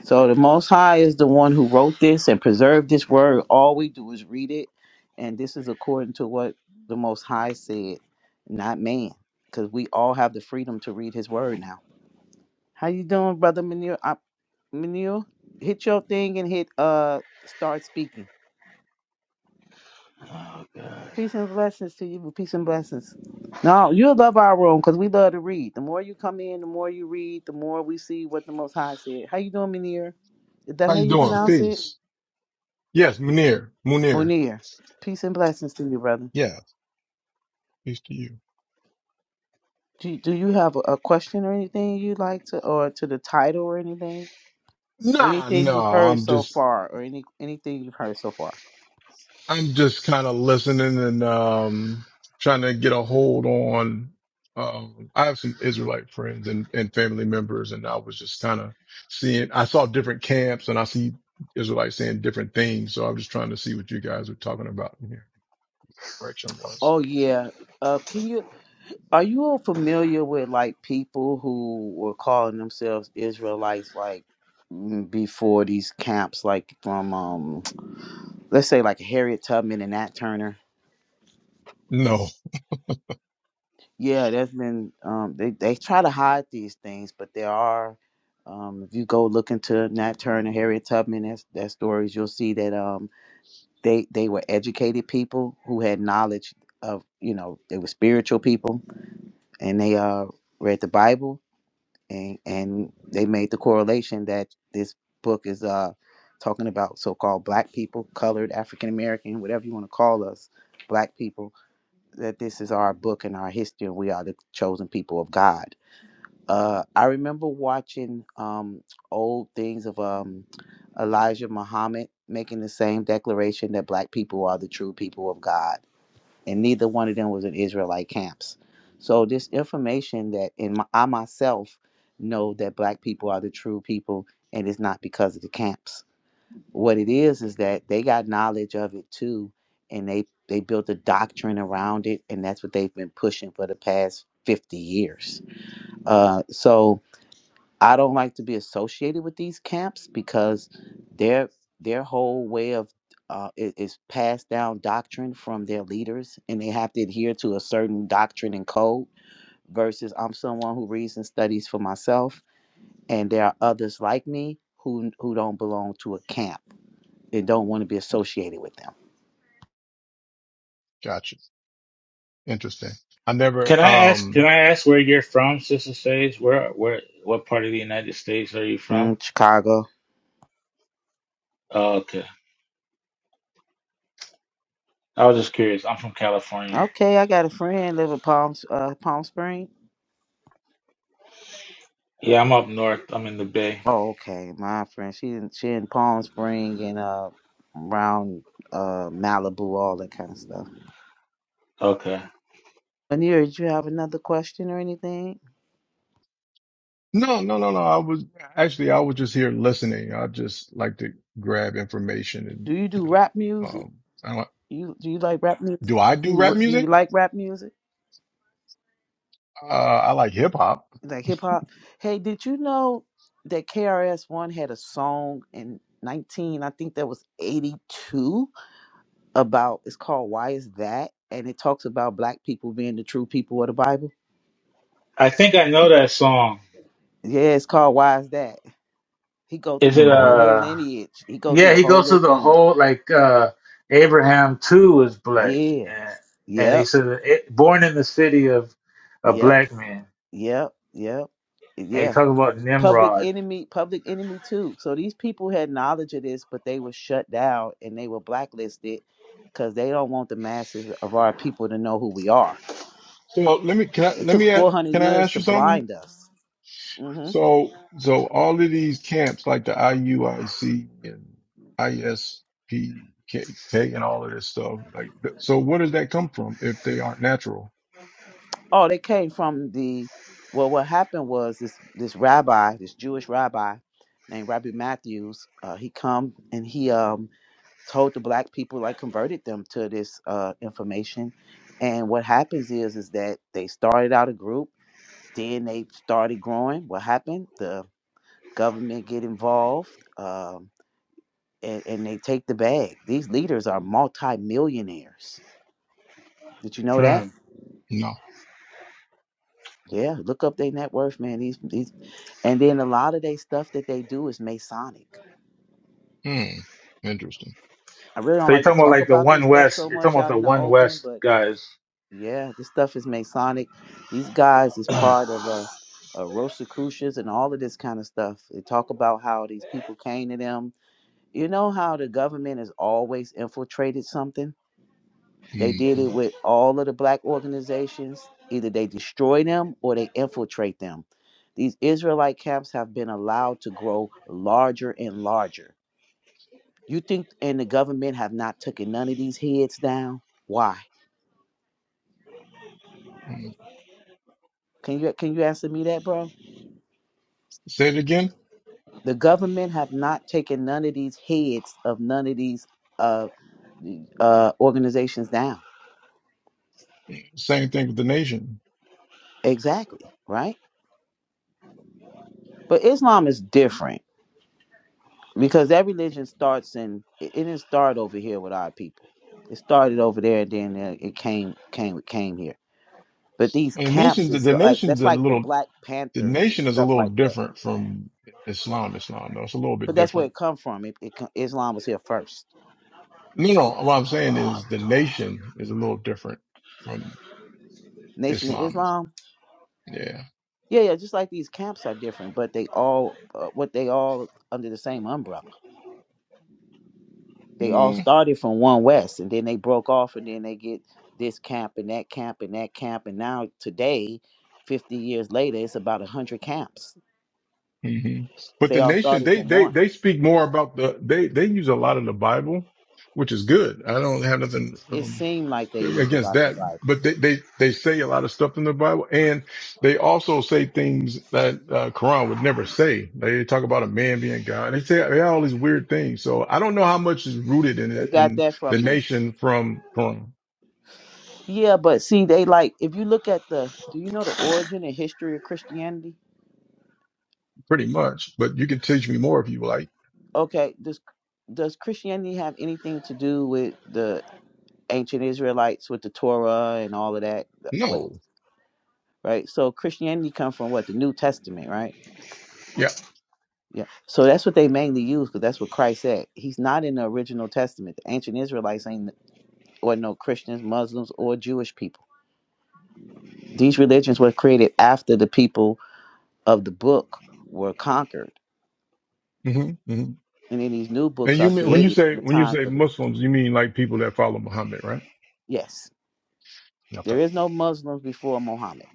[SPEAKER 5] So the Most High is the one who wrote this and preserved this word. All we do is read it, and this is according to what the Most High said, not man, because we all have the freedom to read His word now. How you doing, brother Manir? I, Manir, hit your thing and hit uh start speaking. Peace and blessings to you. Peace and blessings. No, you love our room because we love to read. The more you come in, the more you read, the more we see what the Most High said. How you doing, Munir? Is that
[SPEAKER 10] How
[SPEAKER 5] how
[SPEAKER 10] you
[SPEAKER 5] you
[SPEAKER 10] doing?
[SPEAKER 5] pronounce it?
[SPEAKER 10] Peace. Yes, Munir. Munir.
[SPEAKER 5] Munir. Peace and blessings to you, brother.
[SPEAKER 10] Yeah, peace to you.
[SPEAKER 5] Do, do you have a, a question or anything you'd like to, or to the title or anything, or
[SPEAKER 10] Nah,
[SPEAKER 5] anything
[SPEAKER 10] no,
[SPEAKER 5] you've heard
[SPEAKER 10] I'm
[SPEAKER 5] so
[SPEAKER 10] just,
[SPEAKER 5] far, or any anything you've heard so far?
[SPEAKER 10] I'm just kind of listening and, um, trying to get a hold on, um, I have some Israelite friends and, and family members and I was just kind of seeing, I saw different camps and I see Israelites saying different things. So I'm just trying to see what you guys were talking about in here. Direction was.
[SPEAKER 5] Oh yeah. Uh, can you Are you all familiar with like people who were calling themselves Israelites like mm, before these camps like from um let's say like Harriet Tubman and Nat Turner?
[SPEAKER 10] No,
[SPEAKER 5] Yeah, there's been um they, they try to hide these things, but there are um if you go look into Nat Turner, Harriet Tubman, that's their stories, you'll see that um they they were educated people who had knowledge of you know, they were spiritual people and they uh read the Bible and and they made the correlation that this book is uh talking about so-called black people colored african american whatever you want to call us black people that this is our book and our history and we are the chosen people of god uh i remember watching um old things of um elijah muhammad making the same declaration that black people are the true people of god and neither one of them was in Israelite camps. So this information that in my, I myself know that black people are the true people, and it's not because of the camps. What it is is that they got knowledge of it too, and they they built a doctrine around it, and that's what they've been pushing for the past fifty years. Uh, so I don't like to be associated with these camps because their their whole way of uh, i- is passed down doctrine from their leaders, and they have to adhere to a certain doctrine and code. Versus, I'm someone who reads and studies for myself, and there are others like me who who don't belong to a camp and don't want to be associated with them.
[SPEAKER 10] gotcha. Interesting. I never,
[SPEAKER 9] can I ask?
[SPEAKER 10] um,
[SPEAKER 9] Can I ask where you're from, Sister Sage? Where, where, what part of the United States are you from?
[SPEAKER 5] Mm, Chicago.
[SPEAKER 9] Oh, okay. I was just curious. I'm from California.
[SPEAKER 5] Okay, I got a friend live in Palm uh, Palm Springs.
[SPEAKER 9] Yeah, I'm up north. I'm in the Bay.
[SPEAKER 5] Oh, okay. My friend, she in- she in Palm Spring and uh around uh Malibu, all that kind of stuff.
[SPEAKER 9] Okay.
[SPEAKER 5] Lanier, did you have another question or anything?
[SPEAKER 10] No, no, no, no. I was actually I was just here listening. I just like to grab information and
[SPEAKER 5] Do you
[SPEAKER 10] you
[SPEAKER 5] do rap
[SPEAKER 10] know,
[SPEAKER 5] music?
[SPEAKER 10] um, I don't,
[SPEAKER 5] You do you like rap music?
[SPEAKER 10] do I
[SPEAKER 5] Do
[SPEAKER 10] do rap
[SPEAKER 5] you, do you
[SPEAKER 10] music?
[SPEAKER 5] like rap music?
[SPEAKER 10] Uh, I like hip hop.
[SPEAKER 5] Like hip hop? Hey, did you know that KRS One had a song in nineteen, I think that was eighty two, about it's called Why Is That? And it talks about black people being the true people of the Bible.
[SPEAKER 9] I think I know that song.
[SPEAKER 5] Yeah, it's called Why Is That? He go through
[SPEAKER 9] Is
[SPEAKER 5] the
[SPEAKER 9] it
[SPEAKER 5] whole
[SPEAKER 10] hmm
[SPEAKER 5] little
[SPEAKER 9] uh?
[SPEAKER 5] lineage. He go through
[SPEAKER 9] Yeah,
[SPEAKER 5] the
[SPEAKER 9] he
[SPEAKER 5] whole
[SPEAKER 9] goes
[SPEAKER 5] little
[SPEAKER 9] through the
[SPEAKER 5] thing.
[SPEAKER 9] whole like uh Abraham too is black,
[SPEAKER 5] Yeah.
[SPEAKER 9] and and he
[SPEAKER 5] Yep.
[SPEAKER 9] said it, born in the city of a
[SPEAKER 5] Yep.
[SPEAKER 9] black man,
[SPEAKER 5] Yep. Yep.
[SPEAKER 9] and he
[SPEAKER 5] Yeah.
[SPEAKER 9] talks about
[SPEAKER 5] Public
[SPEAKER 9] Nimrod
[SPEAKER 5] enemy, public enemy too. So these people had knowledge of this, but they were shut down and they were blacklisted because they don't want the masses of our people to know who we are.
[SPEAKER 10] So uh, let me can I
[SPEAKER 5] It
[SPEAKER 10] let
[SPEAKER 5] took
[SPEAKER 10] me a-
[SPEAKER 5] 400
[SPEAKER 10] can I
[SPEAKER 5] years
[SPEAKER 10] ask
[SPEAKER 5] to
[SPEAKER 10] you something?
[SPEAKER 5] blind us. hmm
[SPEAKER 10] So so all of these camps like the IUIC and ISPK and all of this stuff like th- so where does that come from if they aren't natural?
[SPEAKER 5] Oh, they came from the. Well, what happened was this this rabbi, this Jewish rabbi named Rabbi Matthews. Uh, he come and he um told the black people like converted them to this uh, information and what happens is is that they started out a group then they started growing what happened the government get involved um, and, and they take the bag these leaders are multi-millionaires did you know that
[SPEAKER 9] Hmm.
[SPEAKER 10] No.
[SPEAKER 5] yeah look up their net worth man these, these and then a lot of their stuff that they do is masonic
[SPEAKER 10] Hmm. Interesting.
[SPEAKER 5] i really don't
[SPEAKER 9] So you're
[SPEAKER 5] like to
[SPEAKER 9] talking about
[SPEAKER 5] talk
[SPEAKER 9] like the
[SPEAKER 5] about this
[SPEAKER 9] One
[SPEAKER 5] stuff
[SPEAKER 9] West.
[SPEAKER 5] so
[SPEAKER 9] You're
[SPEAKER 5] much
[SPEAKER 9] talking about
[SPEAKER 5] out
[SPEAKER 9] the
[SPEAKER 5] in the
[SPEAKER 9] One
[SPEAKER 5] open
[SPEAKER 9] West
[SPEAKER 5] but
[SPEAKER 9] guys.
[SPEAKER 5] Yeah, this stuff is Masonic. These guys is
[SPEAKER 9] um,
[SPEAKER 5] part of a uh, Rosicrucians and all of this kind of stuff. They talk about how these people came to them. You know how the government has always infiltrated something? They did it
[SPEAKER 10] hmm
[SPEAKER 5] with all of the black organizations. Either they destroy them or they infiltrate them. These Israelite camps have been allowed to grow larger and larger. You think and the government have not taken none of these heads down? Why? Can you can you answer me that, bro?
[SPEAKER 10] Say it again.
[SPEAKER 5] the government have not taken none of these heads of none of these uh, uh, organizations down.
[SPEAKER 10] Same thing with the nation.
[SPEAKER 5] Exactly, right? But Islam is different because that religion starts in it it didn't start over here with our people. It started over there, and then uh, it came came came here. But these
[SPEAKER 10] And the
[SPEAKER 5] camps
[SPEAKER 10] nation, the,
[SPEAKER 5] is
[SPEAKER 10] the
[SPEAKER 5] the- like
[SPEAKER 10] nation's
[SPEAKER 5] that's
[SPEAKER 10] a
[SPEAKER 5] like the
[SPEAKER 10] little,
[SPEAKER 5] Black
[SPEAKER 10] the
[SPEAKER 5] Panthers and
[SPEAKER 10] nation is a
[SPEAKER 5] stuff
[SPEAKER 10] little
[SPEAKER 5] like that.
[SPEAKER 10] different from Islam. Islam, though, it's a little bit
[SPEAKER 5] But that's where
[SPEAKER 10] different.
[SPEAKER 5] it come from. It, it co- Islam was here first.
[SPEAKER 10] No, no. no. What I'm saying is the nation is a little different from
[SPEAKER 5] Nation of
[SPEAKER 10] Islam.
[SPEAKER 5] Islam
[SPEAKER 10] Yeah.
[SPEAKER 5] Yeah, yeah, just like these camps are different, but they all, uh, what they all under the same umbrella. They all
[SPEAKER 10] hmm
[SPEAKER 5] started from one West, and then they broke off, and then they get this camp and that camp and that camp, and now today, fifty years later, it's about a hundred camps, but
[SPEAKER 10] But
[SPEAKER 5] they
[SPEAKER 10] the
[SPEAKER 5] all
[SPEAKER 10] nation,
[SPEAKER 5] started
[SPEAKER 10] they,
[SPEAKER 5] from
[SPEAKER 10] they,
[SPEAKER 5] one.
[SPEAKER 10] they speak more about the, they, they use a lot of the Bible, which is good. I don't have nothing.
[SPEAKER 5] It
[SPEAKER 10] um,
[SPEAKER 5] seemed like they used
[SPEAKER 10] against
[SPEAKER 5] about the
[SPEAKER 10] that,
[SPEAKER 5] Bible.
[SPEAKER 10] but they, they, they say a lot of stuff in the Bible and they also say things that, uh, Quran would never say. They talk about a man being God. They say they have all these weird things. So I don't know how much is rooted in
[SPEAKER 5] They
[SPEAKER 10] it,
[SPEAKER 5] got
[SPEAKER 10] in
[SPEAKER 5] that
[SPEAKER 10] the
[SPEAKER 5] from the
[SPEAKER 10] nation from Quran,
[SPEAKER 5] yeah, but see, they like if you look at the, do you know the origin and history of Christianity?
[SPEAKER 10] pretty much, but you can teach me more if you like.
[SPEAKER 5] Okay, does does Christianity have anything to do with the ancient Israelites with the Torah and all of that. With
[SPEAKER 10] No.
[SPEAKER 5] right, so Christianity come from what the New Testament, right?
[SPEAKER 10] Yeah.
[SPEAKER 5] Yeah, so that's what they mainly use because that's what Christ said. He's not in the original Testament. The ancient Israelites ain't or no Christians, Muslims, or Jewish people. These religions were created after the people of the book were conquered,
[SPEAKER 10] hmm hmm
[SPEAKER 5] and then these new
[SPEAKER 10] And
[SPEAKER 5] books
[SPEAKER 10] you
[SPEAKER 5] are
[SPEAKER 10] mean, when you
[SPEAKER 5] created in
[SPEAKER 10] say,
[SPEAKER 5] the
[SPEAKER 10] when you
[SPEAKER 5] times
[SPEAKER 10] say
[SPEAKER 5] of the
[SPEAKER 10] Muslims, you mean like people that follow Muhammad, right?
[SPEAKER 5] yes.
[SPEAKER 10] Okay.
[SPEAKER 5] There is no Muslims before Muhammad.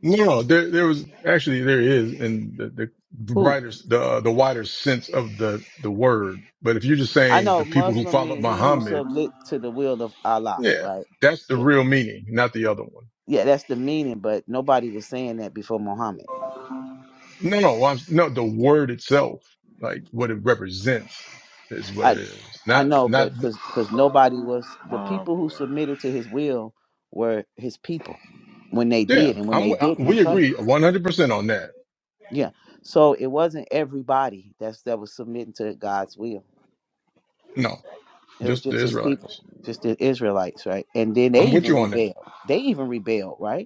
[SPEAKER 10] No, there there was actually there is in the the
[SPEAKER 5] Who
[SPEAKER 10] brighter the uh, the wider sense of the the word. But if you're just
[SPEAKER 5] I
[SPEAKER 10] saying the
[SPEAKER 5] know
[SPEAKER 10] people who
[SPEAKER 5] Muslim
[SPEAKER 10] followed
[SPEAKER 5] mean he who
[SPEAKER 10] Muhammad,
[SPEAKER 5] submit to the will of Allah,
[SPEAKER 10] yeah,
[SPEAKER 5] right?
[SPEAKER 10] that's the
[SPEAKER 5] Yeah.
[SPEAKER 10] real meaning, not the other one.
[SPEAKER 5] yeah, that's the meaning, but nobody was saying that before Muhammad.
[SPEAKER 10] No, no, I'm, no, the word itself, like what it represents, is what it
[SPEAKER 5] I
[SPEAKER 10] is.
[SPEAKER 5] I
[SPEAKER 10] Not
[SPEAKER 5] know,
[SPEAKER 10] not
[SPEAKER 5] but because because nobody was the
[SPEAKER 9] oh
[SPEAKER 5] people who submitted to his will were his people when they
[SPEAKER 10] yeah.
[SPEAKER 5] did, and when
[SPEAKER 10] I'm
[SPEAKER 5] they
[SPEAKER 10] I,
[SPEAKER 5] didn't, he
[SPEAKER 10] we
[SPEAKER 5] punished.
[SPEAKER 10] agree 100 percent on that.
[SPEAKER 5] Yeah, so it wasn't everybody that's that was submitting to God's will.
[SPEAKER 10] No,
[SPEAKER 5] It was
[SPEAKER 10] just the
[SPEAKER 5] just his people,
[SPEAKER 10] Israelites.
[SPEAKER 5] just the Israelites, right? And then they
[SPEAKER 10] I'm with
[SPEAKER 5] even
[SPEAKER 10] you on that.
[SPEAKER 5] rebelled. They even rebelled, right?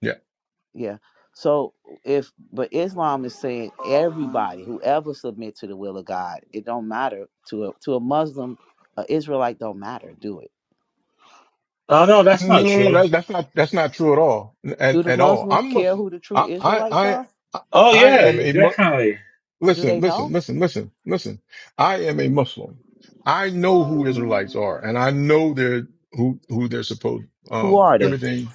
[SPEAKER 10] Yeah.
[SPEAKER 5] Yeah. So if but Islam is saying everybody, whoever submit to the will of God, it don't matter to a to a Muslim, a Israelite don't matter, do it.
[SPEAKER 9] no, that's
[SPEAKER 10] No,
[SPEAKER 9] not
[SPEAKER 10] no, no.
[SPEAKER 9] true.
[SPEAKER 10] That, that's not that's not true at all.
[SPEAKER 5] Do
[SPEAKER 10] At,
[SPEAKER 5] the
[SPEAKER 10] at all.
[SPEAKER 5] Muslims
[SPEAKER 10] I'm
[SPEAKER 5] care
[SPEAKER 10] Muslim.
[SPEAKER 5] who the true
[SPEAKER 10] I I
[SPEAKER 5] Israelites are?
[SPEAKER 10] I
[SPEAKER 9] Oh
[SPEAKER 10] I
[SPEAKER 9] yeah,
[SPEAKER 10] am
[SPEAKER 9] you
[SPEAKER 10] a Mu-
[SPEAKER 9] definitely.
[SPEAKER 5] Do
[SPEAKER 10] listen,
[SPEAKER 5] they
[SPEAKER 10] listen,
[SPEAKER 5] know?
[SPEAKER 10] listen, listen, listen. I am a Muslim. I know who Israelites are, and I know they're who who they're supposed.
[SPEAKER 5] Who
[SPEAKER 10] Um,
[SPEAKER 5] are they?
[SPEAKER 10] everything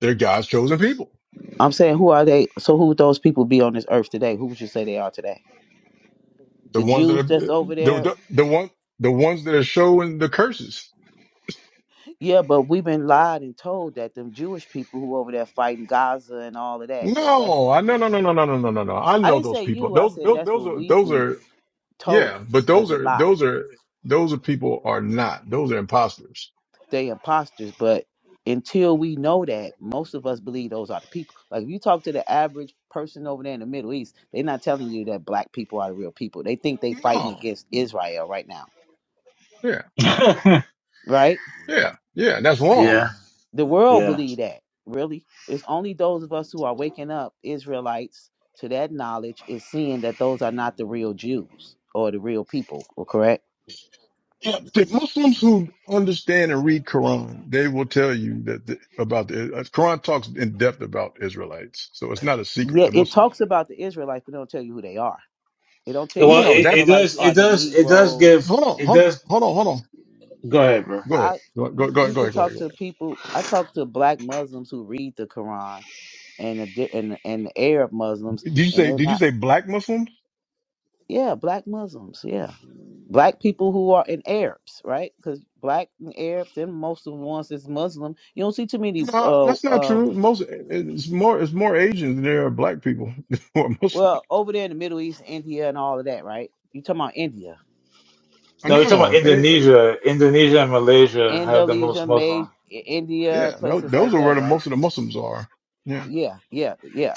[SPEAKER 10] they're God's chosen people.
[SPEAKER 5] I'm saying who are they? So who would those people be on this earth today? Who would you say they are today?
[SPEAKER 10] The
[SPEAKER 5] The
[SPEAKER 10] ones that are
[SPEAKER 5] Jews that's
[SPEAKER 10] the
[SPEAKER 5] over there?
[SPEAKER 10] the, the one the ones that are showing the curses.
[SPEAKER 5] Yeah, but we've been lied and told that them Jewish people who over there fighting Gaza and all of that, that that's
[SPEAKER 10] No, I no no no no no no no no no. I
[SPEAKER 5] I
[SPEAKER 10] know
[SPEAKER 5] didn't
[SPEAKER 10] those
[SPEAKER 5] say
[SPEAKER 10] people.
[SPEAKER 5] you, I
[SPEAKER 10] Those
[SPEAKER 5] said
[SPEAKER 10] those
[SPEAKER 5] that's
[SPEAKER 10] those
[SPEAKER 5] what
[SPEAKER 10] are
[SPEAKER 5] we've
[SPEAKER 10] those
[SPEAKER 5] been
[SPEAKER 10] are.
[SPEAKER 5] told
[SPEAKER 10] Yeah, but
[SPEAKER 5] as
[SPEAKER 10] those
[SPEAKER 5] a
[SPEAKER 10] are
[SPEAKER 5] lie.
[SPEAKER 10] those are those are people are not. Those are imposters.
[SPEAKER 5] they imposters, but until we know that, most of us believe those are the people. Like if you talk to the average person over there in the Middle East, they're not telling you that black people are the real people. They think they fighting
[SPEAKER 10] No.
[SPEAKER 5] against
[SPEAKER 10] no.
[SPEAKER 5] Israel right now.
[SPEAKER 10] Yeah.
[SPEAKER 9] yeah,
[SPEAKER 5] Right?
[SPEAKER 10] Yeah. Yeah. That's wrong.
[SPEAKER 9] yeah.
[SPEAKER 5] The world believe that, really. It's only those of us who are waking up, Israelites, to that knowledge, is seeing that those are not the real Jews or the real people, or correct?
[SPEAKER 10] Yeah. The Muslims who understand and read Quran, they will tell you that the, about the uh, Quran talks in depth about Israelites, so it's not a secret
[SPEAKER 5] Yeah,
[SPEAKER 10] to
[SPEAKER 5] it
[SPEAKER 10] Muslims.
[SPEAKER 5] talks about the Israelites, but it don't tell you who they are. It don't tell you
[SPEAKER 10] No,
[SPEAKER 9] Well,
[SPEAKER 5] that
[SPEAKER 10] no. That
[SPEAKER 9] it, it
[SPEAKER 5] Israelites
[SPEAKER 9] does.
[SPEAKER 5] are
[SPEAKER 9] It
[SPEAKER 5] the
[SPEAKER 9] does. It does
[SPEAKER 5] Negroes
[SPEAKER 9] give.
[SPEAKER 10] hold on,
[SPEAKER 9] It
[SPEAKER 10] hold,
[SPEAKER 9] does.
[SPEAKER 10] hold on, hold on.
[SPEAKER 9] Go ahead, bro.
[SPEAKER 10] Go ahead.
[SPEAKER 5] I
[SPEAKER 10] Go, go,
[SPEAKER 5] you
[SPEAKER 10] go,
[SPEAKER 5] c-
[SPEAKER 10] ahead,
[SPEAKER 5] you
[SPEAKER 10] go
[SPEAKER 5] can
[SPEAKER 10] ahead, go ahead,
[SPEAKER 5] talk
[SPEAKER 10] go
[SPEAKER 5] to
[SPEAKER 10] ahead.
[SPEAKER 5] people. I talk to black Muslims who read the Quran and the di- and the- and the Arab Muslims,
[SPEAKER 10] Did you
[SPEAKER 5] and
[SPEAKER 10] say,
[SPEAKER 5] they're
[SPEAKER 10] did you
[SPEAKER 5] not.
[SPEAKER 10] say black Muslims?
[SPEAKER 5] Yeah, black Muslims. Yeah, black people who are in Arabs, right? Because black and Arabs, and most of the ones that's Muslim, you don't see too many.
[SPEAKER 10] No,
[SPEAKER 5] Uh,
[SPEAKER 10] that's not true.
[SPEAKER 5] um,
[SPEAKER 10] Most, it's more, it's more Asians than there are black people who are Muslims.
[SPEAKER 5] well, over there in the Middle East, India, and all of that, right? You talking about India,
[SPEAKER 9] No, we are talking about
[SPEAKER 10] No,
[SPEAKER 9] Indonesia. Indonesia and Malaysia have the
[SPEAKER 5] Indonesia,
[SPEAKER 9] most
[SPEAKER 5] May,
[SPEAKER 9] Muslim.
[SPEAKER 5] India,
[SPEAKER 10] Yeah, tho-
[SPEAKER 5] places
[SPEAKER 10] those
[SPEAKER 5] like
[SPEAKER 10] are where
[SPEAKER 5] that,
[SPEAKER 10] the
[SPEAKER 5] right?
[SPEAKER 10] most of the Muslims are. Yeah,
[SPEAKER 5] yeah, yeah, yeah.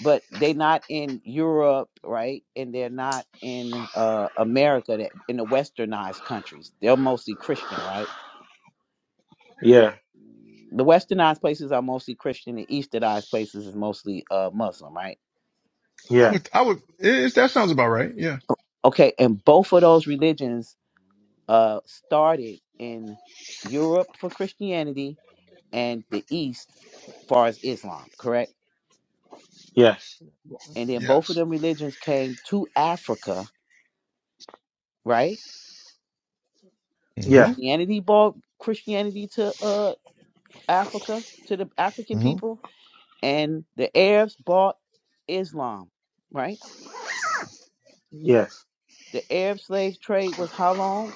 [SPEAKER 5] But they're not in Europe, right? And they're not in uh, America, that in the westernized countries. They're mostly Christian, right?
[SPEAKER 9] Yeah,
[SPEAKER 5] The westernized places are mostly Christian. The easternized places is mostly uh, Muslim, right?
[SPEAKER 10] I
[SPEAKER 9] yeah,
[SPEAKER 10] would, I would. It, that sounds about right. Yeah.
[SPEAKER 5] Okay, and both of those religions uh, started in Europe for Christianity and the East, far as Islam, correct?
[SPEAKER 9] yes,
[SPEAKER 5] And then both of
[SPEAKER 10] Yes.
[SPEAKER 5] them religions came to Africa, right?
[SPEAKER 9] yeah,
[SPEAKER 10] hmm
[SPEAKER 5] Christianity brought Christianity to uh Africa to the African
[SPEAKER 10] hmm
[SPEAKER 5] people, and the Arabs brought Islam, right?
[SPEAKER 9] yes.
[SPEAKER 5] The Arab slave trade was how long?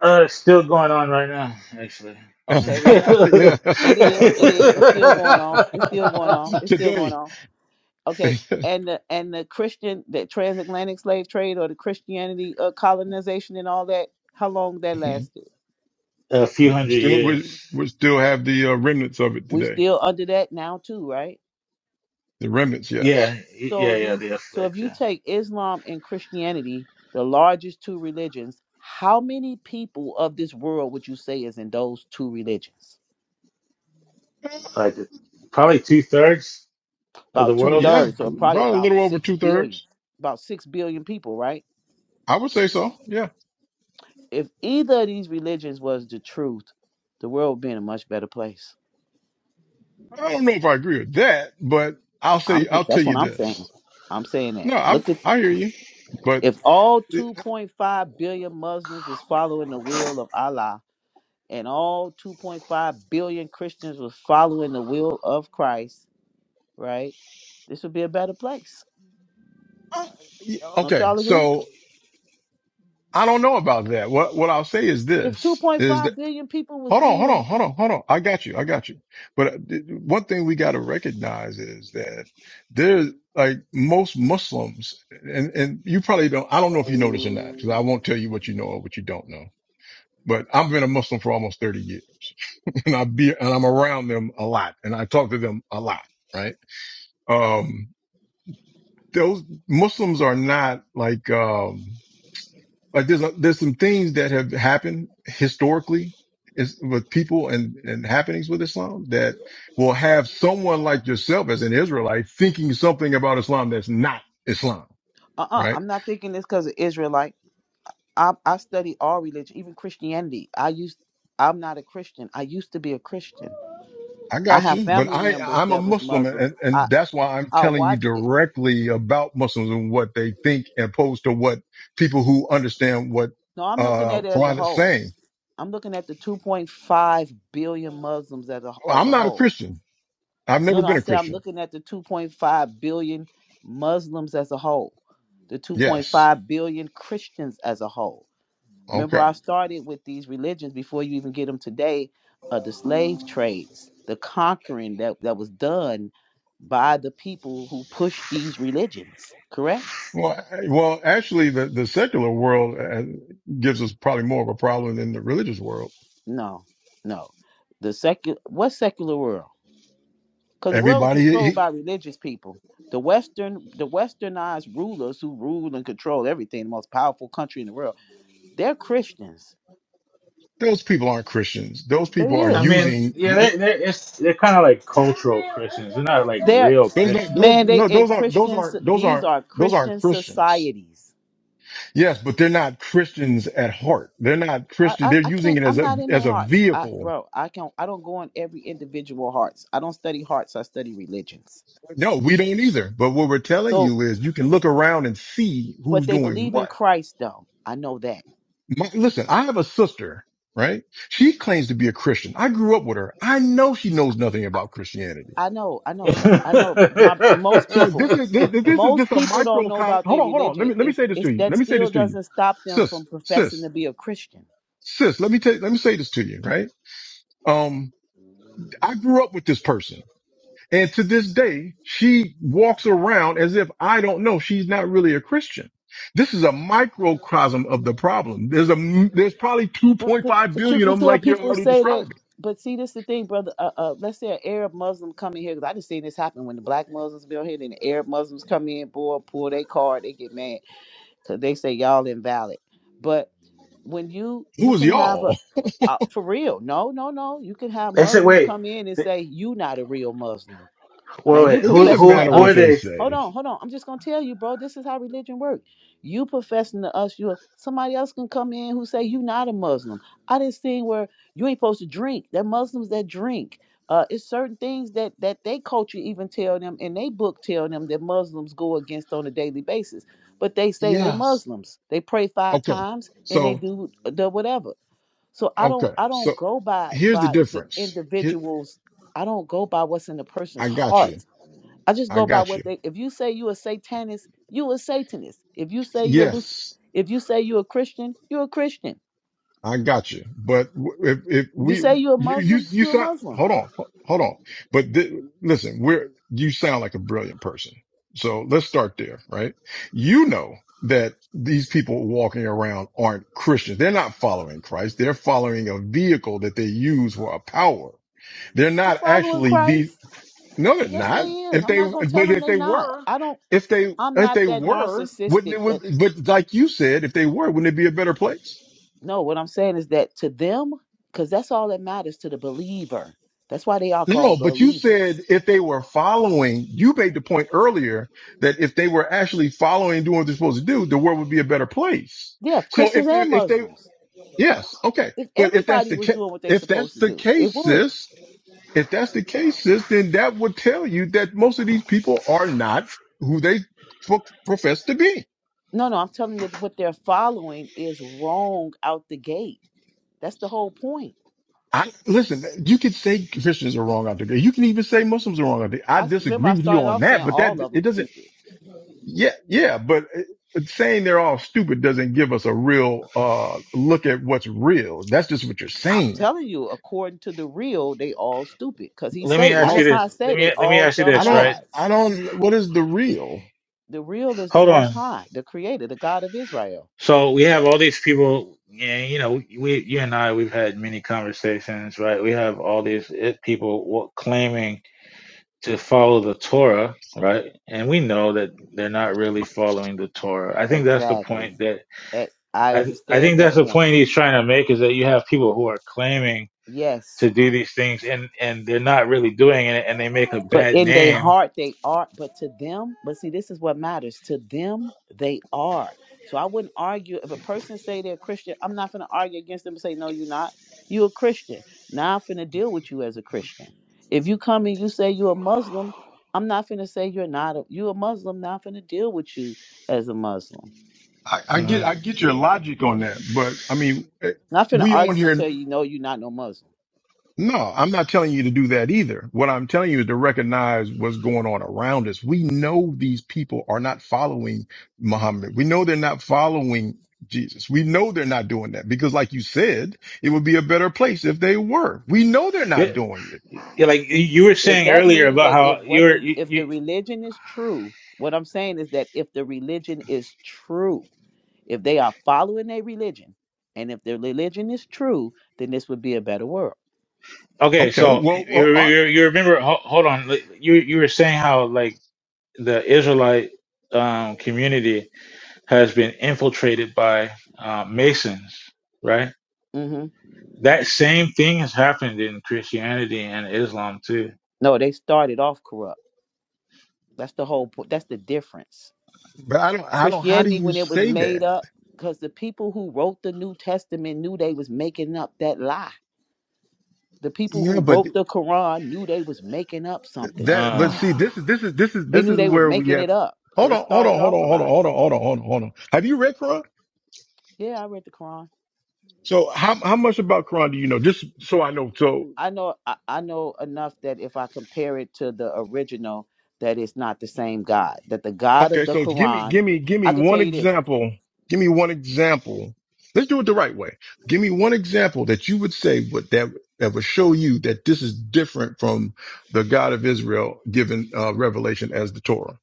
[SPEAKER 9] Uh, it's still going on right now, actually.
[SPEAKER 5] Okay, well,
[SPEAKER 10] yeah.
[SPEAKER 5] it is, it is, it's still going on, it's still going on, it's still going
[SPEAKER 10] today,
[SPEAKER 5] on. Okay, and the and the Christian, the transatlantic slave trade or the Christianity uh, colonization and all that, how long that
[SPEAKER 10] Mhm.
[SPEAKER 5] lasted?
[SPEAKER 9] a few
[SPEAKER 10] we
[SPEAKER 9] hundred
[SPEAKER 10] still
[SPEAKER 9] years.
[SPEAKER 10] we, we still have the uh, remnants of it
[SPEAKER 5] We
[SPEAKER 10] today.
[SPEAKER 5] still under that now too, right?
[SPEAKER 10] The remnants,
[SPEAKER 9] Yeah,
[SPEAKER 10] yes.
[SPEAKER 9] y- yeah,
[SPEAKER 5] So
[SPEAKER 9] yeah.
[SPEAKER 5] these
[SPEAKER 9] The
[SPEAKER 5] so if
[SPEAKER 9] effects,
[SPEAKER 5] you
[SPEAKER 9] yeah.
[SPEAKER 5] take Islam and Christianity, the largest two religions, how many people of this world would you say is in those two religions?
[SPEAKER 9] Like probably two thirds of the
[SPEAKER 5] About
[SPEAKER 10] Pro-
[SPEAKER 5] two
[SPEAKER 9] world.
[SPEAKER 10] Yeah,
[SPEAKER 5] thirds, or probably
[SPEAKER 10] probably a
[SPEAKER 5] about
[SPEAKER 10] little over
[SPEAKER 5] six
[SPEAKER 10] two
[SPEAKER 5] billion.
[SPEAKER 10] thirds.
[SPEAKER 5] About six billion people, right?
[SPEAKER 10] I would say so. Yeah.
[SPEAKER 5] If either of these religions was the truth, the world would be in a much better place.
[SPEAKER 10] I don't know if I agree with that, but I'll
[SPEAKER 5] I'm
[SPEAKER 10] say I'll tell
[SPEAKER 5] that's what
[SPEAKER 10] you
[SPEAKER 5] I'm saying.
[SPEAKER 10] this.
[SPEAKER 5] I'm saying that.
[SPEAKER 10] No, I
[SPEAKER 5] Look at
[SPEAKER 10] I hear you, but
[SPEAKER 5] if all
[SPEAKER 10] it,
[SPEAKER 5] 2.5 billion Muslims was following the will of Allah, and all 2.5 billion Christians was following the will of Christ, right? This would be a better place.
[SPEAKER 10] I, yeah,
[SPEAKER 5] Don't
[SPEAKER 10] okay.
[SPEAKER 5] y'all agree?
[SPEAKER 10] So I don't know about that. What what I'll say is
[SPEAKER 5] If
[SPEAKER 10] this is that
[SPEAKER 5] 2.5 billion people was
[SPEAKER 10] hold on, hold
[SPEAKER 5] being,
[SPEAKER 10] on, hold on, hold on. I got you. I got you. But uh, th- one thing we got to recognize is that there's like most Muslims and, and you probably don't, I don't know if you know this or not, because I won't tell you what you know or what you don't know, but I've been a Muslim for almost 30 years and I be, and I'm around them a lot and I talk to them a lot. Right. Um, those Muslims are not like, um, like there's a, there's some things that have happened historically is with people and, and happenings with Islam that will have someone like yourself as an Israelite thinking something about Islam that's not Islam,
[SPEAKER 5] uh, uh-uh,
[SPEAKER 10] right?
[SPEAKER 5] I'm not thinking this because of Israelite. I, I study all religion, even Christianity. I used, I'm not a Christian. I used to be a Christian.
[SPEAKER 10] I
[SPEAKER 5] I
[SPEAKER 10] got
[SPEAKER 5] have
[SPEAKER 10] you, but
[SPEAKER 5] family
[SPEAKER 10] I,
[SPEAKER 5] members
[SPEAKER 10] I'm a
[SPEAKER 5] that was
[SPEAKER 10] Muslim
[SPEAKER 5] Muslims.
[SPEAKER 10] and,
[SPEAKER 5] I,
[SPEAKER 10] and that's why I'm
[SPEAKER 5] I
[SPEAKER 10] telling you
[SPEAKER 5] watch it.
[SPEAKER 10] directly about Muslims and what they think opposed to what people who understand what,
[SPEAKER 5] No, I'm looking
[SPEAKER 10] uh,
[SPEAKER 5] at it as a
[SPEAKER 10] Quran is
[SPEAKER 5] whole.
[SPEAKER 10] saying.
[SPEAKER 5] I'm looking at the 2.5 billion Muslims as a as
[SPEAKER 10] I'm
[SPEAKER 5] a
[SPEAKER 10] not a
[SPEAKER 5] whole.
[SPEAKER 10] Christian. I've never
[SPEAKER 5] No, no,
[SPEAKER 10] been
[SPEAKER 5] I
[SPEAKER 10] a
[SPEAKER 5] say I'm
[SPEAKER 10] Christian.
[SPEAKER 5] looking at the 2.5 billion Muslims as a whole, the
[SPEAKER 10] Yes.
[SPEAKER 5] 2.5 billion Christians as a whole.
[SPEAKER 10] Okay.
[SPEAKER 5] Remember, I started with these religions before you even get them today, uh, the slave trades, the conquering that, that was done by the people who pushed these religions, correct?
[SPEAKER 10] Well, I- well, actually, the, the secular world uh, gives us probably more of a problem than the religious world.
[SPEAKER 5] No, no. The secular, what secular world? because the world is
[SPEAKER 10] Everybody, he,
[SPEAKER 5] controlled by religious people. The Western, the Westernized rulers who rule and control everything, the most powerful country in the world, they're Christians.
[SPEAKER 10] those people aren't Christians. Those
[SPEAKER 5] They
[SPEAKER 10] people are
[SPEAKER 9] I
[SPEAKER 5] is.
[SPEAKER 9] mean, yeah,
[SPEAKER 10] using
[SPEAKER 9] they they it's they're kind of like cultural Christians. They're not like
[SPEAKER 5] They're
[SPEAKER 9] real
[SPEAKER 10] those.
[SPEAKER 9] Christian.
[SPEAKER 10] Those
[SPEAKER 5] man, they
[SPEAKER 10] no,
[SPEAKER 5] in
[SPEAKER 10] those aren't. Those
[SPEAKER 5] Christians.
[SPEAKER 10] aren't. Those
[SPEAKER 5] These
[SPEAKER 10] aren't.
[SPEAKER 5] are
[SPEAKER 10] Those aren't
[SPEAKER 5] Christian
[SPEAKER 10] Christians.
[SPEAKER 5] societies.
[SPEAKER 10] Yes, but they're not Christians at heart. They're not
[SPEAKER 5] I,
[SPEAKER 10] Christian.
[SPEAKER 5] I,
[SPEAKER 10] They're
[SPEAKER 5] I
[SPEAKER 10] using
[SPEAKER 5] can't.
[SPEAKER 10] it as
[SPEAKER 5] I'm
[SPEAKER 10] a
[SPEAKER 5] not in
[SPEAKER 10] as
[SPEAKER 5] their
[SPEAKER 10] a
[SPEAKER 5] hearts, I,
[SPEAKER 10] vehicle.
[SPEAKER 5] bro. I can not I don't go in every individual hearts. I don't study hearts. I study religions.
[SPEAKER 10] No, we don't either. But what we're telling
[SPEAKER 5] So,
[SPEAKER 10] you is, you can look around and see
[SPEAKER 5] but
[SPEAKER 10] who's
[SPEAKER 5] they
[SPEAKER 10] doing
[SPEAKER 5] believe in
[SPEAKER 10] what
[SPEAKER 5] Christ, though. I know that.
[SPEAKER 10] My, listen, I have a sister, right? She claims to be a Christian. I grew up with her. I know she knows nothing about Christianity.
[SPEAKER 5] I know, I
[SPEAKER 9] they
[SPEAKER 5] know, that's, I know. My most
[SPEAKER 10] So
[SPEAKER 5] people,
[SPEAKER 10] this is this, this is just
[SPEAKER 5] most
[SPEAKER 10] a
[SPEAKER 5] people don't
[SPEAKER 10] micro
[SPEAKER 5] know
[SPEAKER 10] con.
[SPEAKER 5] about
[SPEAKER 10] Hold
[SPEAKER 5] their
[SPEAKER 10] on, hold on. Let
[SPEAKER 5] religion.
[SPEAKER 10] me let me
[SPEAKER 5] It's
[SPEAKER 10] say this to
[SPEAKER 5] it's
[SPEAKER 10] you. Let
[SPEAKER 5] that
[SPEAKER 10] me say this
[SPEAKER 5] still
[SPEAKER 10] to you,
[SPEAKER 5] doesn't stop them
[SPEAKER 10] sis,
[SPEAKER 5] from professing
[SPEAKER 10] sis,
[SPEAKER 5] to be a Christian.
[SPEAKER 10] sis. Let me tell. Let me say this to you, right? Um, I grew up with this person, and to this day, she walks around as if I don't know she's not really a Christian. This is a microcosm of the problem. There's a there's probably
[SPEAKER 5] But but,
[SPEAKER 10] 2.5
[SPEAKER 5] but you
[SPEAKER 10] billion of
[SPEAKER 5] can
[SPEAKER 10] them,
[SPEAKER 5] tell
[SPEAKER 10] like you're
[SPEAKER 5] people
[SPEAKER 10] already
[SPEAKER 5] say that.
[SPEAKER 10] describing.
[SPEAKER 5] But see, this the thing, brother. Uh, uh, let's say an Arab Muslim come in here because I just seen this happen when the black Muslims be on here, then the Arab Muslims come in, boy, pull their card, they get mad because they say y'all invalid. But when you
[SPEAKER 10] Who
[SPEAKER 5] you
[SPEAKER 10] is
[SPEAKER 5] can have a
[SPEAKER 10] y'all?
[SPEAKER 5] uh, for real, no, no, no, you can have
[SPEAKER 9] said,
[SPEAKER 5] Muslims
[SPEAKER 9] wait,
[SPEAKER 5] come in and
[SPEAKER 9] th-
[SPEAKER 5] say you not a real Muslim Now
[SPEAKER 9] wait,
[SPEAKER 5] you
[SPEAKER 9] wait.
[SPEAKER 10] It
[SPEAKER 9] Who
[SPEAKER 10] doesn't
[SPEAKER 5] professing
[SPEAKER 9] who
[SPEAKER 5] to
[SPEAKER 10] matter
[SPEAKER 9] who are
[SPEAKER 10] what
[SPEAKER 5] us,
[SPEAKER 10] they
[SPEAKER 9] they?
[SPEAKER 5] hold
[SPEAKER 10] say.
[SPEAKER 5] on, hold on. I'm just gonna tell you, bro. This is how religion works. You professing to us, you somebody else can come in who say you not a Muslim. I didn't see where you ain't supposed to drink. They're Muslims that drink. Uh, it's certain things that that they culture even tell them, and they book tell them that Muslims go against on a daily basis. But they say they
[SPEAKER 10] Yes.
[SPEAKER 5] Muslims. They pray five
[SPEAKER 10] Okay.
[SPEAKER 5] times and they
[SPEAKER 10] So,
[SPEAKER 5] do uh, the whatever. So I don't
[SPEAKER 10] okay.
[SPEAKER 5] I
[SPEAKER 10] So
[SPEAKER 5] don't go by
[SPEAKER 10] here's the
[SPEAKER 5] by the
[SPEAKER 10] difference. Here,
[SPEAKER 5] individuals. I don't go by what's in the person's
[SPEAKER 10] I got you.
[SPEAKER 5] heart. I just
[SPEAKER 10] I
[SPEAKER 5] go by
[SPEAKER 10] got you.
[SPEAKER 5] what they. If you say you a satanist, you a satanist. If you say you a Luc-
[SPEAKER 10] Yes.
[SPEAKER 5] if you say you a Christian, you a Christian.
[SPEAKER 10] I got you. But w- if, if
[SPEAKER 5] If you say
[SPEAKER 10] we,
[SPEAKER 5] you a
[SPEAKER 10] you, you,
[SPEAKER 5] Muslim,
[SPEAKER 10] you
[SPEAKER 5] you a
[SPEAKER 10] sound,
[SPEAKER 5] Muslim.
[SPEAKER 10] hold on, ho- hold on. But th- listen, we're, you sound like a brilliant person. So let's start there, right? You know that these people walking around aren't Christians. They're not following Christ. They're following a vehicle that they use for a power. They're
[SPEAKER 5] They
[SPEAKER 10] not
[SPEAKER 5] following
[SPEAKER 10] actually the,
[SPEAKER 5] Christ.
[SPEAKER 10] no, they're
[SPEAKER 5] Yes, they
[SPEAKER 10] not.
[SPEAKER 5] is.
[SPEAKER 10] If
[SPEAKER 5] I'm
[SPEAKER 10] they,
[SPEAKER 5] not gonna tell
[SPEAKER 10] but
[SPEAKER 5] them
[SPEAKER 10] if
[SPEAKER 5] they
[SPEAKER 10] they
[SPEAKER 5] not.
[SPEAKER 10] were,
[SPEAKER 5] I don't.
[SPEAKER 10] if they,
[SPEAKER 5] I'm
[SPEAKER 10] if
[SPEAKER 5] not
[SPEAKER 10] they
[SPEAKER 5] that
[SPEAKER 10] were, wouldn't
[SPEAKER 5] narcissistic.
[SPEAKER 10] it would,
[SPEAKER 5] That
[SPEAKER 10] but like you said, if they were, wouldn't it be a better place?
[SPEAKER 5] no. What I'm saying is that to them, because that's all that matters to the believer. That's why they are
[SPEAKER 10] No, no,
[SPEAKER 5] called
[SPEAKER 10] but you
[SPEAKER 5] believers.
[SPEAKER 10] said if they were following, you made the point earlier that if they were actually following and doing what they're supposed to do, the world would be a better place.
[SPEAKER 5] Yeah,
[SPEAKER 10] So if,
[SPEAKER 5] Christians and
[SPEAKER 10] if they,
[SPEAKER 5] Muslims.
[SPEAKER 10] yes, okay.
[SPEAKER 5] If
[SPEAKER 10] But if that's
[SPEAKER 5] everybody
[SPEAKER 10] the
[SPEAKER 5] was
[SPEAKER 10] case,
[SPEAKER 5] doing what they
[SPEAKER 10] if
[SPEAKER 5] supposed
[SPEAKER 10] that's
[SPEAKER 5] to
[SPEAKER 10] the
[SPEAKER 5] do, it
[SPEAKER 10] case,
[SPEAKER 5] would.
[SPEAKER 10] sis, If that's the case, sis, then that would tell you that most of these people are not who they pro- profess to be.
[SPEAKER 5] No, no, I'm telling you that what they're following is wrong out the gate. That's the whole point.
[SPEAKER 10] I listen. You could say Christians are wrong out there. You can even say Muslims are wrong out there. I
[SPEAKER 5] I s- remember
[SPEAKER 10] disagree
[SPEAKER 5] I
[SPEAKER 10] with you
[SPEAKER 5] started
[SPEAKER 10] on
[SPEAKER 5] off
[SPEAKER 10] that,
[SPEAKER 5] saying
[SPEAKER 10] but that
[SPEAKER 5] all of
[SPEAKER 10] it
[SPEAKER 5] them
[SPEAKER 10] doesn't.
[SPEAKER 5] stupid.
[SPEAKER 10] Yeah, yeah, but, uh, but saying they're all stupid doesn't give us a real uh look at what's real. That's just what you're
[SPEAKER 5] I'm
[SPEAKER 10] saying.
[SPEAKER 5] telling you, according to the real, they all stupid. Cause he
[SPEAKER 9] Let me
[SPEAKER 5] say the
[SPEAKER 10] I
[SPEAKER 9] ask you
[SPEAKER 10] don't.
[SPEAKER 5] Most High
[SPEAKER 9] this. Let
[SPEAKER 5] say
[SPEAKER 9] me
[SPEAKER 5] they
[SPEAKER 9] let me
[SPEAKER 5] all
[SPEAKER 9] ask you
[SPEAKER 5] dumb
[SPEAKER 10] I
[SPEAKER 9] this. Right.
[SPEAKER 10] don't. I
[SPEAKER 5] gods.
[SPEAKER 10] don't. What is the real?
[SPEAKER 5] The real is the
[SPEAKER 9] Hold
[SPEAKER 5] Most
[SPEAKER 9] on.
[SPEAKER 5] High, the Creator, the God of Israel.
[SPEAKER 9] So we have all these people. Yeah, you know, we you and I we've had many conversations, right? We have all these eh, people wa- claiming to follow the Torah, right? And we know that they're not really following the Torah. I think that's the
[SPEAKER 5] Exactly.
[SPEAKER 9] point that
[SPEAKER 5] Eh, I
[SPEAKER 9] I, I
[SPEAKER 5] understand
[SPEAKER 9] think that's
[SPEAKER 5] that
[SPEAKER 9] the
[SPEAKER 5] point.
[SPEAKER 9] point he's trying to make is that you have people who are claiming
[SPEAKER 5] Yes.
[SPEAKER 9] to do these things and and they're not really doing it and they make a
[SPEAKER 5] But
[SPEAKER 9] bad
[SPEAKER 5] in their
[SPEAKER 9] name.
[SPEAKER 5] heart, they are. But to them, but see, this is what matters. To them, they are. So I wouldn't argue if a person say they're Christian. I'm not going to argue against them and say, no, you're not. you a Christian. Now I'm finna deal with you as a Christian. If you come and you say you're a Muslim, I'm not finna say you're not. A, you a Muslim. Now I'm finna deal with you as a Muslim.
[SPEAKER 10] I, I get.
[SPEAKER 9] Mhm.
[SPEAKER 10] I get your logic on that, but I mean, eh,
[SPEAKER 5] Not finna
[SPEAKER 10] we on
[SPEAKER 5] argue and
[SPEAKER 10] here.
[SPEAKER 5] tell you no, you're not no Muslim.
[SPEAKER 10] No, I'm not telling you to do that either. What I'm telling you is to recognize what's going on around us. We know these people are not following Muhammad. We know they're not following Jesus. We know they're not doing that because like you said, it would be a better place if they were. We know they're
[SPEAKER 9] Yeah,
[SPEAKER 10] not doing it.
[SPEAKER 9] yeah, like you
[SPEAKER 5] We
[SPEAKER 9] you were
[SPEAKER 5] if
[SPEAKER 9] saying
[SPEAKER 5] that
[SPEAKER 9] earlier
[SPEAKER 5] means
[SPEAKER 9] about
[SPEAKER 5] that if
[SPEAKER 9] how you
[SPEAKER 5] what
[SPEAKER 9] were
[SPEAKER 5] the
[SPEAKER 9] you,
[SPEAKER 5] if
[SPEAKER 9] you
[SPEAKER 5] the religion is true, what I'm saying is that if the religion is true, if they are following their religion, and if their religion is true, then this would be a better world.
[SPEAKER 9] okay,
[SPEAKER 10] Okay.
[SPEAKER 9] so
[SPEAKER 10] Well, well
[SPEAKER 9] you
[SPEAKER 10] all right,
[SPEAKER 9] you, you remember ho- hold on, like, you you were saying how like the Israelite um community has been infiltrated by uh, Masons, right?
[SPEAKER 5] hmm
[SPEAKER 9] That same thing has happened in Christianity and Islam too.
[SPEAKER 5] No, they started off corrupt. That's the whole point. That's the difference.
[SPEAKER 10] but I don't, I don't, how do
[SPEAKER 5] Christianity
[SPEAKER 10] you
[SPEAKER 5] when it was
[SPEAKER 10] say
[SPEAKER 5] made
[SPEAKER 10] that?
[SPEAKER 5] up because the people who wrote the New Testament knew they was making up that lie. The people
[SPEAKER 10] Yeah,
[SPEAKER 5] who
[SPEAKER 10] but
[SPEAKER 5] wrote
[SPEAKER 10] th-
[SPEAKER 5] the Quran knew they was making up something.
[SPEAKER 10] that, but see,
[SPEAKER 9] Uh,
[SPEAKER 10] this is, this is, this is,
[SPEAKER 5] They
[SPEAKER 10] this
[SPEAKER 5] knew
[SPEAKER 10] is
[SPEAKER 5] they was
[SPEAKER 10] where we
[SPEAKER 5] making
[SPEAKER 10] have,
[SPEAKER 5] it up. So
[SPEAKER 10] hold
[SPEAKER 5] it
[SPEAKER 10] on, hold on,
[SPEAKER 5] started
[SPEAKER 10] hold on,
[SPEAKER 5] off a
[SPEAKER 10] hold on,
[SPEAKER 5] lie.
[SPEAKER 10] hold on, hold on, hold on, hold on. Have you read Quran?
[SPEAKER 5] Yeah, I read the Quran.
[SPEAKER 10] So how how much about Quran do you know? Just so I know. So
[SPEAKER 5] I know I, I know enough that if I compare it to the original, that it's not the same God. That the God
[SPEAKER 10] okay,
[SPEAKER 5] of the
[SPEAKER 10] so give me
[SPEAKER 5] Quran,
[SPEAKER 10] give me give me
[SPEAKER 5] I could tell
[SPEAKER 10] one
[SPEAKER 5] you this.
[SPEAKER 10] example. Give me one example. Let's do it the right way. Give me one example that you would say would that that would show you that this is different from the God of Israel given uh, revelation as the Torah.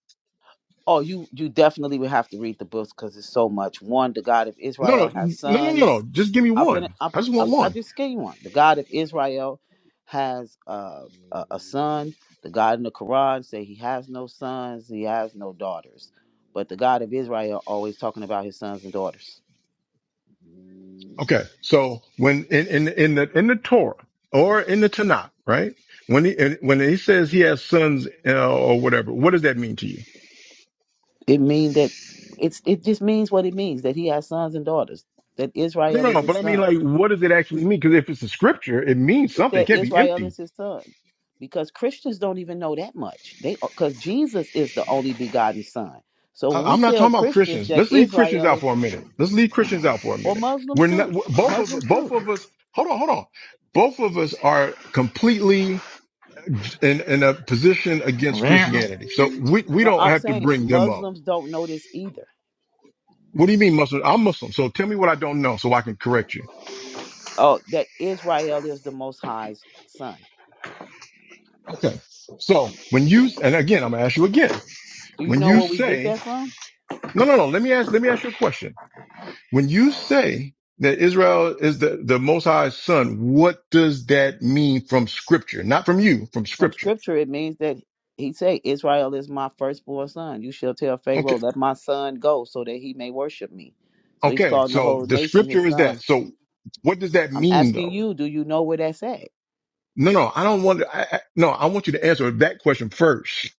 [SPEAKER 5] Oh, you you definitely would have to read the books because it's so much. One, the God of
[SPEAKER 10] No, no,
[SPEAKER 5] Israel
[SPEAKER 10] no,
[SPEAKER 5] has
[SPEAKER 10] no, no,
[SPEAKER 5] sons
[SPEAKER 10] no. Just give me
[SPEAKER 5] I fin
[SPEAKER 10] one.
[SPEAKER 5] I,
[SPEAKER 10] I just
[SPEAKER 5] I,
[SPEAKER 10] want
[SPEAKER 5] I
[SPEAKER 10] one.
[SPEAKER 5] just gave you one. The God of Israel has uh, a, a son. The God in the Quran say he has no sons, he has no daughters. But the God of Israel always talking about his sons and daughters.
[SPEAKER 10] Okay. So when in in in the in the Torah or in the Tanakh, right? When he and when he says he has sons uh, or whatever, what does that mean to you?
[SPEAKER 5] It mean that it's it just means what it means that he has sons and daughters. That
[SPEAKER 10] No,
[SPEAKER 5] Israel
[SPEAKER 10] no,
[SPEAKER 5] is
[SPEAKER 10] no, but
[SPEAKER 5] his
[SPEAKER 10] I mean,
[SPEAKER 5] son.
[SPEAKER 10] like, what does it actually mean? Because if it's a scripture, it means
[SPEAKER 5] It's
[SPEAKER 10] something. It
[SPEAKER 5] that
[SPEAKER 10] can't be
[SPEAKER 5] Israel
[SPEAKER 10] empty.
[SPEAKER 5] is his son. Because Christians don't even know that much. They because Jesus is the only begotten son. So when
[SPEAKER 10] I,
[SPEAKER 5] we
[SPEAKER 10] I'm not
[SPEAKER 5] tell
[SPEAKER 10] talking about
[SPEAKER 5] Christians
[SPEAKER 10] Christians.
[SPEAKER 5] that
[SPEAKER 10] Let's leave Christians
[SPEAKER 5] Israel is
[SPEAKER 10] out for a minute. Let's leave Christians out for a
[SPEAKER 5] or
[SPEAKER 10] minute. We're
[SPEAKER 5] Muslims
[SPEAKER 10] not
[SPEAKER 5] too.
[SPEAKER 10] w- both of
[SPEAKER 5] Muslims
[SPEAKER 10] both
[SPEAKER 5] too.
[SPEAKER 10] of us. Hold on, hold on. Both of us are completely in in a position against
[SPEAKER 9] well,
[SPEAKER 10] Christianity, so we we
[SPEAKER 5] No,
[SPEAKER 10] don't
[SPEAKER 5] I'm
[SPEAKER 10] have to
[SPEAKER 5] saying
[SPEAKER 10] bring them up.
[SPEAKER 5] Muslims don't know this either.
[SPEAKER 10] What do you mean Muslim? I'm Muslim, so tell me what I don't know, so I can correct you.
[SPEAKER 5] Oh, that Israel is the Most High's son.
[SPEAKER 10] Okay. So when you and again, I'm gonna ask you again.
[SPEAKER 5] Do you
[SPEAKER 10] When
[SPEAKER 5] know
[SPEAKER 10] you
[SPEAKER 5] where we get
[SPEAKER 10] say
[SPEAKER 5] that from?
[SPEAKER 10] no, no, no, let me ask let me ask you a question When you say that Israel is the, the Most High's son, what does that mean from scripture? Not from you, from
[SPEAKER 5] From
[SPEAKER 10] scripture.
[SPEAKER 5] Scripture, it means that he say, "Israel is my firstborn son. You shall tell Pharaoh,
[SPEAKER 10] Okay.
[SPEAKER 5] let my son go, so that he may worship me." So he's
[SPEAKER 10] Okay.
[SPEAKER 5] calling the
[SPEAKER 10] So
[SPEAKER 5] whole
[SPEAKER 10] the
[SPEAKER 5] nation his
[SPEAKER 10] scripture is
[SPEAKER 5] son.
[SPEAKER 10] that. So what does that
[SPEAKER 5] I'm
[SPEAKER 10] mean
[SPEAKER 5] asking
[SPEAKER 10] though?
[SPEAKER 5] you, do you know where that's at?
[SPEAKER 10] No, no, I don't want to, I, I, no, I want you to answer that question first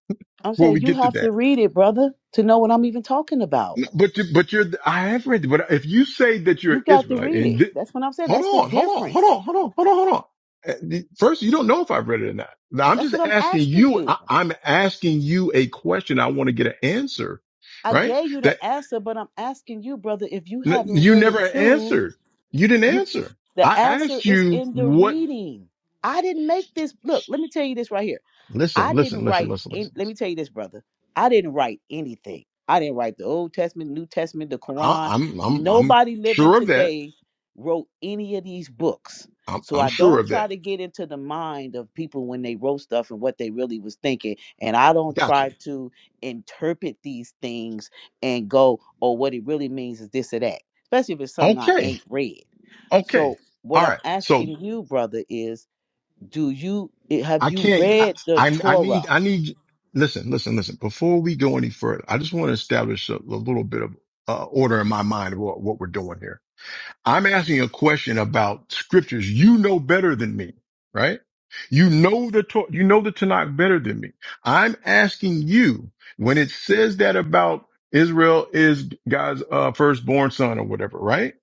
[SPEAKER 5] I'm
[SPEAKER 10] before we
[SPEAKER 5] saying you
[SPEAKER 10] get to
[SPEAKER 5] have to
[SPEAKER 10] that.
[SPEAKER 5] read it, brother, to know what I'm even talking about.
[SPEAKER 10] But, you, but you're, I have read, but if you say that you're
[SPEAKER 5] You got to
[SPEAKER 10] Israelite
[SPEAKER 5] read
[SPEAKER 10] and.
[SPEAKER 5] it.
[SPEAKER 10] th-
[SPEAKER 5] That's what I'm saying.
[SPEAKER 10] Hold
[SPEAKER 5] That's the
[SPEAKER 10] on, hold on, hold
[SPEAKER 5] difference.
[SPEAKER 10] on, hold on, hold on, hold on. Uh, First, you don't know if I've read it or not. Now, I'm
[SPEAKER 5] That's
[SPEAKER 10] just
[SPEAKER 5] what I'm
[SPEAKER 10] asking
[SPEAKER 5] asking
[SPEAKER 10] you,
[SPEAKER 5] you.
[SPEAKER 10] I, I'm asking you a question. I want to get an answer,
[SPEAKER 5] I
[SPEAKER 10] right?
[SPEAKER 5] gave you
[SPEAKER 10] That
[SPEAKER 5] the answer, but I'm asking you, brother, if you
[SPEAKER 10] n-
[SPEAKER 5] haven't
[SPEAKER 10] you
[SPEAKER 5] read
[SPEAKER 10] never
[SPEAKER 5] it too,
[SPEAKER 10] answered. You didn't
[SPEAKER 5] you
[SPEAKER 10] answer. I
[SPEAKER 5] the answer
[SPEAKER 10] asked
[SPEAKER 5] is
[SPEAKER 10] you
[SPEAKER 5] in the
[SPEAKER 10] what,
[SPEAKER 5] reading. I didn't make this. Look, let me tell you this right here. I
[SPEAKER 10] listen, listen,
[SPEAKER 5] didn't
[SPEAKER 10] listen,
[SPEAKER 5] write.
[SPEAKER 10] listen,
[SPEAKER 5] In,
[SPEAKER 10] listen.
[SPEAKER 5] let me
[SPEAKER 10] listen.
[SPEAKER 5] tell you this, brother. I didn't write anything. I didn't write the Old Testament, New Testament, the
[SPEAKER 10] I,
[SPEAKER 5] Quran.
[SPEAKER 10] I'm, I'm, I'm
[SPEAKER 5] Nobody living
[SPEAKER 10] sure of that.
[SPEAKER 5] today wrote any of these books.
[SPEAKER 10] I'm,
[SPEAKER 5] So
[SPEAKER 10] I'm
[SPEAKER 5] I
[SPEAKER 10] sure
[SPEAKER 5] don't
[SPEAKER 10] of that.
[SPEAKER 5] try to get into the mind of people when they wrote stuff and what they really was thinking. And I don't
[SPEAKER 10] Gotcha.
[SPEAKER 5] try to interpret these things and go, oh, what it really means is this or that, especially if it's something I
[SPEAKER 10] Okay.
[SPEAKER 5] ain't read. So
[SPEAKER 10] Okay.
[SPEAKER 5] what
[SPEAKER 10] All
[SPEAKER 5] I'm
[SPEAKER 10] right. So.
[SPEAKER 5] asking you, brother, is do you eh, have
[SPEAKER 10] I
[SPEAKER 5] you
[SPEAKER 10] can't. I,
[SPEAKER 5] read the
[SPEAKER 10] I I need.
[SPEAKER 5] Torah?
[SPEAKER 10] I need. Listen. Listen. Listen. Before we go any further, I just want to establish a, a little bit of uh, order in my mind of what, what we're doing here. I'm asking a question about scriptures you know better than me, right? You know the Tor- you know the Tanakh better than me. I'm asking you when it says that about Israel is God's uh, firstborn son or whatever, right?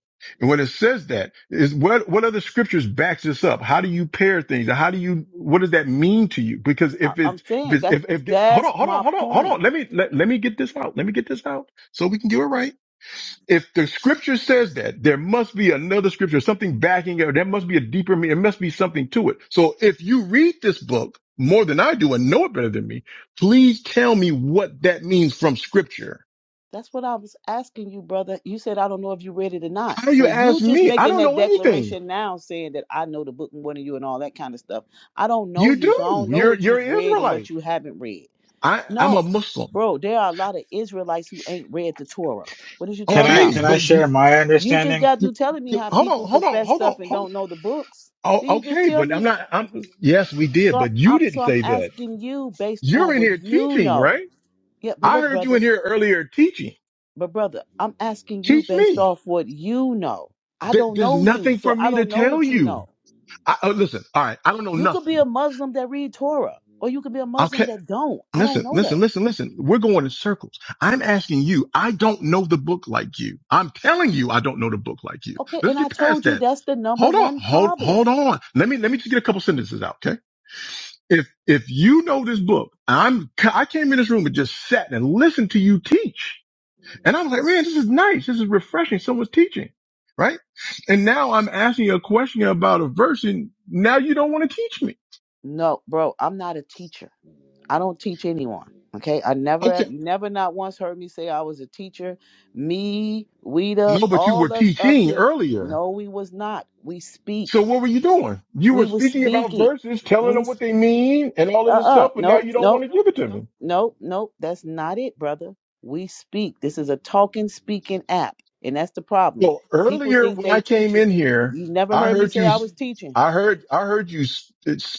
[SPEAKER 10] And when it says that, is what what other scriptures backs this up? How do you pair things? How do you what does that mean to you? Because
[SPEAKER 5] I-
[SPEAKER 10] if
[SPEAKER 5] I'm
[SPEAKER 10] it's
[SPEAKER 5] saying
[SPEAKER 10] if it's,
[SPEAKER 5] that's
[SPEAKER 10] if if hold on
[SPEAKER 5] that's
[SPEAKER 10] hold on
[SPEAKER 5] my
[SPEAKER 10] hold on hold on
[SPEAKER 5] point.
[SPEAKER 10] let me let, let me get this out let me get this out so we can do it right if the scripture says that, there must be another scripture, something backing it. There must be a deeper meaning. There must be something to it. So if you read this book more than I do and know it better than me, please tell me what that means from scripture.
[SPEAKER 5] That's what I was asking you, brother. You said I don't know if you read it or not.
[SPEAKER 10] How do you
[SPEAKER 5] So
[SPEAKER 10] ask
[SPEAKER 5] you just
[SPEAKER 10] me? I
[SPEAKER 5] making
[SPEAKER 10] don't
[SPEAKER 5] that
[SPEAKER 10] know anything.
[SPEAKER 5] declaration now, saying that I know the book more than you and all that kind of stuff. I don't know
[SPEAKER 10] You
[SPEAKER 5] you, so I
[SPEAKER 10] do.
[SPEAKER 5] don't know
[SPEAKER 10] You're,
[SPEAKER 5] what
[SPEAKER 10] you're
[SPEAKER 5] you've
[SPEAKER 10] an
[SPEAKER 5] read and
[SPEAKER 10] Israelite.
[SPEAKER 5] what you haven't read.
[SPEAKER 10] I, I'm a
[SPEAKER 5] No,
[SPEAKER 10] Muslim.
[SPEAKER 5] bro, there are a lot of Israelites who ain't read the Torah. What is you
[SPEAKER 9] can
[SPEAKER 5] talking
[SPEAKER 9] I
[SPEAKER 10] Okay.
[SPEAKER 9] can
[SPEAKER 5] about?
[SPEAKER 9] I
[SPEAKER 10] But you,
[SPEAKER 9] share my
[SPEAKER 5] You just
[SPEAKER 9] understanding?
[SPEAKER 5] got
[SPEAKER 10] you-
[SPEAKER 5] through telling me
[SPEAKER 10] you-
[SPEAKER 5] how
[SPEAKER 10] hold
[SPEAKER 5] people
[SPEAKER 10] on, hold on,
[SPEAKER 5] profess
[SPEAKER 10] hold on,
[SPEAKER 5] stuff and
[SPEAKER 10] hold on.
[SPEAKER 5] don't know the books. Then
[SPEAKER 10] Oh,
[SPEAKER 5] you just
[SPEAKER 10] okay.
[SPEAKER 5] tell
[SPEAKER 10] But
[SPEAKER 5] me?
[SPEAKER 10] I'm not, I'm, yes, we did,
[SPEAKER 5] So I'm,
[SPEAKER 10] but you
[SPEAKER 5] I'm
[SPEAKER 10] didn't
[SPEAKER 5] so I'm
[SPEAKER 10] say that.
[SPEAKER 5] asking you based
[SPEAKER 10] You're
[SPEAKER 5] on
[SPEAKER 10] in
[SPEAKER 5] what
[SPEAKER 10] here
[SPEAKER 5] you
[SPEAKER 10] teaching,
[SPEAKER 5] know.
[SPEAKER 10] right?
[SPEAKER 5] Yeah, but
[SPEAKER 10] I
[SPEAKER 5] look,
[SPEAKER 10] heard you
[SPEAKER 5] brother,
[SPEAKER 10] in here earlier teaching.
[SPEAKER 5] but brother, I'm asking you
[SPEAKER 10] Teach
[SPEAKER 5] based
[SPEAKER 10] me.
[SPEAKER 5] off what you know. I
[SPEAKER 10] Th-
[SPEAKER 5] don't
[SPEAKER 10] there's
[SPEAKER 5] know you,
[SPEAKER 10] nothing
[SPEAKER 5] so
[SPEAKER 10] for
[SPEAKER 5] I
[SPEAKER 10] me to
[SPEAKER 5] don't know
[SPEAKER 10] tell
[SPEAKER 5] what you
[SPEAKER 10] you.
[SPEAKER 5] know.
[SPEAKER 10] I, oh, listen. All right. I don't know
[SPEAKER 5] You could be a
[SPEAKER 10] nothing.
[SPEAKER 5] Muslim that read Torah, or you could be a Muslim
[SPEAKER 10] Okay.
[SPEAKER 5] that don't. I don't
[SPEAKER 10] Listen,
[SPEAKER 5] know
[SPEAKER 10] listen,
[SPEAKER 5] that.
[SPEAKER 10] listen, listen. We're going in circles. I'm asking you. I don't know the book like you. I'm telling you, I don't know the book like you.
[SPEAKER 5] Okay,
[SPEAKER 10] Let's
[SPEAKER 5] and I
[SPEAKER 10] get past
[SPEAKER 5] told you
[SPEAKER 10] that.
[SPEAKER 5] that's the number
[SPEAKER 10] Hold on.
[SPEAKER 5] one
[SPEAKER 10] Hold,
[SPEAKER 5] problem.
[SPEAKER 10] hold on. Let me, let me just get a couple sentences out. Okay. If, if you know this book, I'm, I came in this room and just sat and listened to you teach. And I was like, man, this is nice. This is refreshing. Someone's teaching, right? And now I'm asking you a question about a verse and now you don't want to teach me.
[SPEAKER 5] No, bro, I'm not a teacher. I don't teach anyone. Okay. I never
[SPEAKER 10] Okay.
[SPEAKER 5] have never not once heard me say I was a teacher. Me, Weta,
[SPEAKER 10] No, but you were
[SPEAKER 5] all us up
[SPEAKER 10] teaching
[SPEAKER 5] here.
[SPEAKER 10] earlier.
[SPEAKER 5] No, we was not. We
[SPEAKER 10] So
[SPEAKER 5] speak.
[SPEAKER 10] what were you doing? You were
[SPEAKER 5] We was
[SPEAKER 10] speaking about
[SPEAKER 5] speaking.
[SPEAKER 10] verses, telling
[SPEAKER 5] We
[SPEAKER 10] them what they mean and all
[SPEAKER 5] uh
[SPEAKER 10] of this
[SPEAKER 5] uh
[SPEAKER 10] stuff, but now
[SPEAKER 5] nope,
[SPEAKER 10] you don't want
[SPEAKER 5] nope,
[SPEAKER 10] to give it to me.
[SPEAKER 5] nope, nope. That's not it, brother. We speak. This is a talking speaking app. And that's the problem.
[SPEAKER 10] So
[SPEAKER 5] People
[SPEAKER 10] earlier
[SPEAKER 5] think
[SPEAKER 10] when
[SPEAKER 5] they
[SPEAKER 10] I came
[SPEAKER 5] teaching.
[SPEAKER 10] in here,
[SPEAKER 5] You never
[SPEAKER 10] I
[SPEAKER 5] heard me
[SPEAKER 10] heard
[SPEAKER 5] say
[SPEAKER 10] you,
[SPEAKER 5] I was teaching.
[SPEAKER 10] I heard, I heard you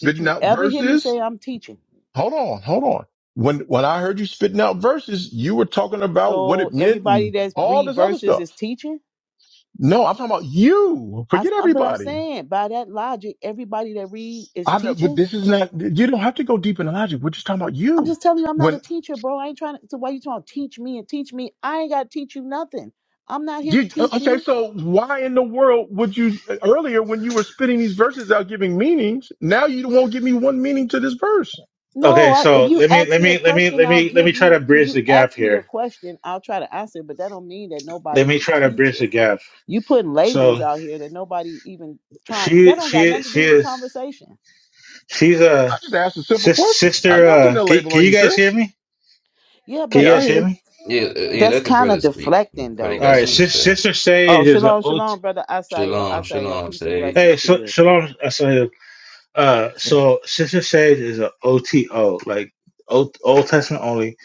[SPEAKER 5] Did you
[SPEAKER 10] out
[SPEAKER 5] ever hear me
[SPEAKER 10] verses
[SPEAKER 5] say I'm teaching?
[SPEAKER 10] Hold on, hold on. When when I heard you spitting out verses, you were talking about what
[SPEAKER 5] So
[SPEAKER 10] it meant
[SPEAKER 5] everybody
[SPEAKER 10] and
[SPEAKER 5] that's
[SPEAKER 10] all
[SPEAKER 5] read
[SPEAKER 10] this other
[SPEAKER 5] verses
[SPEAKER 10] stuff.
[SPEAKER 5] is teaching?
[SPEAKER 10] No, I'm talking about you.
[SPEAKER 5] I, s-
[SPEAKER 10] Forget
[SPEAKER 5] but I'm
[SPEAKER 10] everybody.
[SPEAKER 5] saying by that logic, everybody that read is
[SPEAKER 10] I, know, but
[SPEAKER 5] teaching.
[SPEAKER 10] this is not. You don't have to go deep into logic. We're just talking about
[SPEAKER 5] I'm
[SPEAKER 10] you.
[SPEAKER 5] just telling you, I'm not
[SPEAKER 10] When
[SPEAKER 5] a teacher, bro. I ain't trying to. So why you trying to teach me and teach me? I ain't got to teach you nothing. I'm not here to
[SPEAKER 10] you uh,
[SPEAKER 5] teach
[SPEAKER 10] okay,
[SPEAKER 5] you.
[SPEAKER 10] so why in the world would you earlier when you were spitting these verses out, giving meanings? Now you won't give me one meaning to this verse.
[SPEAKER 9] Okay,
[SPEAKER 5] No, I, if
[SPEAKER 9] so
[SPEAKER 5] you
[SPEAKER 9] let me
[SPEAKER 5] ask
[SPEAKER 9] let
[SPEAKER 5] me a
[SPEAKER 9] me let me
[SPEAKER 5] question,
[SPEAKER 9] let
[SPEAKER 5] I'll
[SPEAKER 9] me let me
[SPEAKER 5] give
[SPEAKER 9] try to
[SPEAKER 5] you. If
[SPEAKER 9] bridge
[SPEAKER 5] you
[SPEAKER 9] the gap
[SPEAKER 5] ask me a
[SPEAKER 9] here.
[SPEAKER 5] question, I'll try to answer. it, But that don't mean that
[SPEAKER 9] Let
[SPEAKER 5] nobody's
[SPEAKER 9] me
[SPEAKER 5] a
[SPEAKER 9] try to bridge the
[SPEAKER 5] teacher.
[SPEAKER 9] gap.
[SPEAKER 5] You putting labels
[SPEAKER 9] So
[SPEAKER 5] out here that nobody even trying. That
[SPEAKER 9] she
[SPEAKER 5] don't got
[SPEAKER 9] she
[SPEAKER 5] nothing to
[SPEAKER 9] she
[SPEAKER 5] do with the
[SPEAKER 9] is
[SPEAKER 5] conversation.
[SPEAKER 9] she's a
[SPEAKER 10] I just asked a simple
[SPEAKER 9] sis,
[SPEAKER 10] question. I'm
[SPEAKER 9] sister.
[SPEAKER 10] not putting
[SPEAKER 9] Uh,
[SPEAKER 10] a
[SPEAKER 9] can,
[SPEAKER 10] label
[SPEAKER 9] can
[SPEAKER 10] on
[SPEAKER 9] you
[SPEAKER 10] you,
[SPEAKER 9] guys hear
[SPEAKER 10] sis.
[SPEAKER 9] me?
[SPEAKER 5] Yeah,
[SPEAKER 9] Can
[SPEAKER 5] but
[SPEAKER 9] you
[SPEAKER 10] Yeah, I
[SPEAKER 9] guys
[SPEAKER 5] if
[SPEAKER 10] hear
[SPEAKER 9] hear
[SPEAKER 10] you.
[SPEAKER 5] the
[SPEAKER 9] me?
[SPEAKER 11] Yeah, uh, yeah,
[SPEAKER 5] that's
[SPEAKER 11] let the
[SPEAKER 5] kind of
[SPEAKER 11] brother speak. He
[SPEAKER 5] deflecting
[SPEAKER 11] Probably
[SPEAKER 5] though.
[SPEAKER 9] All
[SPEAKER 11] got
[SPEAKER 5] If
[SPEAKER 9] right,
[SPEAKER 5] you
[SPEAKER 11] something to
[SPEAKER 9] sis,
[SPEAKER 11] say.
[SPEAKER 9] sister
[SPEAKER 5] Oh,
[SPEAKER 9] Sage is a
[SPEAKER 5] shalom,
[SPEAKER 9] OT.
[SPEAKER 5] shalom, brother Asael.
[SPEAKER 11] Shalom,
[SPEAKER 5] Asael,
[SPEAKER 11] shalom,
[SPEAKER 5] peace and
[SPEAKER 11] say.
[SPEAKER 5] blessings
[SPEAKER 9] Hey,
[SPEAKER 5] to
[SPEAKER 9] Sh-
[SPEAKER 5] you.
[SPEAKER 9] shalom. Uh,
[SPEAKER 10] Well,
[SPEAKER 9] so Sister Sage is a OTO, like Old, Old Testament only.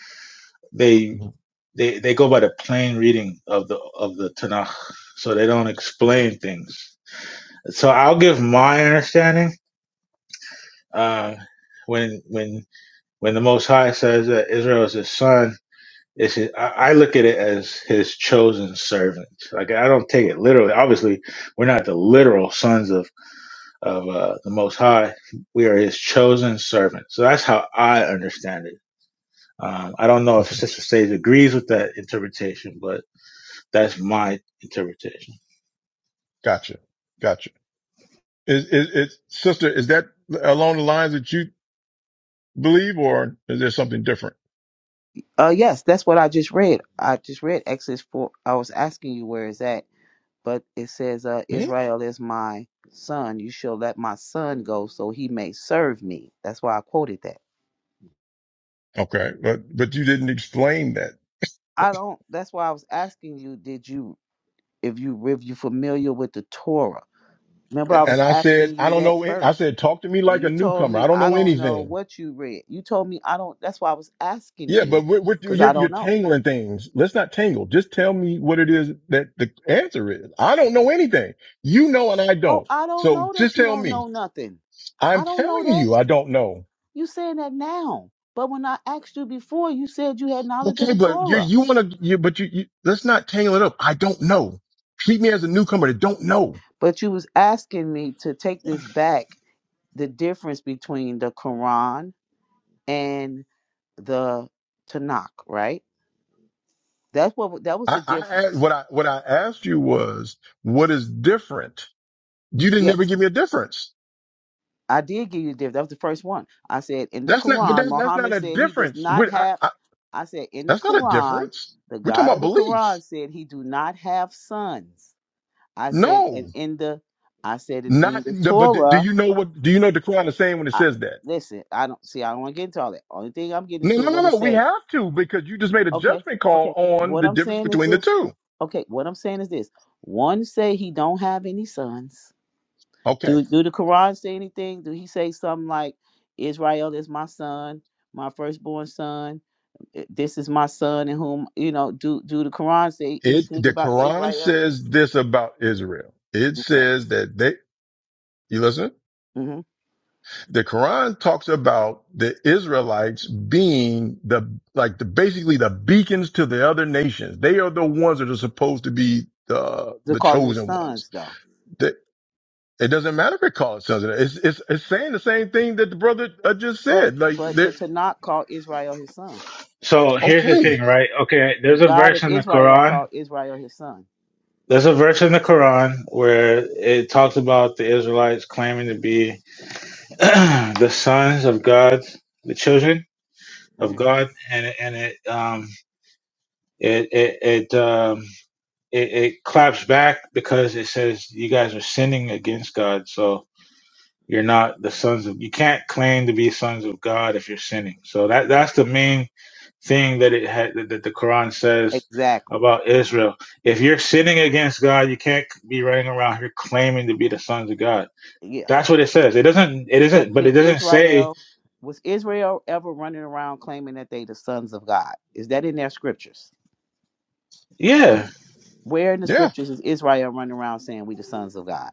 [SPEAKER 9] They
[SPEAKER 10] mhm.
[SPEAKER 9] they they go by the plain reading of the of the Tanakh, so they don't explain things. So I'll give my understanding. Uh, when when when the Most High says that Israel is His son, it's his, I, I look at it as His chosen servant. Like I don't take it literally. Obviously, we're not the literal sons of of uh, the Most High. We are His chosen servants. So that's how I understand it. Um, I don't know if
[SPEAKER 10] Okay.
[SPEAKER 9] Sister Sage agrees with that interpretation, but that's my interpretation.
[SPEAKER 10] Gotcha. Gotcha. Is, is, is sister, is that along the lines that you believe or is there something different?
[SPEAKER 5] Uh, yes, that's what I just read. I just read Exodus 4. I was asking you where is that, but it says, uh,
[SPEAKER 10] Hmm?
[SPEAKER 5] Israel is my son. You shall let my son go so he may serve me. That's why I quoted that.
[SPEAKER 10] Okay. But, but you didn't explain that.
[SPEAKER 5] I don't, that's why I was asking you, did you, if you, if you familiar with the Torah? Remember, I
[SPEAKER 10] And
[SPEAKER 5] was
[SPEAKER 10] I said,
[SPEAKER 5] asking
[SPEAKER 10] I
[SPEAKER 5] you
[SPEAKER 10] don't
[SPEAKER 5] that
[SPEAKER 10] know. I
[SPEAKER 5] first.
[SPEAKER 10] said, talk to me
[SPEAKER 5] And
[SPEAKER 10] like a
[SPEAKER 5] you told
[SPEAKER 10] newcomer. I
[SPEAKER 5] me,
[SPEAKER 10] don't
[SPEAKER 5] I
[SPEAKER 10] know
[SPEAKER 5] don't know
[SPEAKER 10] anything.
[SPEAKER 5] what you read. You told me, I don't, that's why I was asking
[SPEAKER 10] Yeah,
[SPEAKER 5] you,
[SPEAKER 10] but what, what
[SPEAKER 5] because
[SPEAKER 10] you're,
[SPEAKER 5] I
[SPEAKER 10] you're
[SPEAKER 5] don't know.
[SPEAKER 10] tangling things. Let's not tangle. Just tell me what it is that the answer is. I don't know anything. You know, and I
[SPEAKER 5] Oh,
[SPEAKER 10] don't.
[SPEAKER 5] I don't
[SPEAKER 10] So
[SPEAKER 5] know
[SPEAKER 10] just
[SPEAKER 5] that you
[SPEAKER 10] tell
[SPEAKER 5] don't
[SPEAKER 10] me.
[SPEAKER 5] know nothing.
[SPEAKER 10] I'm
[SPEAKER 5] I don't know
[SPEAKER 10] telling
[SPEAKER 5] that.
[SPEAKER 10] you, I don't know.
[SPEAKER 5] You saying that now. But when I asked you before, you said you had knowledge of
[SPEAKER 10] Okay,
[SPEAKER 5] the
[SPEAKER 10] but you
[SPEAKER 5] Torah.
[SPEAKER 10] you want to you but you, you let's not tangle it up. I don't know. Treat me as a newcomer that don't know.
[SPEAKER 5] But you was asking me to take this back, the difference between the Quran and the Tanakh, right? That's what that was
[SPEAKER 10] I,
[SPEAKER 5] the
[SPEAKER 10] I a-
[SPEAKER 5] difference.
[SPEAKER 10] what I what I asked you was what is different. You didn't ever
[SPEAKER 5] Yes,
[SPEAKER 10] give me a difference.
[SPEAKER 5] I did give you the difference. That was the first one. I said in the
[SPEAKER 10] That's not but
[SPEAKER 5] Quran,
[SPEAKER 10] that's that's not
[SPEAKER 5] Muhammad
[SPEAKER 10] a
[SPEAKER 5] said he does
[SPEAKER 10] difference.
[SPEAKER 5] not
[SPEAKER 10] We, I,
[SPEAKER 5] have.
[SPEAKER 10] I,
[SPEAKER 5] I said in the
[SPEAKER 10] that's not a
[SPEAKER 5] Quran,
[SPEAKER 10] difference.
[SPEAKER 5] the
[SPEAKER 10] We're talking
[SPEAKER 5] God
[SPEAKER 10] about
[SPEAKER 5] of the
[SPEAKER 10] belief.
[SPEAKER 5] Quran said he do not have sons. I said, and
[SPEAKER 10] No,
[SPEAKER 5] in the, I said, and
[SPEAKER 10] not.
[SPEAKER 5] in the
[SPEAKER 10] no, But do do
[SPEAKER 5] Torah,
[SPEAKER 10] you know what? Do you know the Quran is saying when it
[SPEAKER 5] I,
[SPEAKER 10] says that?
[SPEAKER 5] listen, I don't see, I don't want to get into all that. Only thing I'm getting
[SPEAKER 10] No,
[SPEAKER 5] into
[SPEAKER 10] no,
[SPEAKER 5] is what
[SPEAKER 10] no,
[SPEAKER 5] it
[SPEAKER 10] no. We
[SPEAKER 5] say.
[SPEAKER 10] have to because you just made a
[SPEAKER 5] Okay,
[SPEAKER 10] judgment call
[SPEAKER 5] okay.
[SPEAKER 10] on
[SPEAKER 5] What
[SPEAKER 10] the
[SPEAKER 5] I'm
[SPEAKER 10] difference
[SPEAKER 5] saying is
[SPEAKER 10] between the
[SPEAKER 5] this.
[SPEAKER 10] two.
[SPEAKER 5] Okay, what I'm saying is this. One say he don't have any sons.
[SPEAKER 10] Okay.
[SPEAKER 5] Do do the Quran say anything? Do he say something like, Israel is my son, my firstborn son. eh, This is my son in whom you know. Do do the Quran say
[SPEAKER 10] It
[SPEAKER 5] anything
[SPEAKER 10] the
[SPEAKER 5] about
[SPEAKER 10] Quran
[SPEAKER 5] Israel?
[SPEAKER 10] says this about Israel. It
[SPEAKER 5] Okay.
[SPEAKER 10] says that they you listen?
[SPEAKER 5] Mm-hmm.
[SPEAKER 10] The Quran talks about the Israelites being the like the basically the beacons to the other nations. They are the ones that are supposed to be the
[SPEAKER 5] They're
[SPEAKER 10] the
[SPEAKER 5] calling his
[SPEAKER 10] chosen ones.
[SPEAKER 5] sons though.
[SPEAKER 10] The- it doesn't matter if it calls sons. It's, it's it's saying the same thing that the brother uh, just
[SPEAKER 5] But
[SPEAKER 10] said. Like
[SPEAKER 5] but the
[SPEAKER 10] they're
[SPEAKER 5] Tanakh called Israel his son.
[SPEAKER 9] So here's the
[SPEAKER 10] okay.
[SPEAKER 9] thing, right? Okay,
[SPEAKER 5] The
[SPEAKER 9] there's a
[SPEAKER 5] God
[SPEAKER 9] verse
[SPEAKER 5] of
[SPEAKER 9] in the
[SPEAKER 5] Israel
[SPEAKER 9] Quran.
[SPEAKER 5] called Israel his son.
[SPEAKER 9] There's a verse in the Quran where it talks about the Israelites claiming to be the sons of God, the children of
[SPEAKER 5] hmm
[SPEAKER 9] God, and it- and it um, it it, it um, it, it claps back because it says you guys are sinning against God. So you're not the sons of you can't claim to be sons of God if you're sinning. So that that's the main thing that it had that that the Quran says
[SPEAKER 5] Exactly.
[SPEAKER 9] about Israel. If you're sinning against God, you can't be running around here claiming to be the sons of God.
[SPEAKER 5] Yeah.
[SPEAKER 9] That's what it says. It doesn't it
[SPEAKER 5] But
[SPEAKER 9] isn't but it
[SPEAKER 5] did
[SPEAKER 9] doesn't say,
[SPEAKER 5] Israel was Israel ever running around claiming that they the sons of God? Is that in their scriptures?
[SPEAKER 9] yeah,
[SPEAKER 5] Where in the
[SPEAKER 10] Yeah.
[SPEAKER 5] scriptures is Israel running around saying we the sons of God?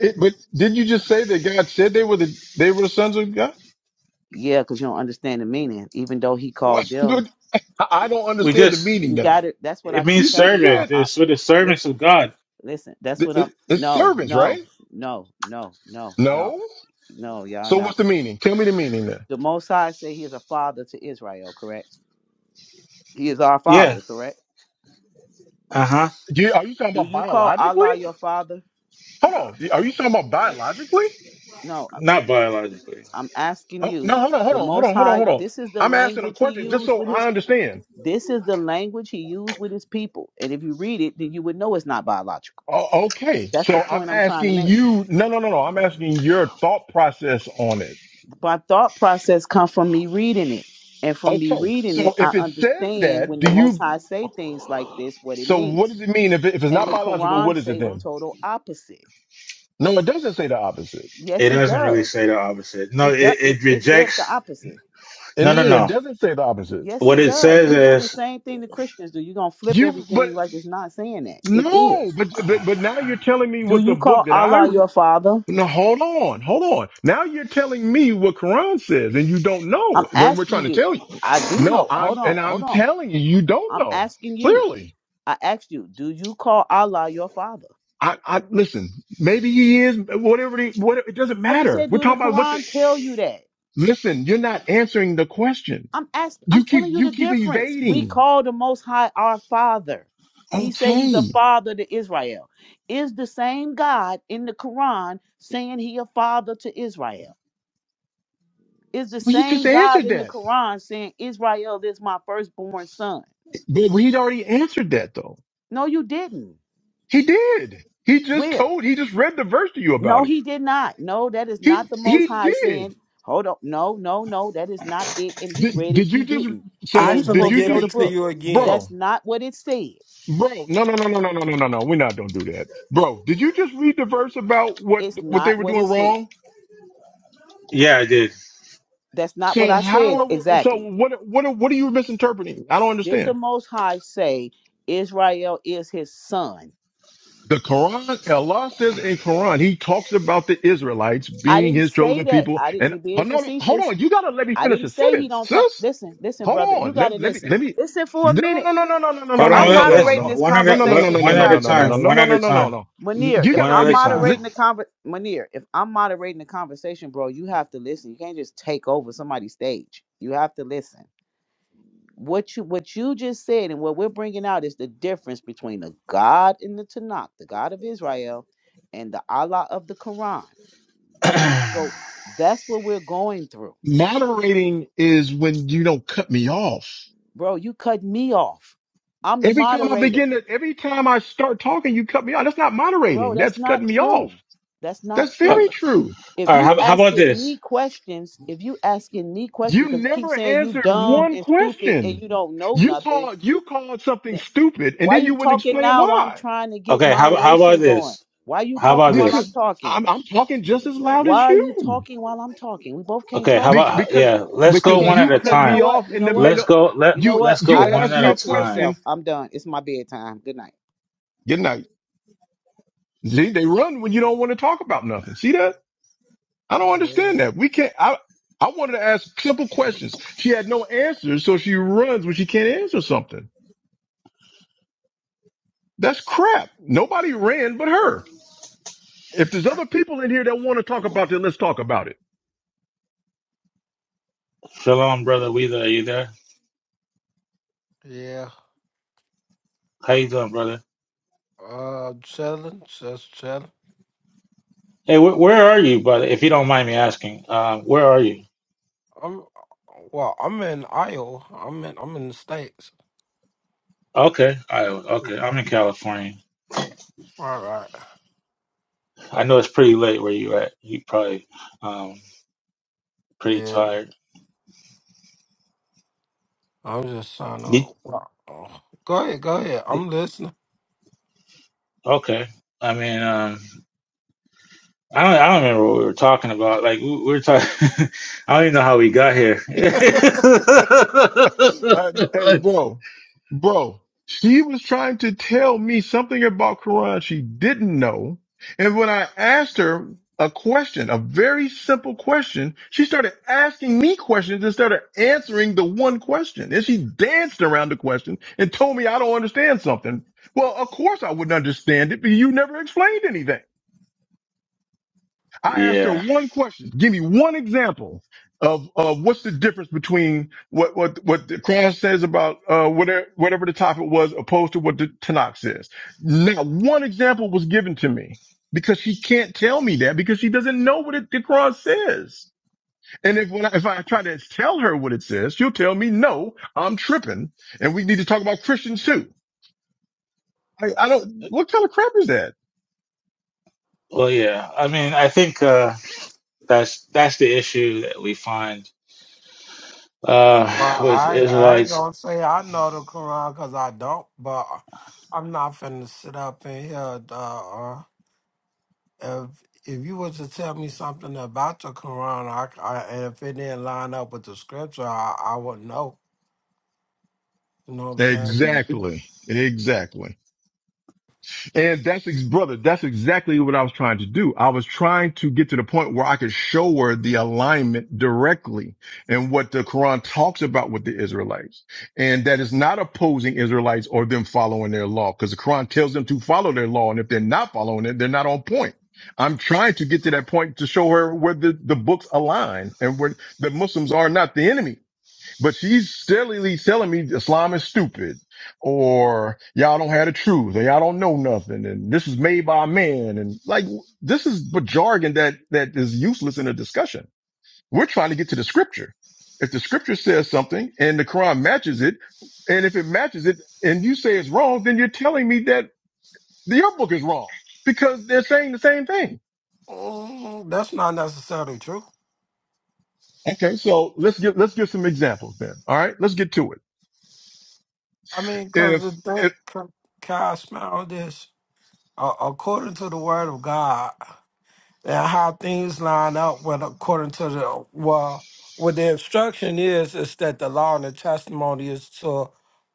[SPEAKER 10] It, but didn't you just say that God said they were the they were the sons of God?
[SPEAKER 5] Yeah, because you don't understand the meaning, even though he called
[SPEAKER 10] What?
[SPEAKER 5] them.
[SPEAKER 10] I, I don't
[SPEAKER 9] we
[SPEAKER 10] understand the
[SPEAKER 9] just
[SPEAKER 10] meaning
[SPEAKER 5] You
[SPEAKER 10] now.
[SPEAKER 5] got it. That's what I
[SPEAKER 9] it
[SPEAKER 5] keep
[SPEAKER 9] means
[SPEAKER 10] You just
[SPEAKER 5] telling y'all.
[SPEAKER 9] servant.
[SPEAKER 10] said
[SPEAKER 5] I,
[SPEAKER 9] It's for the servants of
[SPEAKER 5] listen,
[SPEAKER 9] God.
[SPEAKER 5] listen. That's
[SPEAKER 10] th-
[SPEAKER 5] what
[SPEAKER 10] it,
[SPEAKER 5] I'm.
[SPEAKER 10] it's
[SPEAKER 5] No,
[SPEAKER 10] servants,
[SPEAKER 5] no,
[SPEAKER 10] right?
[SPEAKER 5] no, no, no, no,
[SPEAKER 10] No.
[SPEAKER 5] no. Y'all
[SPEAKER 10] So
[SPEAKER 5] not.
[SPEAKER 10] what's the meaning? Tell me the meaning then.
[SPEAKER 5] The Most High say He is a father to Israel, correct? He is our
[SPEAKER 9] Yeah.
[SPEAKER 5] father, correct?
[SPEAKER 9] Uh-huh.
[SPEAKER 10] You, are you talking
[SPEAKER 5] Do
[SPEAKER 10] about
[SPEAKER 5] you call
[SPEAKER 10] biologically?
[SPEAKER 5] Allah your father?
[SPEAKER 10] Hold on. Are you talking about biologically?
[SPEAKER 5] No, I-
[SPEAKER 9] Not biologically.
[SPEAKER 5] I'm asking
[SPEAKER 10] Oh, no,
[SPEAKER 5] you.
[SPEAKER 10] hold on, hold
[SPEAKER 5] The
[SPEAKER 10] on, hold
[SPEAKER 5] Most
[SPEAKER 10] on, hold on,
[SPEAKER 5] High,
[SPEAKER 10] hold on.
[SPEAKER 5] this is the
[SPEAKER 10] I'm asking a
[SPEAKER 5] language He
[SPEAKER 10] question just
[SPEAKER 5] used
[SPEAKER 10] so
[SPEAKER 5] with His.
[SPEAKER 10] I understand.
[SPEAKER 5] This is the language He used with His people, and if you read it, then you would know it's not biological.
[SPEAKER 10] O- okay.
[SPEAKER 5] That's the
[SPEAKER 10] So I'm
[SPEAKER 5] point I'm trying to
[SPEAKER 10] asking
[SPEAKER 5] make.
[SPEAKER 10] you. No, no, no, no. I'm asking your thought process on it.
[SPEAKER 5] My thought process comes from me reading it, and from me
[SPEAKER 10] Okay.
[SPEAKER 5] reading
[SPEAKER 10] So
[SPEAKER 5] it, I
[SPEAKER 10] if it says
[SPEAKER 5] understand
[SPEAKER 10] that,
[SPEAKER 5] when
[SPEAKER 10] do
[SPEAKER 5] the Most
[SPEAKER 10] you?
[SPEAKER 5] High say things like this, what it
[SPEAKER 10] So what
[SPEAKER 5] means.
[SPEAKER 10] does it mean if, it, if it's
[SPEAKER 5] And
[SPEAKER 10] not
[SPEAKER 5] the
[SPEAKER 10] biological?
[SPEAKER 5] Quran
[SPEAKER 10] What is it
[SPEAKER 5] say the
[SPEAKER 10] then?
[SPEAKER 5] total opposite.
[SPEAKER 10] No, it doesn't say the opposite.
[SPEAKER 9] It
[SPEAKER 5] Yes, it
[SPEAKER 9] doesn't really
[SPEAKER 5] does.
[SPEAKER 9] say the opposite. No, it,
[SPEAKER 5] It does. It,
[SPEAKER 9] it
[SPEAKER 5] it says the
[SPEAKER 9] rejects.
[SPEAKER 5] opposite.
[SPEAKER 10] And
[SPEAKER 9] No, no,
[SPEAKER 10] no, it
[SPEAKER 9] no.
[SPEAKER 10] doesn't say the opposite.
[SPEAKER 5] Yes,
[SPEAKER 9] What
[SPEAKER 5] it
[SPEAKER 9] it
[SPEAKER 5] does.
[SPEAKER 9] says
[SPEAKER 5] You're doing the
[SPEAKER 9] is,
[SPEAKER 5] same thing the Christians do. You're gonna flip
[SPEAKER 10] You, but
[SPEAKER 5] everything like it's not saying that. It is.
[SPEAKER 10] no, but, but, but now you're telling me
[SPEAKER 5] Do
[SPEAKER 10] what the
[SPEAKER 5] you call
[SPEAKER 10] book that I,
[SPEAKER 5] Allah your father?
[SPEAKER 10] no, hold on, hold on. Now you're telling me what Quran says and you don't
[SPEAKER 5] I'm
[SPEAKER 10] know when we're
[SPEAKER 5] asking
[SPEAKER 10] trying to
[SPEAKER 5] you.
[SPEAKER 10] tell you.
[SPEAKER 5] I do
[SPEAKER 10] No,
[SPEAKER 5] know. Hold
[SPEAKER 10] I'm,
[SPEAKER 5] on.
[SPEAKER 10] and
[SPEAKER 5] Hold
[SPEAKER 10] I'm
[SPEAKER 5] on.
[SPEAKER 10] telling you, you don't
[SPEAKER 5] I'm
[SPEAKER 10] know.
[SPEAKER 5] asking you.
[SPEAKER 10] Clearly.
[SPEAKER 5] I asked you. Do you call Allah your father?
[SPEAKER 10] I, I, listen, maybe he is, whatever the, what, it doesn't
[SPEAKER 5] I just
[SPEAKER 10] matter.
[SPEAKER 5] said,
[SPEAKER 10] We're
[SPEAKER 5] do the
[SPEAKER 10] talking about what the,
[SPEAKER 5] Quran tell you that?
[SPEAKER 10] listen, you're not answering the question.
[SPEAKER 5] I'm asking, I'm
[SPEAKER 10] You keep,
[SPEAKER 5] telling you
[SPEAKER 10] you
[SPEAKER 5] the
[SPEAKER 10] keep
[SPEAKER 5] difference. We
[SPEAKER 10] evading.
[SPEAKER 5] call the Most High our Father. He said he's a
[SPEAKER 10] Okay.
[SPEAKER 5] father to Israel. Is the same God in the Quran saying he a father to Israel? Is the
[SPEAKER 10] Well, you just
[SPEAKER 5] same God
[SPEAKER 10] answered
[SPEAKER 5] in the
[SPEAKER 10] that,
[SPEAKER 5] Quran saying Israel is my firstborn son?
[SPEAKER 10] but he'd already answered that though.
[SPEAKER 5] No, you didn't.
[SPEAKER 10] He did. He just
[SPEAKER 5] Where?
[SPEAKER 10] told. He just read the verse to you about
[SPEAKER 5] No,
[SPEAKER 10] it.
[SPEAKER 5] he did not. No, that is
[SPEAKER 10] He
[SPEAKER 5] not the Most
[SPEAKER 10] he
[SPEAKER 5] High
[SPEAKER 10] did.
[SPEAKER 5] saying. Hold up. No, no, no, that is not it. And he
[SPEAKER 10] Did,
[SPEAKER 5] read it.
[SPEAKER 10] did you
[SPEAKER 5] You
[SPEAKER 10] just?
[SPEAKER 5] didn't. And
[SPEAKER 10] So
[SPEAKER 5] you
[SPEAKER 7] ask him
[SPEAKER 10] did
[SPEAKER 7] to
[SPEAKER 5] supposed
[SPEAKER 10] you
[SPEAKER 5] to
[SPEAKER 7] give
[SPEAKER 5] know
[SPEAKER 10] just,
[SPEAKER 5] the
[SPEAKER 7] it to
[SPEAKER 5] book.
[SPEAKER 7] you again.
[SPEAKER 10] bro?
[SPEAKER 5] That's not what it said.
[SPEAKER 10] Bro, no, no, no, no, no, no, no, no, no. We're not gonna do that, bro. Did you just read the verse about what
[SPEAKER 5] It's
[SPEAKER 10] what they
[SPEAKER 5] not
[SPEAKER 10] were
[SPEAKER 5] what it
[SPEAKER 10] doing
[SPEAKER 5] said.
[SPEAKER 10] wrong?
[SPEAKER 9] yeah, I did.
[SPEAKER 5] That's not what
[SPEAKER 10] So
[SPEAKER 5] I
[SPEAKER 10] how
[SPEAKER 5] said
[SPEAKER 10] are we? So
[SPEAKER 5] exactly.
[SPEAKER 10] what what what are you misinterpreting? I don't
[SPEAKER 5] Did the
[SPEAKER 10] understand.
[SPEAKER 5] Most High say Israel is his son?
[SPEAKER 10] The Quran, Allah says in Quran, He talks about the Israelites
[SPEAKER 5] I
[SPEAKER 10] being
[SPEAKER 5] didn't
[SPEAKER 10] His
[SPEAKER 5] say
[SPEAKER 10] chosen
[SPEAKER 5] that.
[SPEAKER 10] people.
[SPEAKER 5] I didn't.
[SPEAKER 10] And
[SPEAKER 5] You being
[SPEAKER 10] hold on, hold
[SPEAKER 5] facetious?
[SPEAKER 10] on, you gotta let me
[SPEAKER 5] I
[SPEAKER 10] finish
[SPEAKER 5] didn't
[SPEAKER 10] a
[SPEAKER 5] say he
[SPEAKER 10] sentence,
[SPEAKER 5] don't talk.
[SPEAKER 10] sis.
[SPEAKER 5] Listen, listen, brother. You gotta listen. Listen for a minute. If
[SPEAKER 9] Hold on.
[SPEAKER 5] I'm
[SPEAKER 9] Let, let's
[SPEAKER 5] moderating
[SPEAKER 9] one
[SPEAKER 5] this
[SPEAKER 9] at a one
[SPEAKER 5] conversation,
[SPEAKER 9] one
[SPEAKER 5] you
[SPEAKER 9] at a
[SPEAKER 5] have to
[SPEAKER 9] time.
[SPEAKER 5] listen.
[SPEAKER 9] One at a time.
[SPEAKER 5] Munir, if
[SPEAKER 9] One at
[SPEAKER 5] I'm
[SPEAKER 9] a time.
[SPEAKER 5] moderating the conver Munir, if I'm moderating the conversation, bro, you have to listen. You can't just take over somebody's stage. You have to listen. what you what you just said and what we're bringing out is the difference between the God in the Tanakh, the God of Israel, and the Allah of the Quran. So that's what we're going through, bro. You cut me off. I'm the moderator, bro. That's not true. That's not
[SPEAKER 9] Uh,
[SPEAKER 5] true. If
[SPEAKER 9] all right.
[SPEAKER 5] you
[SPEAKER 9] How, how about
[SPEAKER 5] asking
[SPEAKER 9] this?
[SPEAKER 5] me questions, if you asking me questions, because you keep saying you dumb and stupid and you don't know nothing, Then why you talking now while I'm trying to get
[SPEAKER 9] Okay. How how about
[SPEAKER 5] moderation going?
[SPEAKER 9] this?
[SPEAKER 5] Why you
[SPEAKER 9] How about
[SPEAKER 5] talking while I'm
[SPEAKER 9] this?
[SPEAKER 5] talking? Why are you talking while I'm talking? We both can't
[SPEAKER 9] Okay. How
[SPEAKER 5] talk.
[SPEAKER 10] Be-
[SPEAKER 9] about
[SPEAKER 10] because
[SPEAKER 9] yeah? Let's go
[SPEAKER 10] because
[SPEAKER 5] Okay,
[SPEAKER 9] one at
[SPEAKER 10] you
[SPEAKER 9] a
[SPEAKER 5] okay,
[SPEAKER 10] cut
[SPEAKER 5] you
[SPEAKER 10] me
[SPEAKER 5] know
[SPEAKER 9] time.
[SPEAKER 5] what?
[SPEAKER 10] off
[SPEAKER 5] You
[SPEAKER 10] in
[SPEAKER 5] know
[SPEAKER 10] the
[SPEAKER 5] what?
[SPEAKER 9] Let's
[SPEAKER 10] middle.
[SPEAKER 9] go. Let
[SPEAKER 5] You know
[SPEAKER 10] You
[SPEAKER 9] Let's
[SPEAKER 5] what?
[SPEAKER 9] go
[SPEAKER 10] you
[SPEAKER 5] I'll let
[SPEAKER 9] one
[SPEAKER 5] you
[SPEAKER 10] asked
[SPEAKER 9] at
[SPEAKER 10] me
[SPEAKER 9] a
[SPEAKER 10] a
[SPEAKER 5] talk to
[SPEAKER 9] time.
[SPEAKER 10] question.
[SPEAKER 5] yourself. I'm done. It's my bedtime. Good night.
[SPEAKER 10] Good night. See, they run when you don't want to talk about nothing. See that? I don't understand
[SPEAKER 7] Yeah.
[SPEAKER 10] that. We can't. I I wanted to ask simple questions. She had no answers, so she runs when she can't answer something. That's crap. Nobody ran but her. If there's other people in here that want to talk about it, let's talk about it.
[SPEAKER 9] Shalom, brother. Weather, are you there?
[SPEAKER 7] Yeah.
[SPEAKER 9] How you doing, brother?
[SPEAKER 7] Uh, chilling, just chilling.
[SPEAKER 9] Hey, wh- where are you, brother? If you don't mind me asking, uh, where are you?
[SPEAKER 7] I'm well. I'm in Iowa. I'm in. I'm in the states.
[SPEAKER 9] Okay, I okay.
[SPEAKER 7] All
[SPEAKER 9] I'm in California.
[SPEAKER 7] right.
[SPEAKER 9] I know it's pretty late where you at. You probably um pretty tired.
[SPEAKER 7] I'm just trying
[SPEAKER 9] Did,
[SPEAKER 7] to. Wow. Go ahead, go ahead.
[SPEAKER 9] did-
[SPEAKER 7] I'm listening.
[SPEAKER 9] okay. I mean, um, I don't I don't remember what we were talking about. Like we, we were talking. I don't even know how we got here.
[SPEAKER 10] But hey, bro, bro, she was trying to tell me something about Quran she didn't know. And when I asked her a question, a very simple question, she started asking me questions instead of answering the one question. And she danced around the question and told me I don't understand something. Well, of course I wouldn't understand it, but you never explained anything. I asked her
[SPEAKER 9] yeah.
[SPEAKER 10] one question. Give me one example of, of what's the difference between what, what, what the Quran says about, uh, whatever, whatever the topic was opposed to what the Tanakh says. Not one example was given to me because she can't tell me that because she doesn't know what it, the Quran says. And if, when I, if I try to tell her what it says, she'll tell me, no, I'm tripping and we need to talk about Christians too. I, I don't, what kind of crap is that?
[SPEAKER 9] Well, yeah. I mean, I think uh, that's that's the issue that we find
[SPEAKER 7] Well,
[SPEAKER 9] uh, with
[SPEAKER 7] I I ain't
[SPEAKER 9] Israelites.
[SPEAKER 7] gonna say I know the Quran because I don't, but I'm not finna sit up in here. Uh, if if you were to tell me something about the Quran, I, c- I- and if it didn't line up with the scripture, I, I would know. You know what I'm saying?
[SPEAKER 10] Exactly. Exactly. And that's, ex- brother, that's exactly what I was trying to do. I was trying to get to the point where I could show her the alignment directly and what the Quran talks about with the Israelites. And that is not opposing Israelites or them following their law because the Quran tells them to follow their law. And if they're not following it, they're not on point. I'm trying to get to that point to show her where the, the books align and where the Muslims are not the enemy. But she's silly telling me Islam is stupid or y'all don't have the truth or y'all don't know nothing. And this is made by a man. And like, this is but jargon that, that is useless in a discussion. We're trying to get to the scripture. If the scripture says something and the Quran matches it, and if it matches it and you say it's wrong, then you're telling me that your book is wrong because they're saying the same thing.
[SPEAKER 7] Mm, that's not necessarily true.
[SPEAKER 10] Okay. So let's get, let's give some examples then. All right. Let's get to it.
[SPEAKER 7] I mean, because the
[SPEAKER 10] If,
[SPEAKER 7] thing,
[SPEAKER 10] if,
[SPEAKER 7] can, can I smell this? Uh, according to the Word of God. and how things line up with according to the well what the instruction is is that the law and the testimony is to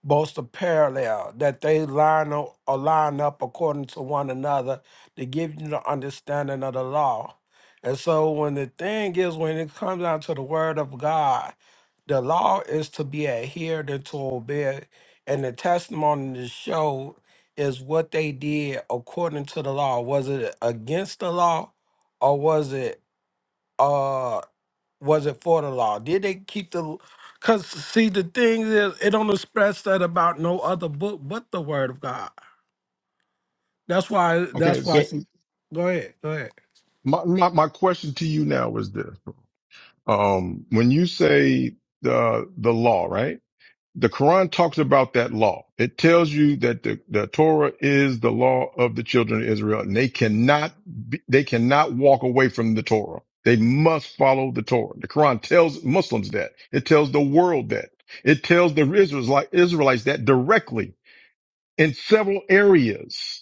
[SPEAKER 7] both a parallel that they line up or line up according to one another to give you the understanding of the law and so when the thing is when it comes down to the word of god the law is to be adhered and to obey and the testimony to show is what they did according to the law was it against the law or was it uh was it for the law? Did they keep the cause see the thing is it don't express that about no other book but the word of God. That's why
[SPEAKER 10] okay.
[SPEAKER 7] that's why
[SPEAKER 10] so.
[SPEAKER 7] See, go ahead, go ahead.
[SPEAKER 10] My, my my question to you now is this: um, when you say the the law, right? The Quran talks about that law. It tells you that the, the Torah is the law of the children of Israel, and they cannot be, they cannot walk away from the Torah. They must follow the Torah. The Quran tells Muslims that. It tells the world that. It tells the Israelites Israelites that directly in several areas.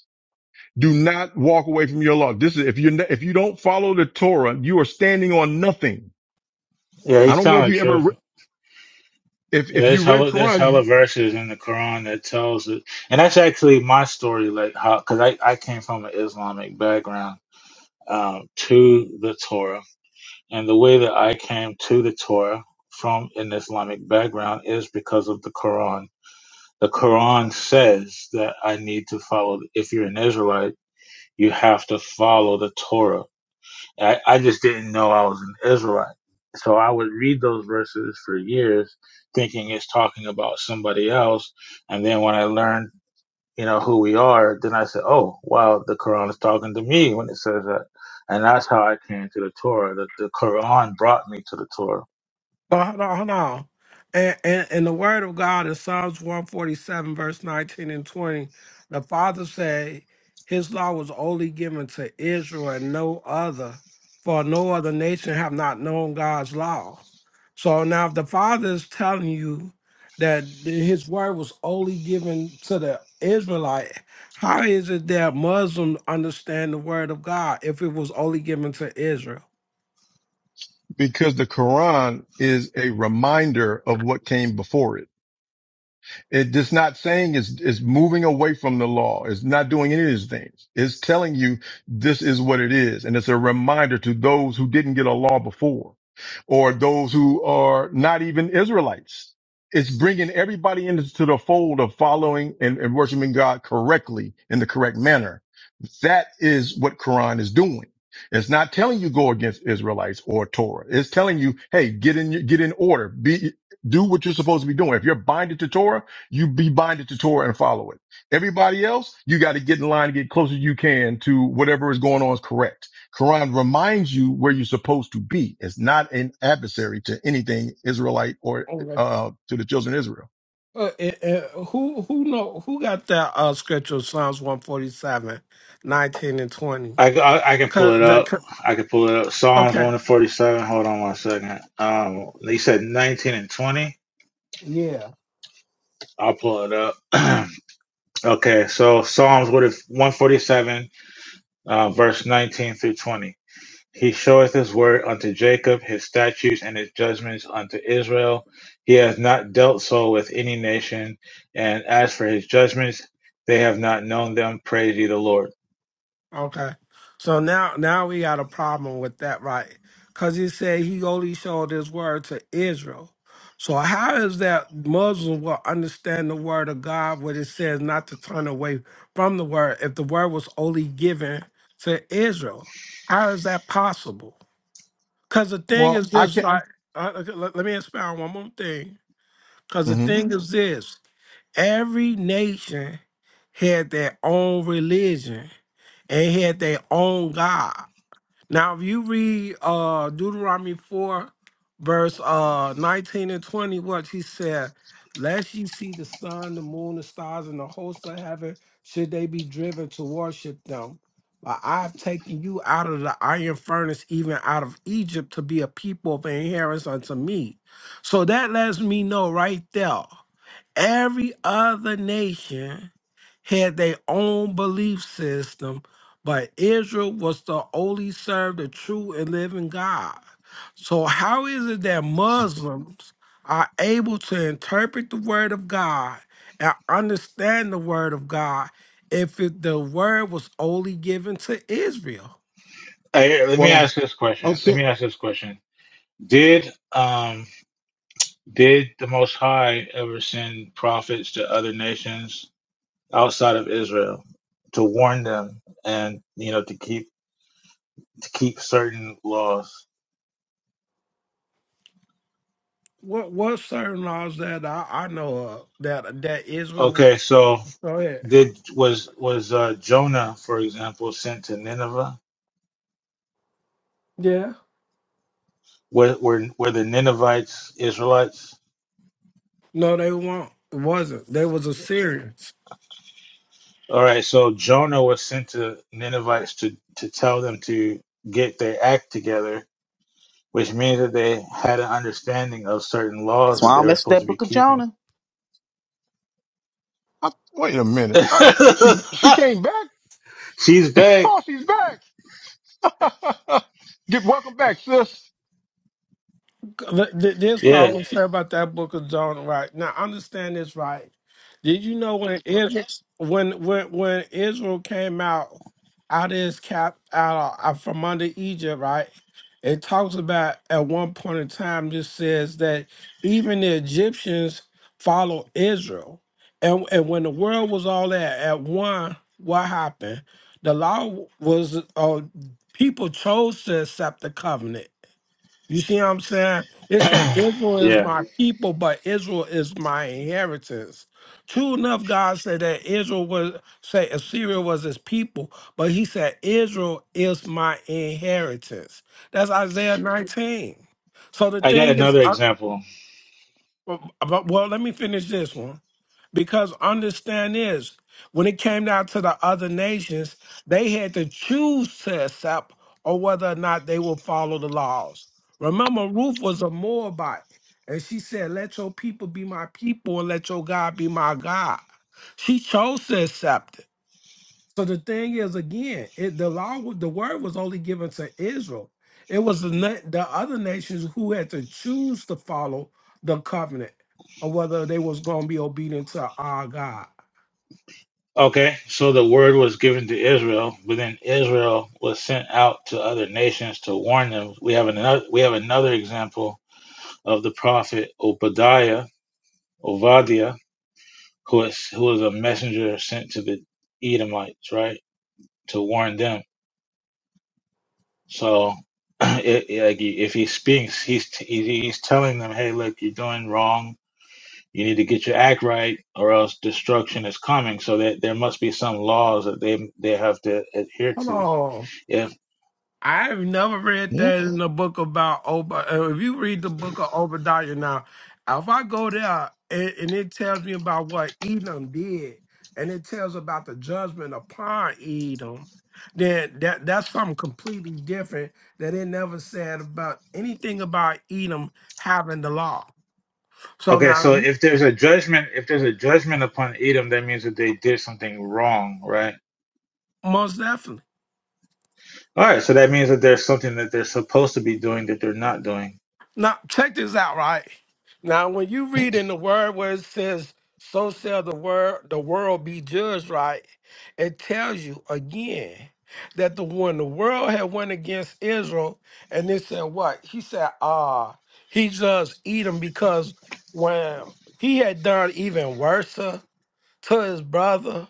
[SPEAKER 10] Do not walk away from your law. This is if you if you don't follow the Torah, you are standing on nothing.
[SPEAKER 9] Yeah,
[SPEAKER 10] I
[SPEAKER 9] he's
[SPEAKER 10] don't know if
[SPEAKER 9] telling the
[SPEAKER 10] you ever
[SPEAKER 9] truth.
[SPEAKER 10] re- if
[SPEAKER 9] Yeah,
[SPEAKER 10] if you
[SPEAKER 9] there's
[SPEAKER 10] read
[SPEAKER 9] hella there's hella
[SPEAKER 10] Quran
[SPEAKER 9] verses in the Quran that tells it, and that's actually my story. Like how, because I I came from an Islamic background um, to the Torah, and the way that I came to the Torah from an Islamic background is because of the Quran. The Quran says that I need to follow. If you're an Israelite, you have to follow the Torah I, I just didn't know I was an Israelite. So I would read those verses for years, thinking it's talking about somebody else. And then when I learned, you know, who we are, then I said, oh, wow, the Quran is talking to me when it says that. And that's how I came to the Torah. The, the Quran brought me to the Torah.
[SPEAKER 7] Well, hold on, hold on. And, and, and the word of God in Psalms 147, verse 19 and 20, the Father said, His law was only given to Israel and no other, for no other nation have not known God's law. So now, if the Father is telling you that His word was only given to the Israelite, how is it that Muslims understand the word of God if it was only given to Israel?
[SPEAKER 10] because the Quran is a reminder of what came before it. It is not saying it's, it's moving away from the law. It's not doing any of these things. It's telling you this is what it is. And it's a reminder to those who didn't get a law before or those who are not even Israelites. It's bringing everybody into the fold of following and, and worshiping God correctly in the correct manner. That is what Quran is doing. It's not telling you go against Israelites or Torah. It's telling you, hey, get in, get in order, be, do what you're supposed to be doing. If you're binded to Torah, you be binded to Torah and follow it. Everybody else, you got to get in line and get closer you can to whatever is going on is correct. Quran reminds you where you're supposed to be. It's not an adversary to anything Israelite or uh to the children of Israel.
[SPEAKER 7] Uh, uh, uh, who who know who got that uh scripture Psalms one forty seven nineteen and 20?
[SPEAKER 9] I, I, I can pull
[SPEAKER 7] Cause
[SPEAKER 9] it
[SPEAKER 7] the,
[SPEAKER 9] up.
[SPEAKER 7] c-
[SPEAKER 9] I can pull it up. Psalms
[SPEAKER 7] okay.
[SPEAKER 9] 147. Hold on one second. Um, they said 19 and 20.
[SPEAKER 7] Yeah.
[SPEAKER 9] I'll pull it up. okay, so Psalms what if 147 uh, verse 19 through 20. He showeth his word unto Jacob, his statutes and his judgments unto Israel. He has not dealt so with any nation, and as for his judgments, they have not known them. Praise ye the Lord.
[SPEAKER 7] Okay. So now now we got a problem with that, right? Cause he said he only showed his word to Israel. So how is that Muslims will understand the word of God when it says not to turn away from the word if the word was only given to Israel? How is that possible? Because the thing
[SPEAKER 10] Well,
[SPEAKER 7] is
[SPEAKER 10] I
[SPEAKER 7] this,
[SPEAKER 10] can't.
[SPEAKER 7] right? Uh, okay, let, let me expound one more thing. Because the
[SPEAKER 10] hmm
[SPEAKER 7] thing Mhm. is this every nation had their own religion and had their own God. Now, if you read uh, Deuteronomy 4, verse uh, 19 and 20, what he said, Lest ye see the sun, the moon, the stars, and the host of heaven, should they be driven to worship them. But I have taken you out of the iron furnace, even out of Egypt, to be a people of inheritance unto me. So that lets me know right there. Every other nation had their own belief system, but Israel was to only serve the true and living God. So, how is it that Muslims are able to interpret the Word of God and understand the Word of God if it, the Word was only given to Israel?
[SPEAKER 9] Hey, hey, let me
[SPEAKER 10] Well,
[SPEAKER 9] ask this question. Let
[SPEAKER 10] okay.
[SPEAKER 9] me ask this question. Did um did the Most High ever send prophets to other nations outside of Israel to warn them and you know to keep to keep certain laws?
[SPEAKER 7] What what certain laws that I, I know of that that Israel
[SPEAKER 9] Okay, so
[SPEAKER 7] go ahead.
[SPEAKER 9] Did was was uh, Jonah, for example, sent to Nineveh?
[SPEAKER 7] Yeah.
[SPEAKER 9] Were, were were the Ninevites Israelites?
[SPEAKER 7] No, they won't. It wasn't. They was Assyrians.
[SPEAKER 9] All right, so Jonah was sent to Ninevites to to tell them to get their act together, which means that they had an understanding of certain
[SPEAKER 5] That's
[SPEAKER 9] laws
[SPEAKER 5] why
[SPEAKER 9] that
[SPEAKER 5] I
[SPEAKER 9] they
[SPEAKER 5] don't
[SPEAKER 9] were
[SPEAKER 5] mess with
[SPEAKER 9] supposed to
[SPEAKER 5] that
[SPEAKER 9] be
[SPEAKER 5] book of
[SPEAKER 9] keeping.
[SPEAKER 5] Jonah.
[SPEAKER 10] I, wait a minute. I, she she came back.
[SPEAKER 9] She's
[SPEAKER 10] Oh,
[SPEAKER 9] back.
[SPEAKER 10] she's back. get welcome back, sis.
[SPEAKER 7] th- th- This what I
[SPEAKER 9] Yeah,
[SPEAKER 7] want to say about that book of John, right? Now understand this right. Did you know when Israel when when when Israel came out out of his cap out of, uh, from under Egypt, right? It talks about at one point in time just says that even the Egyptians follow Israel. And and when the world was all that at one, what happened? The law was uh, people chose to accept the covenant you see what I'm saying? It said Israel is
[SPEAKER 9] yeah.
[SPEAKER 7] my people, but Israel is my inheritance. True enough, God said that Israel was say Assyria was his people, but he said Israel is my inheritance. That's Isaiah 19. So the
[SPEAKER 9] I got
[SPEAKER 7] thing is,
[SPEAKER 9] another
[SPEAKER 7] I,
[SPEAKER 9] example.
[SPEAKER 7] uh, uh, well, let me finish this one. Because understand this, when it came down to the other nations, they had to choose to accept or whether or not they will follow the laws. Remember, Ruth was a Moabite, and she said, Let your people be my people and let your God be my God. She chose to accept it. So the thing is, again, it, the law, wa- the word was only given to Israel. It was the, na- the other nations who had to choose to follow the covenant, or whether they was going to be obedient to our God.
[SPEAKER 9] Okay, so the word was given to Israel, but then Israel was sent out to other nations to warn them. We have another we have another example of the prophet Obadiah, Obadiah, who is who was a messenger sent to the Edomites, right, to warn them. So, it, it- like he- if he speaks, he's t- he- he's telling them, hey, look, you're doing wrong. You need to get your act right, or else destruction is coming. So that there must be some laws that they they have to adhere
[SPEAKER 7] Hold on.
[SPEAKER 9] to
[SPEAKER 7] I've never read that in the book about Ob. uh, If you read the book of Obadiah now, if I go there and, and it tells me about what Edom did, and it tells about the judgment upon Edom, then that that's something completely different that it never said about anything about Edom having the law. So
[SPEAKER 9] Okay,
[SPEAKER 7] now,
[SPEAKER 9] so if there's a judgment, if there's a judgment upon Edom, that means that they did something wrong, right?
[SPEAKER 7] most definitely.
[SPEAKER 9] All right, so that means that there's something that they're supposed to be doing that they're not doing.
[SPEAKER 7] Now, check this out, right? Now, when you read in the word where it says, so shall the word the world be judged, right? It tells you again that the one the world had went against Israel, and it said what? He said, ah, he judged Edom because when he had done even worse to his brother,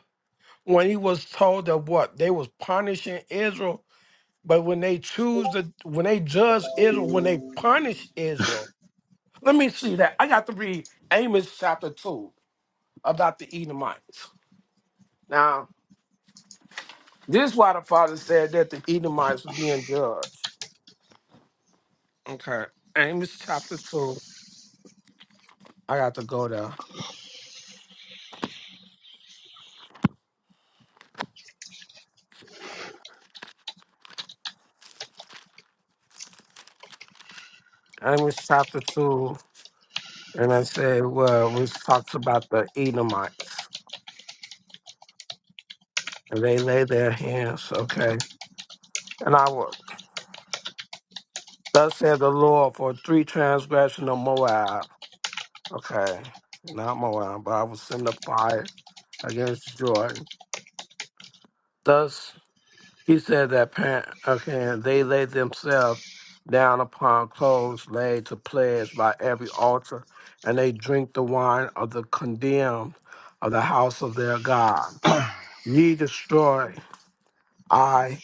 [SPEAKER 7] when he was told that what they was punishing Israel, but when they choose to when they judge Israel, when they punish Israel, let me see that. I got to read Amos chapter 2 about the Edomites. Now, this is why the father said that the Edomites were being judged. Okay. Amos chapter 2. I got to go there. Amos chapter 2. And I said, well, which talks about the Edomites. And they lay their hands. Okay. And I will. Thus said the Lord for three transgression of Moab. Okay. Not Moab, but I will send a fire against Jordan. Thus He said that parent, okay, and they lay themselves down upon clothes laid to pledge by every altar, and they drink the wine of the condemned of the house of their God.
[SPEAKER 9] All
[SPEAKER 7] Ye destroy I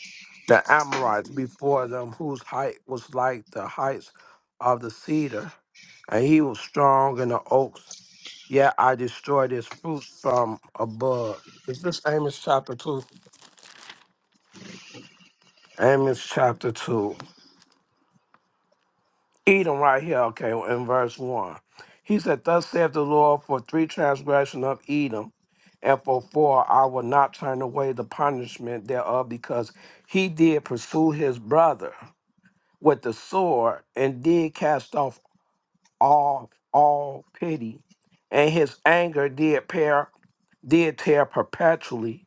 [SPEAKER 7] the Amorites before them, whose height was like the heights of the cedar, and he was strong in the oaks. Yet I destroyed his fruits from above. Is this Amos chapter two? Amos chapter two. Edom right here, okay, in verse 1. He said, Thus saith the Lord, for three transgression of Edom, and for four I will not turn away the punishment thereof, because he did pursue his brother with the sword, and did cast off all all pity, and his anger did pair did tear perpetually,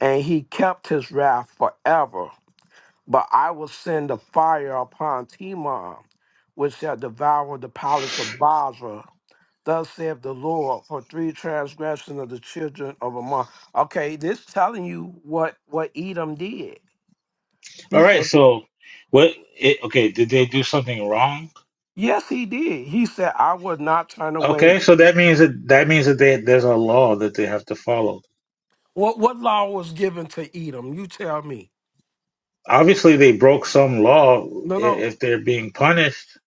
[SPEAKER 7] and he kept his wrath forever but I will send a fire upon Timon, which shall devour the palace of Basra. Thus saith the Lord, for three transgressions of the children of Ammon. Okay, this telling you what what Edom did. He
[SPEAKER 9] right,
[SPEAKER 7] said,
[SPEAKER 9] so what? It, okay, did they do something wrong?
[SPEAKER 7] yes, he did. He said, I would not turn away.
[SPEAKER 9] Okay, so that means that that means that they, there's a law that they have to follow.
[SPEAKER 7] What what law was given to Edom? You tell me.
[SPEAKER 9] Obviously, they broke some law
[SPEAKER 7] No,
[SPEAKER 9] i-
[SPEAKER 7] no.
[SPEAKER 9] if they're being punished.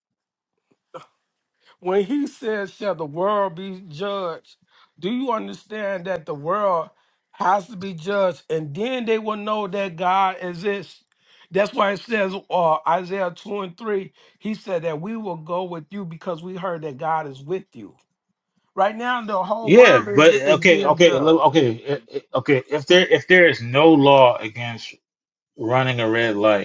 [SPEAKER 7] When he says, Shall the world be judged? Do you understand that the world has to be judged? And then they will know that God exists. That's why it says, uh, Isaiah 2 and 3, he said that we will go with you because we heard that God is with you. Right now, the whole
[SPEAKER 9] Yeah,
[SPEAKER 7] world is,
[SPEAKER 9] but
[SPEAKER 7] is
[SPEAKER 9] okay,
[SPEAKER 7] being
[SPEAKER 9] okay, lo-
[SPEAKER 7] judged.
[SPEAKER 9] okay, i- i- okay. If there if there is no law against running a red light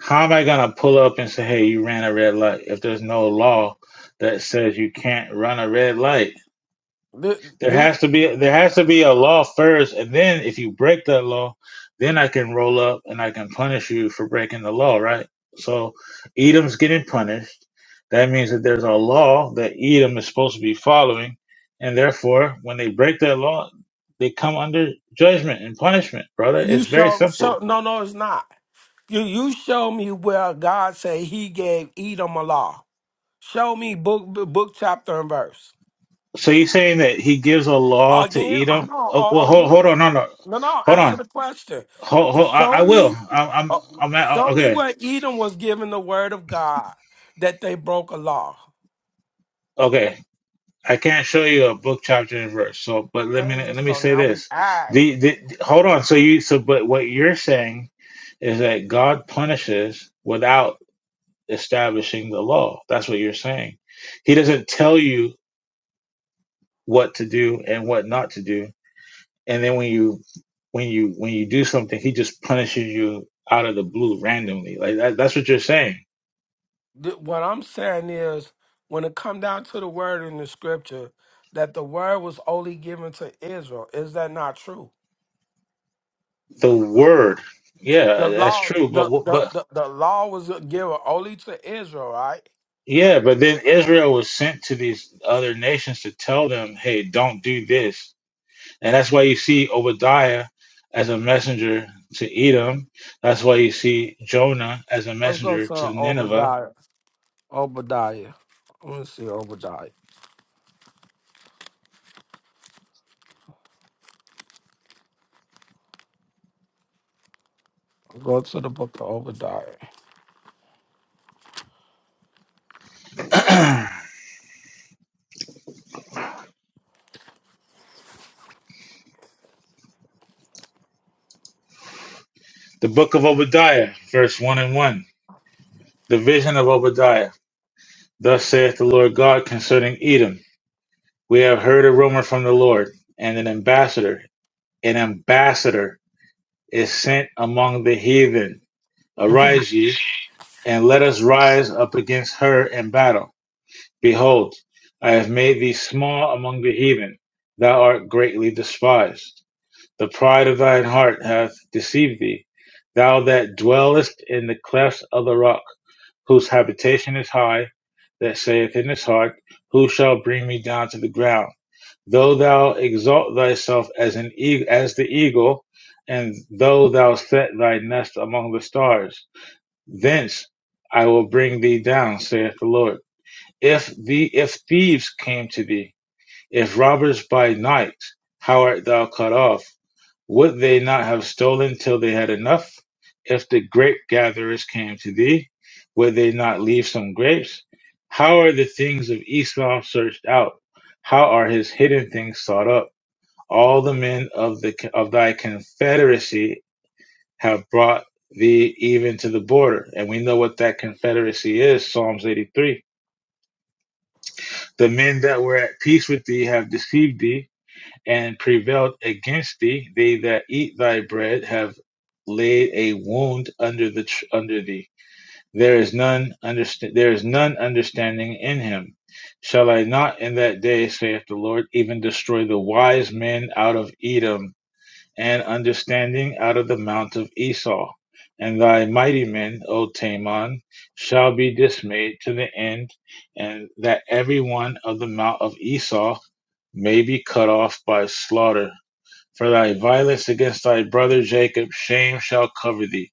[SPEAKER 9] How am I gonna pull up and say, "Hey, you ran a red light"? If there's no law that says you can't run a red light,
[SPEAKER 7] This,
[SPEAKER 9] there
[SPEAKER 7] this
[SPEAKER 9] has to be there has to be a law first, and then if you break that law, then I can roll up and I can punish you for breaking the law, right? So, Edom's getting punished. That means that there's a law that Edom is supposed to be following, and therefore, when they break that law, they come under judgment and punishment, brother.
[SPEAKER 7] you
[SPEAKER 9] It's very
[SPEAKER 7] show,
[SPEAKER 9] simple.
[SPEAKER 7] show, no, no, it's not. You you show me where God say He gave Edom a law. Show me book book chapter and verse.
[SPEAKER 9] So you're saying that he gives a law
[SPEAKER 7] Again,
[SPEAKER 9] to
[SPEAKER 7] hold
[SPEAKER 9] Edom? Oh,
[SPEAKER 7] on.
[SPEAKER 9] well,
[SPEAKER 7] Uh,
[SPEAKER 9] hold,
[SPEAKER 7] again,
[SPEAKER 9] hold on, no, no,
[SPEAKER 7] no, no.
[SPEAKER 9] hold
[SPEAKER 7] Answer
[SPEAKER 9] on,
[SPEAKER 7] the question.
[SPEAKER 9] hold, hold, I, I
[SPEAKER 7] Show
[SPEAKER 9] will.
[SPEAKER 7] me,
[SPEAKER 9] I'm, I'm,
[SPEAKER 7] uh,
[SPEAKER 9] I'm at, uh,
[SPEAKER 7] show me
[SPEAKER 9] okay,
[SPEAKER 7] where Edom was given the word of God that they broke a law.
[SPEAKER 9] okay. I can't show you a book, chapter, and verse. So, but let
[SPEAKER 7] Okay,
[SPEAKER 9] me let me
[SPEAKER 7] so
[SPEAKER 9] say
[SPEAKER 7] now we
[SPEAKER 9] this.
[SPEAKER 7] add.
[SPEAKER 9] The, the hold on. So you so but what you're saying is that God punishes without establishing the law. That's what you're saying. He doesn't tell you what to do and what not to do and then when you when you when you do something he just punishes you out of the blue randomly like that, that's what you're saying
[SPEAKER 7] Th- What I'm saying is, when it come down to the word in the scripture, that the word was only given to Israel. Is that not true?
[SPEAKER 9] the word yeah
[SPEAKER 7] The
[SPEAKER 9] that's
[SPEAKER 7] law,
[SPEAKER 9] true but
[SPEAKER 7] the
[SPEAKER 9] what-
[SPEAKER 7] the
[SPEAKER 9] but
[SPEAKER 7] the, the law was given only to Israel, right?
[SPEAKER 9] yeah but then israel was sent to these other nations to tell them hey don't do this and that's why you see obadiah as a messenger to edom that's why you see jonah as a
[SPEAKER 7] Let's go
[SPEAKER 9] messenger
[SPEAKER 7] to
[SPEAKER 9] to nineveh
[SPEAKER 7] Obadiah. Obadiah. I want to see Obadiah. Go to the book of Obadiah.
[SPEAKER 9] the book of obadiah verse 1 and 1 the vision of obadiah Thus saith the Lord God concerning Edom, We have heard a rumor from the Lord, and an ambassador, an ambassador is sent among the heathen.
[SPEAKER 7] If-
[SPEAKER 9] Arise ye, and let us rise up against her in battle. Behold, I have made thee small among the heathen, thou art greatly despised. The pride of thine heart hath deceived thee, thou that dwellest in the clefts of the rock. whose habitation is high, that saith in his heart, Who shall bring me down to the ground? Though thou exalt thyself as an eagle, as the eagle, and though thou set thy nest among the stars, thence I will bring thee down, saith the Lord. If the if thieves came to thee, if robbers by night, how art thou cut off? Would they not have stolen till they had enough? If the grape gatherers came to thee, would they not leave some grapes? How are the things of Esau searched out? How are his hidden things sought up? All the men of the of thy confederacy have brought thee even to the border, and we know what that confederacy is. Psalms eighty three. The men that were at peace with thee have deceived thee and prevailed against thee. They that eat thy bread have laid a wound under the tr- under thee. There is none understand. There is none understanding in him. Shall I not in that day, saith the Lord, even destroy the wise men out of Edom, and understanding out of the mount of Esau? And thy mighty men, O Taman, shall be dismayed to the end, and that every one of the mount of Esau may be cut off by slaughter. For thy violence against thy brother Jacob, shame shall cover thee,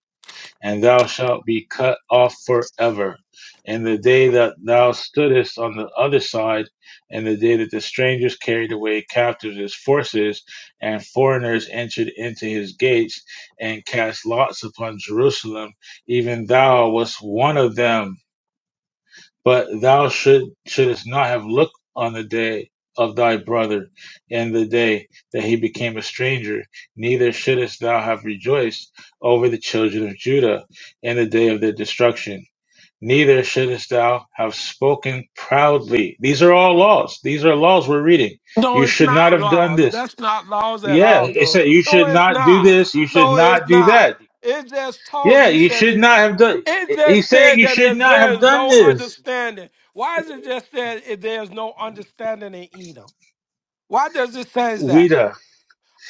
[SPEAKER 9] and thou shalt be cut off forever. And the day that thou stoodest on the other side, and the day that the strangers carried away captives his forces, and foreigners entered into his gates, and cast lots upon Jerusalem, even thou wast one of them. But thou should, shouldest not have looked on the day of thy brother and the day that he became a stranger, neither shouldest thou have rejoiced over the children of Judah in the day of their destruction. Neither shouldest thou have spoken proudly. These are all laws. These are laws we're reading.
[SPEAKER 7] No,
[SPEAKER 9] You
[SPEAKER 7] it's
[SPEAKER 9] should not
[SPEAKER 7] not
[SPEAKER 9] have done
[SPEAKER 7] laws.
[SPEAKER 9] this.
[SPEAKER 7] That's not laws at
[SPEAKER 9] Yeah,
[SPEAKER 7] all,
[SPEAKER 9] it
[SPEAKER 7] though.
[SPEAKER 9] said you
[SPEAKER 7] No,
[SPEAKER 9] should
[SPEAKER 7] it's
[SPEAKER 9] not do
[SPEAKER 7] not.
[SPEAKER 9] this. You should
[SPEAKER 7] No, it's
[SPEAKER 9] not do
[SPEAKER 7] not.
[SPEAKER 9] that.
[SPEAKER 7] It just told
[SPEAKER 9] Yeah,
[SPEAKER 7] you,
[SPEAKER 9] you
[SPEAKER 7] said
[SPEAKER 9] should
[SPEAKER 7] that,
[SPEAKER 9] not have done.
[SPEAKER 7] it just
[SPEAKER 9] He's saying
[SPEAKER 7] said
[SPEAKER 9] you
[SPEAKER 7] that
[SPEAKER 9] should
[SPEAKER 7] if
[SPEAKER 9] not
[SPEAKER 7] there
[SPEAKER 9] have
[SPEAKER 7] is
[SPEAKER 9] done
[SPEAKER 7] no
[SPEAKER 9] this.
[SPEAKER 7] understanding. Why is it just said if there is no understanding in Edom? Why does it say that?
[SPEAKER 9] Wida.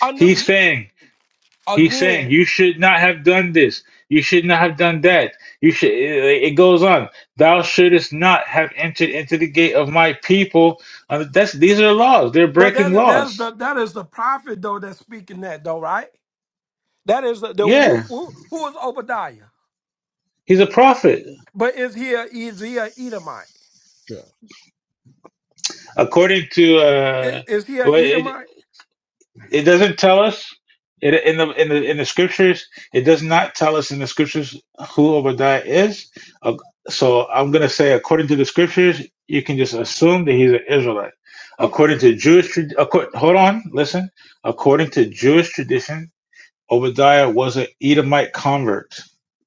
[SPEAKER 7] Under
[SPEAKER 9] He's saying, he's saying,
[SPEAKER 7] again,
[SPEAKER 9] you should not have done this. You should not have done that. You should. It, it goes on. Thou shouldest not have entered into the gate of my people. Uh, that's these are laws. They're
[SPEAKER 7] but
[SPEAKER 9] breaking
[SPEAKER 7] that that's
[SPEAKER 9] laws.
[SPEAKER 7] the that is the prophet though that's speaking that though, right? That is the, the
[SPEAKER 9] Yeah,
[SPEAKER 7] who, who who is Obadiah?
[SPEAKER 9] he's a prophet,
[SPEAKER 7] But is he a, is he a Edomite?
[SPEAKER 10] Okay.
[SPEAKER 9] according to
[SPEAKER 7] Is,
[SPEAKER 9] uh,
[SPEAKER 7] is he a Edomite?
[SPEAKER 9] It doesn't tell us it, in the in the in the scriptures. It does not tell us in the scriptures who Obadiah is. Uh, So I'm going to say, according to the scriptures, you can just assume that he's an Israelite.
[SPEAKER 7] Okay,
[SPEAKER 9] According to Jewish, trad- acco- hold on, listen. According to Jewish tradition, Obadiah was an Edomite convert,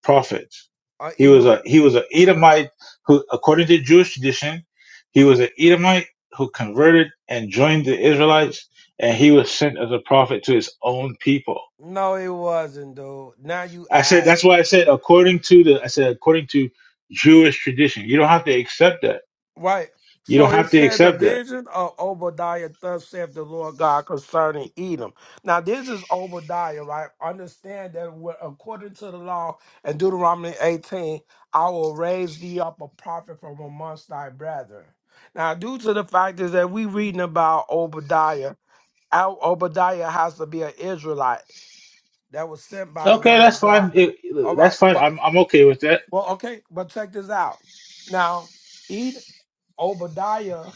[SPEAKER 9] prophet.
[SPEAKER 7] a
[SPEAKER 9] He was
[SPEAKER 7] Edomite.
[SPEAKER 9] a he was an Edomite who, according to Jewish tradition, he was an Edomite who converted and joined the Israelites, and he was sent as a prophet to his own people.
[SPEAKER 7] No, it wasn't, dude. Now you
[SPEAKER 9] I said
[SPEAKER 7] act
[SPEAKER 9] that's why I said according to the I said according to Jewish tradition. You don't have to accept that.
[SPEAKER 7] right.
[SPEAKER 9] You don't
[SPEAKER 7] So it
[SPEAKER 9] have to
[SPEAKER 7] said the
[SPEAKER 9] accept that.
[SPEAKER 7] vision of Obadiah, thus saith the Lord God concerning Edom. Now this is Obadiah, right? Understand that we're- according to the law in Deuteronomy 18, I will raise thee up a prophet from amongst thy brethren. Now, due to the fact is that we reading about Obadiah, Al- Obadiah has to be an Israelite. that was sent by the
[SPEAKER 9] Okay,
[SPEAKER 7] word
[SPEAKER 9] that's
[SPEAKER 7] of
[SPEAKER 9] fine.
[SPEAKER 7] God.
[SPEAKER 9] It-
[SPEAKER 7] All
[SPEAKER 9] that's
[SPEAKER 7] right,
[SPEAKER 9] fine.
[SPEAKER 7] but
[SPEAKER 9] I'm I'm okay with that.
[SPEAKER 7] well, okay, but check this out. Now, Ed Obadiah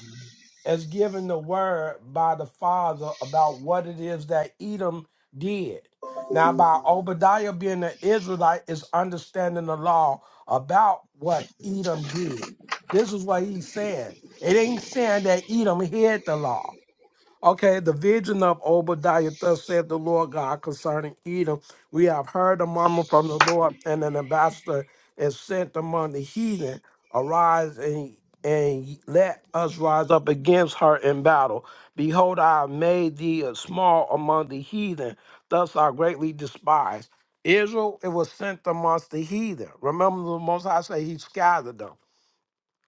[SPEAKER 7] is given the word by the father about what it is that Edom did. Now, by Obadiah being an Israelite, is understanding the law about what Edom did. This is what he's saying. It ain't saying that Edom hid the law. Okay, the vision of Obadiah, thus said the Lord God concerning Edom. We have heard a murmur from the Lord, and an ambassador is sent among the heathen. Arise and and let us rise up against her in battle. Behold, I have made thee a small among the heathen, thus are greatly despised. Israel, it was sent amongst the heathen. Remember, the Most High say he scattered them.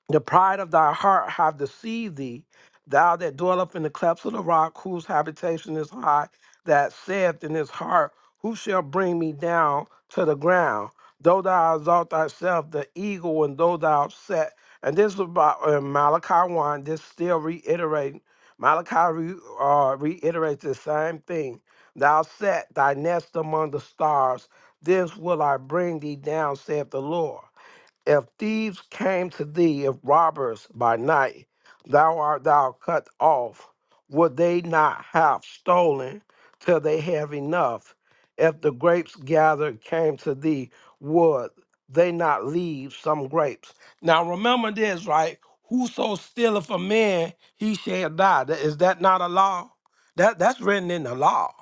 [SPEAKER 7] The pride of thy heart have deceived thee, thou that dwellest in the clefts of the rock, whose habitation is high, that saith in his heart, Who shall bring me down to the ground? Though thou exalt thyself, the eagle, and though thou set. And this is about uh, Malachi 1, this still reiterating. Malachi re, uh, reiterates the same thing. Thou set thy nest among the stars, this will I bring thee down, saith the Lord. If thieves came to thee, if robbers by night, thou art thou cut off. Would they not have stolen till they have enough? If the grapes gathered came to thee, would they not leave some grapes? Now remember this, right? Whoso stealeth a man, he shall die. Th- Is that not a law? That that's written in the law.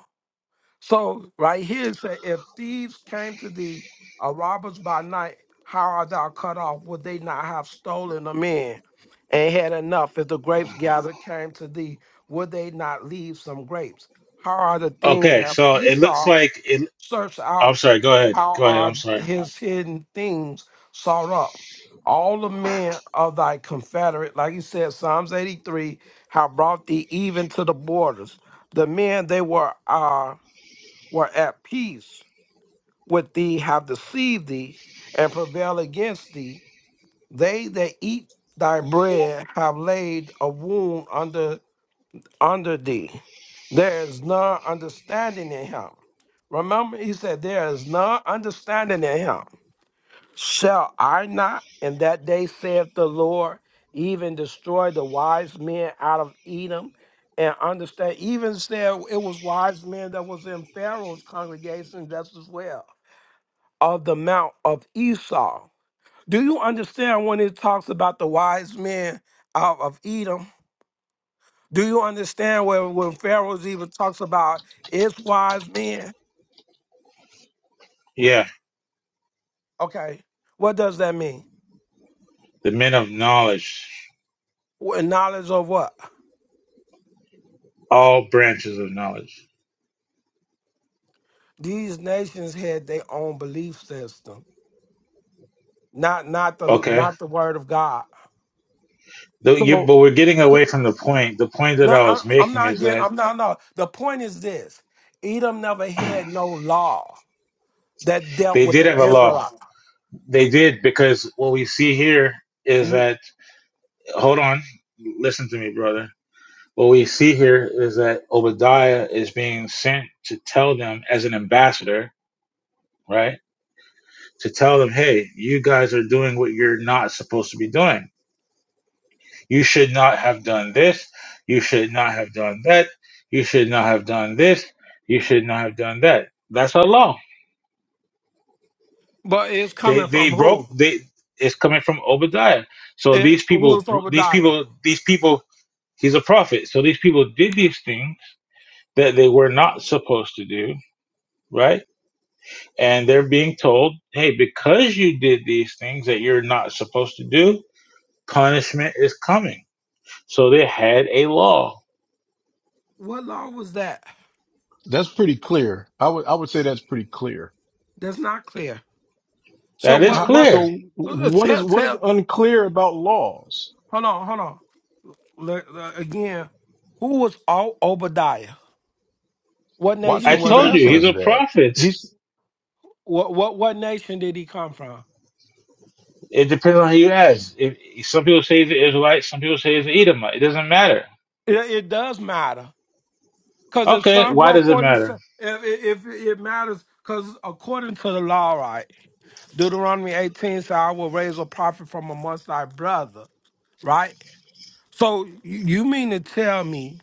[SPEAKER 7] So right here it said, if thieves came to thee, or robbers by night, how art thou cut off? Would they not have stolen them in? And had enough, if the grapes gathered came to thee, would they not leave some grapes? How are the things
[SPEAKER 9] Okay,
[SPEAKER 7] that
[SPEAKER 9] so it looks
[SPEAKER 7] Esau
[SPEAKER 9] like it.
[SPEAKER 7] searched
[SPEAKER 9] I'm
[SPEAKER 7] out?
[SPEAKER 9] sorry. Go ahead.
[SPEAKER 7] How
[SPEAKER 9] Go ahead.
[SPEAKER 7] are
[SPEAKER 9] I'm sorry.
[SPEAKER 7] his hidden things sought up? All the men of thy confederate, like you said, Psalms 83, have brought thee even to the borders. The men, they were uh were at peace with thee have deceived thee and prevail against thee. They that eat thy bread have laid a wound under under thee. There is none understanding in him. Remember, he said, There is none understanding in him. Shall I not in that day, saith the Lord, even destroy the wise men out of Edom? and understand. Even said it was wise men that was in Pharaoh's congregation just as well of the mount of Esau. Do you understand when it talks about the wise men out of Edom? Do you understand where when Pharaoh's even talks about its wise men?
[SPEAKER 9] Yeah.
[SPEAKER 7] Okay, what does that mean?
[SPEAKER 9] the men of knowledge,
[SPEAKER 7] Well, knowledge of what?
[SPEAKER 9] all branches of knowledge.
[SPEAKER 7] These nations had their own belief system, not not the
[SPEAKER 9] Okay.
[SPEAKER 7] not the word of God.
[SPEAKER 9] Though you,
[SPEAKER 10] So
[SPEAKER 9] but we're getting away from the point. The point that
[SPEAKER 7] No,
[SPEAKER 9] I
[SPEAKER 7] I,
[SPEAKER 9] was
[SPEAKER 7] I'm
[SPEAKER 9] making
[SPEAKER 7] not
[SPEAKER 9] is
[SPEAKER 7] getting.
[SPEAKER 9] that
[SPEAKER 7] I'm not. No. The point is this: Edom never had no law that dealt
[SPEAKER 9] they
[SPEAKER 7] with
[SPEAKER 9] did
[SPEAKER 7] the
[SPEAKER 9] have a law.
[SPEAKER 7] Israelites.
[SPEAKER 9] They did because what we see here is
[SPEAKER 7] You
[SPEAKER 9] that, hold on, listen to me, brother. What we see here is that Obadiah is being sent to tell them as an ambassador, right? To tell them, hey, you guys are doing what you're not supposed to be doing You should not have done this. You should not have done that. You should not have done this. You should not have done that. That's Allah.
[SPEAKER 7] But it's
[SPEAKER 9] They
[SPEAKER 7] coming from
[SPEAKER 9] they broke.
[SPEAKER 7] who?
[SPEAKER 9] They it's coming from Obadiah. So
[SPEAKER 7] It,
[SPEAKER 9] these
[SPEAKER 7] who
[SPEAKER 9] people,
[SPEAKER 7] is
[SPEAKER 9] these
[SPEAKER 7] Obadiah?
[SPEAKER 9] people, these people. He's a prophet. So these people did these things that they were not supposed to do, right? And they're being told, hey, because you did these things that you're not supposed to do, punishment is coming. So they had a law.
[SPEAKER 7] What law was that?
[SPEAKER 10] that's pretty clear. I would I would say that's pretty clear
[SPEAKER 7] That's not clear. So
[SPEAKER 9] That is
[SPEAKER 10] Uh,
[SPEAKER 7] what? What?
[SPEAKER 9] clear
[SPEAKER 10] so
[SPEAKER 7] uh,
[SPEAKER 10] what is
[SPEAKER 7] Tell,
[SPEAKER 10] what is
[SPEAKER 7] tell.
[SPEAKER 10] unclear about laws?
[SPEAKER 7] Hold on, hold on. Le- le- Again, who was O- Obadiah? What
[SPEAKER 10] Why do
[SPEAKER 9] I
[SPEAKER 7] nation
[SPEAKER 10] you keep
[SPEAKER 7] was he
[SPEAKER 9] told you
[SPEAKER 10] asking
[SPEAKER 9] he's
[SPEAKER 7] from?
[SPEAKER 10] us
[SPEAKER 9] a
[SPEAKER 10] that?
[SPEAKER 9] prophet.
[SPEAKER 10] He's
[SPEAKER 7] What? What? What nation did he come from?
[SPEAKER 9] It depends on who you ask. If, some people say he's an Israelite, some people say he's an Edomite. It doesn't matter.
[SPEAKER 7] It, it does matter because it's
[SPEAKER 9] Okay,
[SPEAKER 7] Psalm
[SPEAKER 9] why
[SPEAKER 7] one
[SPEAKER 9] does it
[SPEAKER 7] forty
[SPEAKER 9] matter?
[SPEAKER 7] seven. If, if if it matters, because according to the law, right? Deuteronomy eighteen says, "I will raise a prophet from amongst thy brother." Right? So you mean to tell me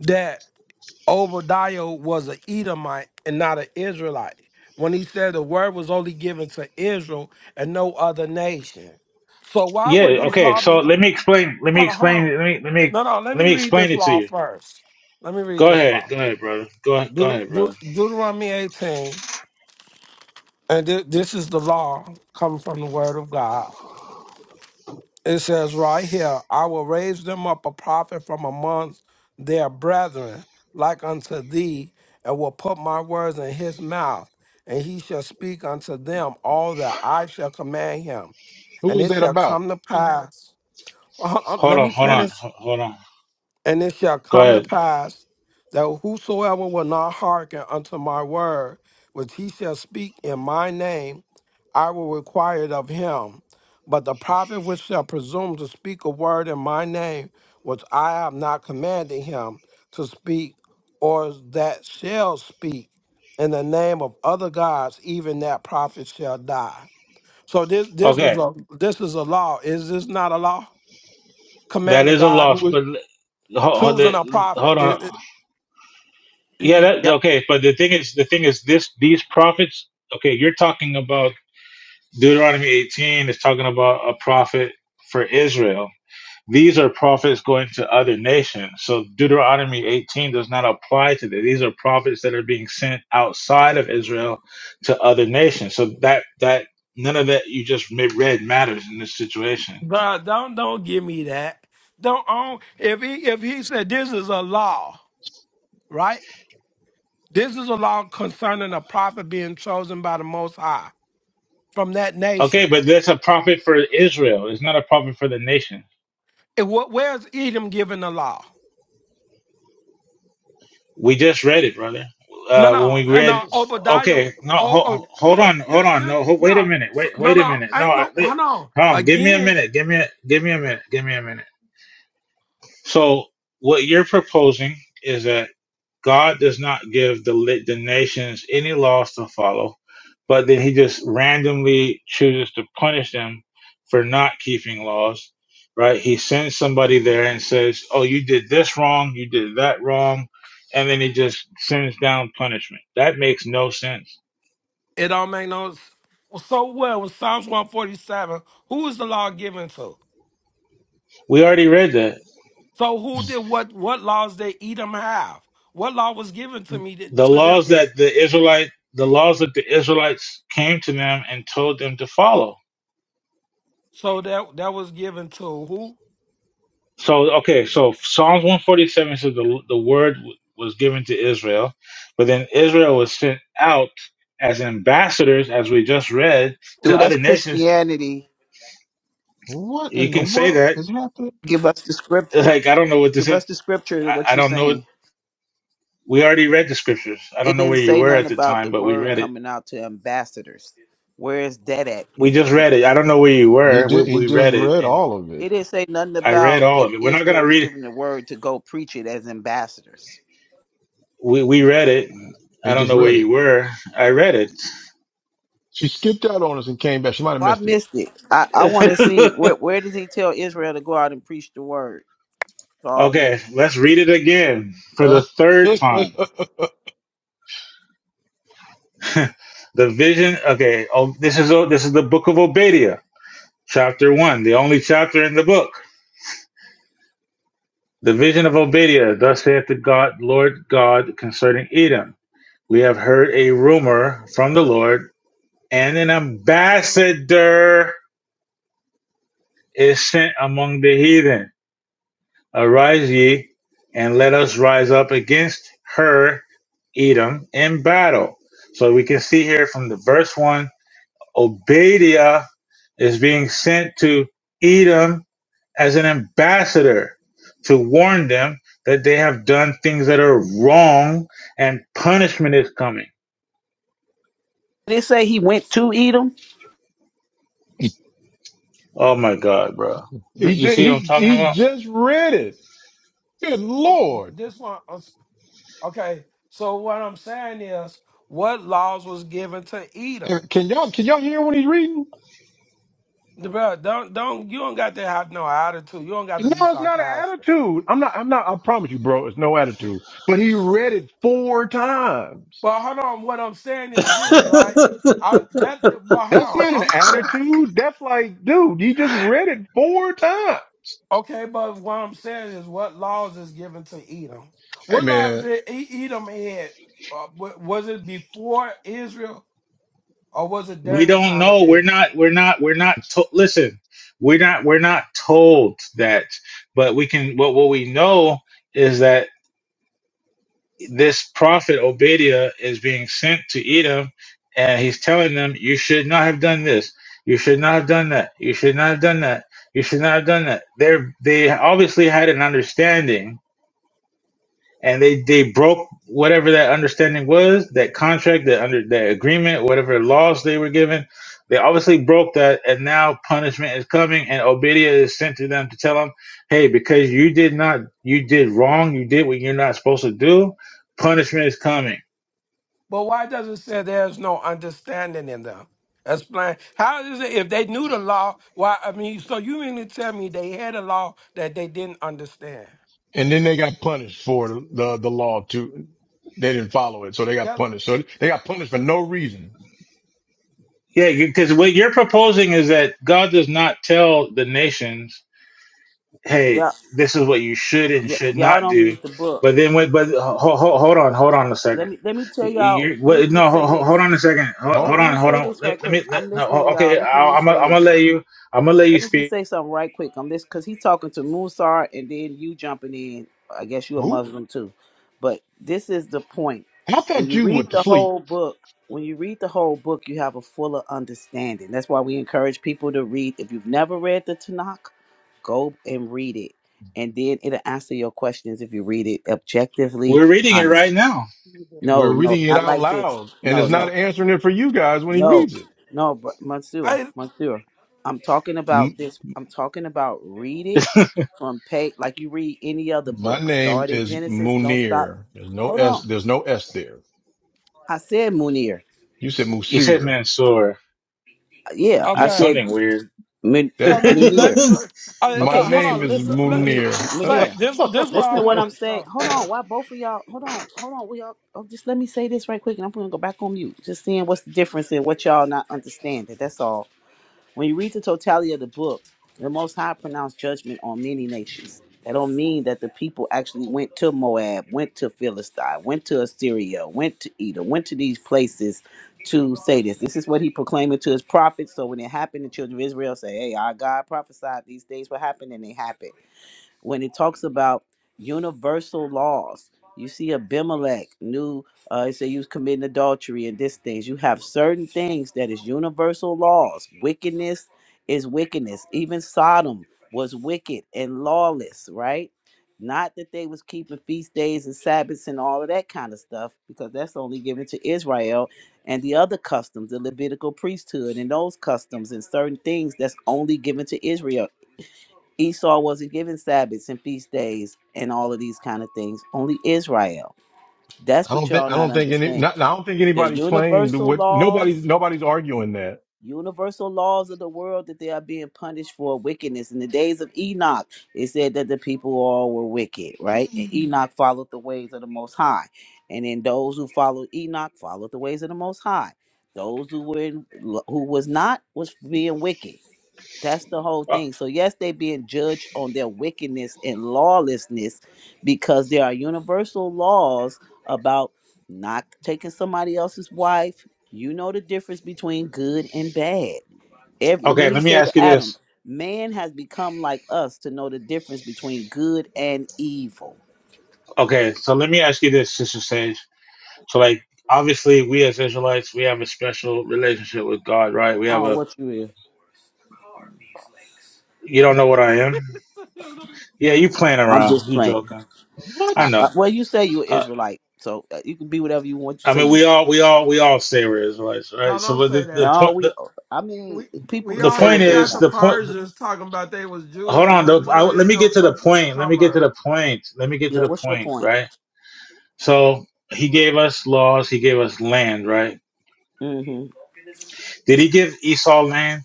[SPEAKER 7] that Obadiah was an Edomite and not an Israelite when he said the word was only given to Israel and no other nation? So why
[SPEAKER 9] Yeah.
[SPEAKER 7] would this
[SPEAKER 9] Okay.
[SPEAKER 7] law
[SPEAKER 9] So
[SPEAKER 7] be?
[SPEAKER 9] let me explain. Let me
[SPEAKER 7] Hold on, hold
[SPEAKER 9] explain.
[SPEAKER 7] on.
[SPEAKER 9] Let me let me
[SPEAKER 7] No, no. Let
[SPEAKER 9] let
[SPEAKER 7] me
[SPEAKER 9] me
[SPEAKER 7] read
[SPEAKER 9] explain
[SPEAKER 7] this
[SPEAKER 9] it to
[SPEAKER 7] law
[SPEAKER 9] you.
[SPEAKER 7] first. Let me read
[SPEAKER 9] Go
[SPEAKER 7] this
[SPEAKER 9] ahead.
[SPEAKER 7] law.
[SPEAKER 9] Go ahead, brother. Go ahead. Go
[SPEAKER 7] Deut-
[SPEAKER 9] ahead, brother.
[SPEAKER 7] Deut- Deuteronomy 18, and thi- this is the law coming from the Word of God. It says right here, I will raise them up a prophet from amongst their brethren, like unto thee, and will put my words in his mouth, and he shall speak unto them all that I shall command him.
[SPEAKER 10] who
[SPEAKER 7] And
[SPEAKER 10] is
[SPEAKER 7] it
[SPEAKER 10] that
[SPEAKER 7] shall
[SPEAKER 10] about?
[SPEAKER 7] come to Mhm. pass.
[SPEAKER 9] Hold
[SPEAKER 7] let
[SPEAKER 9] on.
[SPEAKER 7] me
[SPEAKER 9] Hold on.
[SPEAKER 7] finish.
[SPEAKER 9] ho- Hold on.
[SPEAKER 7] And it shall
[SPEAKER 9] Go
[SPEAKER 7] come to
[SPEAKER 9] ahead.
[SPEAKER 7] pass that whosoever will not hearken unto my word, which he shall speak in my name, I will require it of him. But the prophet which shall presume to speak a word in my name, which I have not commanded him to speak, or that shall speak in the name of other gods, even that prophet shall die. So this this is
[SPEAKER 9] Okay.
[SPEAKER 7] a this is a law. Is this not a law?
[SPEAKER 9] That
[SPEAKER 7] Commanding
[SPEAKER 9] is a
[SPEAKER 7] God,
[SPEAKER 9] loss,
[SPEAKER 10] Who is
[SPEAKER 9] but l- ho- ho-
[SPEAKER 7] choosing a
[SPEAKER 9] the- hold
[SPEAKER 7] prophet.
[SPEAKER 9] on. Yeah.
[SPEAKER 7] You-
[SPEAKER 9] That
[SPEAKER 7] yeah,
[SPEAKER 9] okay. But the thing is, the thing is, this these prophets. Okay, you're talking about Deuteronomy 18 is talking about a prophet for Israel. These are prophets going to other nations. So Deuteronomy 18 does not apply to this. These are prophets that are being sent outside of Israel to other nations. So that that none of that you just ma- read matters in this situation.
[SPEAKER 7] God, don't don't give me that. Don't own if he if he said this is a law, right? This is a law concerning a prophet being chosen by the Most High from that
[SPEAKER 9] Okay,
[SPEAKER 7] nation.
[SPEAKER 9] but that's a prophet for Israel. It's not a prophet for the nation.
[SPEAKER 7] And what where's Edom given the law?
[SPEAKER 9] We just read it, brother.
[SPEAKER 7] No,
[SPEAKER 9] Uh, when we
[SPEAKER 7] no, uh,
[SPEAKER 9] read,
[SPEAKER 7] no. Obadiah. Oh,
[SPEAKER 9] okay, no,
[SPEAKER 7] oh
[SPEAKER 9] ho- hold
[SPEAKER 7] look,
[SPEAKER 9] on, hold
[SPEAKER 7] this,
[SPEAKER 9] on,
[SPEAKER 7] this,
[SPEAKER 9] no, ho- wait a
[SPEAKER 7] no,
[SPEAKER 9] minute,
[SPEAKER 7] so-
[SPEAKER 9] wait,
[SPEAKER 7] no,
[SPEAKER 9] wait a
[SPEAKER 7] no.
[SPEAKER 9] minute, no,
[SPEAKER 7] Ain't
[SPEAKER 9] I,
[SPEAKER 7] no.
[SPEAKER 9] li-
[SPEAKER 7] Hold on.
[SPEAKER 9] hold on, give me a
[SPEAKER 7] Again,
[SPEAKER 9] minute, give me, a, give me a minute, give me a minute. So what you're proposing is that. God does not give the lit the nations any laws to follow, but then He just randomly chooses to punish them for not keeping laws. Right? He sends somebody there and says, "Oh, you did this wrong. You did that wrong," and then He just sends down punishment. That makes no sense.
[SPEAKER 7] it don't make no. s- So well with Psalms one forty seven. Who is the law given to?
[SPEAKER 9] We already read that
[SPEAKER 7] So who did what? What laws did Edom have? What law was given to me that,
[SPEAKER 9] the
[SPEAKER 7] to them
[SPEAKER 9] laws
[SPEAKER 7] then?
[SPEAKER 9] that the Israelite the laws that the Israelites came to them and told them to follow
[SPEAKER 7] So that that was given to who?
[SPEAKER 9] So okay, so Psalms one forty seven says the the word w- was given to Israel, but then Israel was sent out as ambassadors, as we just read, to
[SPEAKER 5] Dude,
[SPEAKER 7] Right.
[SPEAKER 5] that's
[SPEAKER 9] other nations.
[SPEAKER 5] Christianity.
[SPEAKER 10] what
[SPEAKER 9] You
[SPEAKER 10] in the
[SPEAKER 9] can say
[SPEAKER 10] world
[SPEAKER 9] that.
[SPEAKER 10] is happening?
[SPEAKER 5] Give us the scripture.
[SPEAKER 9] Like I don't know what this
[SPEAKER 5] Give
[SPEAKER 9] is.
[SPEAKER 5] us the scripture to
[SPEAKER 9] I,
[SPEAKER 5] what
[SPEAKER 9] I
[SPEAKER 5] you
[SPEAKER 9] don't know. What,
[SPEAKER 5] saying.
[SPEAKER 9] we already read the scriptures. I don't
[SPEAKER 5] It
[SPEAKER 9] know
[SPEAKER 5] didn't
[SPEAKER 9] where you
[SPEAKER 5] say
[SPEAKER 9] were
[SPEAKER 5] nothing
[SPEAKER 9] at the
[SPEAKER 5] about
[SPEAKER 9] time,
[SPEAKER 5] the
[SPEAKER 9] but we
[SPEAKER 5] word
[SPEAKER 9] read it.
[SPEAKER 5] coming out to ambassadors. Where is that at
[SPEAKER 9] We
[SPEAKER 5] in the
[SPEAKER 9] just
[SPEAKER 5] scripture?
[SPEAKER 9] read it. I don't know where you
[SPEAKER 10] He
[SPEAKER 9] were. We
[SPEAKER 10] did. He
[SPEAKER 9] we
[SPEAKER 10] just
[SPEAKER 9] read it,
[SPEAKER 10] read
[SPEAKER 9] and
[SPEAKER 10] all of it.
[SPEAKER 5] It didn't say nothing
[SPEAKER 9] I read
[SPEAKER 5] about
[SPEAKER 9] all
[SPEAKER 5] that
[SPEAKER 9] of it. We're not
[SPEAKER 5] Israel
[SPEAKER 9] gonna
[SPEAKER 5] was
[SPEAKER 9] read.
[SPEAKER 5] given the word to go preach it as ambassadors.
[SPEAKER 9] We we read it.
[SPEAKER 10] He
[SPEAKER 9] I don't
[SPEAKER 10] just
[SPEAKER 9] know where
[SPEAKER 10] read
[SPEAKER 9] you
[SPEAKER 10] it.
[SPEAKER 9] were. I read
[SPEAKER 10] She skipped out on us and came back. She might have
[SPEAKER 5] Well, I
[SPEAKER 10] missed it.
[SPEAKER 5] missed it. I, I want to
[SPEAKER 9] it.
[SPEAKER 5] see where where does he tell Israel to go out and preach the word to all
[SPEAKER 9] Okay,
[SPEAKER 5] nations?
[SPEAKER 9] let's read it again for
[SPEAKER 10] Uh,
[SPEAKER 9] the third
[SPEAKER 10] he
[SPEAKER 9] time. the vision. Okay, oh, this is this is the book of Obadiah, chapter one, the only chapter in the book. The vision of Obadiah. Thus saith the God, Lord God, concerning Edom. We have heard a rumor from the Lord, and an ambassador is sent among the heathen. Arise ye, and let us rise up against her, Edom, in battle. So we can see here from the verse one Obadiah is being sent to Edom as an ambassador to warn them that they have done things that are wrong and punishment is coming.
[SPEAKER 5] Did it say he went to Edom?
[SPEAKER 9] Oh my God, bro. Th- You
[SPEAKER 10] ju-
[SPEAKER 9] see
[SPEAKER 10] he
[SPEAKER 9] what I'm talking
[SPEAKER 10] he
[SPEAKER 9] about?
[SPEAKER 10] just read it. Good
[SPEAKER 7] Okay,
[SPEAKER 10] lord!
[SPEAKER 7] this one. is- Okay. So what I'm saying is, what laws was given to Edom?
[SPEAKER 10] Can y'all can y'all hear what he's reading?
[SPEAKER 7] The Bro, don't don't you don't got to have no attitude. You don't got
[SPEAKER 10] No,
[SPEAKER 7] to be
[SPEAKER 10] it's not an
[SPEAKER 7] sarcastic.
[SPEAKER 10] attitude. I'm not, I'm not, I promise you, bro, it's no attitude. But he read it four times.
[SPEAKER 7] But hold on, what I'm saying is this, right? I that but hold
[SPEAKER 10] That's
[SPEAKER 7] on,
[SPEAKER 10] not an
[SPEAKER 7] I'm saying
[SPEAKER 10] attitude. That's like, dude, you just read it four times.
[SPEAKER 7] Okay, but what I'm saying is, what laws is given to Edom?
[SPEAKER 10] Hey
[SPEAKER 7] What laws
[SPEAKER 10] man.
[SPEAKER 7] did E- Edom had? Uh, wa- was it before Israel or was it
[SPEAKER 9] We
[SPEAKER 7] during the
[SPEAKER 9] don't
[SPEAKER 7] time of
[SPEAKER 9] know. We're
[SPEAKER 7] Israel?
[SPEAKER 9] not, we're not, we're not, to- listen, we're not, we're not told that, but we can, what, what we know is that. this prophet Obadiah is being sent to Edom, and he's telling them, "You should not have done this. You should not have done that. You should not have done that. You should not have done that." They they obviously had an understanding and they they broke whatever that understanding was, that contract, that under that agreement, whatever laws they were given. They obviously broke that, and now punishment is coming, and Obadiah is sent to them to tell them, "Hey, because you did not, you did wrong, you did what you're not supposed to do. Punishment is coming."
[SPEAKER 7] But why does it say there's no understanding in them? Explain. How is it if they knew the law? Why? I mean, so you mean to tell me they had a law that they didn't understand?
[SPEAKER 10] And then they got punished for the, the, the law too. They didn't follow it. So they got
[SPEAKER 7] That
[SPEAKER 10] punished. So they got punished for no reason.
[SPEAKER 9] Yeah, because what you're proposing is that God does not tell the nations hey,
[SPEAKER 5] Yeah,
[SPEAKER 9] this is what you should and
[SPEAKER 5] yeah.
[SPEAKER 9] should
[SPEAKER 5] Y'all
[SPEAKER 9] not
[SPEAKER 5] don't
[SPEAKER 9] do.
[SPEAKER 5] read the book.
[SPEAKER 9] But then, wait, but hold, hold on, hold on a
[SPEAKER 5] Let
[SPEAKER 9] second.
[SPEAKER 5] me let me tell
[SPEAKER 9] You,
[SPEAKER 5] y'all.
[SPEAKER 9] you
[SPEAKER 5] Let me
[SPEAKER 9] no,
[SPEAKER 5] just
[SPEAKER 9] ho
[SPEAKER 5] say
[SPEAKER 9] hold
[SPEAKER 5] this.
[SPEAKER 9] on a second. Hold,
[SPEAKER 10] Huh?
[SPEAKER 5] Hold
[SPEAKER 9] hold
[SPEAKER 5] on. Let
[SPEAKER 9] on,
[SPEAKER 5] me
[SPEAKER 9] hold
[SPEAKER 5] say
[SPEAKER 9] on.
[SPEAKER 5] this right
[SPEAKER 9] Let, let
[SPEAKER 5] quick.
[SPEAKER 9] me.
[SPEAKER 5] I'm
[SPEAKER 9] Let, no, ho-
[SPEAKER 5] listening, y'all.
[SPEAKER 9] okay.
[SPEAKER 5] Just let
[SPEAKER 9] I,
[SPEAKER 5] me
[SPEAKER 9] I'm. i
[SPEAKER 5] say
[SPEAKER 9] I'm
[SPEAKER 5] this.
[SPEAKER 9] gonna let you. I'm gonna let you
[SPEAKER 5] Let me just
[SPEAKER 9] speak.
[SPEAKER 5] say something right quick on this because he's talking to Musar and then you jumping in. I guess you're a
[SPEAKER 10] Who?
[SPEAKER 5] Muslim too. But this is the point.
[SPEAKER 10] I
[SPEAKER 5] When
[SPEAKER 10] thought
[SPEAKER 5] you
[SPEAKER 10] you
[SPEAKER 5] read
[SPEAKER 10] went to
[SPEAKER 5] the
[SPEAKER 10] sleep.
[SPEAKER 5] whole book, when you read the whole book, you have a fuller understanding. That's why we encourage people to read. If you've never read the Tanakh, go and read it. And then it'll answer your questions if you read it objectively,
[SPEAKER 9] We're reading it
[SPEAKER 5] honest.
[SPEAKER 9] right now.
[SPEAKER 5] No,
[SPEAKER 10] We're
[SPEAKER 5] no,
[SPEAKER 10] reading it
[SPEAKER 5] not
[SPEAKER 10] out
[SPEAKER 5] like this.
[SPEAKER 10] loud and
[SPEAKER 5] No,
[SPEAKER 10] it's
[SPEAKER 5] no.
[SPEAKER 10] not answering it for you guys when he
[SPEAKER 5] No,
[SPEAKER 10] reads it.
[SPEAKER 5] no, but Monsieur,
[SPEAKER 7] I
[SPEAKER 5] Monsieur, I'm talking about
[SPEAKER 10] M-
[SPEAKER 5] this. I'm talking about read it from page like you read any other
[SPEAKER 10] my
[SPEAKER 5] book.
[SPEAKER 10] name
[SPEAKER 5] Start at
[SPEAKER 10] is
[SPEAKER 5] Genesis. Don't stop.
[SPEAKER 10] Munir. There's no
[SPEAKER 5] Hold
[SPEAKER 10] S,
[SPEAKER 5] on.
[SPEAKER 10] there's no S there.
[SPEAKER 5] I said Munir.
[SPEAKER 10] You said
[SPEAKER 9] You said
[SPEAKER 10] Musir.
[SPEAKER 9] Mansoor.
[SPEAKER 5] Yeah, I
[SPEAKER 9] It's
[SPEAKER 7] okay.
[SPEAKER 5] said
[SPEAKER 9] something weird.
[SPEAKER 5] Mun-
[SPEAKER 7] So
[SPEAKER 10] That
[SPEAKER 9] okay,
[SPEAKER 7] let me let,
[SPEAKER 5] Munir.
[SPEAKER 7] me- let, I,
[SPEAKER 10] my
[SPEAKER 5] Okay,
[SPEAKER 7] let- hold
[SPEAKER 10] name
[SPEAKER 5] listen,
[SPEAKER 7] on.
[SPEAKER 10] is
[SPEAKER 5] listen,
[SPEAKER 7] Let, let, us
[SPEAKER 5] Munir,
[SPEAKER 10] Munir. I
[SPEAKER 7] say
[SPEAKER 5] Munir.
[SPEAKER 7] this. This is why
[SPEAKER 5] Listen
[SPEAKER 7] I
[SPEAKER 5] to what I'm
[SPEAKER 7] want to
[SPEAKER 5] saying.
[SPEAKER 7] start.
[SPEAKER 5] Hold on. Why both of y'all? Hold on, hold on. We all oh, just let me say this right quick, and I'm gonna go back on mute. Just seeing what's the difference in what y'all not understanding. That's all. When you read the totality of the book, the Most High pronounced judgment on many nations. That don't mean that the people actually went to Moab, went to Philistine, went to Assyria, went to Edom, went to these places to say this. This is what he proclaimed to his prophets. So when it happened, the children of Israel say, "Hey, our God prophesied these things will happen, and they happen." when it talks about universal laws. You see Abimelech knew uh it said you was committing adultery and this things. You have certain things that is universal laws. Wickedness is wickedness. Even Sodom was wicked and lawless, right? Not that they was keeping feast days and Sabbaths and all of that kind of stuff, because that's only given to Israel and the other customs, the Levitical priesthood and those customs and certain things that's only given to Israel. Esau wasn't given Sabbaths and feast days and all of these kind of things. Only Israel. That's what
[SPEAKER 10] don't think
[SPEAKER 5] y'all
[SPEAKER 10] I
[SPEAKER 5] not
[SPEAKER 10] don't think any
[SPEAKER 5] understand.
[SPEAKER 10] not, I don't think
[SPEAKER 5] The
[SPEAKER 10] anybody claimed
[SPEAKER 5] universal
[SPEAKER 10] what nobody's
[SPEAKER 5] laws,
[SPEAKER 10] nobody's arguing that.
[SPEAKER 5] universal laws of the world that they are being punished for wickedness. In the days of Enoch, it said that the people all were wicked, right? And Enoch followed the ways of the Most High. And then those who followed Enoch followed the ways of the Most High. Those who were in, who was not was being wicked that's the whole thing. So yes, they being judged on their wickedness and lawlessness because there are universal laws about not taking somebody else's wife. You know the difference between good and bad. Every when he
[SPEAKER 9] let me
[SPEAKER 5] said
[SPEAKER 9] ask
[SPEAKER 5] to
[SPEAKER 9] you
[SPEAKER 5] Adam,
[SPEAKER 9] this.
[SPEAKER 5] man has become like us to know the difference between good and evil.
[SPEAKER 9] Okay, so let me ask you this, Sister Sage. So, like, obviously, we as Israelites, we have a special relationship with God, right? We have
[SPEAKER 5] Oh,
[SPEAKER 9] a.
[SPEAKER 5] what you is?
[SPEAKER 9] You don't know what I am. Yeah, you playing
[SPEAKER 5] I'm
[SPEAKER 9] around.
[SPEAKER 5] just
[SPEAKER 9] You
[SPEAKER 5] playing.
[SPEAKER 9] joking.
[SPEAKER 10] What?
[SPEAKER 9] I
[SPEAKER 5] Uh, uh,
[SPEAKER 9] know.
[SPEAKER 5] well, you say you're
[SPEAKER 9] Uh,
[SPEAKER 5] Israelite, so uh, you can be whatever you want. You
[SPEAKER 9] I
[SPEAKER 5] say
[SPEAKER 9] mean,
[SPEAKER 5] you.
[SPEAKER 9] we all, we all, we all say we're Israelites, right?
[SPEAKER 7] No,
[SPEAKER 9] So
[SPEAKER 7] don't
[SPEAKER 9] but
[SPEAKER 7] say
[SPEAKER 9] the, the
[SPEAKER 7] that.
[SPEAKER 5] No,
[SPEAKER 9] point,
[SPEAKER 5] we.
[SPEAKER 9] the,
[SPEAKER 5] I mean,
[SPEAKER 7] We
[SPEAKER 5] people
[SPEAKER 7] we
[SPEAKER 9] the
[SPEAKER 5] can say
[SPEAKER 9] point
[SPEAKER 7] already
[SPEAKER 5] what they
[SPEAKER 7] got
[SPEAKER 9] is
[SPEAKER 5] want.
[SPEAKER 7] the
[SPEAKER 9] the point.
[SPEAKER 7] Persians talking about they was
[SPEAKER 9] Hold
[SPEAKER 7] Jews
[SPEAKER 9] on.
[SPEAKER 7] when
[SPEAKER 9] The,
[SPEAKER 7] we
[SPEAKER 9] I,
[SPEAKER 7] know you
[SPEAKER 9] let
[SPEAKER 7] ain't
[SPEAKER 9] me
[SPEAKER 7] no
[SPEAKER 9] get to the
[SPEAKER 7] such thing as
[SPEAKER 9] point. Let me get to the
[SPEAKER 7] converts.
[SPEAKER 9] point. Let me get to
[SPEAKER 5] Yeah,
[SPEAKER 9] the
[SPEAKER 5] what's your
[SPEAKER 9] point,
[SPEAKER 5] point?
[SPEAKER 9] right? So he gave us laws. He gave us land, right?
[SPEAKER 5] hmm
[SPEAKER 9] Did he give Esau land?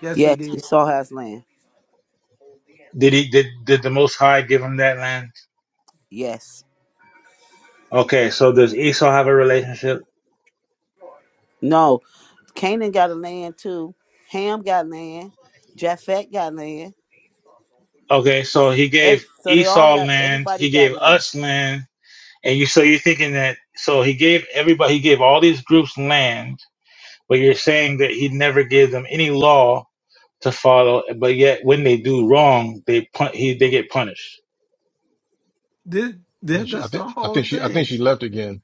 [SPEAKER 7] Yes, he
[SPEAKER 5] Yes,
[SPEAKER 7] did.
[SPEAKER 5] Esau has land.
[SPEAKER 9] Did he, did, did the Most High give him that land?
[SPEAKER 5] Yes.
[SPEAKER 9] Okay. So does Esau have a relationship?
[SPEAKER 5] No, Canaan got a land too. Ham got land. Japhet got land.
[SPEAKER 9] Okay. So he
[SPEAKER 5] Every,
[SPEAKER 9] gave
[SPEAKER 5] so they all
[SPEAKER 9] Esau
[SPEAKER 5] got,
[SPEAKER 9] land.
[SPEAKER 5] everybody
[SPEAKER 9] He
[SPEAKER 5] got
[SPEAKER 9] gave
[SPEAKER 5] land.
[SPEAKER 9] us land And you so you're thinking that so he gave everybody he gave all these groups land, but you're saying that he never gave them any law to follow, but yet when they do wrong, they pun- he they get punished.
[SPEAKER 7] Did,
[SPEAKER 10] I think
[SPEAKER 7] did
[SPEAKER 10] she I
[SPEAKER 7] that's the
[SPEAKER 10] think I
[SPEAKER 7] whole
[SPEAKER 10] think she I think
[SPEAKER 7] thing.
[SPEAKER 10] she left again.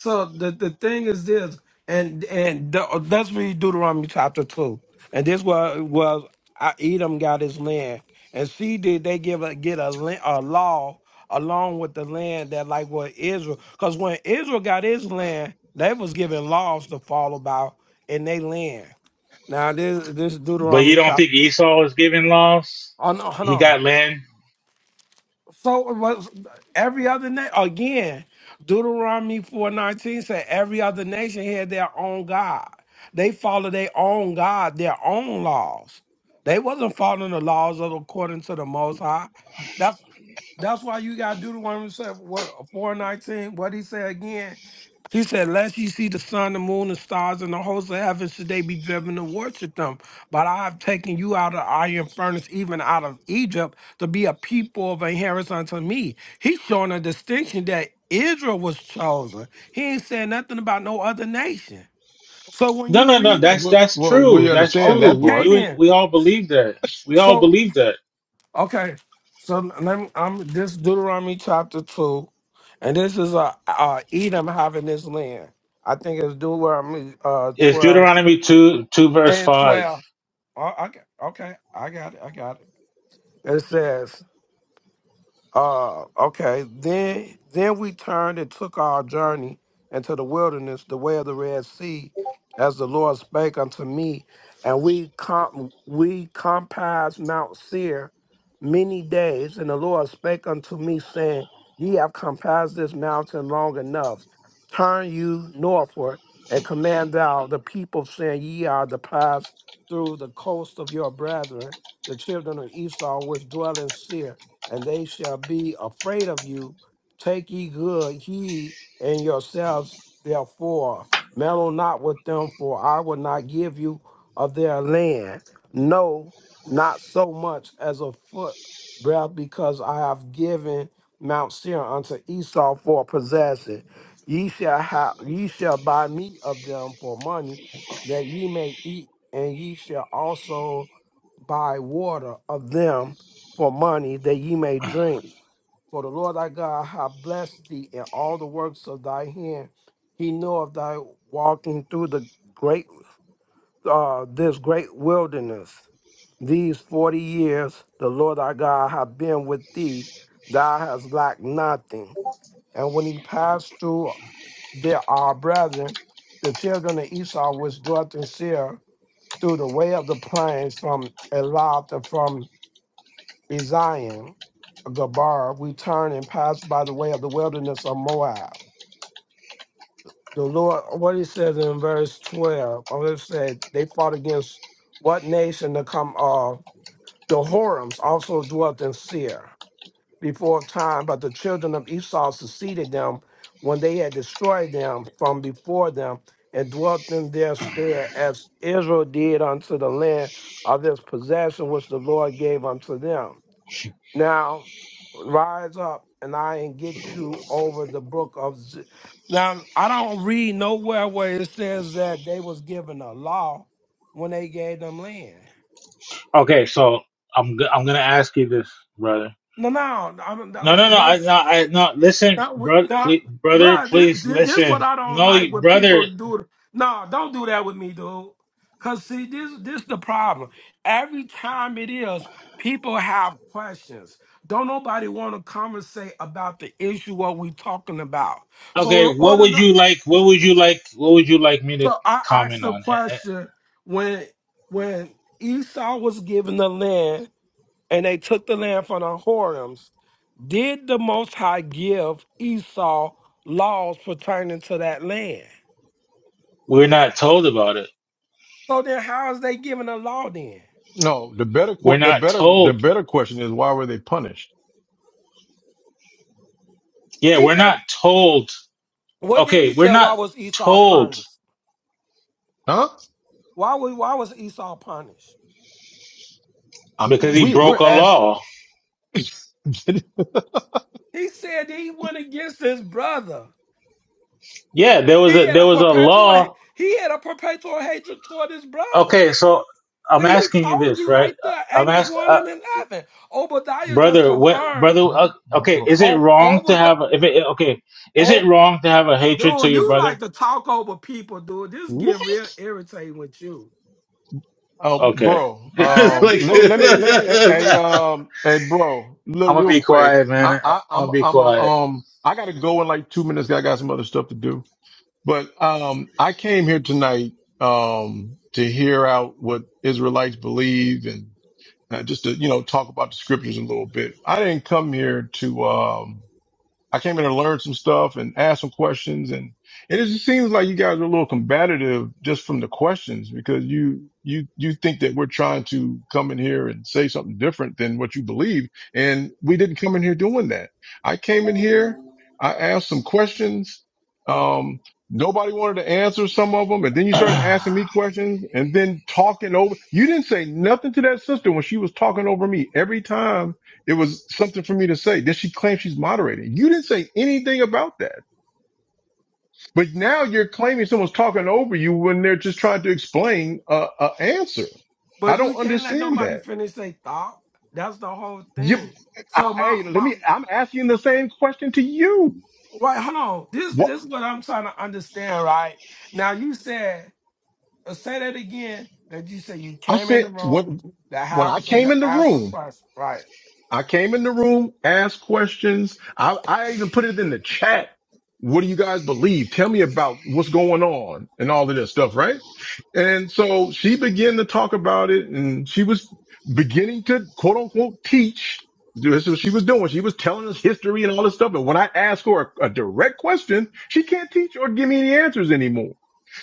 [SPEAKER 7] So the, the thing is this, and and the, let's read Deuteronomy chapter two. And this was was uh, Edom got his land, and see did they give a get a, la- a law along with the land that like what Israel, because when Israel got his land, they was given laws to follow about in their land. Now this this
[SPEAKER 9] But you
[SPEAKER 7] Deuteronomy
[SPEAKER 9] don't
[SPEAKER 7] chapter.
[SPEAKER 9] think Esau was given laws?
[SPEAKER 7] Oh no, hold
[SPEAKER 9] He
[SPEAKER 7] on.
[SPEAKER 9] got land.
[SPEAKER 7] So it was every other nation again. Deuteronomy four nineteen said every other nation had their own God. They follow their own God, their own laws. They wasn't following the laws of according to the Most High. That's that's why you got Deuteronomy said what four nineteen. What he said again. He said, Lest ye see the sun, the moon, the stars, and the hosts of heaven, should they be driven to worship them. But I have taken you out of iron furnace, even out of Egypt, to be a people of inheritance unto me. He's showing a distinction that Israel was chosen. He ain't saying nothing about no other nation. So when
[SPEAKER 9] No,
[SPEAKER 7] you
[SPEAKER 9] no, no.
[SPEAKER 7] read the,
[SPEAKER 9] That's
[SPEAKER 10] Well,
[SPEAKER 9] that's
[SPEAKER 10] well,
[SPEAKER 9] true.
[SPEAKER 10] we
[SPEAKER 9] That's
[SPEAKER 7] oh,
[SPEAKER 10] understand
[SPEAKER 9] true.
[SPEAKER 10] that
[SPEAKER 9] We,
[SPEAKER 7] okay
[SPEAKER 10] part.
[SPEAKER 9] you and-
[SPEAKER 7] then.
[SPEAKER 9] we all believe that. We all
[SPEAKER 7] So
[SPEAKER 9] believe that.
[SPEAKER 7] Okay, so let me, I'm this Deuteronomy chapter two, and this is uh, uh Edom having this land. I think it's Deuteronomy uh
[SPEAKER 9] It's
[SPEAKER 7] twelve
[SPEAKER 9] Deuteronomy two two verse
[SPEAKER 7] and
[SPEAKER 9] five.
[SPEAKER 7] twelve. Oh, okay, okay, I got it, I got it. It says, uh, okay. Then then we turned and took our journey into the wilderness, the way of the Red Sea, as the Lord spake unto me, and we com- we compassed Mount Seir many days, and the Lord spake unto me, saying, Ye have compassed this mountain long enough. Turn you northward and command thou the people, saying, Ye are to pass through the coast of your brethren, the children of Esau, which dwell in Seir and they shall be afraid of you. Take ye good heed in yourselves, therefore. Meddle not with them, for I will not give you of their land. No, not so much as a foot breadth, because I have given Mount Seir unto Esau for a possession. Ye shall have, ye shall buy meat of them for money, that ye may eat, and ye shall also buy water of them for money that ye may drink. For the Lord thy God hath blessed thee in all the works of thy hand. He knoweth thy walking through the great uh, this great wilderness. These forty years the Lord thy God hath been with thee, thou hast lacked nothing. And when he passed through there our brethren, the children of Esau which dwelt in Seir, through the way of the plains from Elath and from in Zion, uh, Gabar, we turn and pass by the way of the wilderness of Moab. The Lord, what he says in verse 12, or it said, they fought against what nation to come? Uh, the Horims also dwelt in Seir before time, but the children of Esau succeeded them when they had destroyed them from before them and dwelt in their stead, as Israel did unto the land of this possession which the Lord gave unto them now rise up and I and get you over the brook of Z-. Now I don't read nowhere where it says that they was given a law when they gave them land.
[SPEAKER 9] Okay, so I'm go- I'm gonna ask you this, brother
[SPEAKER 7] No, no, I don't-
[SPEAKER 9] No, no,
[SPEAKER 7] that-
[SPEAKER 9] no. I, no,
[SPEAKER 7] that's
[SPEAKER 9] I, no. Listen,
[SPEAKER 7] That, w-
[SPEAKER 9] brother,
[SPEAKER 7] that,
[SPEAKER 9] please, brother,
[SPEAKER 7] bruh, this,
[SPEAKER 9] please
[SPEAKER 7] this, this what
[SPEAKER 9] listen.
[SPEAKER 7] I don't
[SPEAKER 9] No,
[SPEAKER 7] like
[SPEAKER 9] you-
[SPEAKER 7] when
[SPEAKER 9] brother.
[SPEAKER 7] people do. No, don't do that with me, dude. Cause see, this, this the problem. Every time it is, people have questions. Don't nobody want to conversate about the issue what we talking about. So
[SPEAKER 9] Okay,
[SPEAKER 7] in
[SPEAKER 9] what
[SPEAKER 7] order
[SPEAKER 9] would
[SPEAKER 7] to,
[SPEAKER 9] you like? What would you like? What would you like me to
[SPEAKER 7] so I asked
[SPEAKER 9] comment
[SPEAKER 7] the
[SPEAKER 9] on? Eh, eh,
[SPEAKER 7] question when when Esau was given the land and they took the land from the Horims. Did the Most High give Esau laws pertaining to that land?
[SPEAKER 9] We're not told about it.
[SPEAKER 7] So then, how is they giving a law then?
[SPEAKER 10] No, the better
[SPEAKER 9] We're
[SPEAKER 10] que- the
[SPEAKER 9] not
[SPEAKER 10] better the
[SPEAKER 9] told.
[SPEAKER 10] better question is why were they punished?
[SPEAKER 9] Yeah,
[SPEAKER 7] He
[SPEAKER 9] we're
[SPEAKER 7] just
[SPEAKER 9] not told.
[SPEAKER 7] what did
[SPEAKER 9] Okay,
[SPEAKER 7] he
[SPEAKER 9] we're
[SPEAKER 7] say? Why
[SPEAKER 9] not
[SPEAKER 7] was Esau
[SPEAKER 9] told
[SPEAKER 7] punished?
[SPEAKER 10] Huh?
[SPEAKER 7] Why was why was Esau punished?
[SPEAKER 10] i
[SPEAKER 9] because he
[SPEAKER 10] we
[SPEAKER 9] broke
[SPEAKER 10] we're
[SPEAKER 9] a
[SPEAKER 10] asked.
[SPEAKER 9] law.
[SPEAKER 7] He said he went against his brother.
[SPEAKER 9] Yeah, there was
[SPEAKER 7] He
[SPEAKER 9] a
[SPEAKER 7] had a
[SPEAKER 9] there was a
[SPEAKER 7] perpetual
[SPEAKER 9] law.
[SPEAKER 7] he had a perpetual hatred toward his brother.
[SPEAKER 9] Okay, so I'm
[SPEAKER 7] See, he
[SPEAKER 9] asking you
[SPEAKER 7] told
[SPEAKER 9] this,
[SPEAKER 7] you
[SPEAKER 9] right?
[SPEAKER 7] right
[SPEAKER 9] I-
[SPEAKER 7] there,
[SPEAKER 9] I'm
[SPEAKER 7] Amos
[SPEAKER 9] asking.
[SPEAKER 7] one and eleven. Obadiah just
[SPEAKER 9] brother what
[SPEAKER 7] confirmed.
[SPEAKER 9] brother uh,
[SPEAKER 10] Hold
[SPEAKER 9] okay is
[SPEAKER 10] on.
[SPEAKER 9] it
[SPEAKER 7] Oh,
[SPEAKER 9] wrong to
[SPEAKER 7] Obadiah.
[SPEAKER 9] have a- if it okay is it wrong to have a hatred to
[SPEAKER 7] Dude,
[SPEAKER 9] your
[SPEAKER 7] you
[SPEAKER 9] brother
[SPEAKER 7] like to talk over people, dude. This is getting
[SPEAKER 10] What?
[SPEAKER 7] real irritating with you.
[SPEAKER 10] Oh,
[SPEAKER 9] okay
[SPEAKER 10] bro.
[SPEAKER 7] Like,
[SPEAKER 9] It's
[SPEAKER 7] let
[SPEAKER 10] Um,
[SPEAKER 9] like
[SPEAKER 10] let
[SPEAKER 7] people
[SPEAKER 10] me, let me,
[SPEAKER 7] finish their
[SPEAKER 10] let, hey,
[SPEAKER 7] thought.
[SPEAKER 10] um, hey, bro,
[SPEAKER 9] i'm
[SPEAKER 10] look
[SPEAKER 9] gonna
[SPEAKER 10] real
[SPEAKER 9] be
[SPEAKER 10] quick.
[SPEAKER 9] quiet man
[SPEAKER 10] I,
[SPEAKER 9] I- i'm
[SPEAKER 10] I,
[SPEAKER 9] gonna
[SPEAKER 10] I'm,
[SPEAKER 9] be
[SPEAKER 10] I'm, a,
[SPEAKER 9] quiet
[SPEAKER 10] um, I gotta go in like two minutes. I got some other stuff to do, but, um, I came here tonight, um, to hear out what Israelites believe and uh, just to, you know, talk about the scriptures a little bit. I didn't come here to, um, I came in to learn some stuff and ask some questions and, and it just seems like you guys are a little combative just from the questions because you, you, you think that we're trying to come in here and say something different than what you believe. And we didn't come in here doing that. I came in here. I asked some questions. Um, nobody wanted to answer some of them. And then you started asking
[SPEAKER 9] bottom
[SPEAKER 10] me questions and then talking over. You didn't say nothing to that sister when she was talking over me every time it was something for me to say. Then she claims she's moderating. You didn't say anything about that. But now you're claiming someone's talking over you when they're just trying to explain a, a answer. I
[SPEAKER 7] But you
[SPEAKER 10] don't
[SPEAKER 7] can't let
[SPEAKER 10] understand
[SPEAKER 7] nobody
[SPEAKER 10] that.
[SPEAKER 7] finish their thought. That's the whole
[SPEAKER 10] You,
[SPEAKER 7] thing.
[SPEAKER 10] I,
[SPEAKER 7] So my
[SPEAKER 10] hey, let
[SPEAKER 7] my
[SPEAKER 10] me. I'm asking the same question to you.
[SPEAKER 7] wait, hold on. This
[SPEAKER 10] What
[SPEAKER 7] this is what I'm trying to understand, right? Now you said uh, say that again. That you said you
[SPEAKER 10] I
[SPEAKER 7] came in the
[SPEAKER 10] said. What
[SPEAKER 7] room, the
[SPEAKER 10] when
[SPEAKER 7] house
[SPEAKER 10] I came
[SPEAKER 7] the
[SPEAKER 10] in the
[SPEAKER 7] answer
[SPEAKER 10] room.
[SPEAKER 7] question. Right.
[SPEAKER 10] I came in the room, asked questions. I, I even put it in the chat. What do you guys believe? Tell me about what's going on and all of this stuff, right? And so she began to talk about it and she was beginning to quote unquote teach. This is what she was doing. She was telling us history and all this stuff. And when I asked her a, a direct question, she can't teach or give me any answers anymore.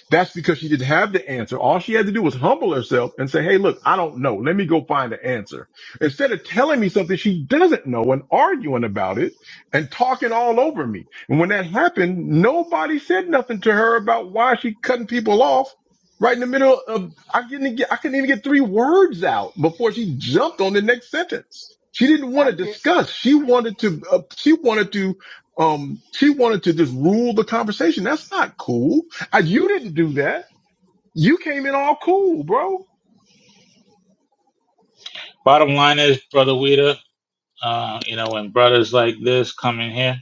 [SPEAKER 10] That's because she didn't have the answer. All she had to do was humble herself and say, Hey, look, I don't know. Let me go find the answer. Instead of telling me something she doesn't know and arguing about it and talking all over me. And when that happened, nobody said nothing to her about why she cutting people off right in the middle of, I couldn't get, I couldn't even get three words out before she jumped on the next sentence. She didn't want
[SPEAKER 7] I
[SPEAKER 10] to
[SPEAKER 7] get
[SPEAKER 10] discuss. She wanted to, uh, she wanted to, um, she wanted to just rule the conversation. That's not cool. Uh, you didn't do that. You came in all cool, bro.
[SPEAKER 9] line is brother Weta, uh you know when brothers like this come in here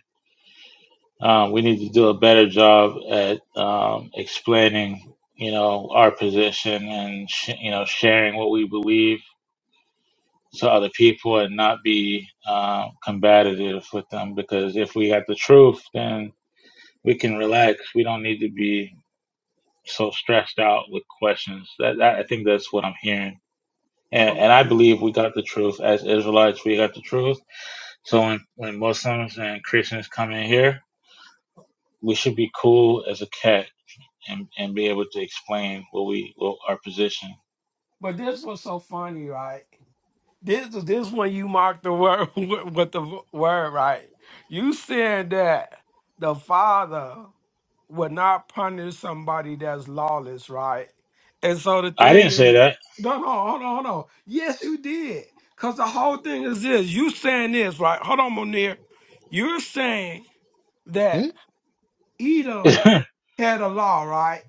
[SPEAKER 9] uh, we need to do a better job at um, explaining you know our position and sh- you know sharing what we believe to other people and not be uh, combative with them because if we had the truth, then we can relax. We don't need to be so stressed out with questions. That, that I think that's what I'm hearing. And,
[SPEAKER 7] okay.
[SPEAKER 9] and I believe we got the truth as Israelites. We got the truth. So when, when Muslims and Christians come in here, we should be cool as a cat and, and be able to explain what we what our position.
[SPEAKER 7] But this was so funny, right? This this one you marked the word with with the v- word right. You said that the father would not punish somebody that's lawless, right? And so the
[SPEAKER 9] I didn't
[SPEAKER 7] thing
[SPEAKER 9] say
[SPEAKER 7] is, no, no, hold on, hold on. Yes, you did. Cause the whole thing is this. You saying this, right? Hold on, Monir. You're saying
[SPEAKER 10] Hmm?
[SPEAKER 7] that Edom
[SPEAKER 9] that.
[SPEAKER 7] had a law, right?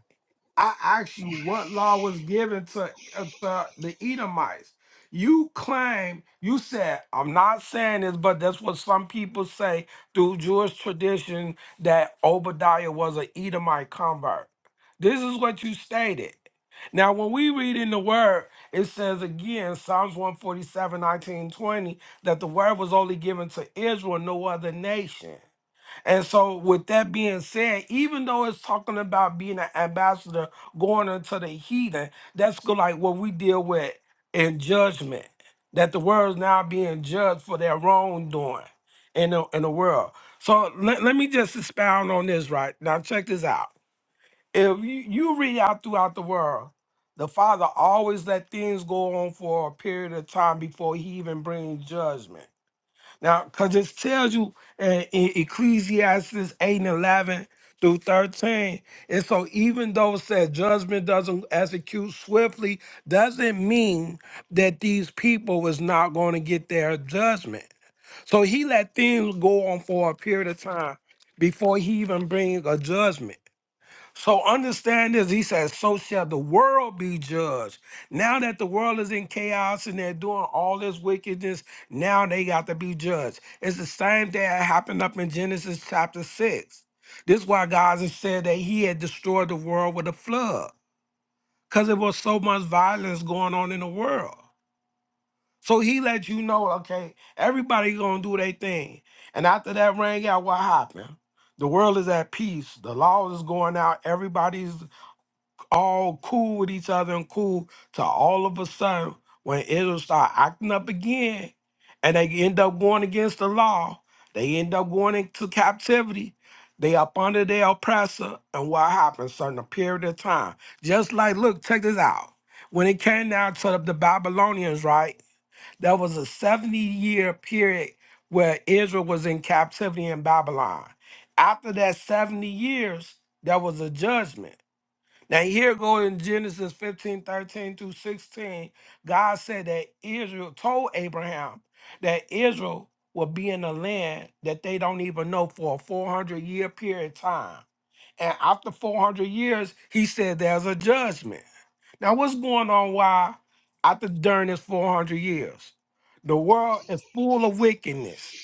[SPEAKER 7] I asked you what law was given to, uh, to the Edomites. You claim, you said, I'm not saying this, but that's what some people say through Jewish tradition that Obadiah was an Edomite convert. This is what you stated. Now, when we read in the word, it says again, Psalms one forty-seven, nineteen twenty, that the word was only given to Israel, no other nation. And so, with that being said, even though it's talking about being an ambassador going into the heathen, that's go- like what we deal with in judgment. That the world's now being judged for their wrongdoing in the, in the world. So let, let me just expound on this right now. Check this out. If you, you read out throughout the world, the Father always let things go on for a period of time before He even brings judgment. Now, because it tells you uh, in Ecclesiastes 8 and 11 through 13. And so, even though it says judgment doesn't execute swiftly, doesn't mean that these people was not going to get their judgment. So, he let things go on for a period of time before he even bring a judgment. So understand this. He says, So shall the world be judged. Now that the world is in chaos and they're doing all this wickedness, now they got to be judged. It's the same thing that happened up in Genesis chapter 6. This is why God has said that he had destroyed the world with a flood because there was so much violence going on in the world. So he let you know, okay, everybody gonna do their thing. And after that rang out, what happened? The world is at peace. The law is going out. Everybody's all cool with each other and cool to all of a sudden when Israel start acting up again and they end up going against the law, they end up going into captivity. They up under their oppressor, and what happens? Certain period of time, just like look, check this out. When it came down to the Babylonians, right? There was a seventy-year period where Israel was in captivity in Babylon. After that seventy years, there was a judgment now, here go in Genesis fifteen thirteen 13 through 16, God said that Israel told Abraham that Israel will be in a land that they don't even know for a 400 year period of time. And after 400 years, he said there's a judgment. Now, what's going on? Why after during this 400 years, the world is full of wickedness.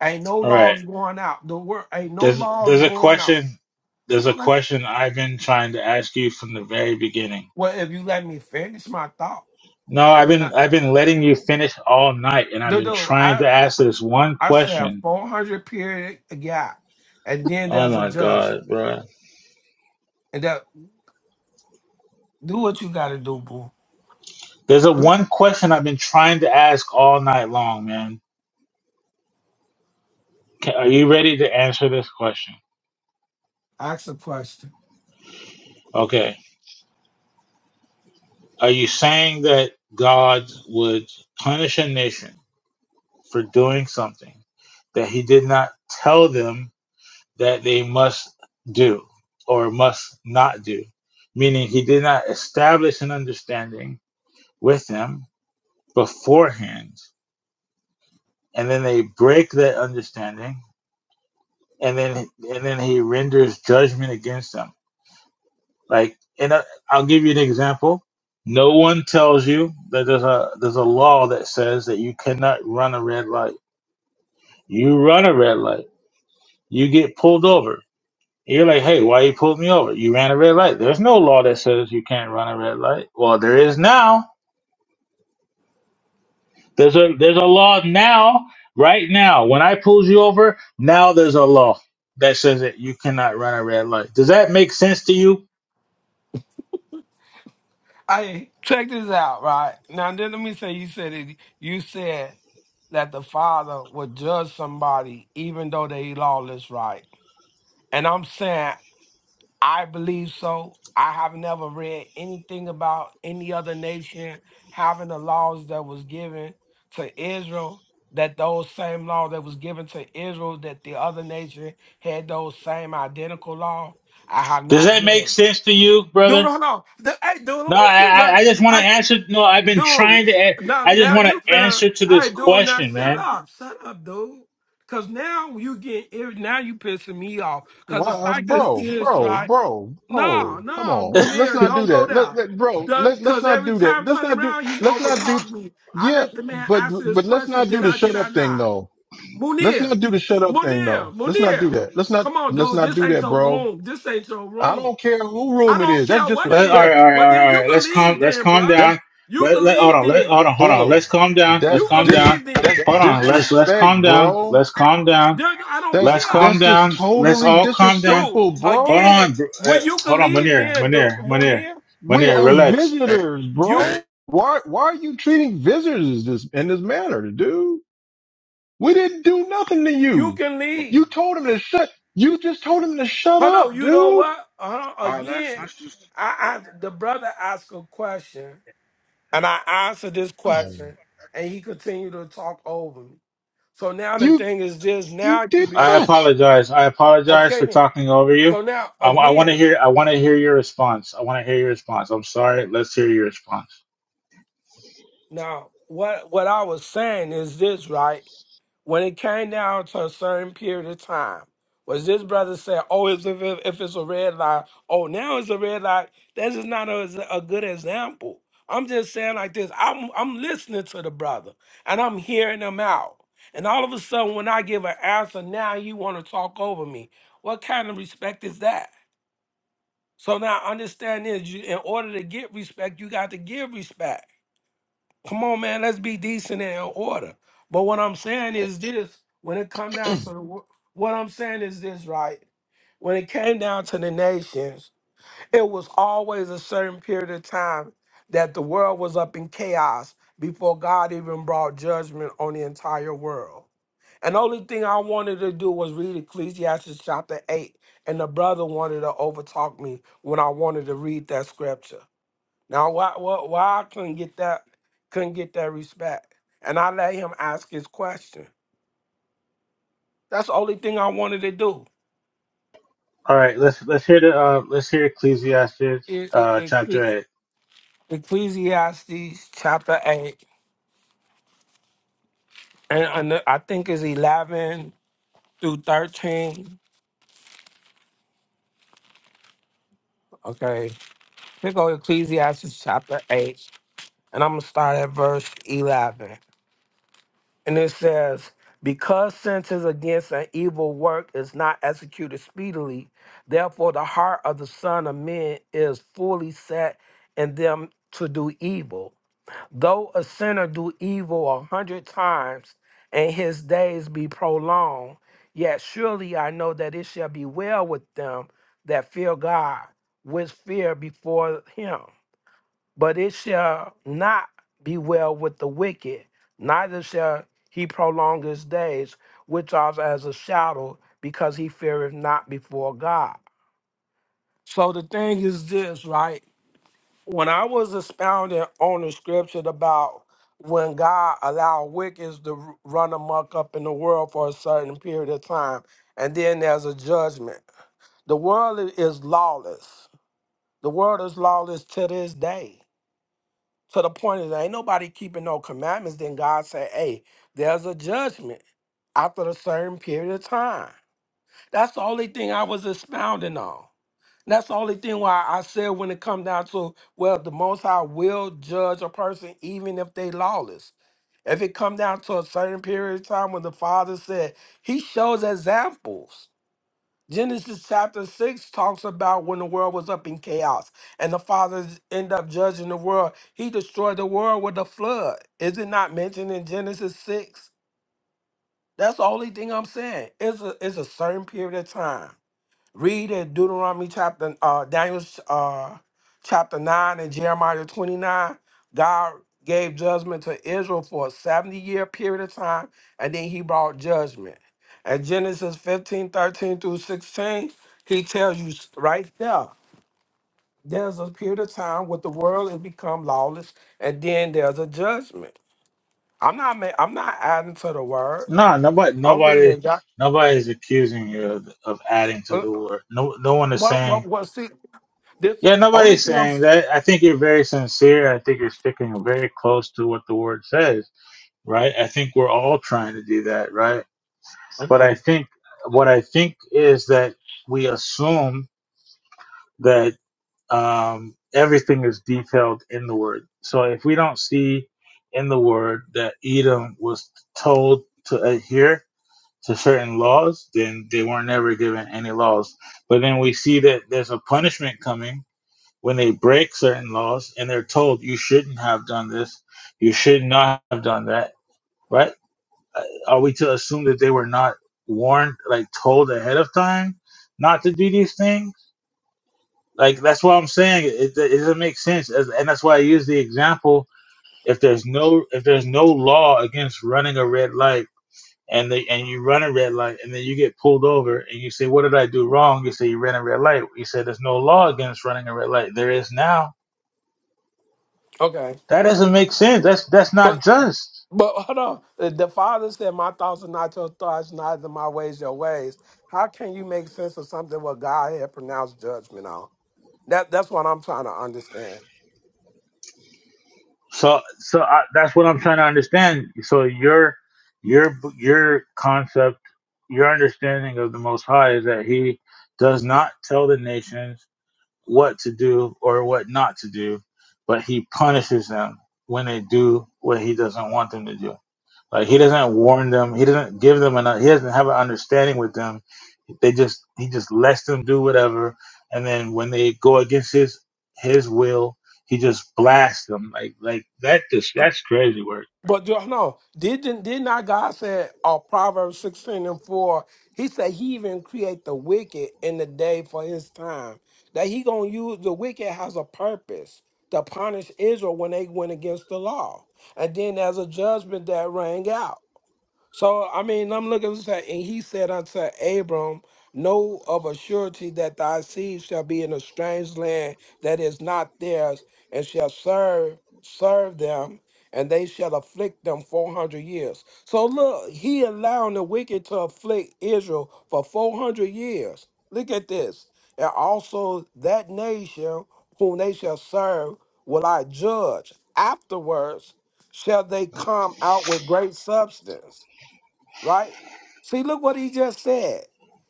[SPEAKER 7] Ain't no
[SPEAKER 9] All right.
[SPEAKER 7] laws going out. The world ain't no
[SPEAKER 9] There's
[SPEAKER 7] laws
[SPEAKER 9] there's a
[SPEAKER 7] going out.
[SPEAKER 9] question there's
[SPEAKER 7] Hold
[SPEAKER 9] a
[SPEAKER 7] on, let me-
[SPEAKER 9] question I've been trying to ask you from the very beginning.
[SPEAKER 7] Well, if you let me finish my thought,
[SPEAKER 9] No,
[SPEAKER 7] and
[SPEAKER 9] I've
[SPEAKER 7] then I.
[SPEAKER 9] been I've been letting you finish all night and I've
[SPEAKER 7] No,
[SPEAKER 9] been
[SPEAKER 7] no,
[SPEAKER 9] trying
[SPEAKER 7] I
[SPEAKER 9] to ask this one
[SPEAKER 7] I should have
[SPEAKER 9] question.
[SPEAKER 7] four hundred period a gap, and then
[SPEAKER 9] Oh
[SPEAKER 7] there's a
[SPEAKER 9] my
[SPEAKER 7] judgment.
[SPEAKER 9] god, bro!
[SPEAKER 7] And that do what you gotta do, boo.
[SPEAKER 9] There's a
[SPEAKER 7] Do
[SPEAKER 9] one question I've been trying to ask all night long, man. Ca are you ready to answer this question?
[SPEAKER 7] ask a question.
[SPEAKER 9] Okay. Are you saying that God would punish a nation for doing something that he did not tell them that they must do or must not do, meaning he did not establish an understanding with them beforehand, and then they break that understanding, and then and then he renders judgment against them. Like, and I- will give you an example. No one tells you that there's a there's a law that says that you cannot run a red light. You run a red light, you get pulled over You're like, hey, why you pulled me over? You ran a red light. There's no law that says you can't run a red light. Well, there is now. There's a there's a law now, right now. When I pulled you over, now there's a law that says that you cannot run a red light. Does that make sense to you?
[SPEAKER 7] Hey, check this out, right? Now then let me say you said it you said that the father would judge somebody even though they lawless, right? And I'm saying I believe so. I have never read anything about any other nation having the laws that was given to Israel, that those same law that was given to Israel, that the other nation had those same identical law. I have
[SPEAKER 9] Does
[SPEAKER 7] not
[SPEAKER 9] that make
[SPEAKER 7] read.
[SPEAKER 9] sense to you,
[SPEAKER 7] Dude,
[SPEAKER 9] brother?
[SPEAKER 7] no, no. Hey, dude,
[SPEAKER 9] No, I
[SPEAKER 7] won't you
[SPEAKER 9] I I just want to
[SPEAKER 7] just?
[SPEAKER 9] answer. No, I've been
[SPEAKER 7] Dude,
[SPEAKER 9] trying to. a-
[SPEAKER 7] now
[SPEAKER 9] I just
[SPEAKER 7] now
[SPEAKER 9] want
[SPEAKER 7] you
[SPEAKER 9] to
[SPEAKER 7] finna
[SPEAKER 9] answer to
[SPEAKER 7] all
[SPEAKER 9] this
[SPEAKER 7] right, dude, now
[SPEAKER 9] question,
[SPEAKER 7] shut
[SPEAKER 9] man.
[SPEAKER 7] up. Shut up, dude. Cause now you get irri- now you pissing me off. Cause
[SPEAKER 10] Why,
[SPEAKER 7] the
[SPEAKER 10] uh,
[SPEAKER 7] fact is
[SPEAKER 10] bro,
[SPEAKER 7] this,
[SPEAKER 10] bro,
[SPEAKER 7] right?
[SPEAKER 10] bro,
[SPEAKER 7] No,
[SPEAKER 10] bro, come
[SPEAKER 7] no,
[SPEAKER 10] on. Let, let's
[SPEAKER 7] Bonnier,
[SPEAKER 10] not do
[SPEAKER 7] don't go
[SPEAKER 10] that. Let,
[SPEAKER 7] there.
[SPEAKER 10] let, bro,
[SPEAKER 7] The-
[SPEAKER 10] let's, let's
[SPEAKER 7] Cause
[SPEAKER 10] not
[SPEAKER 7] every
[SPEAKER 10] do that.
[SPEAKER 7] time I
[SPEAKER 10] Let's
[SPEAKER 7] turn
[SPEAKER 10] not do,
[SPEAKER 7] around, he
[SPEAKER 10] let's not do,
[SPEAKER 7] overtalked me. I
[SPEAKER 10] yeah,
[SPEAKER 7] let the man
[SPEAKER 10] but,
[SPEAKER 7] answer his
[SPEAKER 10] but let's
[SPEAKER 7] question.
[SPEAKER 10] not do
[SPEAKER 7] Did
[SPEAKER 10] the
[SPEAKER 7] I
[SPEAKER 10] shut
[SPEAKER 7] did I
[SPEAKER 10] up thing
[SPEAKER 7] not?
[SPEAKER 10] though. Let's not
[SPEAKER 7] Munir,
[SPEAKER 10] do the shut up thing though.
[SPEAKER 7] Munir,
[SPEAKER 10] Let's not do
[SPEAKER 7] Munir.
[SPEAKER 10] that. Let's not,
[SPEAKER 7] Come on,
[SPEAKER 10] let's
[SPEAKER 7] dude.
[SPEAKER 10] not
[SPEAKER 7] This
[SPEAKER 10] do
[SPEAKER 7] ain't
[SPEAKER 10] that,
[SPEAKER 7] your
[SPEAKER 10] bro.
[SPEAKER 7] room. This ain't your
[SPEAKER 10] I
[SPEAKER 7] room.
[SPEAKER 10] don't care who
[SPEAKER 7] I
[SPEAKER 10] room it
[SPEAKER 7] don't
[SPEAKER 10] is. That's
[SPEAKER 7] care what it
[SPEAKER 9] Let, all
[SPEAKER 7] is.
[SPEAKER 9] right,
[SPEAKER 10] disrespect.
[SPEAKER 9] all right,
[SPEAKER 7] Well
[SPEAKER 9] all right,
[SPEAKER 7] then
[SPEAKER 9] all
[SPEAKER 7] you
[SPEAKER 9] right.
[SPEAKER 7] can
[SPEAKER 9] Let's calm.
[SPEAKER 7] leave
[SPEAKER 9] Let's
[SPEAKER 7] then,
[SPEAKER 9] calm
[SPEAKER 7] bruh.
[SPEAKER 10] That's,
[SPEAKER 9] down.
[SPEAKER 7] You
[SPEAKER 9] Let,
[SPEAKER 7] can
[SPEAKER 9] let hold
[SPEAKER 7] leave
[SPEAKER 9] on. Let
[SPEAKER 7] then.
[SPEAKER 9] hold on. Hold on.
[SPEAKER 10] bro,
[SPEAKER 9] Let's calm down. Let's
[SPEAKER 10] that's
[SPEAKER 7] You can
[SPEAKER 9] calm down.
[SPEAKER 10] dis,
[SPEAKER 7] leave
[SPEAKER 10] that's
[SPEAKER 7] then.
[SPEAKER 9] Hold on. Let's let's calm
[SPEAKER 10] disrespect,
[SPEAKER 9] down.
[SPEAKER 10] bro.
[SPEAKER 9] Let's calm down.
[SPEAKER 7] There- I don't
[SPEAKER 10] That's
[SPEAKER 9] Let's
[SPEAKER 7] care.
[SPEAKER 9] calm
[SPEAKER 10] that's just
[SPEAKER 9] down. Let's
[SPEAKER 10] totally
[SPEAKER 9] all calm down.
[SPEAKER 7] Dude,
[SPEAKER 10] disrespectful,
[SPEAKER 9] Hold
[SPEAKER 10] bro.
[SPEAKER 9] on.
[SPEAKER 7] again,
[SPEAKER 9] br- eh,
[SPEAKER 7] when you can
[SPEAKER 9] hold on,
[SPEAKER 7] leave
[SPEAKER 9] Manir.
[SPEAKER 7] then, the
[SPEAKER 9] Manir. Manir.
[SPEAKER 7] Munir,
[SPEAKER 10] We
[SPEAKER 9] Manir.
[SPEAKER 10] are
[SPEAKER 9] Relax.
[SPEAKER 2] Hey,
[SPEAKER 10] visitors,
[SPEAKER 7] you
[SPEAKER 2] hey,
[SPEAKER 10] bro. Why why are you treating visitors this in this manner, dude? We didn't do nothing to
[SPEAKER 7] you
[SPEAKER 10] you.
[SPEAKER 7] can
[SPEAKER 10] You
[SPEAKER 7] leave.
[SPEAKER 10] told him to shut. You just told him to shut
[SPEAKER 7] Oh no,
[SPEAKER 10] up,
[SPEAKER 7] you know
[SPEAKER 10] dude.
[SPEAKER 7] what? Uh,
[SPEAKER 2] all right, let's
[SPEAKER 7] again,
[SPEAKER 2] let's just.
[SPEAKER 7] I, I the brother asked a question and I answered this
[SPEAKER 10] Oh,
[SPEAKER 7] question and he continued to talk over me. So now the
[SPEAKER 10] you
[SPEAKER 7] thing is this,
[SPEAKER 10] you
[SPEAKER 7] now you
[SPEAKER 10] did
[SPEAKER 9] I
[SPEAKER 7] being
[SPEAKER 10] not.
[SPEAKER 9] apologize. I apologize
[SPEAKER 7] okay
[SPEAKER 9] for
[SPEAKER 7] then.
[SPEAKER 9] talking over you.
[SPEAKER 7] So now
[SPEAKER 9] I, want to
[SPEAKER 7] again,
[SPEAKER 9] hear. I want to hear your response. I want to hear your response. I'm sorry. Let's hear your response.
[SPEAKER 7] now what what I was saying is this, right? when it came down to a certain period of time, was this brother said, "Oh, it's if, if it's a red light, oh now it's a red light." That is not a, a good example. I'm just saying like this. I'm I'm listening to the brother and I'm hearing him out. And all of a sudden, when I give an answer, now you want to talk over me. What kind of respect is that? So now understand this: you, in order to get respect, you got to give respect. Come on, man, let's be decent and in order. But what I'm saying is this: when it come down to the, wo- what I'm saying is this, right? When it came down to the nations, it was always a certain period of time that the world was up in chaos before God even brought judgment on the entire world. And the only thing I wanted to do was read Ecclesiastes chapter 8. And the brother wanted to overtalk me when I wanted to read that scripture. Now why why why I couldn't get that couldn't get that respect. And I let him ask his question. That's the only thing I wanted to do.
[SPEAKER 9] All right. Let's let's hear the uh, let's hear Ecclesiastes
[SPEAKER 7] E- e-
[SPEAKER 9] uh, chapter
[SPEAKER 7] Ecclesi-
[SPEAKER 9] eight.
[SPEAKER 7] Ecclesiastes chapter eight. And, and the- I think it's eleven through thirteen. Okay. Here go Ecclesiastes chapter eight. And I'm gonna start at verse eleven. And it says, Because sentence against an evil work is not executed speedily, therefore the heart of the Son of Men is fully set in them to do evil. Though a sinner do evil a hundred times, and his days be prolonged, yet surely I know that it shall be well with them that fear God, which fear before him but it shall not be well with the wicked, neither shall he prolong his days, which are as a shadow, because he feareth not before God. So the thing is this, right? When I was expounding on the scripture about when God allowed wicked to r- run amok up in the world for a certain period of time, and then there's a judgment. The world i- is lawless. The world is lawless to this day. To the point is, ain't nobody keeping no commandments. Then God said, hey, there's a judgment after a certain period of time. That's the only thing I was expounding on. That's the only thing why I said when it come down to, well, the Most High will judge a person even if they lawless. If it come down to a certain period of time when the Father said, he shows examples. Genesis chapter 6 talks about when the world was up in chaos and the fathers end up judging the world. He destroyed the world with a flood. Is it not mentioned in Genesis 6? That's the only thing I'm saying. It's a, it's a certain period of time. Read in Deuteronomy chapter, uh, Daniel uh, chapter 9 and Jeremiah 29. God gave judgment to Israel for a 70 year period of time, and then he brought judgment. And Genesis 15 13 through 16, he tells you s- right there, there's a period of time where the world has become lawless, and then there's a judgment. I'm not ma- I'm not adding to the word.
[SPEAKER 9] No, nobody,
[SPEAKER 7] I'm reading
[SPEAKER 9] nobody,
[SPEAKER 7] it. doc-
[SPEAKER 9] nobody is accusing you of, of adding to
[SPEAKER 7] uh,
[SPEAKER 9] the
[SPEAKER 7] uh,
[SPEAKER 9] war. No, no one is
[SPEAKER 7] What what
[SPEAKER 9] saying.
[SPEAKER 7] what see this
[SPEAKER 9] Yeah,
[SPEAKER 7] only
[SPEAKER 9] nobody's
[SPEAKER 7] thing I'm
[SPEAKER 9] saying
[SPEAKER 7] s-
[SPEAKER 9] that. I think you're very sincere. I think you're sticking very close to what the word says, right? I think we're all trying to do that, right? But I think what I think is that we assume that um, everything is detailed in the word. So if we don't see in the word that Edom was told to adhere, to certain laws, then they weren't never given any laws. But then we see that there's a punishment coming when they break certain laws and they're told, you shouldn't have done this, you should not have done that, right? Uh, Are we to assume that they were not warned, like told ahead of time not to do these things? Like, that's what I'm saying. It, it doesn't make sense. As- And that's why I use the example. If there's no if there's no law against running a red light and they and you run a red light and then you get pulled over and you say, What did I do wrong? You say you ran a red light. You said there's no law against running a red light. There is now.
[SPEAKER 7] okay.
[SPEAKER 9] That doesn't make sense. That's that's not
[SPEAKER 7] But
[SPEAKER 9] just.
[SPEAKER 7] but hold on. The the father said, "My thoughts are not your thoughts, neither my ways your ways." How can you make sense of something what God had pronounced judgment on? That that's what I'm trying to understand.
[SPEAKER 9] So so I, that's what I'm trying to understand. So your your your concept, your understanding of the Most High is that He does not tell the nations what to do or what not to do, but He punishes them when they do what He doesn't want them to do. Like he doesn't warn them. He doesn't give them an. He doesn't have an understanding with them. They just he just lets them do whatever, and then when they go against his his will, he just blasts them like like that. Just that's crazy work.
[SPEAKER 7] But do- no, didn't did not God say on Proverbs sixteen and four? He said He even create the wicked in the day for His time. That He gonna use the wicked has a purpose to punish Israel when they went against the law, and then there's a judgment that rang out. So I mean, I'm looking at that, and he said unto Abram, Know of a surety that thy seed shall be in a strange land that is not theirs, and shall serve serve them, and they shall afflict them four hundred years. So look, he allowing the wicked to afflict Israel for four hundred years. Look at this, and also that nation whom they shall serve will I judge. Afterwards shall they come out with great substance right? See, look what he just said.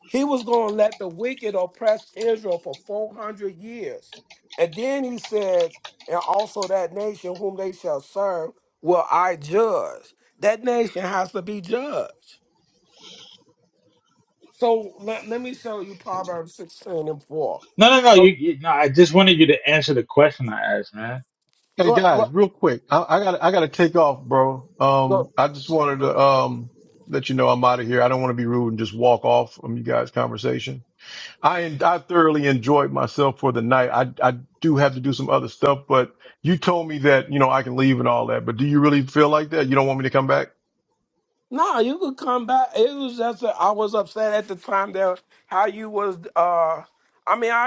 [SPEAKER 7] He was going to let the wicked oppress Israel for 400 years. And then he says, and also that nation whom they shall serve will I judge. That nation has to be judged. So let, let me show you Proverbs 16 and 4.
[SPEAKER 9] No, no, no. You,
[SPEAKER 7] So,
[SPEAKER 9] you no. I just wanted you to answer the question I asked, man.
[SPEAKER 10] Hey
[SPEAKER 7] what,
[SPEAKER 10] guys,
[SPEAKER 7] what,
[SPEAKER 10] real quick, I, I got I got to take off, bro.
[SPEAKER 7] what-
[SPEAKER 10] Um, I just wanted to um let you know I'm out of here. I don't want to be rude and just walk off from you guys' conversation. I I thoroughly enjoyed myself for the night. I I do have to do some other stuff, but you told me that you know I can leave and all that. But do you really feel like that? You don't want me to come back?
[SPEAKER 7] no, you could come back. It was just that I was upset at the time that how you was, uh, I mean, I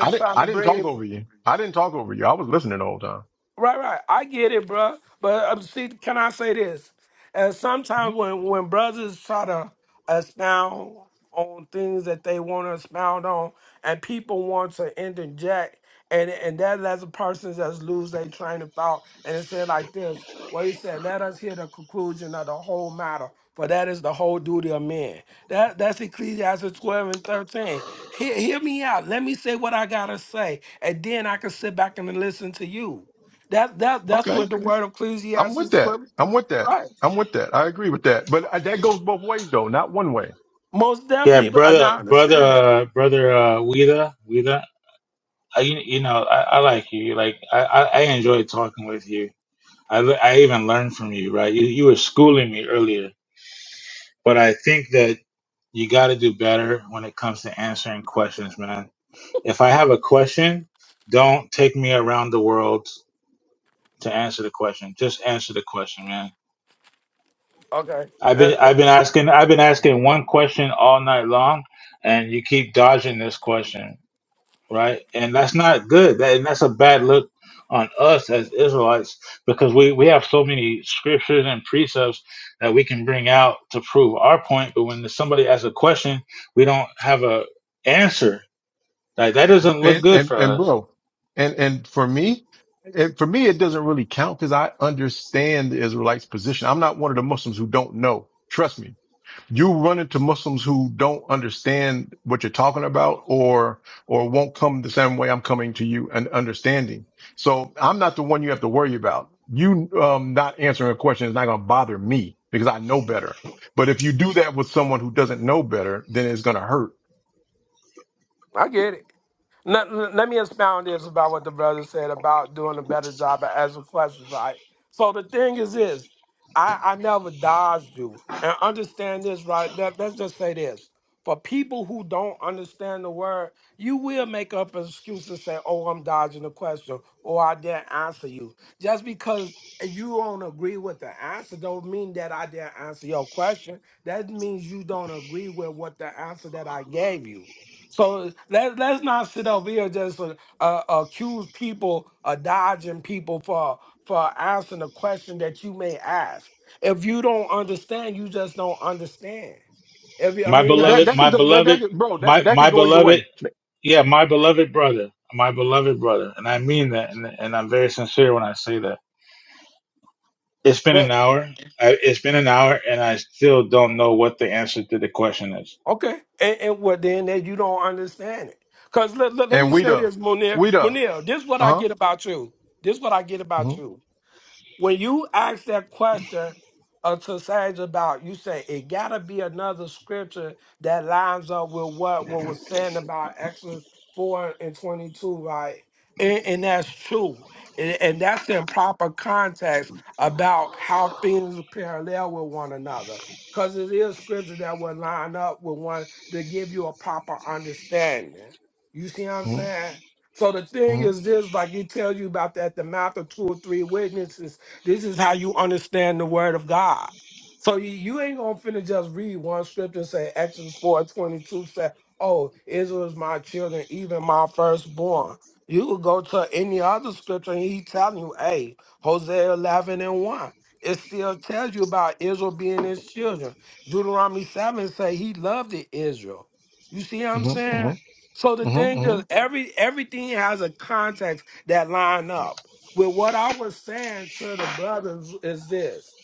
[SPEAKER 10] I didn't
[SPEAKER 7] trying to
[SPEAKER 10] I didn't talk
[SPEAKER 7] bring
[SPEAKER 10] over you. I didn't talk over you. I was listening the whole time.
[SPEAKER 7] Right, right. I get it, bruh. But uh, see, can I say this? And
[SPEAKER 10] Hmm,
[SPEAKER 7] sometimes when when brothers try to expound on things that they want to expound on, and people want to interject, and and that lets a person just lose their train of thought, and it said like this. Well, he said, "Let us hear the conclusion of the whole matter, for that is the whole duty of men." That that's Ecclesiastes twelve and thirteen. Hear, hear me out. Let me say what I gotta say, and then I can sit back and listen to you. That that that's
[SPEAKER 10] Okay,
[SPEAKER 7] what the word of
[SPEAKER 10] I'm with
[SPEAKER 7] Ecclesiastes
[SPEAKER 10] that.
[SPEAKER 7] twelve
[SPEAKER 10] I'm with that.
[SPEAKER 7] right.
[SPEAKER 10] I'm with that. I agree with that. But uh, that goes both ways though, not one way.
[SPEAKER 7] Most
[SPEAKER 9] Yeah,
[SPEAKER 7] definitely, but I
[SPEAKER 9] brother,
[SPEAKER 7] now
[SPEAKER 9] brother,
[SPEAKER 7] understand that.
[SPEAKER 9] uh, brother, uh, Weeda, Weeda. I, you, you know, I, I like you. Like I, I, I enjoy talking with you. I, I even learned from you, right? You, you were schooling me earlier but I think that you got to do better when it comes to answering questions, man. If I have a question, don't take me around the world to answer the question. Just answer the question, man.
[SPEAKER 7] Okay,
[SPEAKER 9] I've
[SPEAKER 7] Uh,
[SPEAKER 9] been
[SPEAKER 7] uh,
[SPEAKER 9] I've been asking I've been asking one question all night long, and you keep dodging this question, right? And that's not good. That, and that's a bad look on us as Israelites because we we have so many scriptures and precepts that we can bring out to prove our point. But when somebody asks a question, we don't have a answer Like that doesn't look
[SPEAKER 10] And
[SPEAKER 9] good
[SPEAKER 10] and
[SPEAKER 9] for
[SPEAKER 10] and
[SPEAKER 9] us.
[SPEAKER 10] bro, and and for me. And for me, it doesn't really count because I understand the Israelites' position. I'm not one of the Muslims who don't know. Trust me. you run into Muslims who don't understand what you're talking about or or won't come the same way I'm coming to you and understanding. So I'm not the one you have to worry about. You um, not answering a question is not going to bother me because I know better. But if you do that with someone who doesn't know better, then it's going to hurt.
[SPEAKER 7] I get it. Let, let me expound this about what the brother said about doing a better job at asking questions, right? So the thing is this, I, I never dodged you. And understand this, right? Let, let's just say this. For people who don't understand the word, you will make up an excuse and say, oh, I'm dodging the question, or I didn't answer you. Just because you don't agree with the answer don't mean that I didn't answer your question. That means you don't agree with what the answer that I gave you. So let let's not sit over here just uh, uh, accuse people of dodging people for for answering a question that you may ask. If you don't understand, you just don't understand. If you, I
[SPEAKER 9] My
[SPEAKER 7] mean,
[SPEAKER 10] But
[SPEAKER 7] like
[SPEAKER 10] that
[SPEAKER 7] you
[SPEAKER 9] beloved,
[SPEAKER 10] that
[SPEAKER 7] said,
[SPEAKER 9] my
[SPEAKER 10] could that, that
[SPEAKER 9] beloved,
[SPEAKER 10] could, bro
[SPEAKER 9] my
[SPEAKER 10] that that
[SPEAKER 9] my
[SPEAKER 10] could go either
[SPEAKER 9] beloved,
[SPEAKER 10] way.
[SPEAKER 9] yeah, my beloved brother, my beloved brother, and I mean that, and, and I'm very sincere when I say that. It's been an
[SPEAKER 7] well,
[SPEAKER 9] hour. I, it's been an hour, and I still don't know what the answer to the question is.
[SPEAKER 7] okay, and, and well, then that you don't understand it. Cause let, let, let
[SPEAKER 10] And
[SPEAKER 7] me
[SPEAKER 10] we
[SPEAKER 7] say
[SPEAKER 10] the
[SPEAKER 7] this, Munir,
[SPEAKER 10] we the uh
[SPEAKER 7] Munir, this is what I
[SPEAKER 10] huh
[SPEAKER 7] get about you. This is what I get about
[SPEAKER 10] mm-hmm,
[SPEAKER 7] you. when you ask that question uh, to Sage about, you say it gotta be another scripture that lines up with what what was saying about Exodus four and twenty two, right? And, and that's true, and, and that's in proper context about how things parallel with one another, because it is scripture that will line up with one to give you a proper understanding. You see what I'm
[SPEAKER 10] mm-hmm,
[SPEAKER 7] saying? So the thing is
[SPEAKER 10] mm-hmm,
[SPEAKER 7] this, like he tells you about that, the mouth of two or three witnesses this is how you understand the word of God. So you, you ain't gonna finna just read one scripture and say Exodus 4 22 said, Oh, Israel is my children, even my firstborn. You could go to any other scripture and he telling you, hey, Hosea 11 and 1. It still tells you about Israel being his children. Deuteronomy 7 say he loved it, Israel. You see what I'm saying?
[SPEAKER 10] mm-hmm,
[SPEAKER 7] Yeah. So the
[SPEAKER 10] mm-hmm, mm-hmm.
[SPEAKER 7] thing is,
[SPEAKER 10] mm-hmm,
[SPEAKER 7] every everything has a context that line up. Well, what I was saying to the brothers is this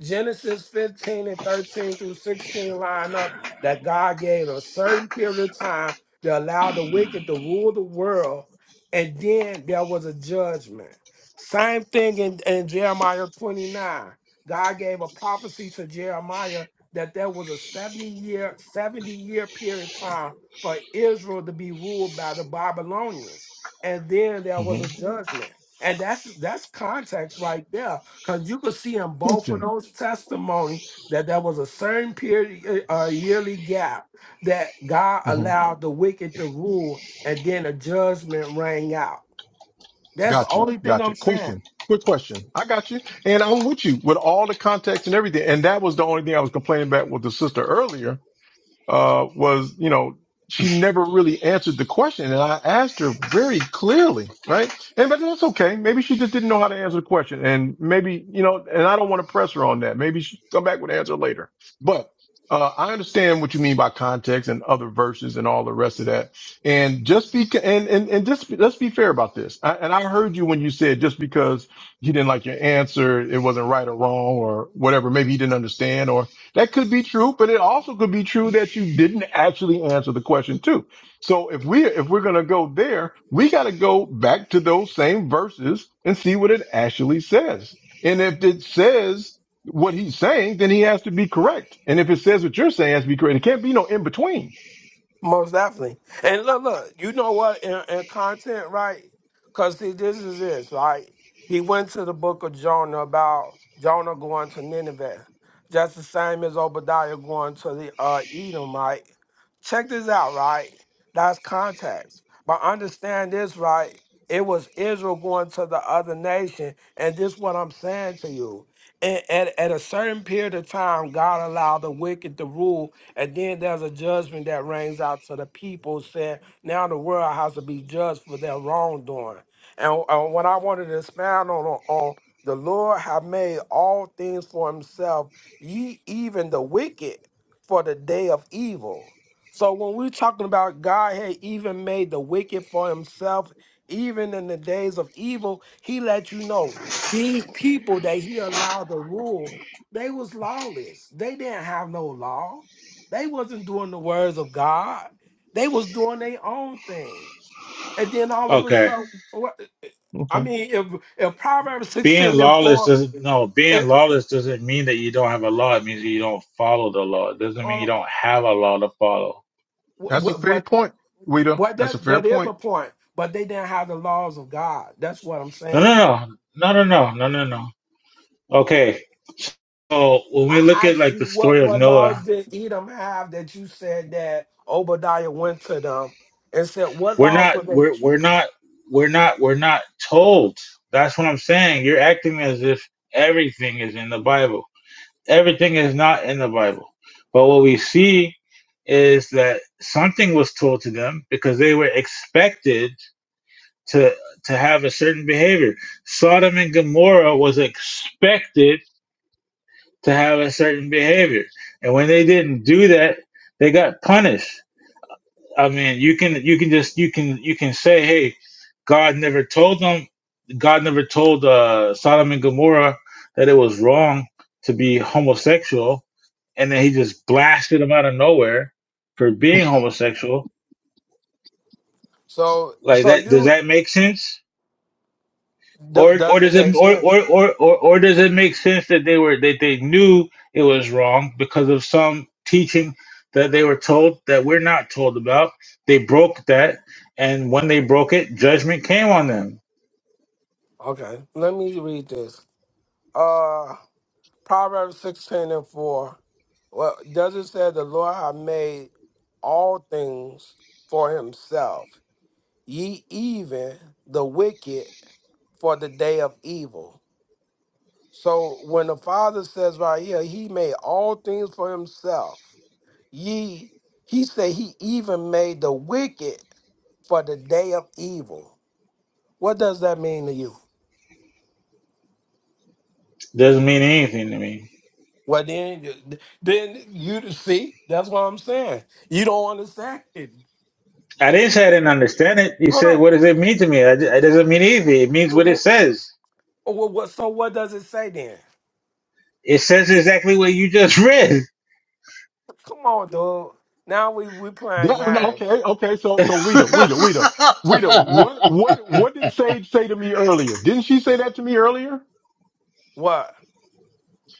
[SPEAKER 7] Genesis 15 and 13 through 16 line up that God gave a certain period of time to allow the wicked to rule the world, and then there was a judgment. Same thing in, in Jeremiah 29. God gave a prophecy to Jeremiah that there was a 70 year, 70 year period of time for Israel to be ruled by the Babylonians. And then there was a
[SPEAKER 10] mm-hmm.
[SPEAKER 7] judgment. And that's that's context right there, because you could see in both of
[SPEAKER 10] Christian.
[SPEAKER 7] those testimonies that there was a certain period or yearly gap that God
[SPEAKER 10] mm-hmm.
[SPEAKER 7] allowed the wicked to rule, and then a judgment rang out. That's the
[SPEAKER 10] Gotcha.
[SPEAKER 7] only thing
[SPEAKER 10] Gotcha.
[SPEAKER 7] I'm saying.
[SPEAKER 10] Question. Quick question. I got you. And I'm with you with all the context and everything. And that was the only thing I was complaining about with the sister earlier uh, was, you know, she never really answered the question. And I asked her very clearly, right? And, but that's okay. Maybe she just didn't know how to answer the question. And maybe, you know, and I don't want to press her on that. Maybe she come back with an answer later. But, uh, I understand what you mean by context and other verses and all the rest of that. And just be, and, and, and just, let's be fair about this. I, and I heard you when you said just because he didn't like your answer, it wasn't right or wrong or whatever. Maybe he didn't understand or. That could be true, but it also could be true that you didn't actually answer the question too. So if we if we're gonna go there, we gotta go back to those same verses and see what it actually says. And if it says what he's saying, then he has to be correct. And if it says what you're saying, it has to be correct. It can't be no in between.
[SPEAKER 7] Most definitely. And look, look, you know what? In, in content, right? Because see, this is this. Like he went to the book of Jonah about Jonah going to Nineveh, just the same as Obadiah going to the uh, Edom. Right? Check this out, right? That's context. But understand this, right? It was Israel going to the other nation, and this what I'm saying to you. And at, at a certain period of time, God allowed the wicked to rule and then there's a judgment that rings out to the people saying, now the world has to be judged for their wrongdoing. And uh, what I wanted to expound on, on, on the Lord have made all things for himself, ye even the wicked for the day of evil. So when we're talking about God had even made the wicked for himself, even in the days of evil, he let you know these people that he allowed to rule, they was lawless. They didn't have no law. They wasn't doing the words of God. They was doing their own thing. And then all of a
[SPEAKER 9] Okay,
[SPEAKER 7] sudden, what- I
[SPEAKER 10] Okay,
[SPEAKER 7] mean, if if Proverbs
[SPEAKER 9] being
[SPEAKER 7] sixteen and
[SPEAKER 9] lawless
[SPEAKER 7] four,
[SPEAKER 9] doesn't no being
[SPEAKER 7] it,
[SPEAKER 9] lawless doesn't mean that you don't have a law. It means that you don't follow the law. It doesn't mean you
[SPEAKER 7] on,
[SPEAKER 9] don't have a law to follow.
[SPEAKER 10] that's a
[SPEAKER 7] what
[SPEAKER 10] fair
[SPEAKER 7] what
[SPEAKER 10] point, Wida.
[SPEAKER 7] what
[SPEAKER 10] That's a
[SPEAKER 7] that
[SPEAKER 10] fair
[SPEAKER 7] that is a
[SPEAKER 10] point.
[SPEAKER 7] point, but they didn't have the laws of God. That's what I'm
[SPEAKER 9] No,
[SPEAKER 7] saying.
[SPEAKER 9] no, no, no, no, no, no, no, no. Okay, so when we
[SPEAKER 7] I
[SPEAKER 9] look at
[SPEAKER 7] asked
[SPEAKER 9] like
[SPEAKER 7] you
[SPEAKER 9] the
[SPEAKER 7] what
[SPEAKER 9] story of
[SPEAKER 7] what
[SPEAKER 9] Noah
[SPEAKER 7] laws did Edom have that you said that Obadiah went to them and said what
[SPEAKER 9] We're
[SPEAKER 7] laws
[SPEAKER 9] not
[SPEAKER 7] were they
[SPEAKER 9] we're we're
[SPEAKER 7] keeping?
[SPEAKER 9] not we're not we're not told. That's what I'm saying. You're acting as if everything is in the Bible. Everything is not in the Bible. But what we see is that something was told to them because they were expected to to have a certain behavior. Sodom and Gomorrah was expected to have a certain behavior. And when they didn't do that, they got punished. I mean, you can you can just you can you can say, hey, God never told them. God never told uh, Sodom and Gomorrah that it was wrong to be homosexual, and then He just blasted them out of nowhere for being homosexual.
[SPEAKER 7] So
[SPEAKER 9] Like
[SPEAKER 7] so
[SPEAKER 9] that, does
[SPEAKER 7] you
[SPEAKER 9] that make sense?
[SPEAKER 7] do,
[SPEAKER 9] Or or
[SPEAKER 7] does it
[SPEAKER 9] does it
[SPEAKER 7] make
[SPEAKER 9] or
[SPEAKER 7] sense?
[SPEAKER 9] or, or, or or does it make sense that they were that they knew it was wrong because of some teaching that they were told that we're not told about? They broke that, and when they broke it, judgment came on them.
[SPEAKER 7] Okay, let me read this. Uh, Proverbs 16 and 4. Well, does it say the Lord hath made all things for himself, ye even the wicked for the day of evil? So when the Father says right here, he made all things for himself, ye, he said he even made the wicked for the day of evil. What does that mean to you?
[SPEAKER 9] Doesn't mean anything to me.
[SPEAKER 7] Well, then, then you see, that's what I'm saying. You don't understand it.
[SPEAKER 9] I didn't say I didn't understand it. You
[SPEAKER 7] Hold
[SPEAKER 9] said,
[SPEAKER 7] on.
[SPEAKER 9] "What does it mean to me?" I, d- it doesn't mean anything. It means
[SPEAKER 7] So
[SPEAKER 9] what it
[SPEAKER 7] What,
[SPEAKER 9] says.
[SPEAKER 7] what, what- so what does it say then?
[SPEAKER 9] It says exactly what you just read.
[SPEAKER 7] Come on, dog. Now we we playing
[SPEAKER 10] That-
[SPEAKER 7] games.
[SPEAKER 10] okay, okay. So so Wida, Wida, Wida, Wida. What what what did Sage say to me earlier? Didn't she say that to me earlier?
[SPEAKER 7] What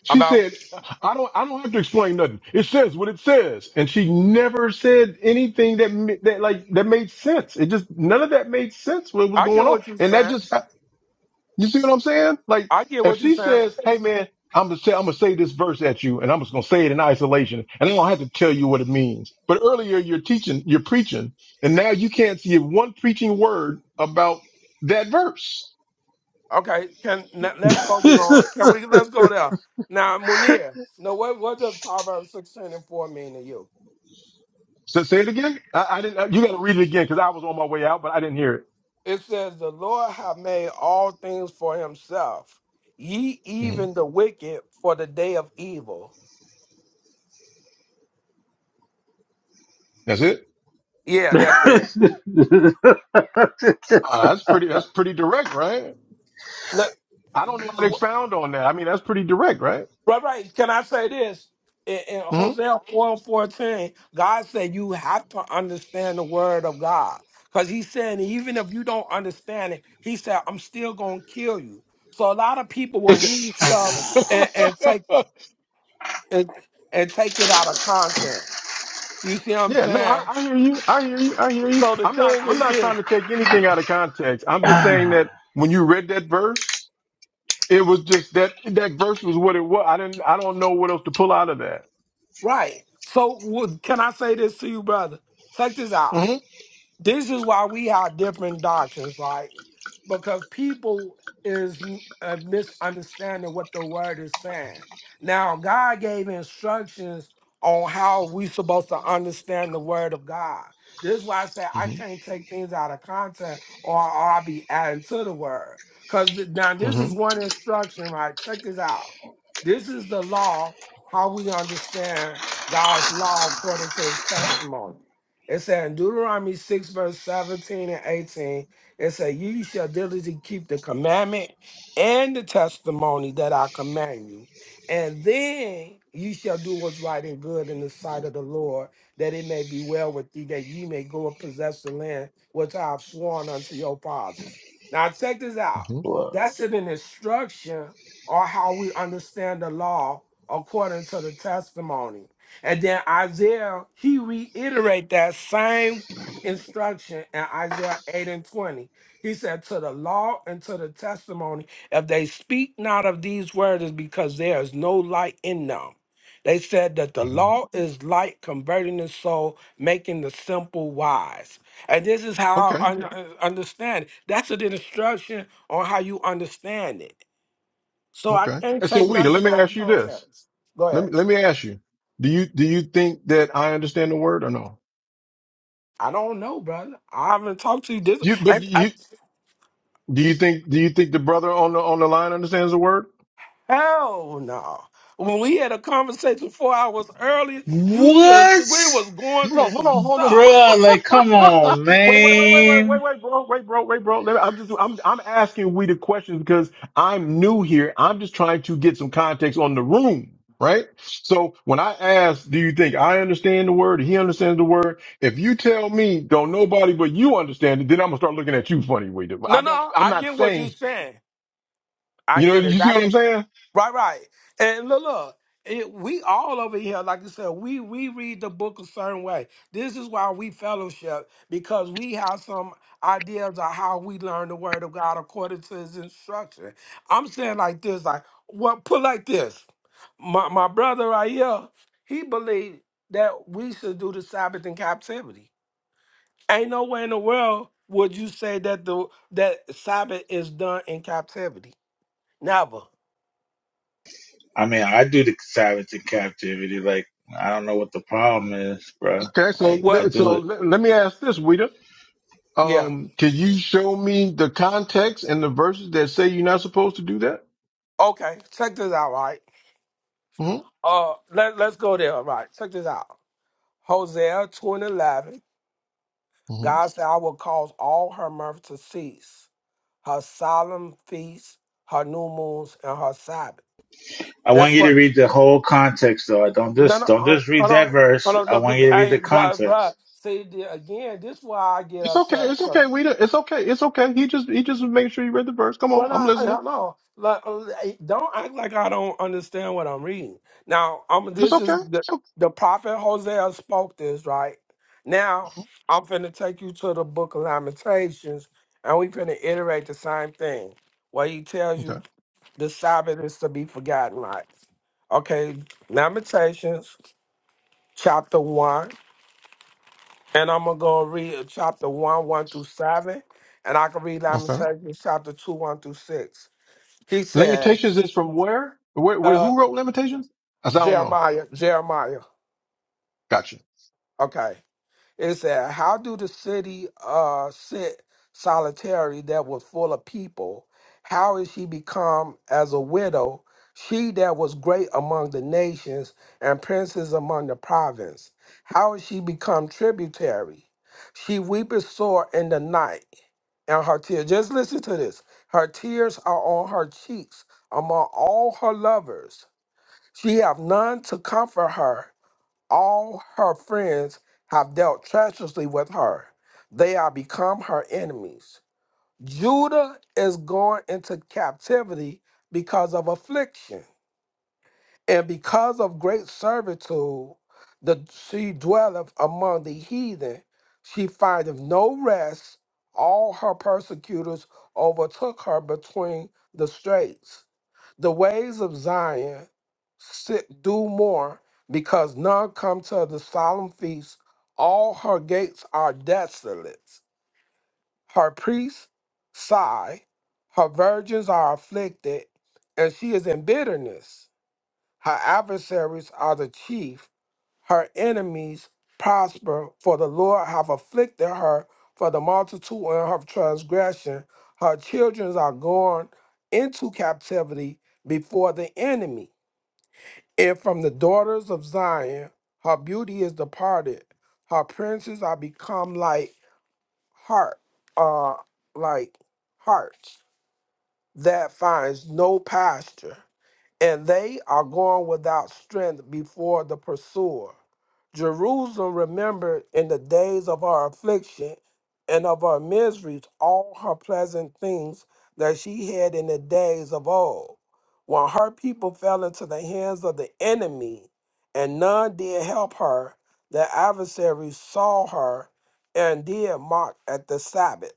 [SPEAKER 10] She
[SPEAKER 7] about?
[SPEAKER 10] said, "I don't, I don't have to explain nothing. It says what it says." And she never said anything that ma- that like that made sense. It just none of that made sense. What was
[SPEAKER 7] I
[SPEAKER 10] going
[SPEAKER 7] get
[SPEAKER 10] on?
[SPEAKER 7] what you
[SPEAKER 10] And that
[SPEAKER 7] saying.
[SPEAKER 10] just you see what I'm saying? Like
[SPEAKER 7] I get
[SPEAKER 10] if
[SPEAKER 7] what you
[SPEAKER 10] she
[SPEAKER 7] saying.
[SPEAKER 10] says, "Hey man, I'm gonna say I'm gonna say this verse at you, and I'm just gonna say it in isolation, and I don't have to tell you what it means." But earlier you're teaching, you're preaching, and now you can't see one preaching word about that verse.
[SPEAKER 7] Okay, can let- let's focus
[SPEAKER 9] what,
[SPEAKER 7] on. Can we? Let's go there. Now, Munir. No, what what does Proverbs sixteen and four mean to you?
[SPEAKER 10] So say it again. I, I didn't. You got to read it again because I was on my way out, but I didn't hear
[SPEAKER 7] It says, The Lord hath made all things for himself, ye
[SPEAKER 10] it.
[SPEAKER 7] even the wicked for the day of evil.
[SPEAKER 10] That's it.
[SPEAKER 7] Yeah, that's it.
[SPEAKER 10] Uh, that's pretty. That's pretty direct, right?
[SPEAKER 7] No-
[SPEAKER 10] I don't know how to expound on that. I mean, that's pretty direct, right?
[SPEAKER 7] right, right. Can I say this? In, in
[SPEAKER 10] hmm
[SPEAKER 7] Hosea 4 14? God said you have to understand the word of God. Because he's saying, even if you don't understand it, he said, I'm still going to kill you. So a lot of people will
[SPEAKER 10] Okay.
[SPEAKER 7] read stuff and, and take and, and take it out of context. You see what I'm
[SPEAKER 10] yeah. No, I,
[SPEAKER 7] saying?
[SPEAKER 10] I hear you. I hear you. I hear you.
[SPEAKER 7] So the
[SPEAKER 10] I'm not.
[SPEAKER 7] thing
[SPEAKER 10] I'm
[SPEAKER 7] is
[SPEAKER 10] not trying
[SPEAKER 7] this,
[SPEAKER 10] to take anything out of context. I'm just saying that when you read that verse, it was just that that verse was what it was. I didn't. I don't know what else to pull out of that.
[SPEAKER 7] right? So would- can I say this to you, brother? Check this out.
[SPEAKER 10] hmm
[SPEAKER 7] this is why we have different doctrines, like because people is uh, misunderstanding what the word is saying. Now, God gave instructions on how we supposed to understand the word of God. This is why I say I
[SPEAKER 10] hmm
[SPEAKER 7] can't take things out of context or I'll be adding to the word. Because now this is
[SPEAKER 10] hmm
[SPEAKER 7] one instruction, right? Check this out. This is the law, how we understand God's law according to his testimony. It said in Deuteronomy 6, verse 17 and 18, it said, "Ye shall diligently keep the commandment and the testimony that I command you. And then ye shall do what's right and good in the sight of the Lord, that it may be well with thee, that ye may go and possess the land which I have sworn unto your fathers. Now, check this out.
[SPEAKER 10] hmm
[SPEAKER 9] bro?
[SPEAKER 7] That's an instruction or how we understand the law according to the testimony. And then Isaiah, he reiterate that same instruction in Isaiah 8 and 20. He said, To the law and to the testimony, if they speak not of these words, it's because there is no light in them. They said that the
[SPEAKER 10] hmm
[SPEAKER 7] law is light, converting the soul, making the simple wise. And this is how
[SPEAKER 10] Okay.
[SPEAKER 7] I un- uh, understand it. That's an instruction on how you understand it. So I
[SPEAKER 10] Okay.
[SPEAKER 7] can't
[SPEAKER 10] And so,
[SPEAKER 7] take
[SPEAKER 10] Weeda, let
[SPEAKER 7] nothing
[SPEAKER 10] me
[SPEAKER 7] out
[SPEAKER 10] ask
[SPEAKER 7] of
[SPEAKER 10] you this.
[SPEAKER 7] context. Go
[SPEAKER 10] Let
[SPEAKER 7] ahead.
[SPEAKER 10] me let me ask you. Do you do you think that I understand the word or no?
[SPEAKER 7] I don't know, brother. I haven't talked to you this.
[SPEAKER 10] You but
[SPEAKER 7] I, I,
[SPEAKER 10] you do you think do you think the brother on the on the line understands the word?
[SPEAKER 7] hell no. When we had a conversation four hours earlier, you should. We was going
[SPEAKER 10] Hold
[SPEAKER 7] through
[SPEAKER 10] on, hold
[SPEAKER 7] some
[SPEAKER 10] on, hold
[SPEAKER 7] stuff.
[SPEAKER 9] Like, come
[SPEAKER 10] on.
[SPEAKER 9] on,
[SPEAKER 10] wait, wait, wait, wait, wait,
[SPEAKER 9] man.
[SPEAKER 10] wait, wait, bro, wait, bro, wait, bro. Let me- I'm just I'm I'm asking we the questions because I'm new here. I'm just trying to get some context on the room. Right. So when I ask, do you think I understand the word? He understands the word. If you tell me don't nobody but you understand it, then I'm gonna start looking at you funny, way.
[SPEAKER 7] No,
[SPEAKER 10] I don't.
[SPEAKER 7] no.
[SPEAKER 10] I'm
[SPEAKER 7] I
[SPEAKER 10] not
[SPEAKER 7] get what you're
[SPEAKER 10] saying.
[SPEAKER 7] saying. I
[SPEAKER 10] You know.
[SPEAKER 7] get
[SPEAKER 10] You
[SPEAKER 7] it.
[SPEAKER 10] see what I'm saying?
[SPEAKER 7] Right, right. And look, look, it, we all over here, like you said, we we read the book a certain way. This is why we fellowship because we have some ideas of how we learn the word of God according to His instruction. I'm saying like this, like what put like this. My my brother right here, he believed that we should do the Sabbath in captivity. Ain't no way in the world would you say that the that Sabbath is done in captivity. Never.
[SPEAKER 9] I mean, I do the savage in captivity. Like, I don't know what the problem is, bro.
[SPEAKER 10] Okay. So
[SPEAKER 9] Like, I
[SPEAKER 7] Well,
[SPEAKER 10] le-
[SPEAKER 9] do
[SPEAKER 10] so
[SPEAKER 9] it.
[SPEAKER 10] let, let me ask this, Weeda.
[SPEAKER 7] yeah.
[SPEAKER 10] Um, can you show me the context and the verses that say you're not supposed to do that?
[SPEAKER 7] Okay, check this out, right?
[SPEAKER 10] hmm
[SPEAKER 7] Uh, let, let's go there, right? Check this out. Hosea 2 and 11.
[SPEAKER 10] hmm
[SPEAKER 7] God said, I will cause all her mirth to cease, her solemn feasts, her new moons, and her Sabbath.
[SPEAKER 9] I want
[SPEAKER 7] That's
[SPEAKER 9] you to
[SPEAKER 7] what,
[SPEAKER 9] read the whole context, though. I don't
[SPEAKER 7] no,
[SPEAKER 9] just
[SPEAKER 7] no,
[SPEAKER 9] don't
[SPEAKER 7] uh,
[SPEAKER 9] just read
[SPEAKER 7] hold
[SPEAKER 9] that
[SPEAKER 7] on. Hold
[SPEAKER 9] verse.
[SPEAKER 7] on,
[SPEAKER 9] I
[SPEAKER 7] no,
[SPEAKER 9] want
[SPEAKER 7] good-
[SPEAKER 9] you to read the
[SPEAKER 7] hey, bro, bro.
[SPEAKER 9] context.
[SPEAKER 7] See, the- again, this is why I get
[SPEAKER 10] It's okay.
[SPEAKER 7] upset.
[SPEAKER 10] It's okay. We. don't- It's okay. It's okay. He just. He just was making sure you read the verse. Come on.
[SPEAKER 7] Well, no,
[SPEAKER 10] I'm
[SPEAKER 7] I, I
[SPEAKER 10] listening.
[SPEAKER 7] don't know. Like, uh, don't act like I don't understand what I'm reading. Now, um,
[SPEAKER 10] It's
[SPEAKER 7] this is
[SPEAKER 10] okay.
[SPEAKER 7] the,
[SPEAKER 10] It's okay.
[SPEAKER 7] the prophet Hosea spoke this right. Now,
[SPEAKER 10] Mhm.
[SPEAKER 7] I'm finna take you to the Book of Lamentations, and we finna iterate the same thing, where he tells
[SPEAKER 10] Okay.
[SPEAKER 7] you the Sabbath is to be forgotten. Right? okay, Lamentations chapter one, and I'm gonna go read chapter one, one through seven, and I can read
[SPEAKER 10] Okay.
[SPEAKER 7] Lamentations chapter two, one through six. He said.
[SPEAKER 10] Lamentations is from where? Where? where
[SPEAKER 7] uh
[SPEAKER 10] who wrote Lamentations? I said, I don't know.
[SPEAKER 7] Jeremiah, Jeremiah.
[SPEAKER 10] Gotcha.
[SPEAKER 7] Okay. It said, How do the city uh sit solitary that was full of people? How is she become as a widow? She that was great among the nations and princes among the province. How is she become tributary? She weepeth sore in the night, and her tears. Just listen to this. Her tears are on her cheeks among all her lovers. She have none to comfort her, all her friends have dealt treacherously with her. They are become her enemies. Judah is going into captivity because of affliction. And because of great servitude, the, she dwelleth among the heathen. She findeth no rest. All her persecutors overtook her between the straits. The ways of Zion sit, do more because none come to the solemn feast. All her gates are desolate. Her priests sigh. Her virgins are afflicted, and she is in bitterness. Her adversaries are the chief, her enemies prosper, for the Lord have afflicted her for the multitude of her transgression. Her children are gone into captivity before the enemy. And from the daughters of Zion, her beauty is departed. Her princes are become like heart, uh, like hearts that finds no pasture and they are gone without strength before the pursuer. Jerusalem remembered in the days of her affliction and of her miseries all her pleasant things that she had in the days of old, when her people fell into the hands of the enemy, and none did help her. The adversaries saw her and did mock at the Sabbath.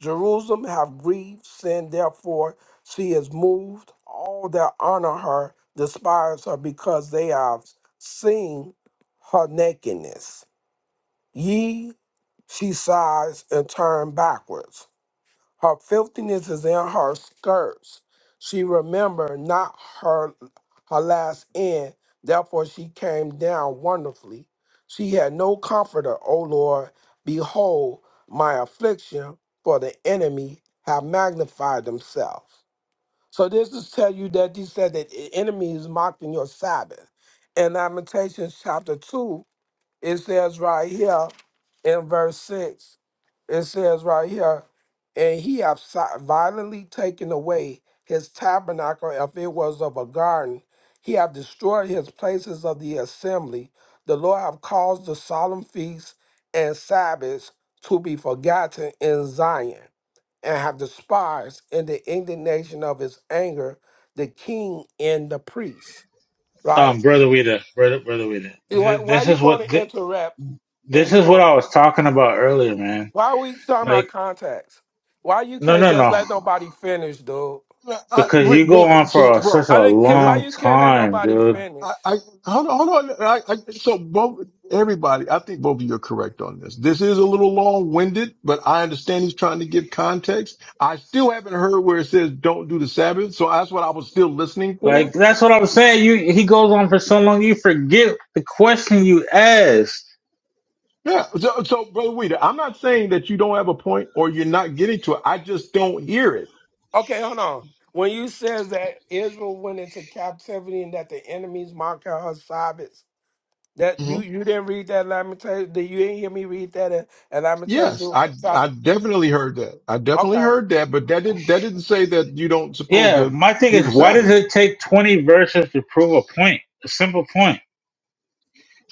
[SPEAKER 7] Jerusalem have grieved sin, therefore she is moved. All that honor her despise her because they have seen her nakedness. Ye, she sighs and turn backwards. Her filthiness is in her skirts. She remembered not her her last end. Therefore she came down wonderfully. She had no comforter, O Lord. Behold my affliction, for the enemy have magnified themselves. So this is tell you that he said that the enemy is mocking your Sabbath. In Lamentations chapter two, it says right here in verse 6, it says right here, and he have si- violently taken away his tabernacle, if it was of a garden, he have destroyed his places of the assembly. The Lord have caused the solemn feasts and Sabbaths to be forgotten in Zion, and have despised in the indignation of his anger the king and the priest. Right?
[SPEAKER 9] Um, brother Weeda, brother, brother Weeda.
[SPEAKER 7] Why,
[SPEAKER 9] Th-
[SPEAKER 7] why
[SPEAKER 9] This
[SPEAKER 7] you
[SPEAKER 9] is
[SPEAKER 7] going
[SPEAKER 9] what
[SPEAKER 7] to
[SPEAKER 9] th-
[SPEAKER 7] interrupt? And
[SPEAKER 9] this
[SPEAKER 7] you
[SPEAKER 9] is what
[SPEAKER 7] going?
[SPEAKER 9] I was talking about earlier, man.
[SPEAKER 7] Why are we talking
[SPEAKER 9] Like,
[SPEAKER 7] about contacts? Why you
[SPEAKER 9] no,
[SPEAKER 7] can't
[SPEAKER 9] no,
[SPEAKER 7] just
[SPEAKER 9] no,
[SPEAKER 7] let nobody finish, dude?
[SPEAKER 10] Yeah, I,
[SPEAKER 9] because
[SPEAKER 10] wait,
[SPEAKER 9] you go
[SPEAKER 10] brother.
[SPEAKER 9] on
[SPEAKER 10] So,
[SPEAKER 9] for a, such
[SPEAKER 7] I
[SPEAKER 9] a
[SPEAKER 7] didn't ca-
[SPEAKER 10] bro.
[SPEAKER 7] why
[SPEAKER 9] long
[SPEAKER 7] you can't let
[SPEAKER 9] time,
[SPEAKER 7] nobody
[SPEAKER 9] dude.
[SPEAKER 7] finish?
[SPEAKER 10] I, I hold on. Hold on. I, I, so both everybody, I think both of you are correct on this. This is a little long winded, but I understand he's trying to give context. I still haven't heard where it says don't do the Sabbath, so that's what I was still listening for.
[SPEAKER 9] Like, that's what I'm saying. You he goes on for so long, you forget the question you asked.
[SPEAKER 10] Yeah. So, so brother Weeder, I'm not saying that you don't have a point or you're not getting to it. I just don't hear it.
[SPEAKER 7] Okay, hold on. When you says that Israel went into captivity and that the enemies mocked at her Sabbaths, that you
[SPEAKER 10] Mhm.
[SPEAKER 7] you didn't read that Lamentation? Did you didn't hear me read that in, in
[SPEAKER 10] Yes,
[SPEAKER 7] Lamentation
[SPEAKER 10] I I
[SPEAKER 7] chapter?
[SPEAKER 10] definitely heard that. I definitely
[SPEAKER 7] Okay,
[SPEAKER 10] heard that, but that didn't that didn't say that you don't supposed
[SPEAKER 9] Yeah,
[SPEAKER 10] to
[SPEAKER 9] my thing
[SPEAKER 10] do
[SPEAKER 9] is,
[SPEAKER 10] the
[SPEAKER 9] why does
[SPEAKER 10] Sabbath.
[SPEAKER 9] it take 20 verses to prove a point? A simple point.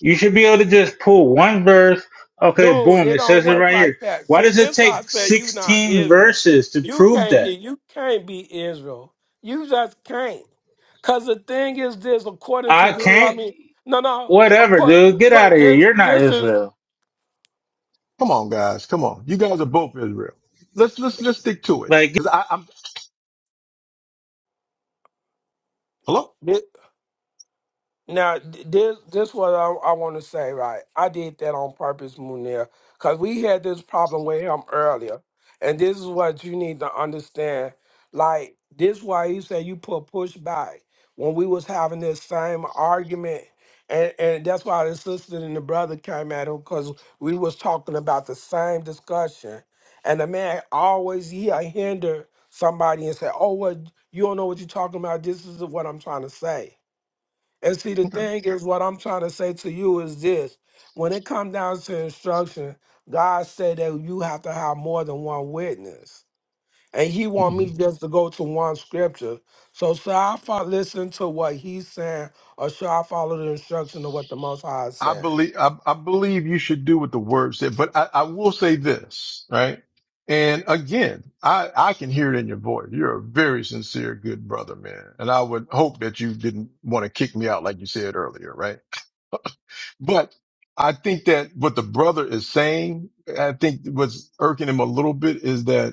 [SPEAKER 9] You should be able to just pull one verse. Okay,
[SPEAKER 7] Dude,
[SPEAKER 9] boom,
[SPEAKER 7] it
[SPEAKER 9] it
[SPEAKER 7] don't
[SPEAKER 9] says it
[SPEAKER 7] work
[SPEAKER 9] right
[SPEAKER 7] like
[SPEAKER 9] here.
[SPEAKER 7] that.
[SPEAKER 9] Why
[SPEAKER 7] See,
[SPEAKER 9] does it
[SPEAKER 7] this why I
[SPEAKER 9] take
[SPEAKER 7] say you not
[SPEAKER 9] 16
[SPEAKER 7] Israel.
[SPEAKER 9] verses to
[SPEAKER 7] You
[SPEAKER 9] prove
[SPEAKER 7] can't
[SPEAKER 9] that?
[SPEAKER 7] you can't be Israel. You just can't. Cause the thing is this, according to
[SPEAKER 9] I can't.
[SPEAKER 7] Deuteronomy, no, no,
[SPEAKER 9] Whatever,
[SPEAKER 7] because
[SPEAKER 9] dude. Get out of here.
[SPEAKER 7] this
[SPEAKER 9] You're not
[SPEAKER 7] this is
[SPEAKER 9] Israel.
[SPEAKER 10] Come on, guys. Come on. You guys are both Israel. Let's let's let's stick to it.
[SPEAKER 9] Like,
[SPEAKER 10] Because I, I'm hello.
[SPEAKER 7] Now, th- this this what I, I want to say, right? I did that on purpose, Munir, because we had this problem with him earlier, and this is what you need to understand. Like this, why you say you put pushback when we was having this same argument, and and that's why the sister and the brother came at him because we was talking about the same discussion, and the man always he hinder somebody and say, "Oh, what you don't know what you're talking about. This is what I'm trying to say." And see, the
[SPEAKER 10] Okay.
[SPEAKER 7] thing is, what I'm trying to say to you is this: when it comes down to instruction, God said that you have to have more than one witness, and He want
[SPEAKER 10] hmm
[SPEAKER 7] me just to go to one scripture. So shall I fo- listen to what He's saying, or shall I follow the instruction of what the Most High is
[SPEAKER 10] I
[SPEAKER 7] saying?
[SPEAKER 10] believe I, I believe you should do what the word said, but I, I will say this, right? And again, I, I can hear it in your voice. You're a very sincere, good brother, man. And I would hope that you didn't want to kick me out like you said earlier, right? But I think that what the brother is saying, I think what's irking him a little bit is that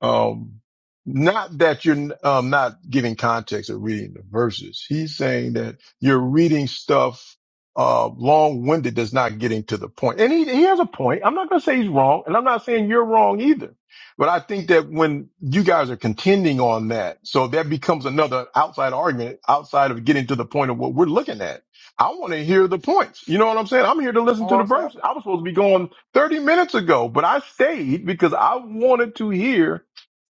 [SPEAKER 10] Um, not that you're um, not giving context of reading the verses. He's saying that you're reading stuff uh, long-winded that's not getting to the point. And he, he has a point. I'm not going to say he's wrong, and I'm not saying you're wrong either. But I think that when you guys are contending on that, so that becomes another outside argument outside of getting to the point of what we're looking at. I want to hear the points. You know what I'm saying? I'm here to listen to the verse. I was supposed to be going 30 minutes ago, but I stayed because I wanted to hear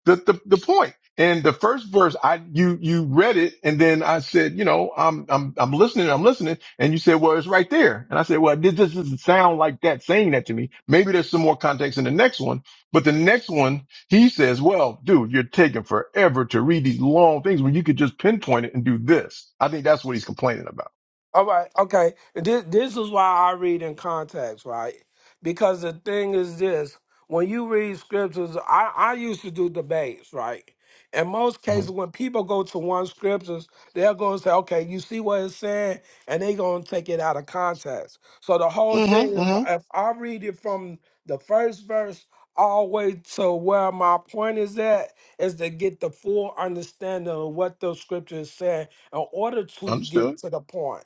[SPEAKER 10] the, the, the point. And the first verse, I, you, you read it. And then I said, you know, I'm, I'm, I'm listening. I'm listening. And you said, well, it's right there. And I said, well, this this doesn't sound like that saying that to me. Maybe there's some more context in the next one, but the next one, he says, well, dude, you're taking forever to read these long things when you could just pinpoint it and do this. I think that's what he's complaining about.
[SPEAKER 7] All right, okay. This this is why I read in context, right? Because the thing is this: when you read scriptures, I I used to do debates, right? In most cases,
[SPEAKER 10] Mm-hmm.
[SPEAKER 7] when people go to one scriptures, they're going to say, "Okay, you see what it's saying," and they're going to take it out of context. So the whole thing is,
[SPEAKER 10] Mm-hmm. hmm
[SPEAKER 7] if I read it from the first verse all the way to where my point is at, is to get the full understanding of what the scripture is saying in order to get
[SPEAKER 10] Understood.
[SPEAKER 7] to the point.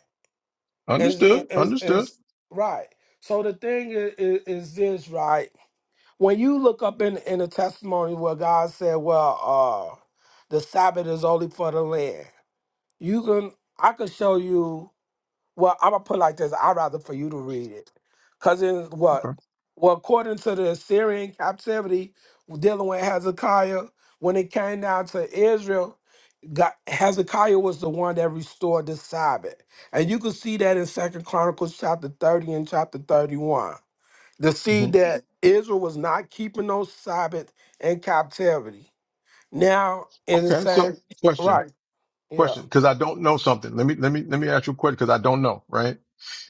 [SPEAKER 7] Is
[SPEAKER 10] Understood.
[SPEAKER 7] is
[SPEAKER 10] Understood.
[SPEAKER 7] is right. So the thing is, is, is this right? When you look up in in the testimony where God said, "Well, uh, the Sabbath is only for the land," you can I could show you well, I'm gonna put it like this. I'd rather for you to read it, cause in what?
[SPEAKER 10] Okay.
[SPEAKER 7] Well, according to the Assyrian captivity, dealing with Hezekiah, when it came down to Israel, God, Hezekiah was the one that restored the Sabbath, and you can see that in Second Chronicles chapter 30 and chapter 31. To see
[SPEAKER 10] hmm
[SPEAKER 7] that Israel was not keeping those Sabbath in captivity. Now, in the
[SPEAKER 10] Okay.
[SPEAKER 7] same,
[SPEAKER 10] So question.
[SPEAKER 7] right?
[SPEAKER 10] question
[SPEAKER 7] Yeah,
[SPEAKER 10] because I don't know something. Let me let me let me ask you a question because I don't know. Right?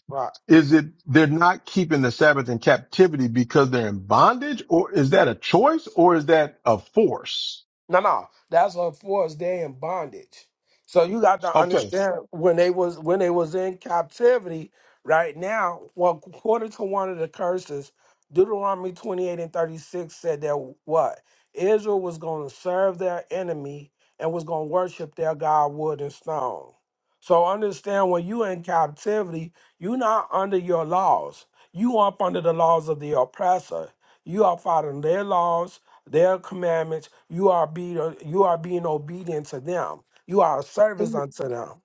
[SPEAKER 7] right.
[SPEAKER 10] Is it they're not keeping the Sabbath in captivity because they're in bondage, or is that a choice, or is that a force?
[SPEAKER 7] No, no, that's a forced day in bondage. So you got to
[SPEAKER 10] Okay.
[SPEAKER 7] understand when they was when they was in captivity. Right now, well, according to one of the curses, Deuteronomy twenty eight and thirty six said that what Israel was going to serve their enemy and was going to worship their god wood and stone. So understand when you in captivity, you not under your laws. You up under the laws of the oppressor. You are following their laws their commandments. You are be you are being obedient to them. You are a service unto them.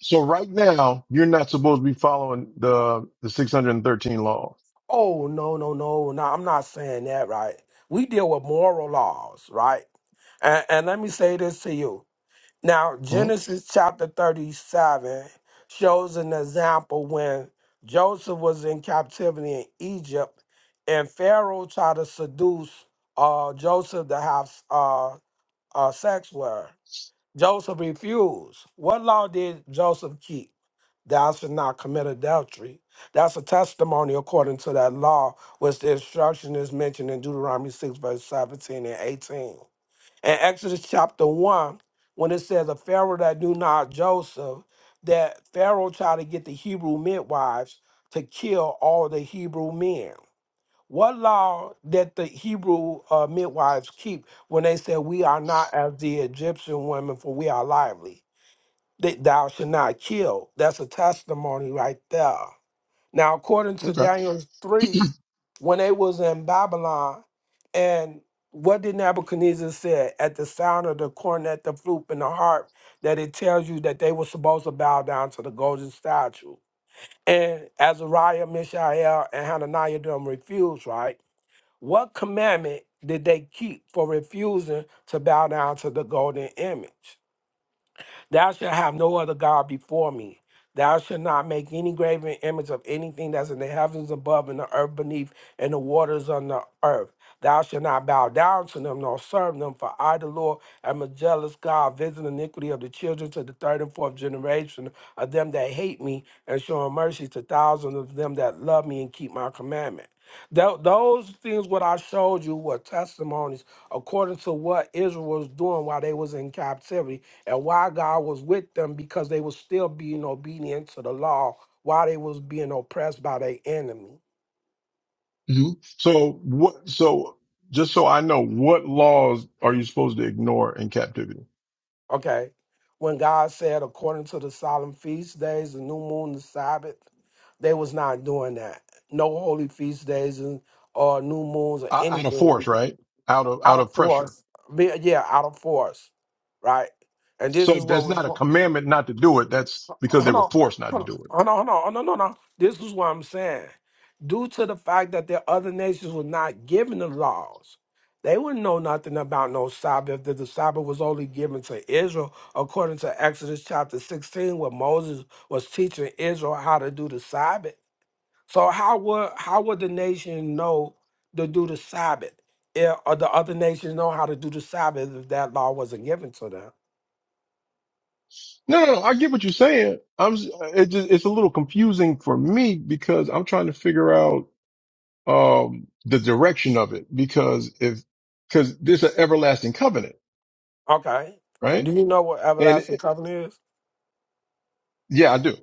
[SPEAKER 10] So right now you're not supposed to be following the the 613 laws.
[SPEAKER 7] Oh no no no no! I'm not saying that right. We deal with moral laws, right? And, and let me say this to you. Now
[SPEAKER 10] Hmm,
[SPEAKER 7] Genesis chapter 37 shows an example when Joseph was in captivity in Egypt, and Pharaoh tried to seduce uh, Joseph to have uh, uh, sex with her Joseph refused. What law did Joseph keep? Thou shalt not commit adultery. That's a testimony according to that law, which the instruction is mentioned in Deuteronomy 6, verse 17 and 18. In Exodus chapter 1, when it says, A Pharaoh that knew not Joseph, that Pharaoh tried to get the Hebrew midwives to kill all the Hebrew men. What law did the Hebrew uh, midwives keep when they said, We are not as the Egyptian women, for we are lively? That thou should not kill. That's a testimony right there. Now, according to
[SPEAKER 10] okay.
[SPEAKER 7] Daniel 3, when they was in Babylon, and what did Nebuchadnezzar say at the sound of the cornet, the flute, and the harp, that it tells you that they were supposed to bow down to the golden statue. And Azariah, Mishael, and Hananiah them refused, right? What commandment did they keep for refusing to bow down to the golden image? Thou shalt have no other God before me. Thou shalt not make any graven image of anything that's in the heavens above and the earth beneath and the waters on the earth. Thou shalt not bow down to them nor serve them, for I, the Lord, am a jealous God, visiting iniquity of the children to the third and fourth generation of them that hate me, and showing mercy to thousands of them that love me and keep my commandment. Tho- those things what I showed you were testimonies according to what Israel was doing while they was in captivity and why God was with them because they were still being obedient to the law while they was being oppressed by their enemy.
[SPEAKER 10] You. So what? So just so I know, what laws are you supposed to ignore in captivity?
[SPEAKER 7] Okay. When God said according to the solemn feast days, the new moon, the Sabbath, they was not doing that. No holy feast days and or new moons or
[SPEAKER 10] Out out of
[SPEAKER 7] anything
[SPEAKER 10] force, right? Out of
[SPEAKER 7] out
[SPEAKER 10] out
[SPEAKER 7] of
[SPEAKER 10] of pressure.
[SPEAKER 7] force. Be- Yeah, out of force. Right. And this
[SPEAKER 10] So
[SPEAKER 7] is what
[SPEAKER 10] that's
[SPEAKER 7] was
[SPEAKER 10] not a
[SPEAKER 7] going
[SPEAKER 10] commandment not to do it. That's because they
[SPEAKER 7] Hold
[SPEAKER 10] were
[SPEAKER 7] on,
[SPEAKER 10] forced not to
[SPEAKER 7] hold
[SPEAKER 10] do it.
[SPEAKER 7] on, hold on, hold on. No, no, no. This is what I'm saying. Due to the fact that the other nations were not given the laws, they wouldn't know nothing about no Sabbath. That the Sabbath was only given to Israel, according to Exodus chapter 16, where Moses was teaching Israel how to do the Sabbath. So how would how would the nation know to do the Sabbath? If, or the other nations know how to do the Sabbath if that law wasn't given to them.
[SPEAKER 10] No, no, no. I get what you're saying. I'm. s- uh, It just it's a little confusing for me because I'm trying to figure out um the direction of it because if because this is an everlasting covenant,
[SPEAKER 7] Okay.
[SPEAKER 10] right?
[SPEAKER 7] Do you know what
[SPEAKER 10] And
[SPEAKER 7] everlasting
[SPEAKER 10] it,
[SPEAKER 7] covenant is?
[SPEAKER 10] yeah, I do.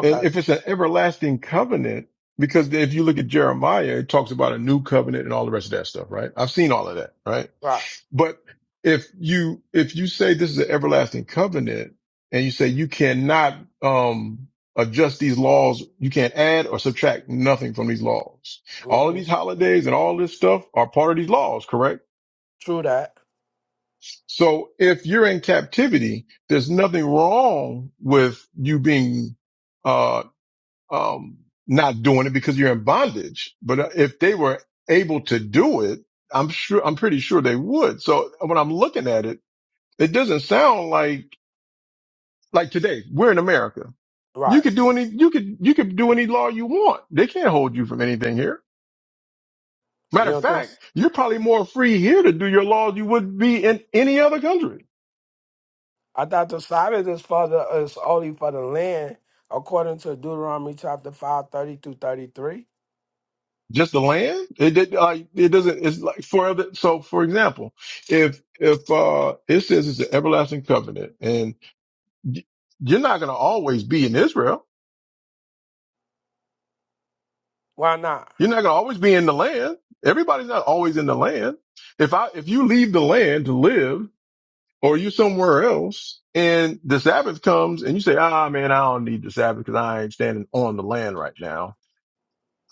[SPEAKER 10] And if it's an everlasting covenant, because if you look at Jeremiah, it talks about a new covenant and all the rest of that stuff, right? I've seen all of that, right?
[SPEAKER 7] Right.
[SPEAKER 10] But if you if you say this is an everlasting covenant, and you say you cannot um adjust these laws, you can't add or subtract nothing from these laws. All of
[SPEAKER 7] hmm
[SPEAKER 10] these holidays and all this stuff are part of these laws, correct?
[SPEAKER 7] True that.
[SPEAKER 10] So if you're in captivity, there's nothing wrong with you being uh um not doing it because you're in bondage. But uh, if they were able to do it, I'm sure I'm pretty sure they would. So when I'm looking at it. It doesn't sound like like today. We're in America. You
[SPEAKER 7] Right.
[SPEAKER 10] could do any you could you could do any law you want. They can't hold you from anything here.
[SPEAKER 7] You
[SPEAKER 10] Matter of
[SPEAKER 7] know,
[SPEAKER 10] fact,
[SPEAKER 7] this,
[SPEAKER 10] you're probably more free here to do your laws you would be in any other country.
[SPEAKER 7] I thought the Sabbath is for the is only for the land, according to Deuteronomy chapter five thirty 30 through 33.
[SPEAKER 10] Just the land. It did like it doesn't. It's like for other. So for example, if if uh it says it's an everlasting covenant, and y- you're not going to always be in Israel.
[SPEAKER 7] Why not?
[SPEAKER 10] You're not going to always be in the land. Everybody's not always in the land. If I if you leave the land to live or you somewhere else and the Sabbath comes and you say, ah, man, I don't need the Sabbath because I ain't standing on the land right now.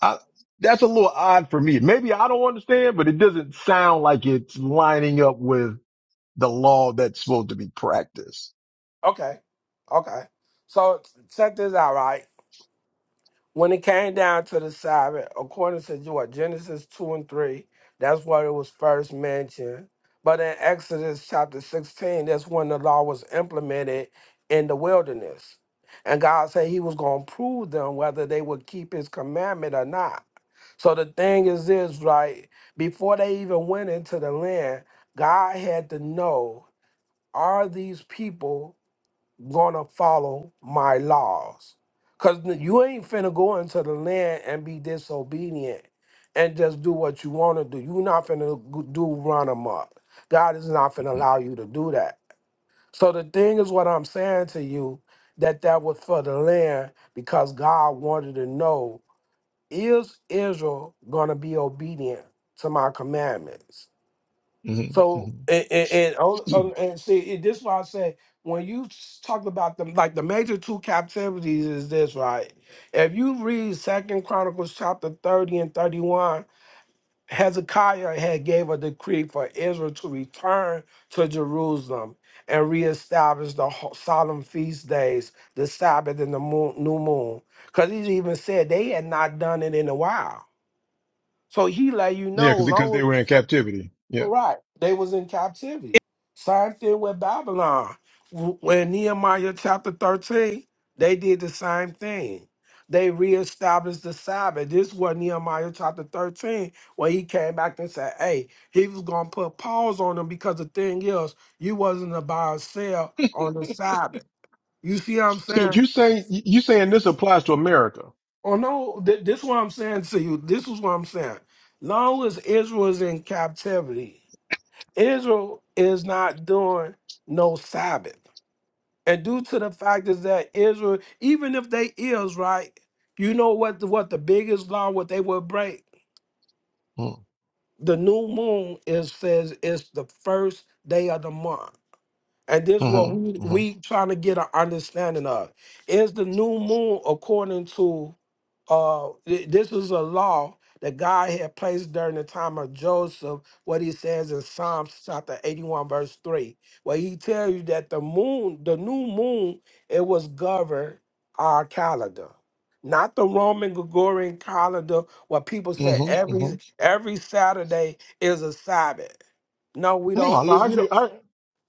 [SPEAKER 10] I, that's a little odd for me. Maybe I don't understand, but it doesn't sound like it's lining up with the law that's supposed to be practiced.
[SPEAKER 7] Okay. Okay. So check this out, right? when it came down to the Sabbath, according to what Genesis two and three, that's where it was first mentioned. But in Exodus chapter sixteen, that's when the law was implemented in the wilderness, and God said He was going to prove them whether they would keep His commandment or not. So the thing is, this right before they even went into the land, God had to know: Are these people? gonna follow my laws. Cause you ain't finna go into the land and be disobedient and just do what you wanna do. you not finna go- do run amok. God is not finna allow you to do that. So the thing is what I'm saying to you, that that was for the land because God wanted to know, is Israel gonna be obedient to my commandments?
[SPEAKER 10] hmm hmm
[SPEAKER 7] So and and, and, oh, oh, and see, and this is why I say when you s- talk about them, like the major two captivities is this, right? If you read Second Chronicles chapter thirty and thirty-one, Hezekiah had gave a decree for Israel to return to Jerusalem and reestablish the ho- solemn feast days, the Sabbath and the moon, new moon, because he even said they had not done it in a while. So he let you
[SPEAKER 10] Yeah,
[SPEAKER 7] know,
[SPEAKER 10] because because they
[SPEAKER 7] long.
[SPEAKER 10] were in captivity. Yeah.
[SPEAKER 7] Right. They was in captivity. Same thing with Babylon. W- When Nehemiah chapter 13, they did the same thing. They reestablished the Sabbath. This was Nehemiah chapter 13 when he came back and said, hey, he was going to put pause on them because the thing is, you wasn't about to sell on the Sabbath. You see what I'm
[SPEAKER 10] So
[SPEAKER 7] saying?
[SPEAKER 10] you say you saying this applies to America?
[SPEAKER 7] Oh, no, th- this is what I'm saying to you. This is what I'm saying. Long as Israel is in captivity, Israel is not doing no Sabbath. And due to the fact is that Israel, even if they is right, you know what the, what the biggest law what they will break?
[SPEAKER 10] Mm-hmm.
[SPEAKER 7] The new moon is says it's the first day of the month. And this is what we
[SPEAKER 10] hmm
[SPEAKER 7] we trying to get an understanding of. Is the new moon according to uh th- this is a law that God had placed during the time of Joseph, what he says in Psalms chapter 81, verse 3, where he tells you that the moon, the new moon, it was governed our calendar. Not the Roman Gregorian calendar where people say
[SPEAKER 10] hmm hmm
[SPEAKER 7] every every Saturday is a Sabbath. No, we
[SPEAKER 10] No, no, I
[SPEAKER 7] don't.
[SPEAKER 10] agree. I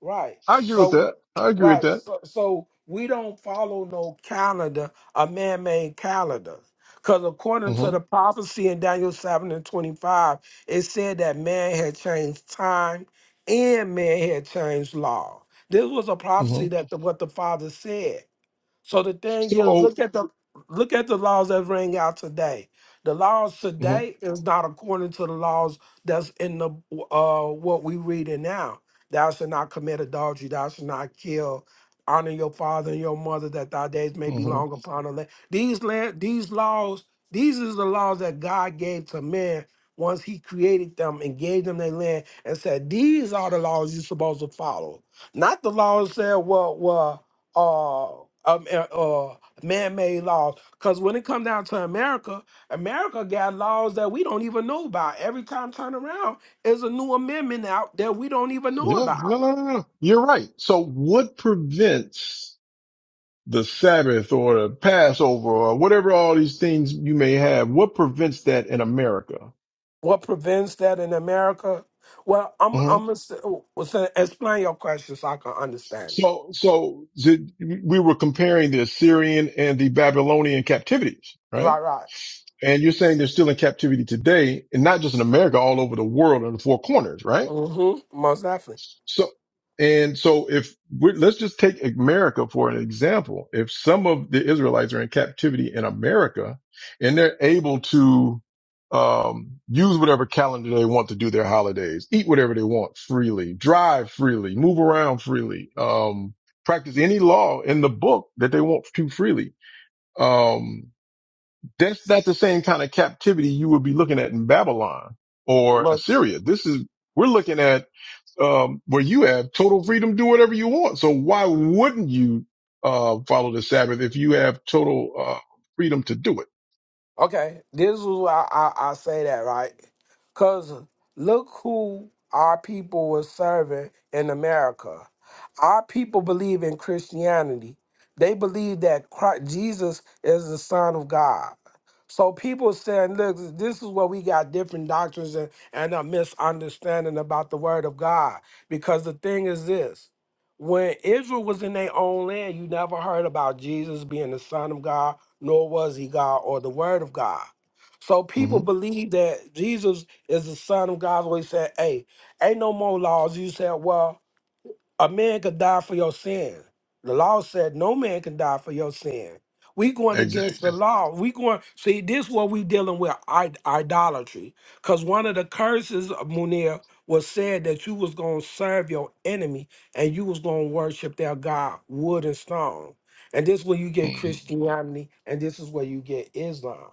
[SPEAKER 7] Right.
[SPEAKER 10] I agree with
[SPEAKER 7] So
[SPEAKER 10] that. I agree with
[SPEAKER 7] right.
[SPEAKER 10] that.
[SPEAKER 7] So, so we don't follow no calendar, a man-made calendar. Because according
[SPEAKER 10] hmm
[SPEAKER 7] to the prophecy in Daniel 7 and 25, it said that man had changed time and man had changed law. This was a
[SPEAKER 10] hmm
[SPEAKER 7] prophecy that the, what the Father said. So the thing is,
[SPEAKER 10] So.
[SPEAKER 7] look at the look at the laws that ring out today. The laws
[SPEAKER 10] mhm.
[SPEAKER 7] today is not according to the laws that's in the uh what we reading now. Thou shalt not commit adultery. Thou shalt not kill. Honor your father and your mother, that thy days may be
[SPEAKER 10] hmm
[SPEAKER 7] long upon the land. These land, these laws, these is the laws that God gave to man once He created them and gave them their land and said, "These are the laws you're supposed to follow." Not the laws that said, "Well, well." uh, um, uh, uh, man-made laws. Because when it comes down to America, America got laws that we don't even know about. Every time turn around, is a new amendment out that we don't even know
[SPEAKER 10] Yeah,
[SPEAKER 7] about.
[SPEAKER 10] no, no, no, no. no. You're right. So what prevents the Sabbath or the Passover or whatever all these things you may have? What prevents that in America?
[SPEAKER 7] What prevents that in America? Well, I'm
[SPEAKER 10] hmm
[SPEAKER 7] I'm gonna s- well, so explain your question so I can understand it.
[SPEAKER 10] So, so the, we were comparing the Assyrian and the Babylonian captivities, right?
[SPEAKER 7] Right, right.
[SPEAKER 10] And you're saying they're still in captivity today and not just in America, all over the world in the four corners, right?
[SPEAKER 7] Mm-hmm. Most definitely.
[SPEAKER 10] So, and so if we're, let's just take America for an example. If some of the Israelites are in captivity in America and they're able to, um, use whatever calendar they want to do their holidays, eat whatever they want freely, drive freely, move around freely, um, practice any law in the book that they want to freely. Um, that's not the same kind of captivity you would be looking at in Babylon or Assyria. This is, we're looking at um, where you have total freedom to do whatever you want. So why wouldn't you uh, follow the Sabbath if you have total uh, freedom to do it?
[SPEAKER 7] Okay, this is why I, I say that, right? Because look who our people were serving in America. Our people believe in Christianity. They believe that Christ, Jesus is the Son of God. So people saying, look, this is where we got different doctrines and, and a misunderstanding about the Word of God. Because the thing is this when Israel was in their own land, you never heard about Jesus being the Son of God nor was he God or the Word of God. So
[SPEAKER 10] hmm
[SPEAKER 7] people believe that Jesus is the Son of God. So he said, hey, ain't no more laws. You said, well, a man could die for your sin. The law said no man can die for your sin. We going
[SPEAKER 10] Exactly.
[SPEAKER 7] against the law. We going see this what we dealing with i- idolatry. Cause one of the curses of Munir was said that you was gonna serve your enemy and you was gonna worship their god wood and stone. And this where you get
[SPEAKER 10] hmm
[SPEAKER 7] Christianity and this is where you get Islam.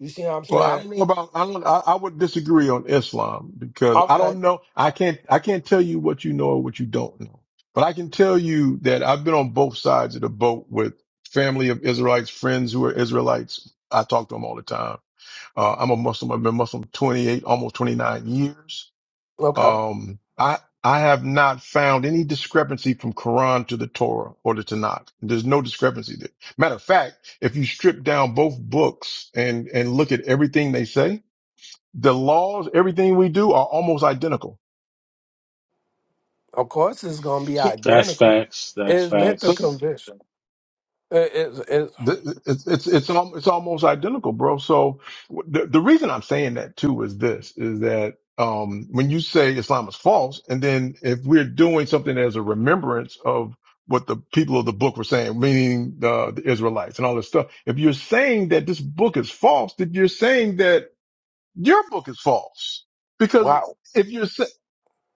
[SPEAKER 7] You see what I'm
[SPEAKER 10] Well, I
[SPEAKER 7] saying?
[SPEAKER 10] don't know about. I don't. I, I would disagree on Islam because I
[SPEAKER 7] Okay,
[SPEAKER 10] don't know. I can't. I can't tell you what you know or what you don't know. But I can tell you that I've been on both sides of the boat with family of Israelites, friends who are Israelites. I talk to them all the time. Uh, I'm a Muslim. I've been Muslim 28, almost 29 years.
[SPEAKER 7] okay.
[SPEAKER 10] Um, I I have not found any discrepancy from Quran to the Torah or the Tanakh. There's no discrepancy there. Matter of fact, if you strip down both books and and look at everything they say, the laws, everything we do are almost identical.
[SPEAKER 7] Of course it's gonna be
[SPEAKER 10] So,
[SPEAKER 9] that's
[SPEAKER 7] identical.
[SPEAKER 9] facts. That's
[SPEAKER 7] It's meant to
[SPEAKER 10] so
[SPEAKER 9] facts.
[SPEAKER 7] convince.
[SPEAKER 10] The- It's it's it's al- it's almost identical, bro. So w- the the reason I'm saying that too is this: is that um when you say Islam is false, and then if we're doing something as a remembrance of what the people of the book were saying, meaning the, the Israelites and all this stuff, if you're saying that this book is false, then you're saying that your book is false because.
[SPEAKER 7] Wow.
[SPEAKER 10] If you're sa-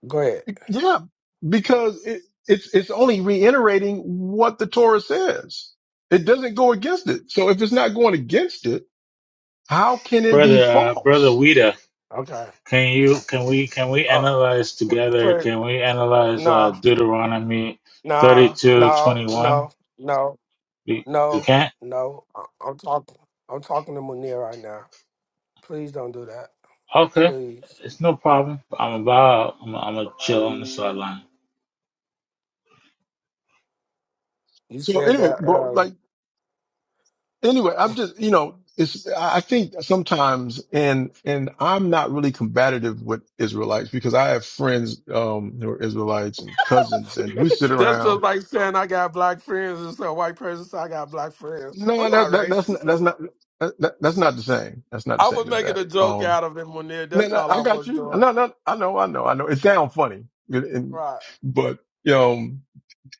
[SPEAKER 7] Go ahead.
[SPEAKER 10] yeah, because it, it's it's only reiterating what the Torah says. It doesn't go against it. So if it's not going against it, how can it be
[SPEAKER 9] Brother, uh, brother
[SPEAKER 10] false?
[SPEAKER 9] Wida,
[SPEAKER 7] Okay.
[SPEAKER 9] can you, can we, can we
[SPEAKER 7] Uh,
[SPEAKER 9] analyze
[SPEAKER 7] p-
[SPEAKER 9] together?
[SPEAKER 7] please.
[SPEAKER 9] Can we analyze uh,
[SPEAKER 7] Nah.
[SPEAKER 9] Deuteronomy
[SPEAKER 7] Nah.
[SPEAKER 9] 32
[SPEAKER 7] No.
[SPEAKER 9] 21?
[SPEAKER 7] No. No.
[SPEAKER 9] We, we
[SPEAKER 7] No.
[SPEAKER 9] can't?
[SPEAKER 7] No. I- I'm talking. I'm talking to Munir right now. Please don't do that.
[SPEAKER 9] Okay,
[SPEAKER 7] Please.
[SPEAKER 9] it's no problem. I'm about I'm I'm gonna chill on the sideline.
[SPEAKER 7] You
[SPEAKER 10] So
[SPEAKER 7] said
[SPEAKER 10] anyway,
[SPEAKER 7] that
[SPEAKER 10] bro,
[SPEAKER 7] earlier.
[SPEAKER 10] like anyway, I'm just you know, it's I I think sometimes and and I'm not really combative with Israelites because I have friends um who are Israelites and cousins and we sit
[SPEAKER 7] That's just
[SPEAKER 10] around.
[SPEAKER 7] like saying I got black friends and some white person said I got black friends. I'm
[SPEAKER 10] No, that,
[SPEAKER 7] not
[SPEAKER 10] that that's not,
[SPEAKER 7] racist.
[SPEAKER 10] that's not that, that- that's not the same. That's not the
[SPEAKER 7] I
[SPEAKER 10] same
[SPEAKER 7] was
[SPEAKER 10] as
[SPEAKER 7] making
[SPEAKER 10] that.
[SPEAKER 7] a joke
[SPEAKER 10] Um
[SPEAKER 7] out of it, Munir.
[SPEAKER 10] No,
[SPEAKER 7] That's
[SPEAKER 10] no,
[SPEAKER 7] all
[SPEAKER 10] I
[SPEAKER 7] I
[SPEAKER 10] got
[SPEAKER 7] was
[SPEAKER 10] you. No,
[SPEAKER 7] doing.
[SPEAKER 10] no, I know, I know, I know. It sounds funny, It- and-
[SPEAKER 7] Right.
[SPEAKER 10] but you know,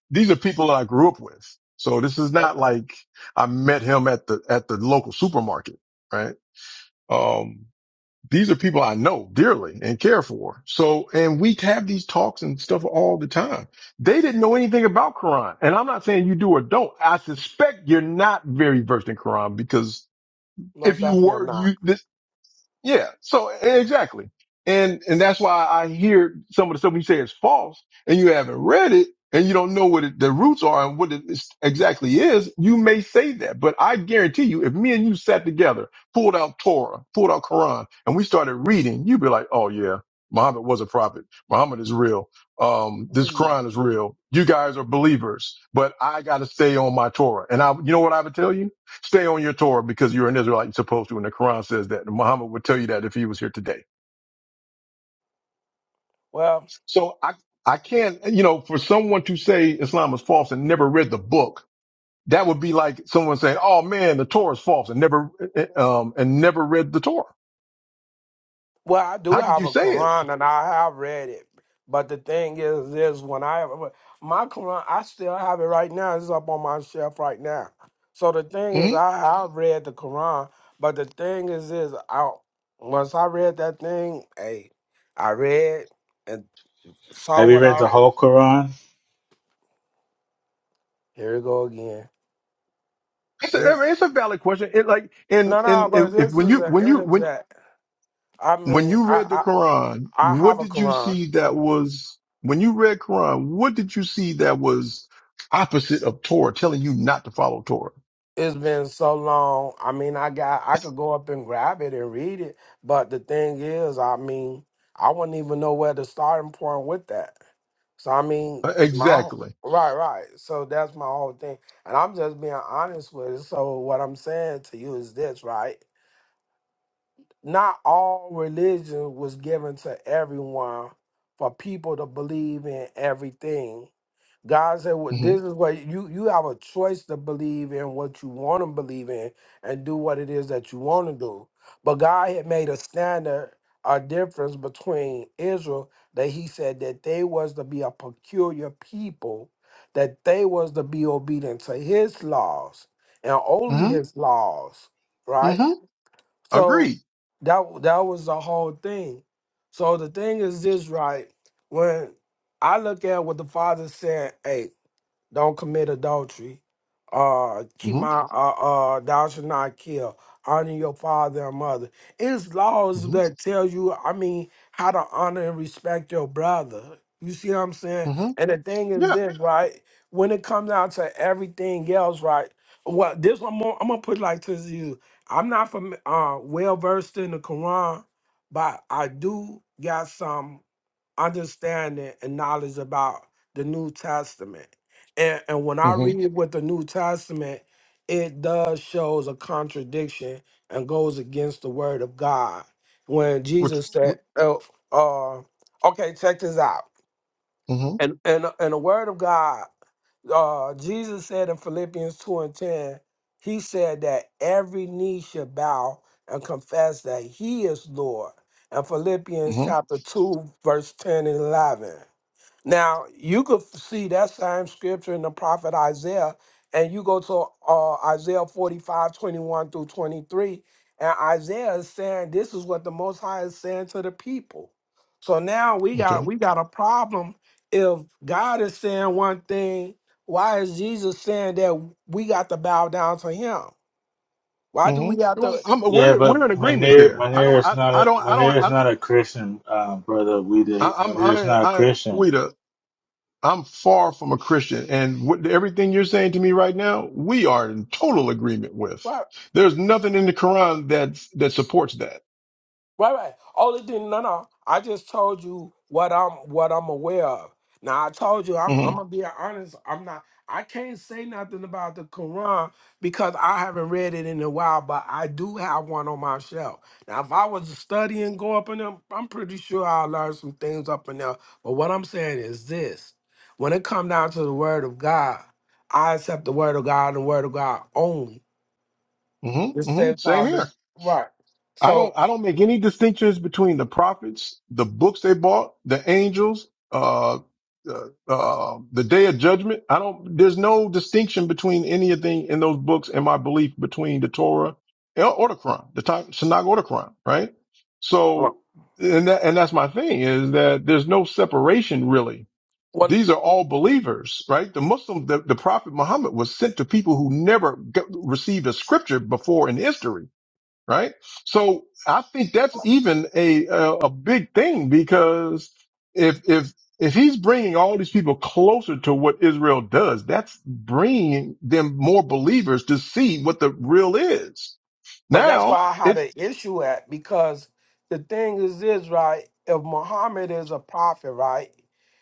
[SPEAKER 10] these are people that I grew up with. So this is not
[SPEAKER 7] Okay.
[SPEAKER 10] like I met him at the at the local supermarket, right? Um, these are people I know dearly and care for. So, and we have these talks and stuff all the time. They didn't know anything about Quran, and I'm not saying you do or don't. I suspect you're not very versed in Quran because if
[SPEAKER 7] Most
[SPEAKER 10] you
[SPEAKER 7] definitely, I'm
[SPEAKER 10] were,
[SPEAKER 7] not.
[SPEAKER 10] you yeah. So e-, exactly. And and that's why I hear some of the stuff you say is false and you haven't read it and you don't know what it, the roots are and what it is, exactly is. You may say that, but I guarantee you, if me and you sat together, pulled out Torah, pulled out Quran and we started reading, you'd be like, Oh yeah, Muhammad was a prophet. Muhammad is real. Um, this Quran is real. You guys are believers, but I got to stay on my Torah. And I, you know what I would tell you? Stay on your Torah because you're an Israelite and supposed to. And the Quran says that. And Muhammad would tell you that if he was here today.
[SPEAKER 7] Well.
[SPEAKER 10] So I, I can't, you know, for someone to say Islam is false and never read the book, that would be like someone saying, oh man, the Torah is false and never, uh, um, and never read the Torah.
[SPEAKER 7] Well, I do
[SPEAKER 10] How could
[SPEAKER 7] have
[SPEAKER 10] you
[SPEAKER 7] a
[SPEAKER 10] say it?
[SPEAKER 7] Quran and I have read it. But the thing is this when I my Quran I still have it right now. It's up on my shelf right now. So the thing is
[SPEAKER 10] Mhm.
[SPEAKER 7] I have read the Quran, but the thing is is I once I read that thing, hey, I read and saw
[SPEAKER 9] Have you
[SPEAKER 7] what
[SPEAKER 9] read
[SPEAKER 7] I
[SPEAKER 9] the whole Quran?
[SPEAKER 7] here we go again.
[SPEAKER 10] It's,
[SPEAKER 7] This-
[SPEAKER 10] a, it's a valid question. It like, and,
[SPEAKER 7] no no,
[SPEAKER 10] and if
[SPEAKER 7] but
[SPEAKER 10] if-
[SPEAKER 7] this
[SPEAKER 10] when
[SPEAKER 7] is
[SPEAKER 10] you,
[SPEAKER 7] an
[SPEAKER 10] when you, when
[SPEAKER 7] interject. I
[SPEAKER 10] When
[SPEAKER 7] mean
[SPEAKER 10] you
[SPEAKER 7] I
[SPEAKER 10] read the
[SPEAKER 7] I,
[SPEAKER 10] Quran,
[SPEAKER 7] I
[SPEAKER 10] what
[SPEAKER 7] have a
[SPEAKER 10] did you
[SPEAKER 7] Quran.
[SPEAKER 10] see that was, when you read Quran, what did you see that was opposite of Torah, telling you not to follow Torah?
[SPEAKER 7] it's been so long. I mean, I got I could go up and grab it and read it, but the thing is, I mean, I wouldn't even know where the starting point with that. So I mean,
[SPEAKER 10] Uh,
[SPEAKER 7] my whole-
[SPEAKER 10] Exactly.
[SPEAKER 7] right, right. So that's my whole thing, and I'm just being honest with it. So what I'm saying to you is this, right? not all religion was given to everyone for people to believe in everything. God said, well,
[SPEAKER 10] hmm
[SPEAKER 7] "This is what you you have a choice to believe in what you want to believe in and do what it is that you want to do." But God had made a standard, a difference between Israel that He said that they was to be a peculiar people, that they was to be obedient to His laws and only
[SPEAKER 10] hmm
[SPEAKER 7] His laws, right?
[SPEAKER 10] hmm
[SPEAKER 7] So
[SPEAKER 10] Agreed.
[SPEAKER 7] that that was the whole thing. So the thing is this, right? When I look at what the father said, hey, don't commit adultery, uh, keep
[SPEAKER 10] hmm
[SPEAKER 7] my uh, uh, thou shalt not kill, honor your father and mother. It's laws
[SPEAKER 10] hmm
[SPEAKER 7] that tell you, I mean, how to honor and respect your brother. You see what I'm saying?
[SPEAKER 10] hmm
[SPEAKER 7] And the thing is
[SPEAKER 10] Yeah.
[SPEAKER 7] this, right? When it comes down to everything else, right? Well, this one more, I'm gonna put it like this to you. I'm not from uh well versed in the Quran, but I do got some understanding and knowledge about the New Testament. And, and when I
[SPEAKER 10] hmm
[SPEAKER 7] read with the New Testament, it does shows a contradiction and goes against the word of God. When
[SPEAKER 10] Which,
[SPEAKER 7] Jesus said, oh, uh, okay, check this out.
[SPEAKER 10] hmm
[SPEAKER 7] And, and the word of God, uh, Jesus said in Philippians 2 and 10, he said that every knee should bow and confess that he is Lord. And Philippians
[SPEAKER 10] hmm
[SPEAKER 7] chapter 2, verse 10 and 11. Now you could f- see that same scripture in the prophet Isaiah, and you go to uh, Isaiah 45 21 through 23, and Isaiah is saying this is what the most high is saying to the people. So now we got
[SPEAKER 10] Okay.
[SPEAKER 7] we got a problem if God is saying one thing, why is Jesus saying that we got to bow down to him? Why do
[SPEAKER 10] hmm
[SPEAKER 7] we have
[SPEAKER 10] Well,
[SPEAKER 7] to?
[SPEAKER 10] I'm,
[SPEAKER 9] Yeah,
[SPEAKER 10] we're,
[SPEAKER 9] but
[SPEAKER 10] we're in agreement
[SPEAKER 9] Munir
[SPEAKER 10] there. I
[SPEAKER 9] Munir
[SPEAKER 10] don't,
[SPEAKER 9] is
[SPEAKER 10] I,
[SPEAKER 9] not
[SPEAKER 10] I
[SPEAKER 9] a
[SPEAKER 10] don't, I don't,
[SPEAKER 9] Munir is
[SPEAKER 10] I,
[SPEAKER 9] not a Christian, uh, brother. We
[SPEAKER 10] I
[SPEAKER 9] did
[SPEAKER 10] I'm,
[SPEAKER 9] Munir is
[SPEAKER 10] I,
[SPEAKER 9] not a
[SPEAKER 10] I,
[SPEAKER 9] Christian.
[SPEAKER 10] wait. I'm far from a Christian, and what, everything you're saying to me right now, we are in total agreement with. There's nothing in the Quran that that supports that.
[SPEAKER 7] Right, right. Only thing, no, no. I just told you what I'm what I'm aware of. Now I told you I'm
[SPEAKER 10] hmm
[SPEAKER 7] I'm gonna be honest. I'm not. I can't say nothing about the Quran because I haven't read it in a while. But I do have one on my shelf. Now, if I was to study and go up in there, I'm pretty sure I'll learn some things up in there. But what I'm saying is this: when it comes down to the Word of God, I accept the Word of God and the Word of God only.
[SPEAKER 10] hmm
[SPEAKER 7] It
[SPEAKER 10] hmm
[SPEAKER 7] says,
[SPEAKER 10] Same here.
[SPEAKER 7] Father, right.
[SPEAKER 10] I don't
[SPEAKER 7] So.
[SPEAKER 10] I don't make any distinctions between the prophets, the books they bought, the angels, uh, uh, uh, the day of judgment. I don't. There's no distinction between anything in those books and my belief between the Torah or or the Quran, the Ta- Tanakh or the Quran, right?
[SPEAKER 7] Right.
[SPEAKER 10] So, and that, and that's my thing is that there's no separation really.
[SPEAKER 7] When
[SPEAKER 10] These are all believers, right? The Muslim, the, the Prophet Muhammad was sent to people who never got, received a scripture before in history right? So I think that's even a a, a big thing because if if if he's bringing all these people closer to what Israel does, that's bringing them more believers to see what the real is.
[SPEAKER 7] But that's why
[SPEAKER 10] Now
[SPEAKER 7] I had
[SPEAKER 10] it
[SPEAKER 7] an issue at because the thing is this, right? If Muhammad is a prophet, right?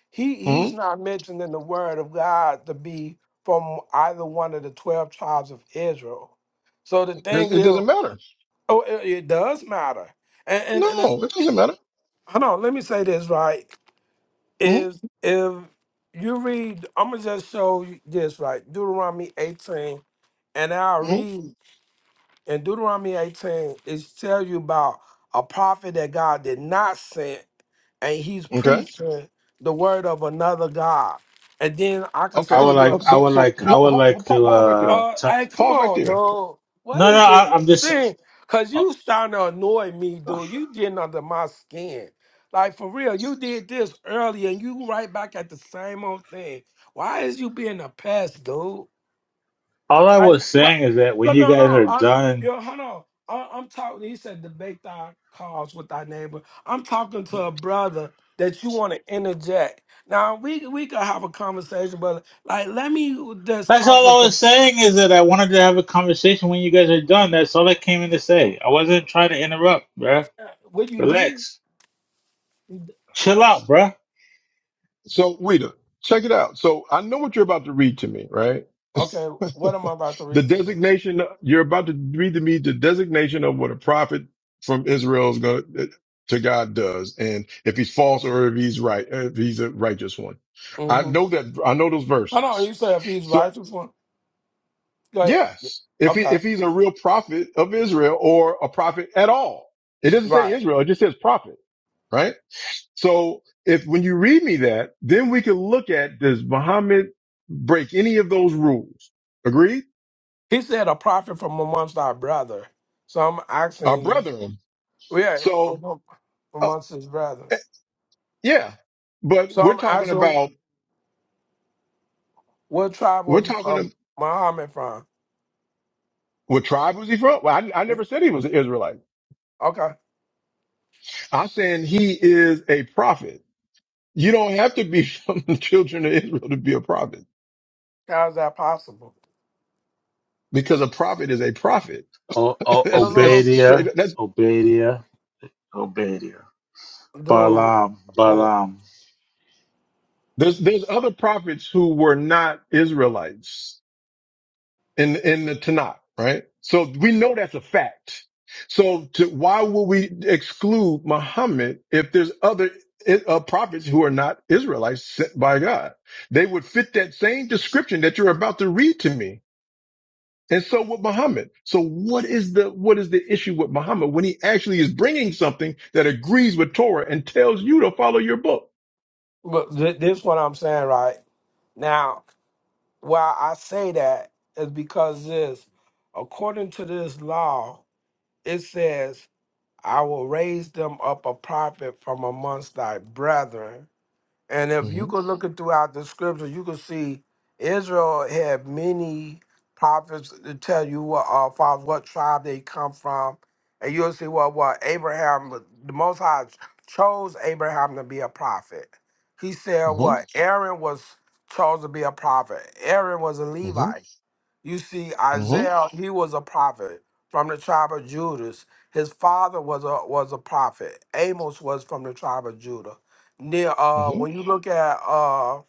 [SPEAKER 7] He he's
[SPEAKER 10] mm,
[SPEAKER 7] not mentioned in the word of God to be from either one of the twelve tribes of Israel. So the
[SPEAKER 10] it
[SPEAKER 7] thing
[SPEAKER 10] it doesn't
[SPEAKER 7] is,
[SPEAKER 10] matter.
[SPEAKER 7] oh, it, it does matter. And and, and it-
[SPEAKER 10] No, it doesn't matter.
[SPEAKER 7] hold on, let me say this, right?
[SPEAKER 10] mm
[SPEAKER 7] Is if you read, I'm gonna just show you this, right? Deuteronomy 18, and I'll
[SPEAKER 10] mm
[SPEAKER 7] read in Deuteronomy 18, it tells you about a prophet that God did not send, and he's
[SPEAKER 10] Okay,
[SPEAKER 7] preaching the word of another God. And then I can
[SPEAKER 9] I
[SPEAKER 10] okay.
[SPEAKER 7] show
[SPEAKER 9] would
[SPEAKER 7] you.
[SPEAKER 10] So
[SPEAKER 9] like
[SPEAKER 7] a-
[SPEAKER 9] I
[SPEAKER 10] so
[SPEAKER 9] would
[SPEAKER 10] so
[SPEAKER 9] like I
[SPEAKER 10] pa-
[SPEAKER 9] would
[SPEAKER 10] pa-
[SPEAKER 9] like
[SPEAKER 10] pa-
[SPEAKER 9] to
[SPEAKER 10] pause right there.
[SPEAKER 9] uh
[SPEAKER 7] Uh,
[SPEAKER 9] t-
[SPEAKER 7] hey, come
[SPEAKER 10] Pause right
[SPEAKER 7] on,
[SPEAKER 10] there.
[SPEAKER 7] dude. What
[SPEAKER 9] no no
[SPEAKER 7] is this
[SPEAKER 9] I, I'm just
[SPEAKER 7] thing? Cause you starting to annoy me, dude. You getting under my skin. Like for real, you did this earlier, and you right back at the same old thing. Why is you being a pest, dude?
[SPEAKER 9] all I was
[SPEAKER 7] Like,
[SPEAKER 9] saying is that when
[SPEAKER 7] No,
[SPEAKER 9] you
[SPEAKER 7] no, no.
[SPEAKER 9] guys are
[SPEAKER 7] I,
[SPEAKER 9] done.
[SPEAKER 7] yo, hold on. I, I'm talking. He said debate thy cause with thy neighbor. I'm talking to a brother that you want to interject. Now we we could have a conversation, but like, let me just
[SPEAKER 9] That's
[SPEAKER 7] talk with
[SPEAKER 9] all I was
[SPEAKER 7] the
[SPEAKER 9] saying is that I wanted to have a conversation when you guys are done. That's all I came in to say. I wasn't trying to interrupt, bruh.
[SPEAKER 7] what you did.
[SPEAKER 9] Relax. Chill out, bruh.
[SPEAKER 10] So Rita, check it out. So I know what you're about to read to me, right?
[SPEAKER 7] Okay, what am I about to
[SPEAKER 10] The
[SPEAKER 7] read to you?
[SPEAKER 10] designation you're about to read to me the designation of what a prophet from Israel is going to to God does, and if he's false or if he's right, if he's a righteous one. I
[SPEAKER 7] Mm-hmm.
[SPEAKER 10] know that I know those
[SPEAKER 7] Hold on.
[SPEAKER 10] verses.
[SPEAKER 7] You said if he's
[SPEAKER 10] So
[SPEAKER 7] righteous one, go ahead.
[SPEAKER 10] yes, if he
[SPEAKER 7] Okay,
[SPEAKER 10] if he's a real prophet of Israel or a prophet at all, it doesn't say
[SPEAKER 7] right.
[SPEAKER 10] Israel; it just says prophet, right? So if when you read me that, then we can look at does Muhammad break any of those rules? Agreed?
[SPEAKER 7] He said a prophet from amongst our brother. So I'm
[SPEAKER 10] Our
[SPEAKER 7] asking you,
[SPEAKER 10] brethren.
[SPEAKER 7] yeah,
[SPEAKER 10] So.
[SPEAKER 7] among- amongst his brethren.
[SPEAKER 10] Yeah, but
[SPEAKER 7] So
[SPEAKER 10] we're
[SPEAKER 7] I'm
[SPEAKER 10] talking
[SPEAKER 7] asking.
[SPEAKER 10] about
[SPEAKER 7] What tribe
[SPEAKER 10] we're
[SPEAKER 7] was
[SPEAKER 10] talking
[SPEAKER 7] um,
[SPEAKER 10] of
[SPEAKER 7] Muhammad from?
[SPEAKER 10] what tribe was he from? Well, I, I never said he was an Israelite.
[SPEAKER 7] Okay,
[SPEAKER 10] I'm saying he is a prophet. You don't have to be from the children of Israel to be a prophet
[SPEAKER 7] how is that possible?
[SPEAKER 10] because a prophet is a prophet.
[SPEAKER 9] O- O-
[SPEAKER 10] That's
[SPEAKER 7] No, no,
[SPEAKER 10] that's straight.
[SPEAKER 9] Obadiah,
[SPEAKER 10] That's
[SPEAKER 9] Obadiah, Obadiah.
[SPEAKER 7] no, dude.
[SPEAKER 9] Balaam,
[SPEAKER 7] Oh,
[SPEAKER 9] Balaam.
[SPEAKER 10] there's there's other prophets who were not Israelites. in in the Tanakh, right? So we know that's a fact. So to, why would we exclude Muhammad if there's other uh, prophets who are not Israelites sent by God? They would fit that same description that you're about to read to me. And so would Muhammad. So what is the what is the issue with Muhammad when he actually is bringing something that agrees with Torah and tells you to follow your book?
[SPEAKER 7] but th- this what I'm saying right now. Why I say that is because this, according to this law, it says, "I will raise them up a prophet from amongst thy brethren." And if you
[SPEAKER 10] mm
[SPEAKER 7] go looking throughout the scripture, you can see Israel had many prophets to tell you what uh, from what tribe they come from. And you'll see what what Abraham, was- the Most High chose Abraham to be a prophet. He said
[SPEAKER 10] hmm
[SPEAKER 7] what Aaron was chose to be a prophet. Aaron was a
[SPEAKER 10] mm hmm
[SPEAKER 7] Levite. You see,
[SPEAKER 10] mm
[SPEAKER 7] Isaiah, he was a prophet from the tribe of Judas. His father was a was a prophet. Amos was from the tribe of Judah. Near
[SPEAKER 10] hmm
[SPEAKER 7] uh
[SPEAKER 10] mm
[SPEAKER 7] when you look at uh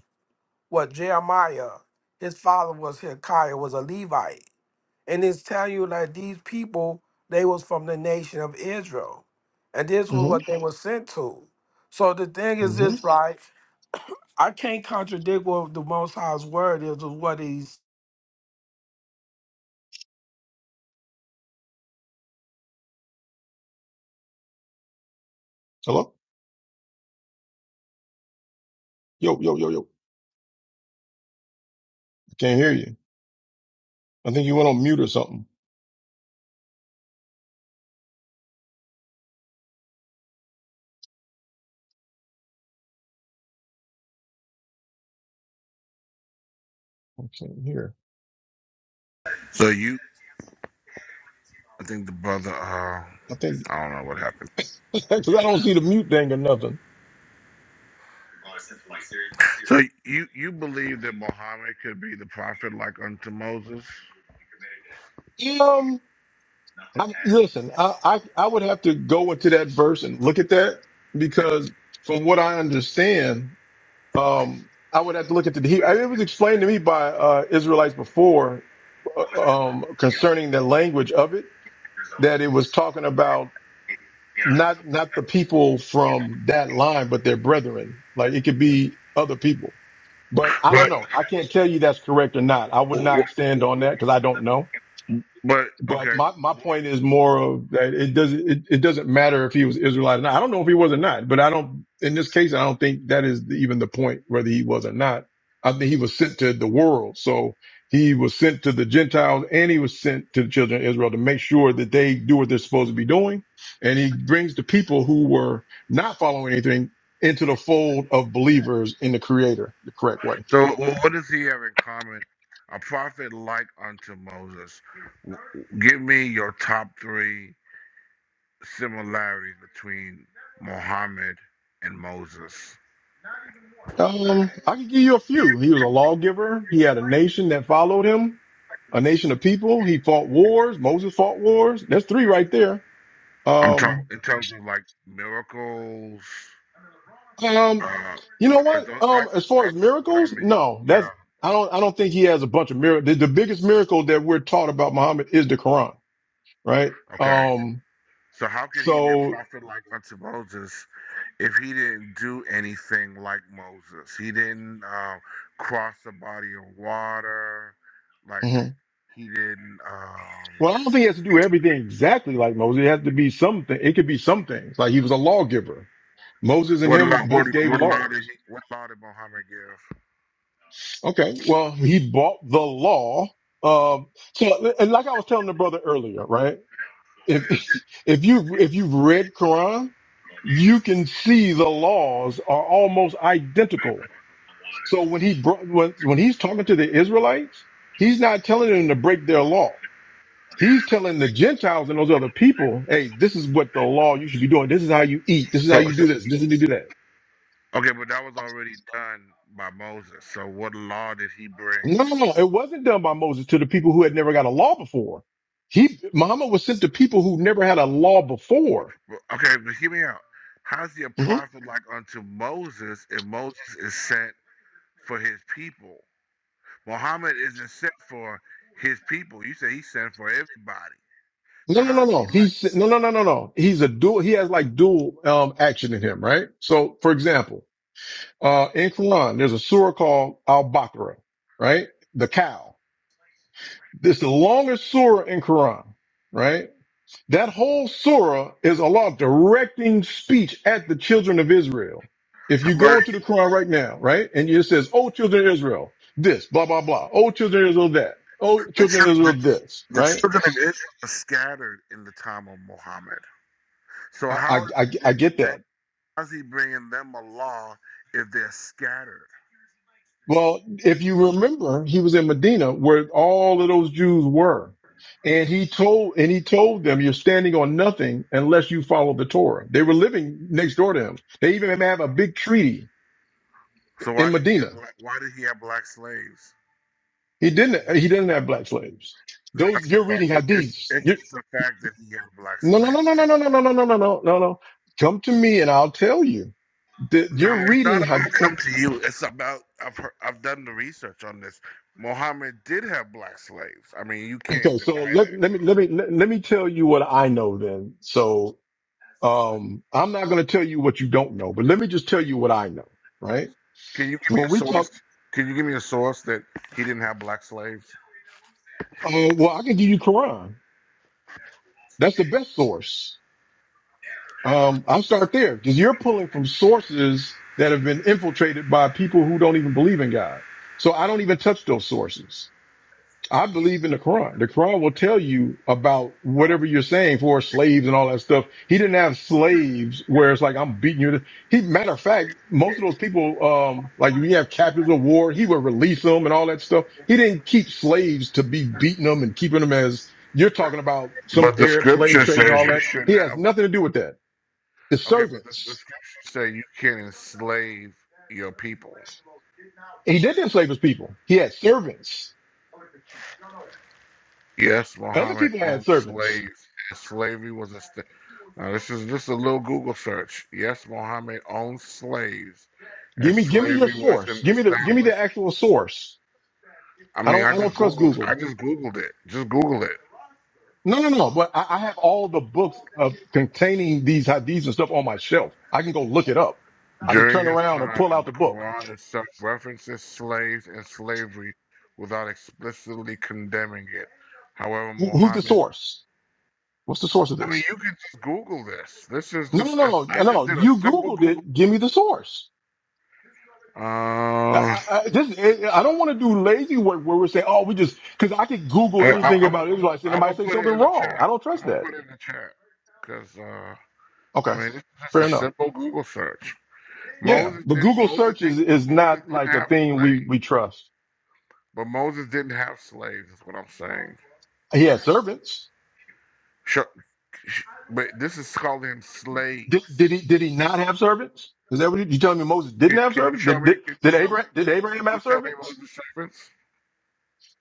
[SPEAKER 7] what Jeremiah, his father was Hilkiah, was a Levite. And it's telling you that these people, they was from the nation of Israel. And this
[SPEAKER 10] hmm mm
[SPEAKER 7] was what
[SPEAKER 10] hmm
[SPEAKER 7] they were sent to. So the thing
[SPEAKER 10] mm
[SPEAKER 7] is
[SPEAKER 10] hmm
[SPEAKER 7] this, right? I can't contradict what the Most High's word is of what he's
[SPEAKER 10] Hello, yo, yo, yo, yo. I can't hear you. I think you went on mute or something. I can't hear.
[SPEAKER 2] So you, I think the brother. Uh,
[SPEAKER 10] I think
[SPEAKER 2] I don't know what happened.
[SPEAKER 10] because I don't see the mute thing or nothing.
[SPEAKER 2] So you you believe that Muhammad could be the prophet like unto Moses,
[SPEAKER 10] Um, I, listen, I, I I would have to go into that verse and look at that because from what I understand, um, I would have to look at the. He, I, it was explained to me by uh, Israelites before uh, um, concerning the language of it that it was talking about not not the people from that line, but their brethren. Like it could be other people. But I don't know. I can't tell you that's correct or not. I would not stand on that because I don't know.
[SPEAKER 2] but
[SPEAKER 10] But
[SPEAKER 2] okay.
[SPEAKER 10] my, my point is more of that it doesn't it, it doesn't matter if he was Israelite or not. I don't know if he was or not, but I don't in this case I don't think that is the, even the point whether he was or not. I think he was sent to the world. So he was sent to the Gentiles and he was sent to the children of Israel to make sure that they do what they're supposed to be doing. And he brings the people who were not following anything into the fold of believers in the creator the correct way.
[SPEAKER 2] So, wh- what does he have in common? A prophet like unto Moses. W- Give me your top three similarities between Muhammad and Moses.
[SPEAKER 10] Um, I can give you a few. He was a lawgiver. He had a nation that followed him, a nation of people. He fought wars. Moses fought wars. That's three right there.
[SPEAKER 2] I'm talking
[SPEAKER 10] Um,
[SPEAKER 2] in terms of like miracles.
[SPEAKER 10] um,
[SPEAKER 2] Uh,
[SPEAKER 10] you know
[SPEAKER 2] 'cause
[SPEAKER 10] what?
[SPEAKER 2] tho-
[SPEAKER 10] Um,
[SPEAKER 2] that's
[SPEAKER 10] as far as
[SPEAKER 2] that's what I
[SPEAKER 10] miracles,
[SPEAKER 2] mean.
[SPEAKER 10] no, that's,
[SPEAKER 2] Yeah.
[SPEAKER 10] I don't, I don't think he has a bunch of miracles. The, the biggest miracle that we're taught about Muhammad is the Quran, right?
[SPEAKER 2] Okay.
[SPEAKER 10] Um,
[SPEAKER 2] So how could he be a
[SPEAKER 10] so,
[SPEAKER 2] prophet like unto Moses if he didn't do anything like Moses, he didn't uh, cross the body of water, like
[SPEAKER 10] mhm.
[SPEAKER 2] he didn't. Um,
[SPEAKER 10] well, I don't think he has to do everything exactly like Moses. It has to be something. It could be some things. Like he was a lawgiver. Moses and
[SPEAKER 2] what law?
[SPEAKER 10] him
[SPEAKER 2] What
[SPEAKER 10] both gave
[SPEAKER 2] what law
[SPEAKER 10] laws.
[SPEAKER 2] did he? What law did Muhammad give?
[SPEAKER 10] Okay. Well, he bought the law. Um, so, and like I was telling the brother earlier, right? If, if you, if you've read Quran, you can see the laws are almost identical. So when he brought, when, when he's talking to the Israelites, he's not telling them to break their law. He's telling the Gentiles and those other people, Hey, this is what the law you should be doing. This is how you eat. This is how
[SPEAKER 2] So,
[SPEAKER 10] you
[SPEAKER 2] so
[SPEAKER 10] do this. This is how you do that.
[SPEAKER 2] okay, but that was already done by Moses. So what law did he bring?
[SPEAKER 10] No, no, no. It wasn't done by Moses to the people who had never got a law before. He, Muhammad was sent to people who never had a law before.
[SPEAKER 2] Well, Okay, but hear me out. How's he a
[SPEAKER 10] Mhm.
[SPEAKER 2] prophet like unto Moses if Moses is sent for his people? Muhammad isn't sent for his people. You say he's sent for everybody. So
[SPEAKER 10] No, no,
[SPEAKER 2] how
[SPEAKER 10] no,
[SPEAKER 2] is
[SPEAKER 10] no.
[SPEAKER 2] he like?
[SPEAKER 10] He's, no, no, no, no, no. He's a dual, he has like dual, um, action in him, right? So, for example, uh, in Quran, there's a surah called Al-Baqarah, right? The cow. It's the longest surah in Quran, right? That whole surah is Allah directing speech at the children of Israel. If you go into the Quran right now, right, and it says, "Oh, children of Israel, this, blah blah blah. Oh, children of Israel, that. Oh, children of Israel, this." Right? I I, I I get that. Well, if you remember, he was in Medina where all of those Jews were, and he told and he told them, "You're standing on nothing unless you follow the Torah." They were living next door to him. They even have a big treaty
[SPEAKER 2] So why
[SPEAKER 10] in
[SPEAKER 2] did he have
[SPEAKER 10] Medina
[SPEAKER 2] black? Why did he have black slaves?
[SPEAKER 10] He didn't. He didn't have black slaves. Those
[SPEAKER 2] That's a
[SPEAKER 10] you're
[SPEAKER 2] fact.
[SPEAKER 10] reading
[SPEAKER 2] It, it's
[SPEAKER 10] hadiths. You
[SPEAKER 2] it's a fact that he had black
[SPEAKER 10] no no
[SPEAKER 2] slaves.
[SPEAKER 10] no no
[SPEAKER 2] I
[SPEAKER 10] no no no no no no no no no no. Come to me and I'll tell you. The,
[SPEAKER 2] mean,
[SPEAKER 10] you're
[SPEAKER 2] no, it's
[SPEAKER 10] reading
[SPEAKER 2] not
[SPEAKER 10] had.
[SPEAKER 2] about come to you. It's about I've heard, I've done the research on this. Muhammad did have black slaves. I mean, you can't
[SPEAKER 10] Okay,
[SPEAKER 2] deny
[SPEAKER 10] so let
[SPEAKER 2] that.
[SPEAKER 10] let me let me let, let me tell you what I know then. So um, I'm not going to tell you what you don't know, but let me just tell you what I know. Right?
[SPEAKER 2] Can you give me
[SPEAKER 10] When
[SPEAKER 2] a
[SPEAKER 10] we talk,
[SPEAKER 2] source? Can you give me a source that he didn't have black slaves?
[SPEAKER 10] uh, well, I can give you Quran. That's the best source. Um, I'm start there because you're pulling from sources that have been infiltrated by people who don't even believe in God. So I don't even touch those sources. I believe in the Quran. The Quran will tell you about whatever you're saying for slaves and all that stuff. He didn't have slaves where it's like, I'm beating you. to-" He, matter of fact, most of those people, um, like we have captives of war, he would release them and all that stuff. He didn't keep slaves to be beating them and keeping them as you're talking about some
[SPEAKER 2] But the
[SPEAKER 10] Arab
[SPEAKER 2] script
[SPEAKER 10] slave trade and all that. He has nothing to do with that. His
[SPEAKER 2] okay
[SPEAKER 10] servants.
[SPEAKER 2] enslave your people.
[SPEAKER 10] And He didn't enslave his people. He had servants.
[SPEAKER 2] Yes,
[SPEAKER 10] Other
[SPEAKER 2] Muhammad
[SPEAKER 10] people had
[SPEAKER 2] owned
[SPEAKER 10] servants.
[SPEAKER 2] slaves. Slavery was a st- now this is just a little Google search. Yes, Muhammad owned slaves, and
[SPEAKER 10] Give me, give me your
[SPEAKER 2] slavery
[SPEAKER 10] source.
[SPEAKER 2] wasn't
[SPEAKER 10] Give me the, give me the
[SPEAKER 2] established.
[SPEAKER 10] actual source.
[SPEAKER 2] I
[SPEAKER 10] I
[SPEAKER 2] mean,
[SPEAKER 10] don't,
[SPEAKER 2] I
[SPEAKER 10] I don't
[SPEAKER 2] just
[SPEAKER 10] trust
[SPEAKER 2] googled. I
[SPEAKER 10] Google.
[SPEAKER 2] just googled it. Just Google it.
[SPEAKER 10] No, no, no. But I, I have all the books of containing these hadiths and stuff on my shelf. I can go look it up. I can turn
[SPEAKER 2] During his
[SPEAKER 10] around and
[SPEAKER 2] time,
[SPEAKER 10] pull
[SPEAKER 2] and
[SPEAKER 10] out
[SPEAKER 2] the
[SPEAKER 10] the book.
[SPEAKER 2] Quran itself references slaves and slavery without explicitly condemning it. However,
[SPEAKER 10] Who, who's the
[SPEAKER 2] Muhammad.
[SPEAKER 10] source? What's the source of
[SPEAKER 2] I mean,
[SPEAKER 10] this?
[SPEAKER 2] you can just Google this. This is
[SPEAKER 10] No, no,
[SPEAKER 2] just.
[SPEAKER 10] no, no,
[SPEAKER 2] I
[SPEAKER 10] no.
[SPEAKER 2] just
[SPEAKER 10] no.
[SPEAKER 2] did a
[SPEAKER 10] You
[SPEAKER 2] simple
[SPEAKER 10] Googled
[SPEAKER 2] Google.
[SPEAKER 10] it. Give me the source. I,
[SPEAKER 2] Uh.
[SPEAKER 10] I, this, I don't want to do lazy work where we are saying, "Oh, we just," because I could Google
[SPEAKER 2] I, I,
[SPEAKER 10] anything
[SPEAKER 2] I'm gonna
[SPEAKER 10] about
[SPEAKER 2] I'm gonna-
[SPEAKER 10] Israelites and it might say
[SPEAKER 2] put it
[SPEAKER 10] something
[SPEAKER 2] in the
[SPEAKER 10] wrong.
[SPEAKER 2] chat.
[SPEAKER 10] I don't
[SPEAKER 2] I'm
[SPEAKER 10] trust
[SPEAKER 2] gonna
[SPEAKER 10] that.
[SPEAKER 2] put it in the chat because uh, I
[SPEAKER 10] Okay,
[SPEAKER 2] mean it's just
[SPEAKER 10] fair
[SPEAKER 2] a
[SPEAKER 10] enough.
[SPEAKER 2] simple Google search.
[SPEAKER 10] Yeah,
[SPEAKER 2] Moses
[SPEAKER 10] but
[SPEAKER 2] did
[SPEAKER 10] Google
[SPEAKER 2] Moses
[SPEAKER 10] search
[SPEAKER 2] did
[SPEAKER 10] is is
[SPEAKER 2] Moses
[SPEAKER 10] not
[SPEAKER 2] didn't
[SPEAKER 10] like a
[SPEAKER 2] have
[SPEAKER 10] thing we
[SPEAKER 2] slaves,
[SPEAKER 10] we trust.
[SPEAKER 2] but Moses didn't have slaves. Is what I'm saying.
[SPEAKER 10] He had servants.
[SPEAKER 2] Show, sh- but this is calling him slaves.
[SPEAKER 10] Did did he did he not have servants? Is that what you, you telling me? Moses didn't
[SPEAKER 2] Can,
[SPEAKER 10] have
[SPEAKER 2] can you
[SPEAKER 10] servants.
[SPEAKER 2] show
[SPEAKER 10] Did
[SPEAKER 2] me?
[SPEAKER 10] did,
[SPEAKER 2] Can you
[SPEAKER 10] did
[SPEAKER 2] show me?
[SPEAKER 10] Abraham did
[SPEAKER 2] Can
[SPEAKER 10] Abraham
[SPEAKER 2] you
[SPEAKER 10] have
[SPEAKER 2] tell me
[SPEAKER 10] servants?
[SPEAKER 2] Moses servants?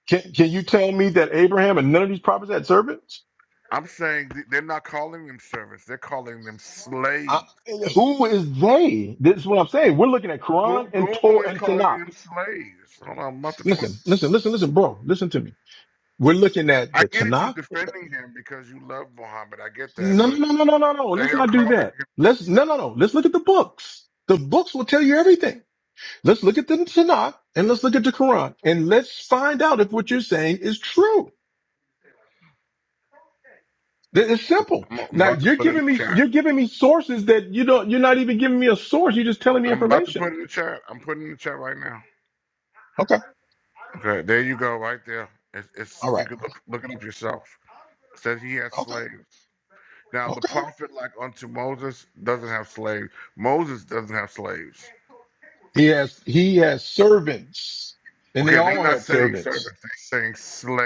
[SPEAKER 10] Can can you tell me that Abraham and none of these prophets had servants?
[SPEAKER 2] I'm saying th- they're not calling them servants. They're calling them
[SPEAKER 10] I,
[SPEAKER 2] slaves.
[SPEAKER 10] who is they? This is what I'm saying. We're looking at
[SPEAKER 2] Goo-
[SPEAKER 10] Quran and
[SPEAKER 2] Google
[SPEAKER 10] Torah
[SPEAKER 2] is
[SPEAKER 10] and
[SPEAKER 2] calling
[SPEAKER 10] Tanakh.
[SPEAKER 2] them slaves. Hold on, I'm about to
[SPEAKER 10] Listen, listen, listen, listen, bro. Listen to me. We're looking at
[SPEAKER 2] I
[SPEAKER 10] the
[SPEAKER 2] get it. You
[SPEAKER 10] Tanakh.
[SPEAKER 2] defending him because you love Muhammad. I get that,
[SPEAKER 10] No,
[SPEAKER 2] but
[SPEAKER 10] no, no, no, no, no, no.
[SPEAKER 2] they
[SPEAKER 10] Let's
[SPEAKER 2] are
[SPEAKER 10] not do
[SPEAKER 2] calling
[SPEAKER 10] that.
[SPEAKER 2] him.
[SPEAKER 10] Let's no, no, no. Let's look at the books. The books will tell you everything. Let's look at the Tanakh and let's look at the Quran and let's find out if what you're saying is true. Th- It's simple.
[SPEAKER 2] I'm, I'm
[SPEAKER 10] Now
[SPEAKER 2] about to
[SPEAKER 10] you're
[SPEAKER 2] put it in the
[SPEAKER 10] giving me
[SPEAKER 2] chat.
[SPEAKER 10] you're giving me sources that you don't. You're not even giving me a source. You're just telling me
[SPEAKER 2] I'm about to
[SPEAKER 10] information.
[SPEAKER 2] put it in the chat. I'm putting it in the chat right now.
[SPEAKER 10] Okay.
[SPEAKER 2] Okay, there you go, right there. It's, it's
[SPEAKER 10] All
[SPEAKER 2] you
[SPEAKER 10] right.
[SPEAKER 2] can look look it up yourself. Said he had
[SPEAKER 10] Okay.
[SPEAKER 2] slaves. Now the
[SPEAKER 10] Okay.
[SPEAKER 2] prophet, like unto Moses, doesn't have slaves. Moses doesn't have slaves.
[SPEAKER 10] He has he has servants, and they
[SPEAKER 2] Okay, they're
[SPEAKER 10] all
[SPEAKER 2] not
[SPEAKER 10] had
[SPEAKER 2] saying
[SPEAKER 10] servants.
[SPEAKER 2] servants. They're saying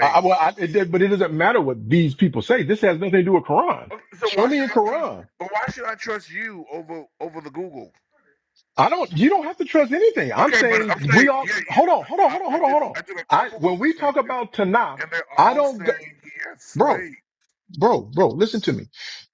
[SPEAKER 10] I, I, well, I, it, did- but it doesn't matter what these people say. This has nothing to do with Quran.
[SPEAKER 2] Okay, so
[SPEAKER 10] Show
[SPEAKER 2] why
[SPEAKER 10] me
[SPEAKER 2] should
[SPEAKER 10] in
[SPEAKER 2] I trust?
[SPEAKER 10] Quran.
[SPEAKER 2] But why should I trust you over over the Google?
[SPEAKER 10] I don't. You don't have to trust anything. I'm
[SPEAKER 2] Okay, but I'm
[SPEAKER 10] saying we
[SPEAKER 2] saying,
[SPEAKER 10] all.
[SPEAKER 2] yeah,
[SPEAKER 10] Hold on.
[SPEAKER 2] you,
[SPEAKER 10] Hold on.
[SPEAKER 2] I,
[SPEAKER 10] Hold on.
[SPEAKER 2] I
[SPEAKER 10] Hold on.
[SPEAKER 2] just
[SPEAKER 10] Hold on.
[SPEAKER 2] I did a
[SPEAKER 10] I
[SPEAKER 2] couple Google
[SPEAKER 10] when we talk
[SPEAKER 2] searches,
[SPEAKER 10] about Tanakh,
[SPEAKER 2] and they're
[SPEAKER 10] I
[SPEAKER 2] all
[SPEAKER 10] don't. go-
[SPEAKER 2] saying he has
[SPEAKER 10] Bro,
[SPEAKER 2] slaves.
[SPEAKER 10] bro, bro. Listen to me.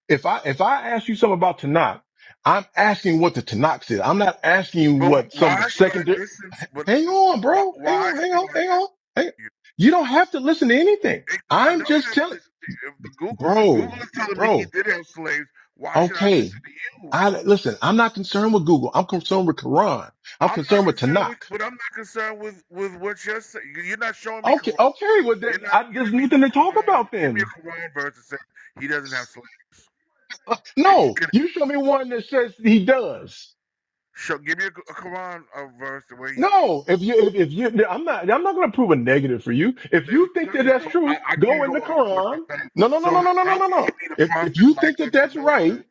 [SPEAKER 10] If I if I ask you something about Tanakh, I'm asking what the Tanakh says. I'm not asking you
[SPEAKER 2] But
[SPEAKER 10] what some
[SPEAKER 2] why should I
[SPEAKER 10] secondary.
[SPEAKER 2] listen to? But
[SPEAKER 10] Hang
[SPEAKER 2] listen,
[SPEAKER 10] on,
[SPEAKER 2] why,
[SPEAKER 10] bro. Hang
[SPEAKER 2] why
[SPEAKER 10] on. Hang
[SPEAKER 2] should
[SPEAKER 10] on.
[SPEAKER 2] I
[SPEAKER 10] Hang on.
[SPEAKER 2] listen
[SPEAKER 10] Hang.
[SPEAKER 2] to you?
[SPEAKER 10] You don't have to listen to anything.
[SPEAKER 2] It, I
[SPEAKER 10] I'm
[SPEAKER 2] don't
[SPEAKER 10] just
[SPEAKER 2] have to
[SPEAKER 10] telling,
[SPEAKER 2] listen to you. If the Google
[SPEAKER 10] bro,
[SPEAKER 2] Google is telling me he
[SPEAKER 10] bro.
[SPEAKER 2] did have slaves, why should I
[SPEAKER 10] Okay.
[SPEAKER 2] listen to you?
[SPEAKER 10] I listen. I'm not concerned with Google. I'm concerned with Quran. I'm
[SPEAKER 2] I'm not
[SPEAKER 10] concerned with
[SPEAKER 2] concerned with,
[SPEAKER 10] Tanakh.
[SPEAKER 2] but I'm not concerned with with what you're saying. You- You're not showing me
[SPEAKER 10] Okay,
[SPEAKER 2] Quran.
[SPEAKER 10] okay. Well,
[SPEAKER 2] You're
[SPEAKER 10] then,
[SPEAKER 2] not
[SPEAKER 10] I, there's
[SPEAKER 2] giving me no
[SPEAKER 10] nothing to talk
[SPEAKER 2] Quran.
[SPEAKER 10] about
[SPEAKER 2] Give me
[SPEAKER 10] then.
[SPEAKER 2] a Quran verse that says he doesn't have slaves. That he
[SPEAKER 10] No,
[SPEAKER 2] could
[SPEAKER 10] you show me one that says he does.
[SPEAKER 2] show. Give me a, a Quran uh verse where he
[SPEAKER 10] No, if you if, if you, I'm not I'm not going to prove a negative for you.
[SPEAKER 2] Well,
[SPEAKER 10] If
[SPEAKER 2] there you
[SPEAKER 10] you think that
[SPEAKER 2] go.
[SPEAKER 10] that's
[SPEAKER 2] So I,
[SPEAKER 10] true,
[SPEAKER 2] I
[SPEAKER 10] go
[SPEAKER 2] can't go
[SPEAKER 10] in the
[SPEAKER 2] off what you're
[SPEAKER 10] Quran.
[SPEAKER 2] saying.
[SPEAKER 10] No, no, no,
[SPEAKER 2] So
[SPEAKER 10] no, no, no, no,
[SPEAKER 2] how
[SPEAKER 10] no,
[SPEAKER 2] can he
[SPEAKER 10] no.
[SPEAKER 2] be the
[SPEAKER 10] If
[SPEAKER 2] prophet
[SPEAKER 10] if you
[SPEAKER 2] like
[SPEAKER 10] think that
[SPEAKER 2] unto
[SPEAKER 10] that's right,
[SPEAKER 2] Moses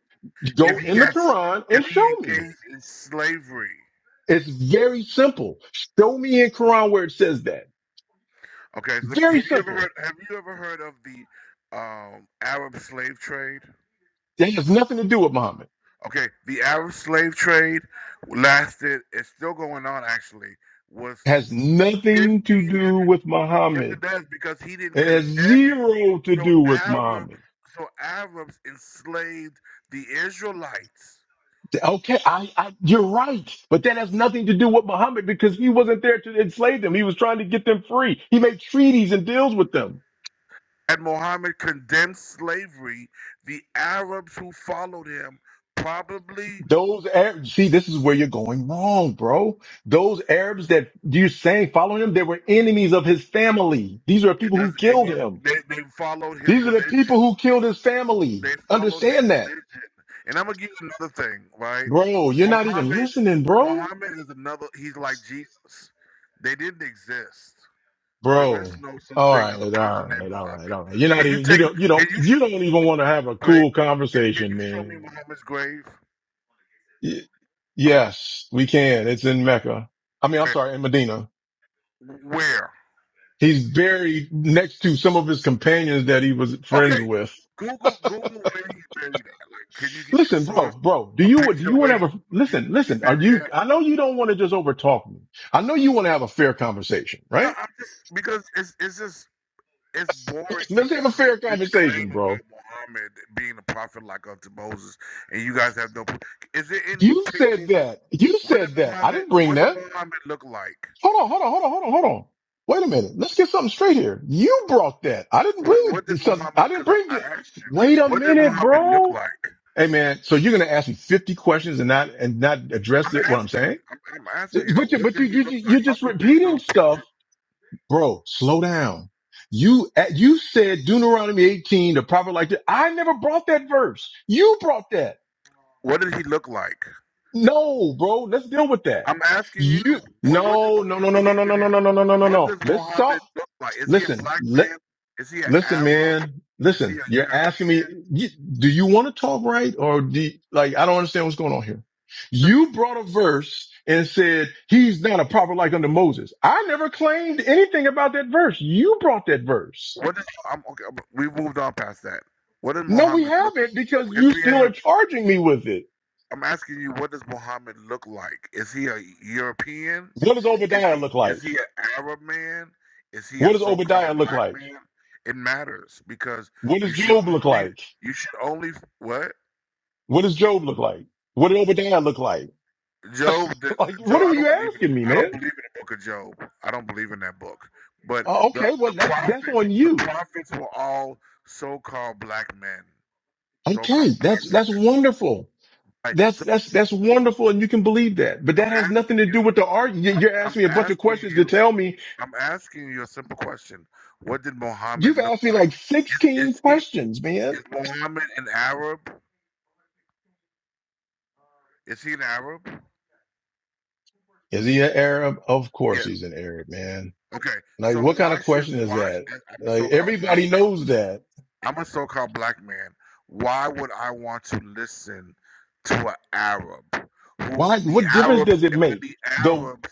[SPEAKER 2] if
[SPEAKER 10] go
[SPEAKER 2] he
[SPEAKER 10] in the
[SPEAKER 2] has
[SPEAKER 10] Quran
[SPEAKER 2] if
[SPEAKER 10] and
[SPEAKER 2] he
[SPEAKER 10] show me.
[SPEAKER 2] engaged in slavery?
[SPEAKER 10] It's very simple. Show me in Quran where it says that.
[SPEAKER 2] Okay, so
[SPEAKER 10] Very
[SPEAKER 2] have you ever heard
[SPEAKER 10] simple.
[SPEAKER 2] have you ever heard of the um, Arab slave trade?
[SPEAKER 10] That has nothing to do with Muhammad.
[SPEAKER 2] Okay, the Arab slave trade lasted. It's still going on actually. Was
[SPEAKER 10] has nothing to
[SPEAKER 2] fifteen
[SPEAKER 10] do
[SPEAKER 2] hundred?
[SPEAKER 10] with
[SPEAKER 2] Yes, it
[SPEAKER 10] Muhammad.
[SPEAKER 2] does because he didn't
[SPEAKER 10] It has
[SPEAKER 2] condemn it.
[SPEAKER 10] zero to
[SPEAKER 2] So
[SPEAKER 10] do with
[SPEAKER 2] Arabs,
[SPEAKER 10] Muhammad.
[SPEAKER 2] so Arabs enslaved the Israelites.
[SPEAKER 10] Okay, I, I, you're right, but that has nothing to do with Muhammad because he wasn't there to enslave them. He was trying to get them free. He made treaties and deals with them.
[SPEAKER 2] had Muhammad condemned slavery, the Arabs who followed him probably
[SPEAKER 10] Those Arabs, see, this is where you're going wrong, bro. Those Arabs that you're saying following him, they were enemies of his family. These are
[SPEAKER 2] it
[SPEAKER 10] people who
[SPEAKER 2] doesn't, it
[SPEAKER 10] killed him.
[SPEAKER 2] doesn't, they, they followed his
[SPEAKER 10] These are the
[SPEAKER 2] religion.
[SPEAKER 10] people who killed his family.
[SPEAKER 2] They followed his
[SPEAKER 10] Understand that,
[SPEAKER 2] religion. And I'm gonna give you another thing, right?
[SPEAKER 10] bro. You're not even
[SPEAKER 2] Muhammad
[SPEAKER 10] listening, bro.
[SPEAKER 2] Muhammad is another he's like Jesus. They didn't exist. There is
[SPEAKER 10] Bro.
[SPEAKER 2] no such
[SPEAKER 10] All
[SPEAKER 2] thing
[SPEAKER 10] right.
[SPEAKER 2] as
[SPEAKER 10] All
[SPEAKER 2] a person named
[SPEAKER 10] right. All right.
[SPEAKER 2] Muhammad.
[SPEAKER 10] All right. You're not
[SPEAKER 2] Can you
[SPEAKER 10] even, you
[SPEAKER 2] take
[SPEAKER 10] don't, you
[SPEAKER 2] can
[SPEAKER 10] don't,
[SPEAKER 2] you
[SPEAKER 10] you
[SPEAKER 2] show,
[SPEAKER 10] don't even want to have a cool
[SPEAKER 2] can
[SPEAKER 10] conversation,
[SPEAKER 2] you show me
[SPEAKER 10] man.
[SPEAKER 2] Muhammad's grave?
[SPEAKER 10] Y-
[SPEAKER 2] Muhammad
[SPEAKER 10] yes, we can. It's in Mecca. I mean, I'm sorry, in Medina.
[SPEAKER 2] where?
[SPEAKER 10] He's buried next to some of his companions that he was
[SPEAKER 2] Okay,
[SPEAKER 10] friends with.
[SPEAKER 2] Google Google where he's buried at. Like, can you get a
[SPEAKER 10] Listen, bro,
[SPEAKER 2] source,
[SPEAKER 10] bro, do
[SPEAKER 2] a
[SPEAKER 10] you, do
[SPEAKER 2] picture
[SPEAKER 10] you
[SPEAKER 2] where
[SPEAKER 10] want to have
[SPEAKER 2] he's,
[SPEAKER 10] a, listen,
[SPEAKER 2] he- he's
[SPEAKER 10] listen, are
[SPEAKER 2] buried
[SPEAKER 10] you,
[SPEAKER 2] at?
[SPEAKER 10] I know you don't want to just overtalk me. I know you want to have a fair conversation,
[SPEAKER 2] No,
[SPEAKER 10] right?
[SPEAKER 2] I'm just because it's it's just it's boring to
[SPEAKER 10] Let's
[SPEAKER 2] hear
[SPEAKER 10] have a fair
[SPEAKER 2] this claim
[SPEAKER 10] conversation, bro.
[SPEAKER 2] about Muhammad being a prophet like unto Moses, and you guys have no. pro- Is there any
[SPEAKER 10] You said
[SPEAKER 2] pictures of
[SPEAKER 10] that. You
[SPEAKER 2] what did
[SPEAKER 10] said that. I
[SPEAKER 2] Muhammad
[SPEAKER 10] didn't bring
[SPEAKER 2] what did
[SPEAKER 10] that.
[SPEAKER 2] Muhammad look like?
[SPEAKER 10] Hold on, hold on, hold on, hold on, hold on. Wait a minute. Let's get something straight here. You brought that. I didn't
[SPEAKER 2] What
[SPEAKER 10] bring
[SPEAKER 2] what did
[SPEAKER 10] this. up-
[SPEAKER 2] Muhammad?
[SPEAKER 10] I didn't
[SPEAKER 2] Because I,
[SPEAKER 10] bring
[SPEAKER 2] I
[SPEAKER 10] it.
[SPEAKER 2] asked you,
[SPEAKER 10] Wait a
[SPEAKER 2] what did
[SPEAKER 10] minute,
[SPEAKER 2] Muhammad look
[SPEAKER 10] bro.
[SPEAKER 2] like?
[SPEAKER 10] Hey man, so you're gonna ask me 50 questions and not and not address
[SPEAKER 2] I'm
[SPEAKER 10] it? What I'm
[SPEAKER 2] asking you.
[SPEAKER 10] saying?
[SPEAKER 2] I'm, I'm asking you though.
[SPEAKER 10] But you,
[SPEAKER 2] What
[SPEAKER 10] but
[SPEAKER 2] did
[SPEAKER 10] you,
[SPEAKER 2] he
[SPEAKER 10] you,
[SPEAKER 2] look like?
[SPEAKER 10] you're
[SPEAKER 2] How
[SPEAKER 10] just
[SPEAKER 2] come there's no
[SPEAKER 10] repeating stuff,
[SPEAKER 2] pictures?
[SPEAKER 10] bro. Slow down. You, you said Deuteronomy 18, the prophet like that. I never brought that verse. You brought that.
[SPEAKER 2] What did he look like?
[SPEAKER 10] No, bro. Let's deal with that.
[SPEAKER 2] I'm asking you,
[SPEAKER 10] You
[SPEAKER 2] what what did
[SPEAKER 10] no no
[SPEAKER 2] you
[SPEAKER 10] no no no
[SPEAKER 2] believe
[SPEAKER 10] no
[SPEAKER 2] in
[SPEAKER 10] no no no no no no
[SPEAKER 2] him?
[SPEAKER 10] no.
[SPEAKER 2] What
[SPEAKER 10] no.
[SPEAKER 2] does
[SPEAKER 10] Let's
[SPEAKER 2] Mohammed
[SPEAKER 10] talk.
[SPEAKER 2] look like? Is he a
[SPEAKER 10] Listen,
[SPEAKER 2] black
[SPEAKER 10] li-
[SPEAKER 2] man? Is he an
[SPEAKER 10] listen,
[SPEAKER 2] Arab?
[SPEAKER 10] man.
[SPEAKER 2] Is he
[SPEAKER 10] Listen,
[SPEAKER 2] a
[SPEAKER 10] you're asking me,
[SPEAKER 2] European?
[SPEAKER 10] you, do you want to talk right? Or do you, like, I don't understand what's going on here. You brought a verse and said, he's not a prophet like unto Moses. I never claimed anything about that verse. You brought that verse.
[SPEAKER 2] What is I'm okay? We moved on past that. What does
[SPEAKER 10] No, we
[SPEAKER 2] Mohammed look?
[SPEAKER 10] haven't because
[SPEAKER 2] Yes,
[SPEAKER 10] you
[SPEAKER 2] we
[SPEAKER 10] still are
[SPEAKER 2] have.
[SPEAKER 10] charging me with it.
[SPEAKER 2] I'm asking you, what does Mohammed look like? Is he a European?
[SPEAKER 10] What does
[SPEAKER 2] Is
[SPEAKER 10] Obadiah
[SPEAKER 2] he
[SPEAKER 10] look
[SPEAKER 2] is
[SPEAKER 10] like?
[SPEAKER 2] he an Arab man? Is he a
[SPEAKER 10] What does Obadiah
[SPEAKER 2] so-called
[SPEAKER 10] look
[SPEAKER 2] black
[SPEAKER 10] like?
[SPEAKER 2] man? It matters because
[SPEAKER 10] What
[SPEAKER 2] you
[SPEAKER 10] does
[SPEAKER 2] should
[SPEAKER 10] Job look
[SPEAKER 2] only
[SPEAKER 10] like?
[SPEAKER 2] you should only what?
[SPEAKER 10] What does Job look like? What did Obadiah look like?
[SPEAKER 2] Job, did-
[SPEAKER 10] like, what
[SPEAKER 2] Job. I
[SPEAKER 10] are you
[SPEAKER 2] don't believe in.
[SPEAKER 10] asking me,
[SPEAKER 2] I don't
[SPEAKER 10] man?
[SPEAKER 2] believe in the book of Job. I don't believe in that book. But
[SPEAKER 10] Oh,
[SPEAKER 2] the
[SPEAKER 10] okay, well
[SPEAKER 2] the
[SPEAKER 10] that's that's
[SPEAKER 2] prophets,
[SPEAKER 10] on
[SPEAKER 2] the
[SPEAKER 10] you.
[SPEAKER 2] prophets were all so-called black men, so-called
[SPEAKER 10] Okay,
[SPEAKER 2] black
[SPEAKER 10] that's
[SPEAKER 2] women.
[SPEAKER 10] that's wonderful.
[SPEAKER 2] Like,
[SPEAKER 10] That's
[SPEAKER 2] so
[SPEAKER 10] that's that's wonderful, and you can believe that. But
[SPEAKER 2] I'm
[SPEAKER 10] that has
[SPEAKER 2] asking
[SPEAKER 10] nothing to
[SPEAKER 2] you.
[SPEAKER 10] do with the art. You-
[SPEAKER 2] I'm,
[SPEAKER 10] You're
[SPEAKER 2] I'm
[SPEAKER 10] asking me a bunch of
[SPEAKER 2] asking
[SPEAKER 10] questions to
[SPEAKER 2] you.
[SPEAKER 10] tell me.
[SPEAKER 2] I'm asking you a simple question. What did Muhammad
[SPEAKER 10] You've
[SPEAKER 2] look
[SPEAKER 10] asked me
[SPEAKER 2] like?
[SPEAKER 10] like
[SPEAKER 2] Is,
[SPEAKER 10] 16
[SPEAKER 2] is he
[SPEAKER 10] questions,
[SPEAKER 2] is
[SPEAKER 10] man.
[SPEAKER 2] Muhammad an Arab? Is he an Arab?
[SPEAKER 10] Is he an Arab? Of course
[SPEAKER 2] Yeah.
[SPEAKER 10] he's an Arab, man.
[SPEAKER 2] Okay.
[SPEAKER 10] Like
[SPEAKER 2] So
[SPEAKER 10] what kind
[SPEAKER 2] why
[SPEAKER 10] of
[SPEAKER 2] should
[SPEAKER 10] question is
[SPEAKER 2] why?
[SPEAKER 10] that?
[SPEAKER 2] sh- I'm a
[SPEAKER 10] Like
[SPEAKER 2] so-called black.
[SPEAKER 10] everybody knows that.
[SPEAKER 2] I'm a so-called black man. Why would I want to listen to an Arab? Who
[SPEAKER 10] Why?
[SPEAKER 2] the
[SPEAKER 10] What difference
[SPEAKER 2] Arabs
[SPEAKER 10] does it
[SPEAKER 2] and when
[SPEAKER 10] make?
[SPEAKER 2] the
[SPEAKER 10] Though
[SPEAKER 2] Arabs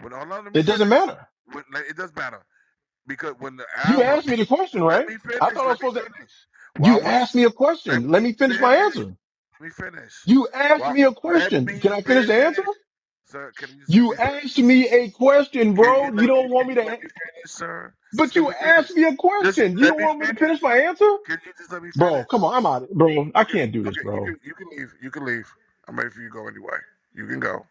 [SPEAKER 2] when hold on, let me
[SPEAKER 10] it doesn't
[SPEAKER 2] finish.
[SPEAKER 10] matter.
[SPEAKER 2] When, like, it doesn't matter because when the
[SPEAKER 10] You asked
[SPEAKER 2] Arabs
[SPEAKER 10] me the question,
[SPEAKER 2] let
[SPEAKER 10] right?
[SPEAKER 2] me
[SPEAKER 10] I
[SPEAKER 2] finish,
[SPEAKER 10] thought I
[SPEAKER 2] let
[SPEAKER 10] was
[SPEAKER 2] me
[SPEAKER 10] supposed to.
[SPEAKER 2] finish. Why
[SPEAKER 10] You
[SPEAKER 2] would
[SPEAKER 10] asked me a
[SPEAKER 2] I? let
[SPEAKER 10] question. Let
[SPEAKER 2] me
[SPEAKER 10] me finish
[SPEAKER 2] finish?
[SPEAKER 10] my answer.
[SPEAKER 2] Let me finish.
[SPEAKER 10] You asked
[SPEAKER 2] Why?
[SPEAKER 10] me a
[SPEAKER 2] Let
[SPEAKER 10] question.
[SPEAKER 2] me
[SPEAKER 10] Can I finish the answer?
[SPEAKER 2] finish, sir. Can you just let
[SPEAKER 10] You
[SPEAKER 2] me finish?
[SPEAKER 10] asked me a question,
[SPEAKER 2] Can
[SPEAKER 10] bro.
[SPEAKER 2] you
[SPEAKER 10] You
[SPEAKER 2] let me?
[SPEAKER 10] don't want
[SPEAKER 2] Can
[SPEAKER 10] me
[SPEAKER 2] you
[SPEAKER 10] to,
[SPEAKER 2] let
[SPEAKER 10] an-
[SPEAKER 2] me finish, sir?
[SPEAKER 10] but
[SPEAKER 2] Just let
[SPEAKER 10] you
[SPEAKER 2] me
[SPEAKER 10] asked
[SPEAKER 2] finish.
[SPEAKER 10] me a
[SPEAKER 2] Just
[SPEAKER 10] question. You
[SPEAKER 2] let
[SPEAKER 10] don't
[SPEAKER 2] me
[SPEAKER 10] want me to finish
[SPEAKER 2] finish.
[SPEAKER 10] my answer?
[SPEAKER 2] Can you just let me
[SPEAKER 10] Bro,
[SPEAKER 2] finish?
[SPEAKER 10] come on. I'm out. Bro, I
[SPEAKER 2] Okay,
[SPEAKER 10] can't do this,
[SPEAKER 2] okay, you
[SPEAKER 10] bro.
[SPEAKER 2] can you can leave. You can leave. I'm ready for you to go anyway. You can go.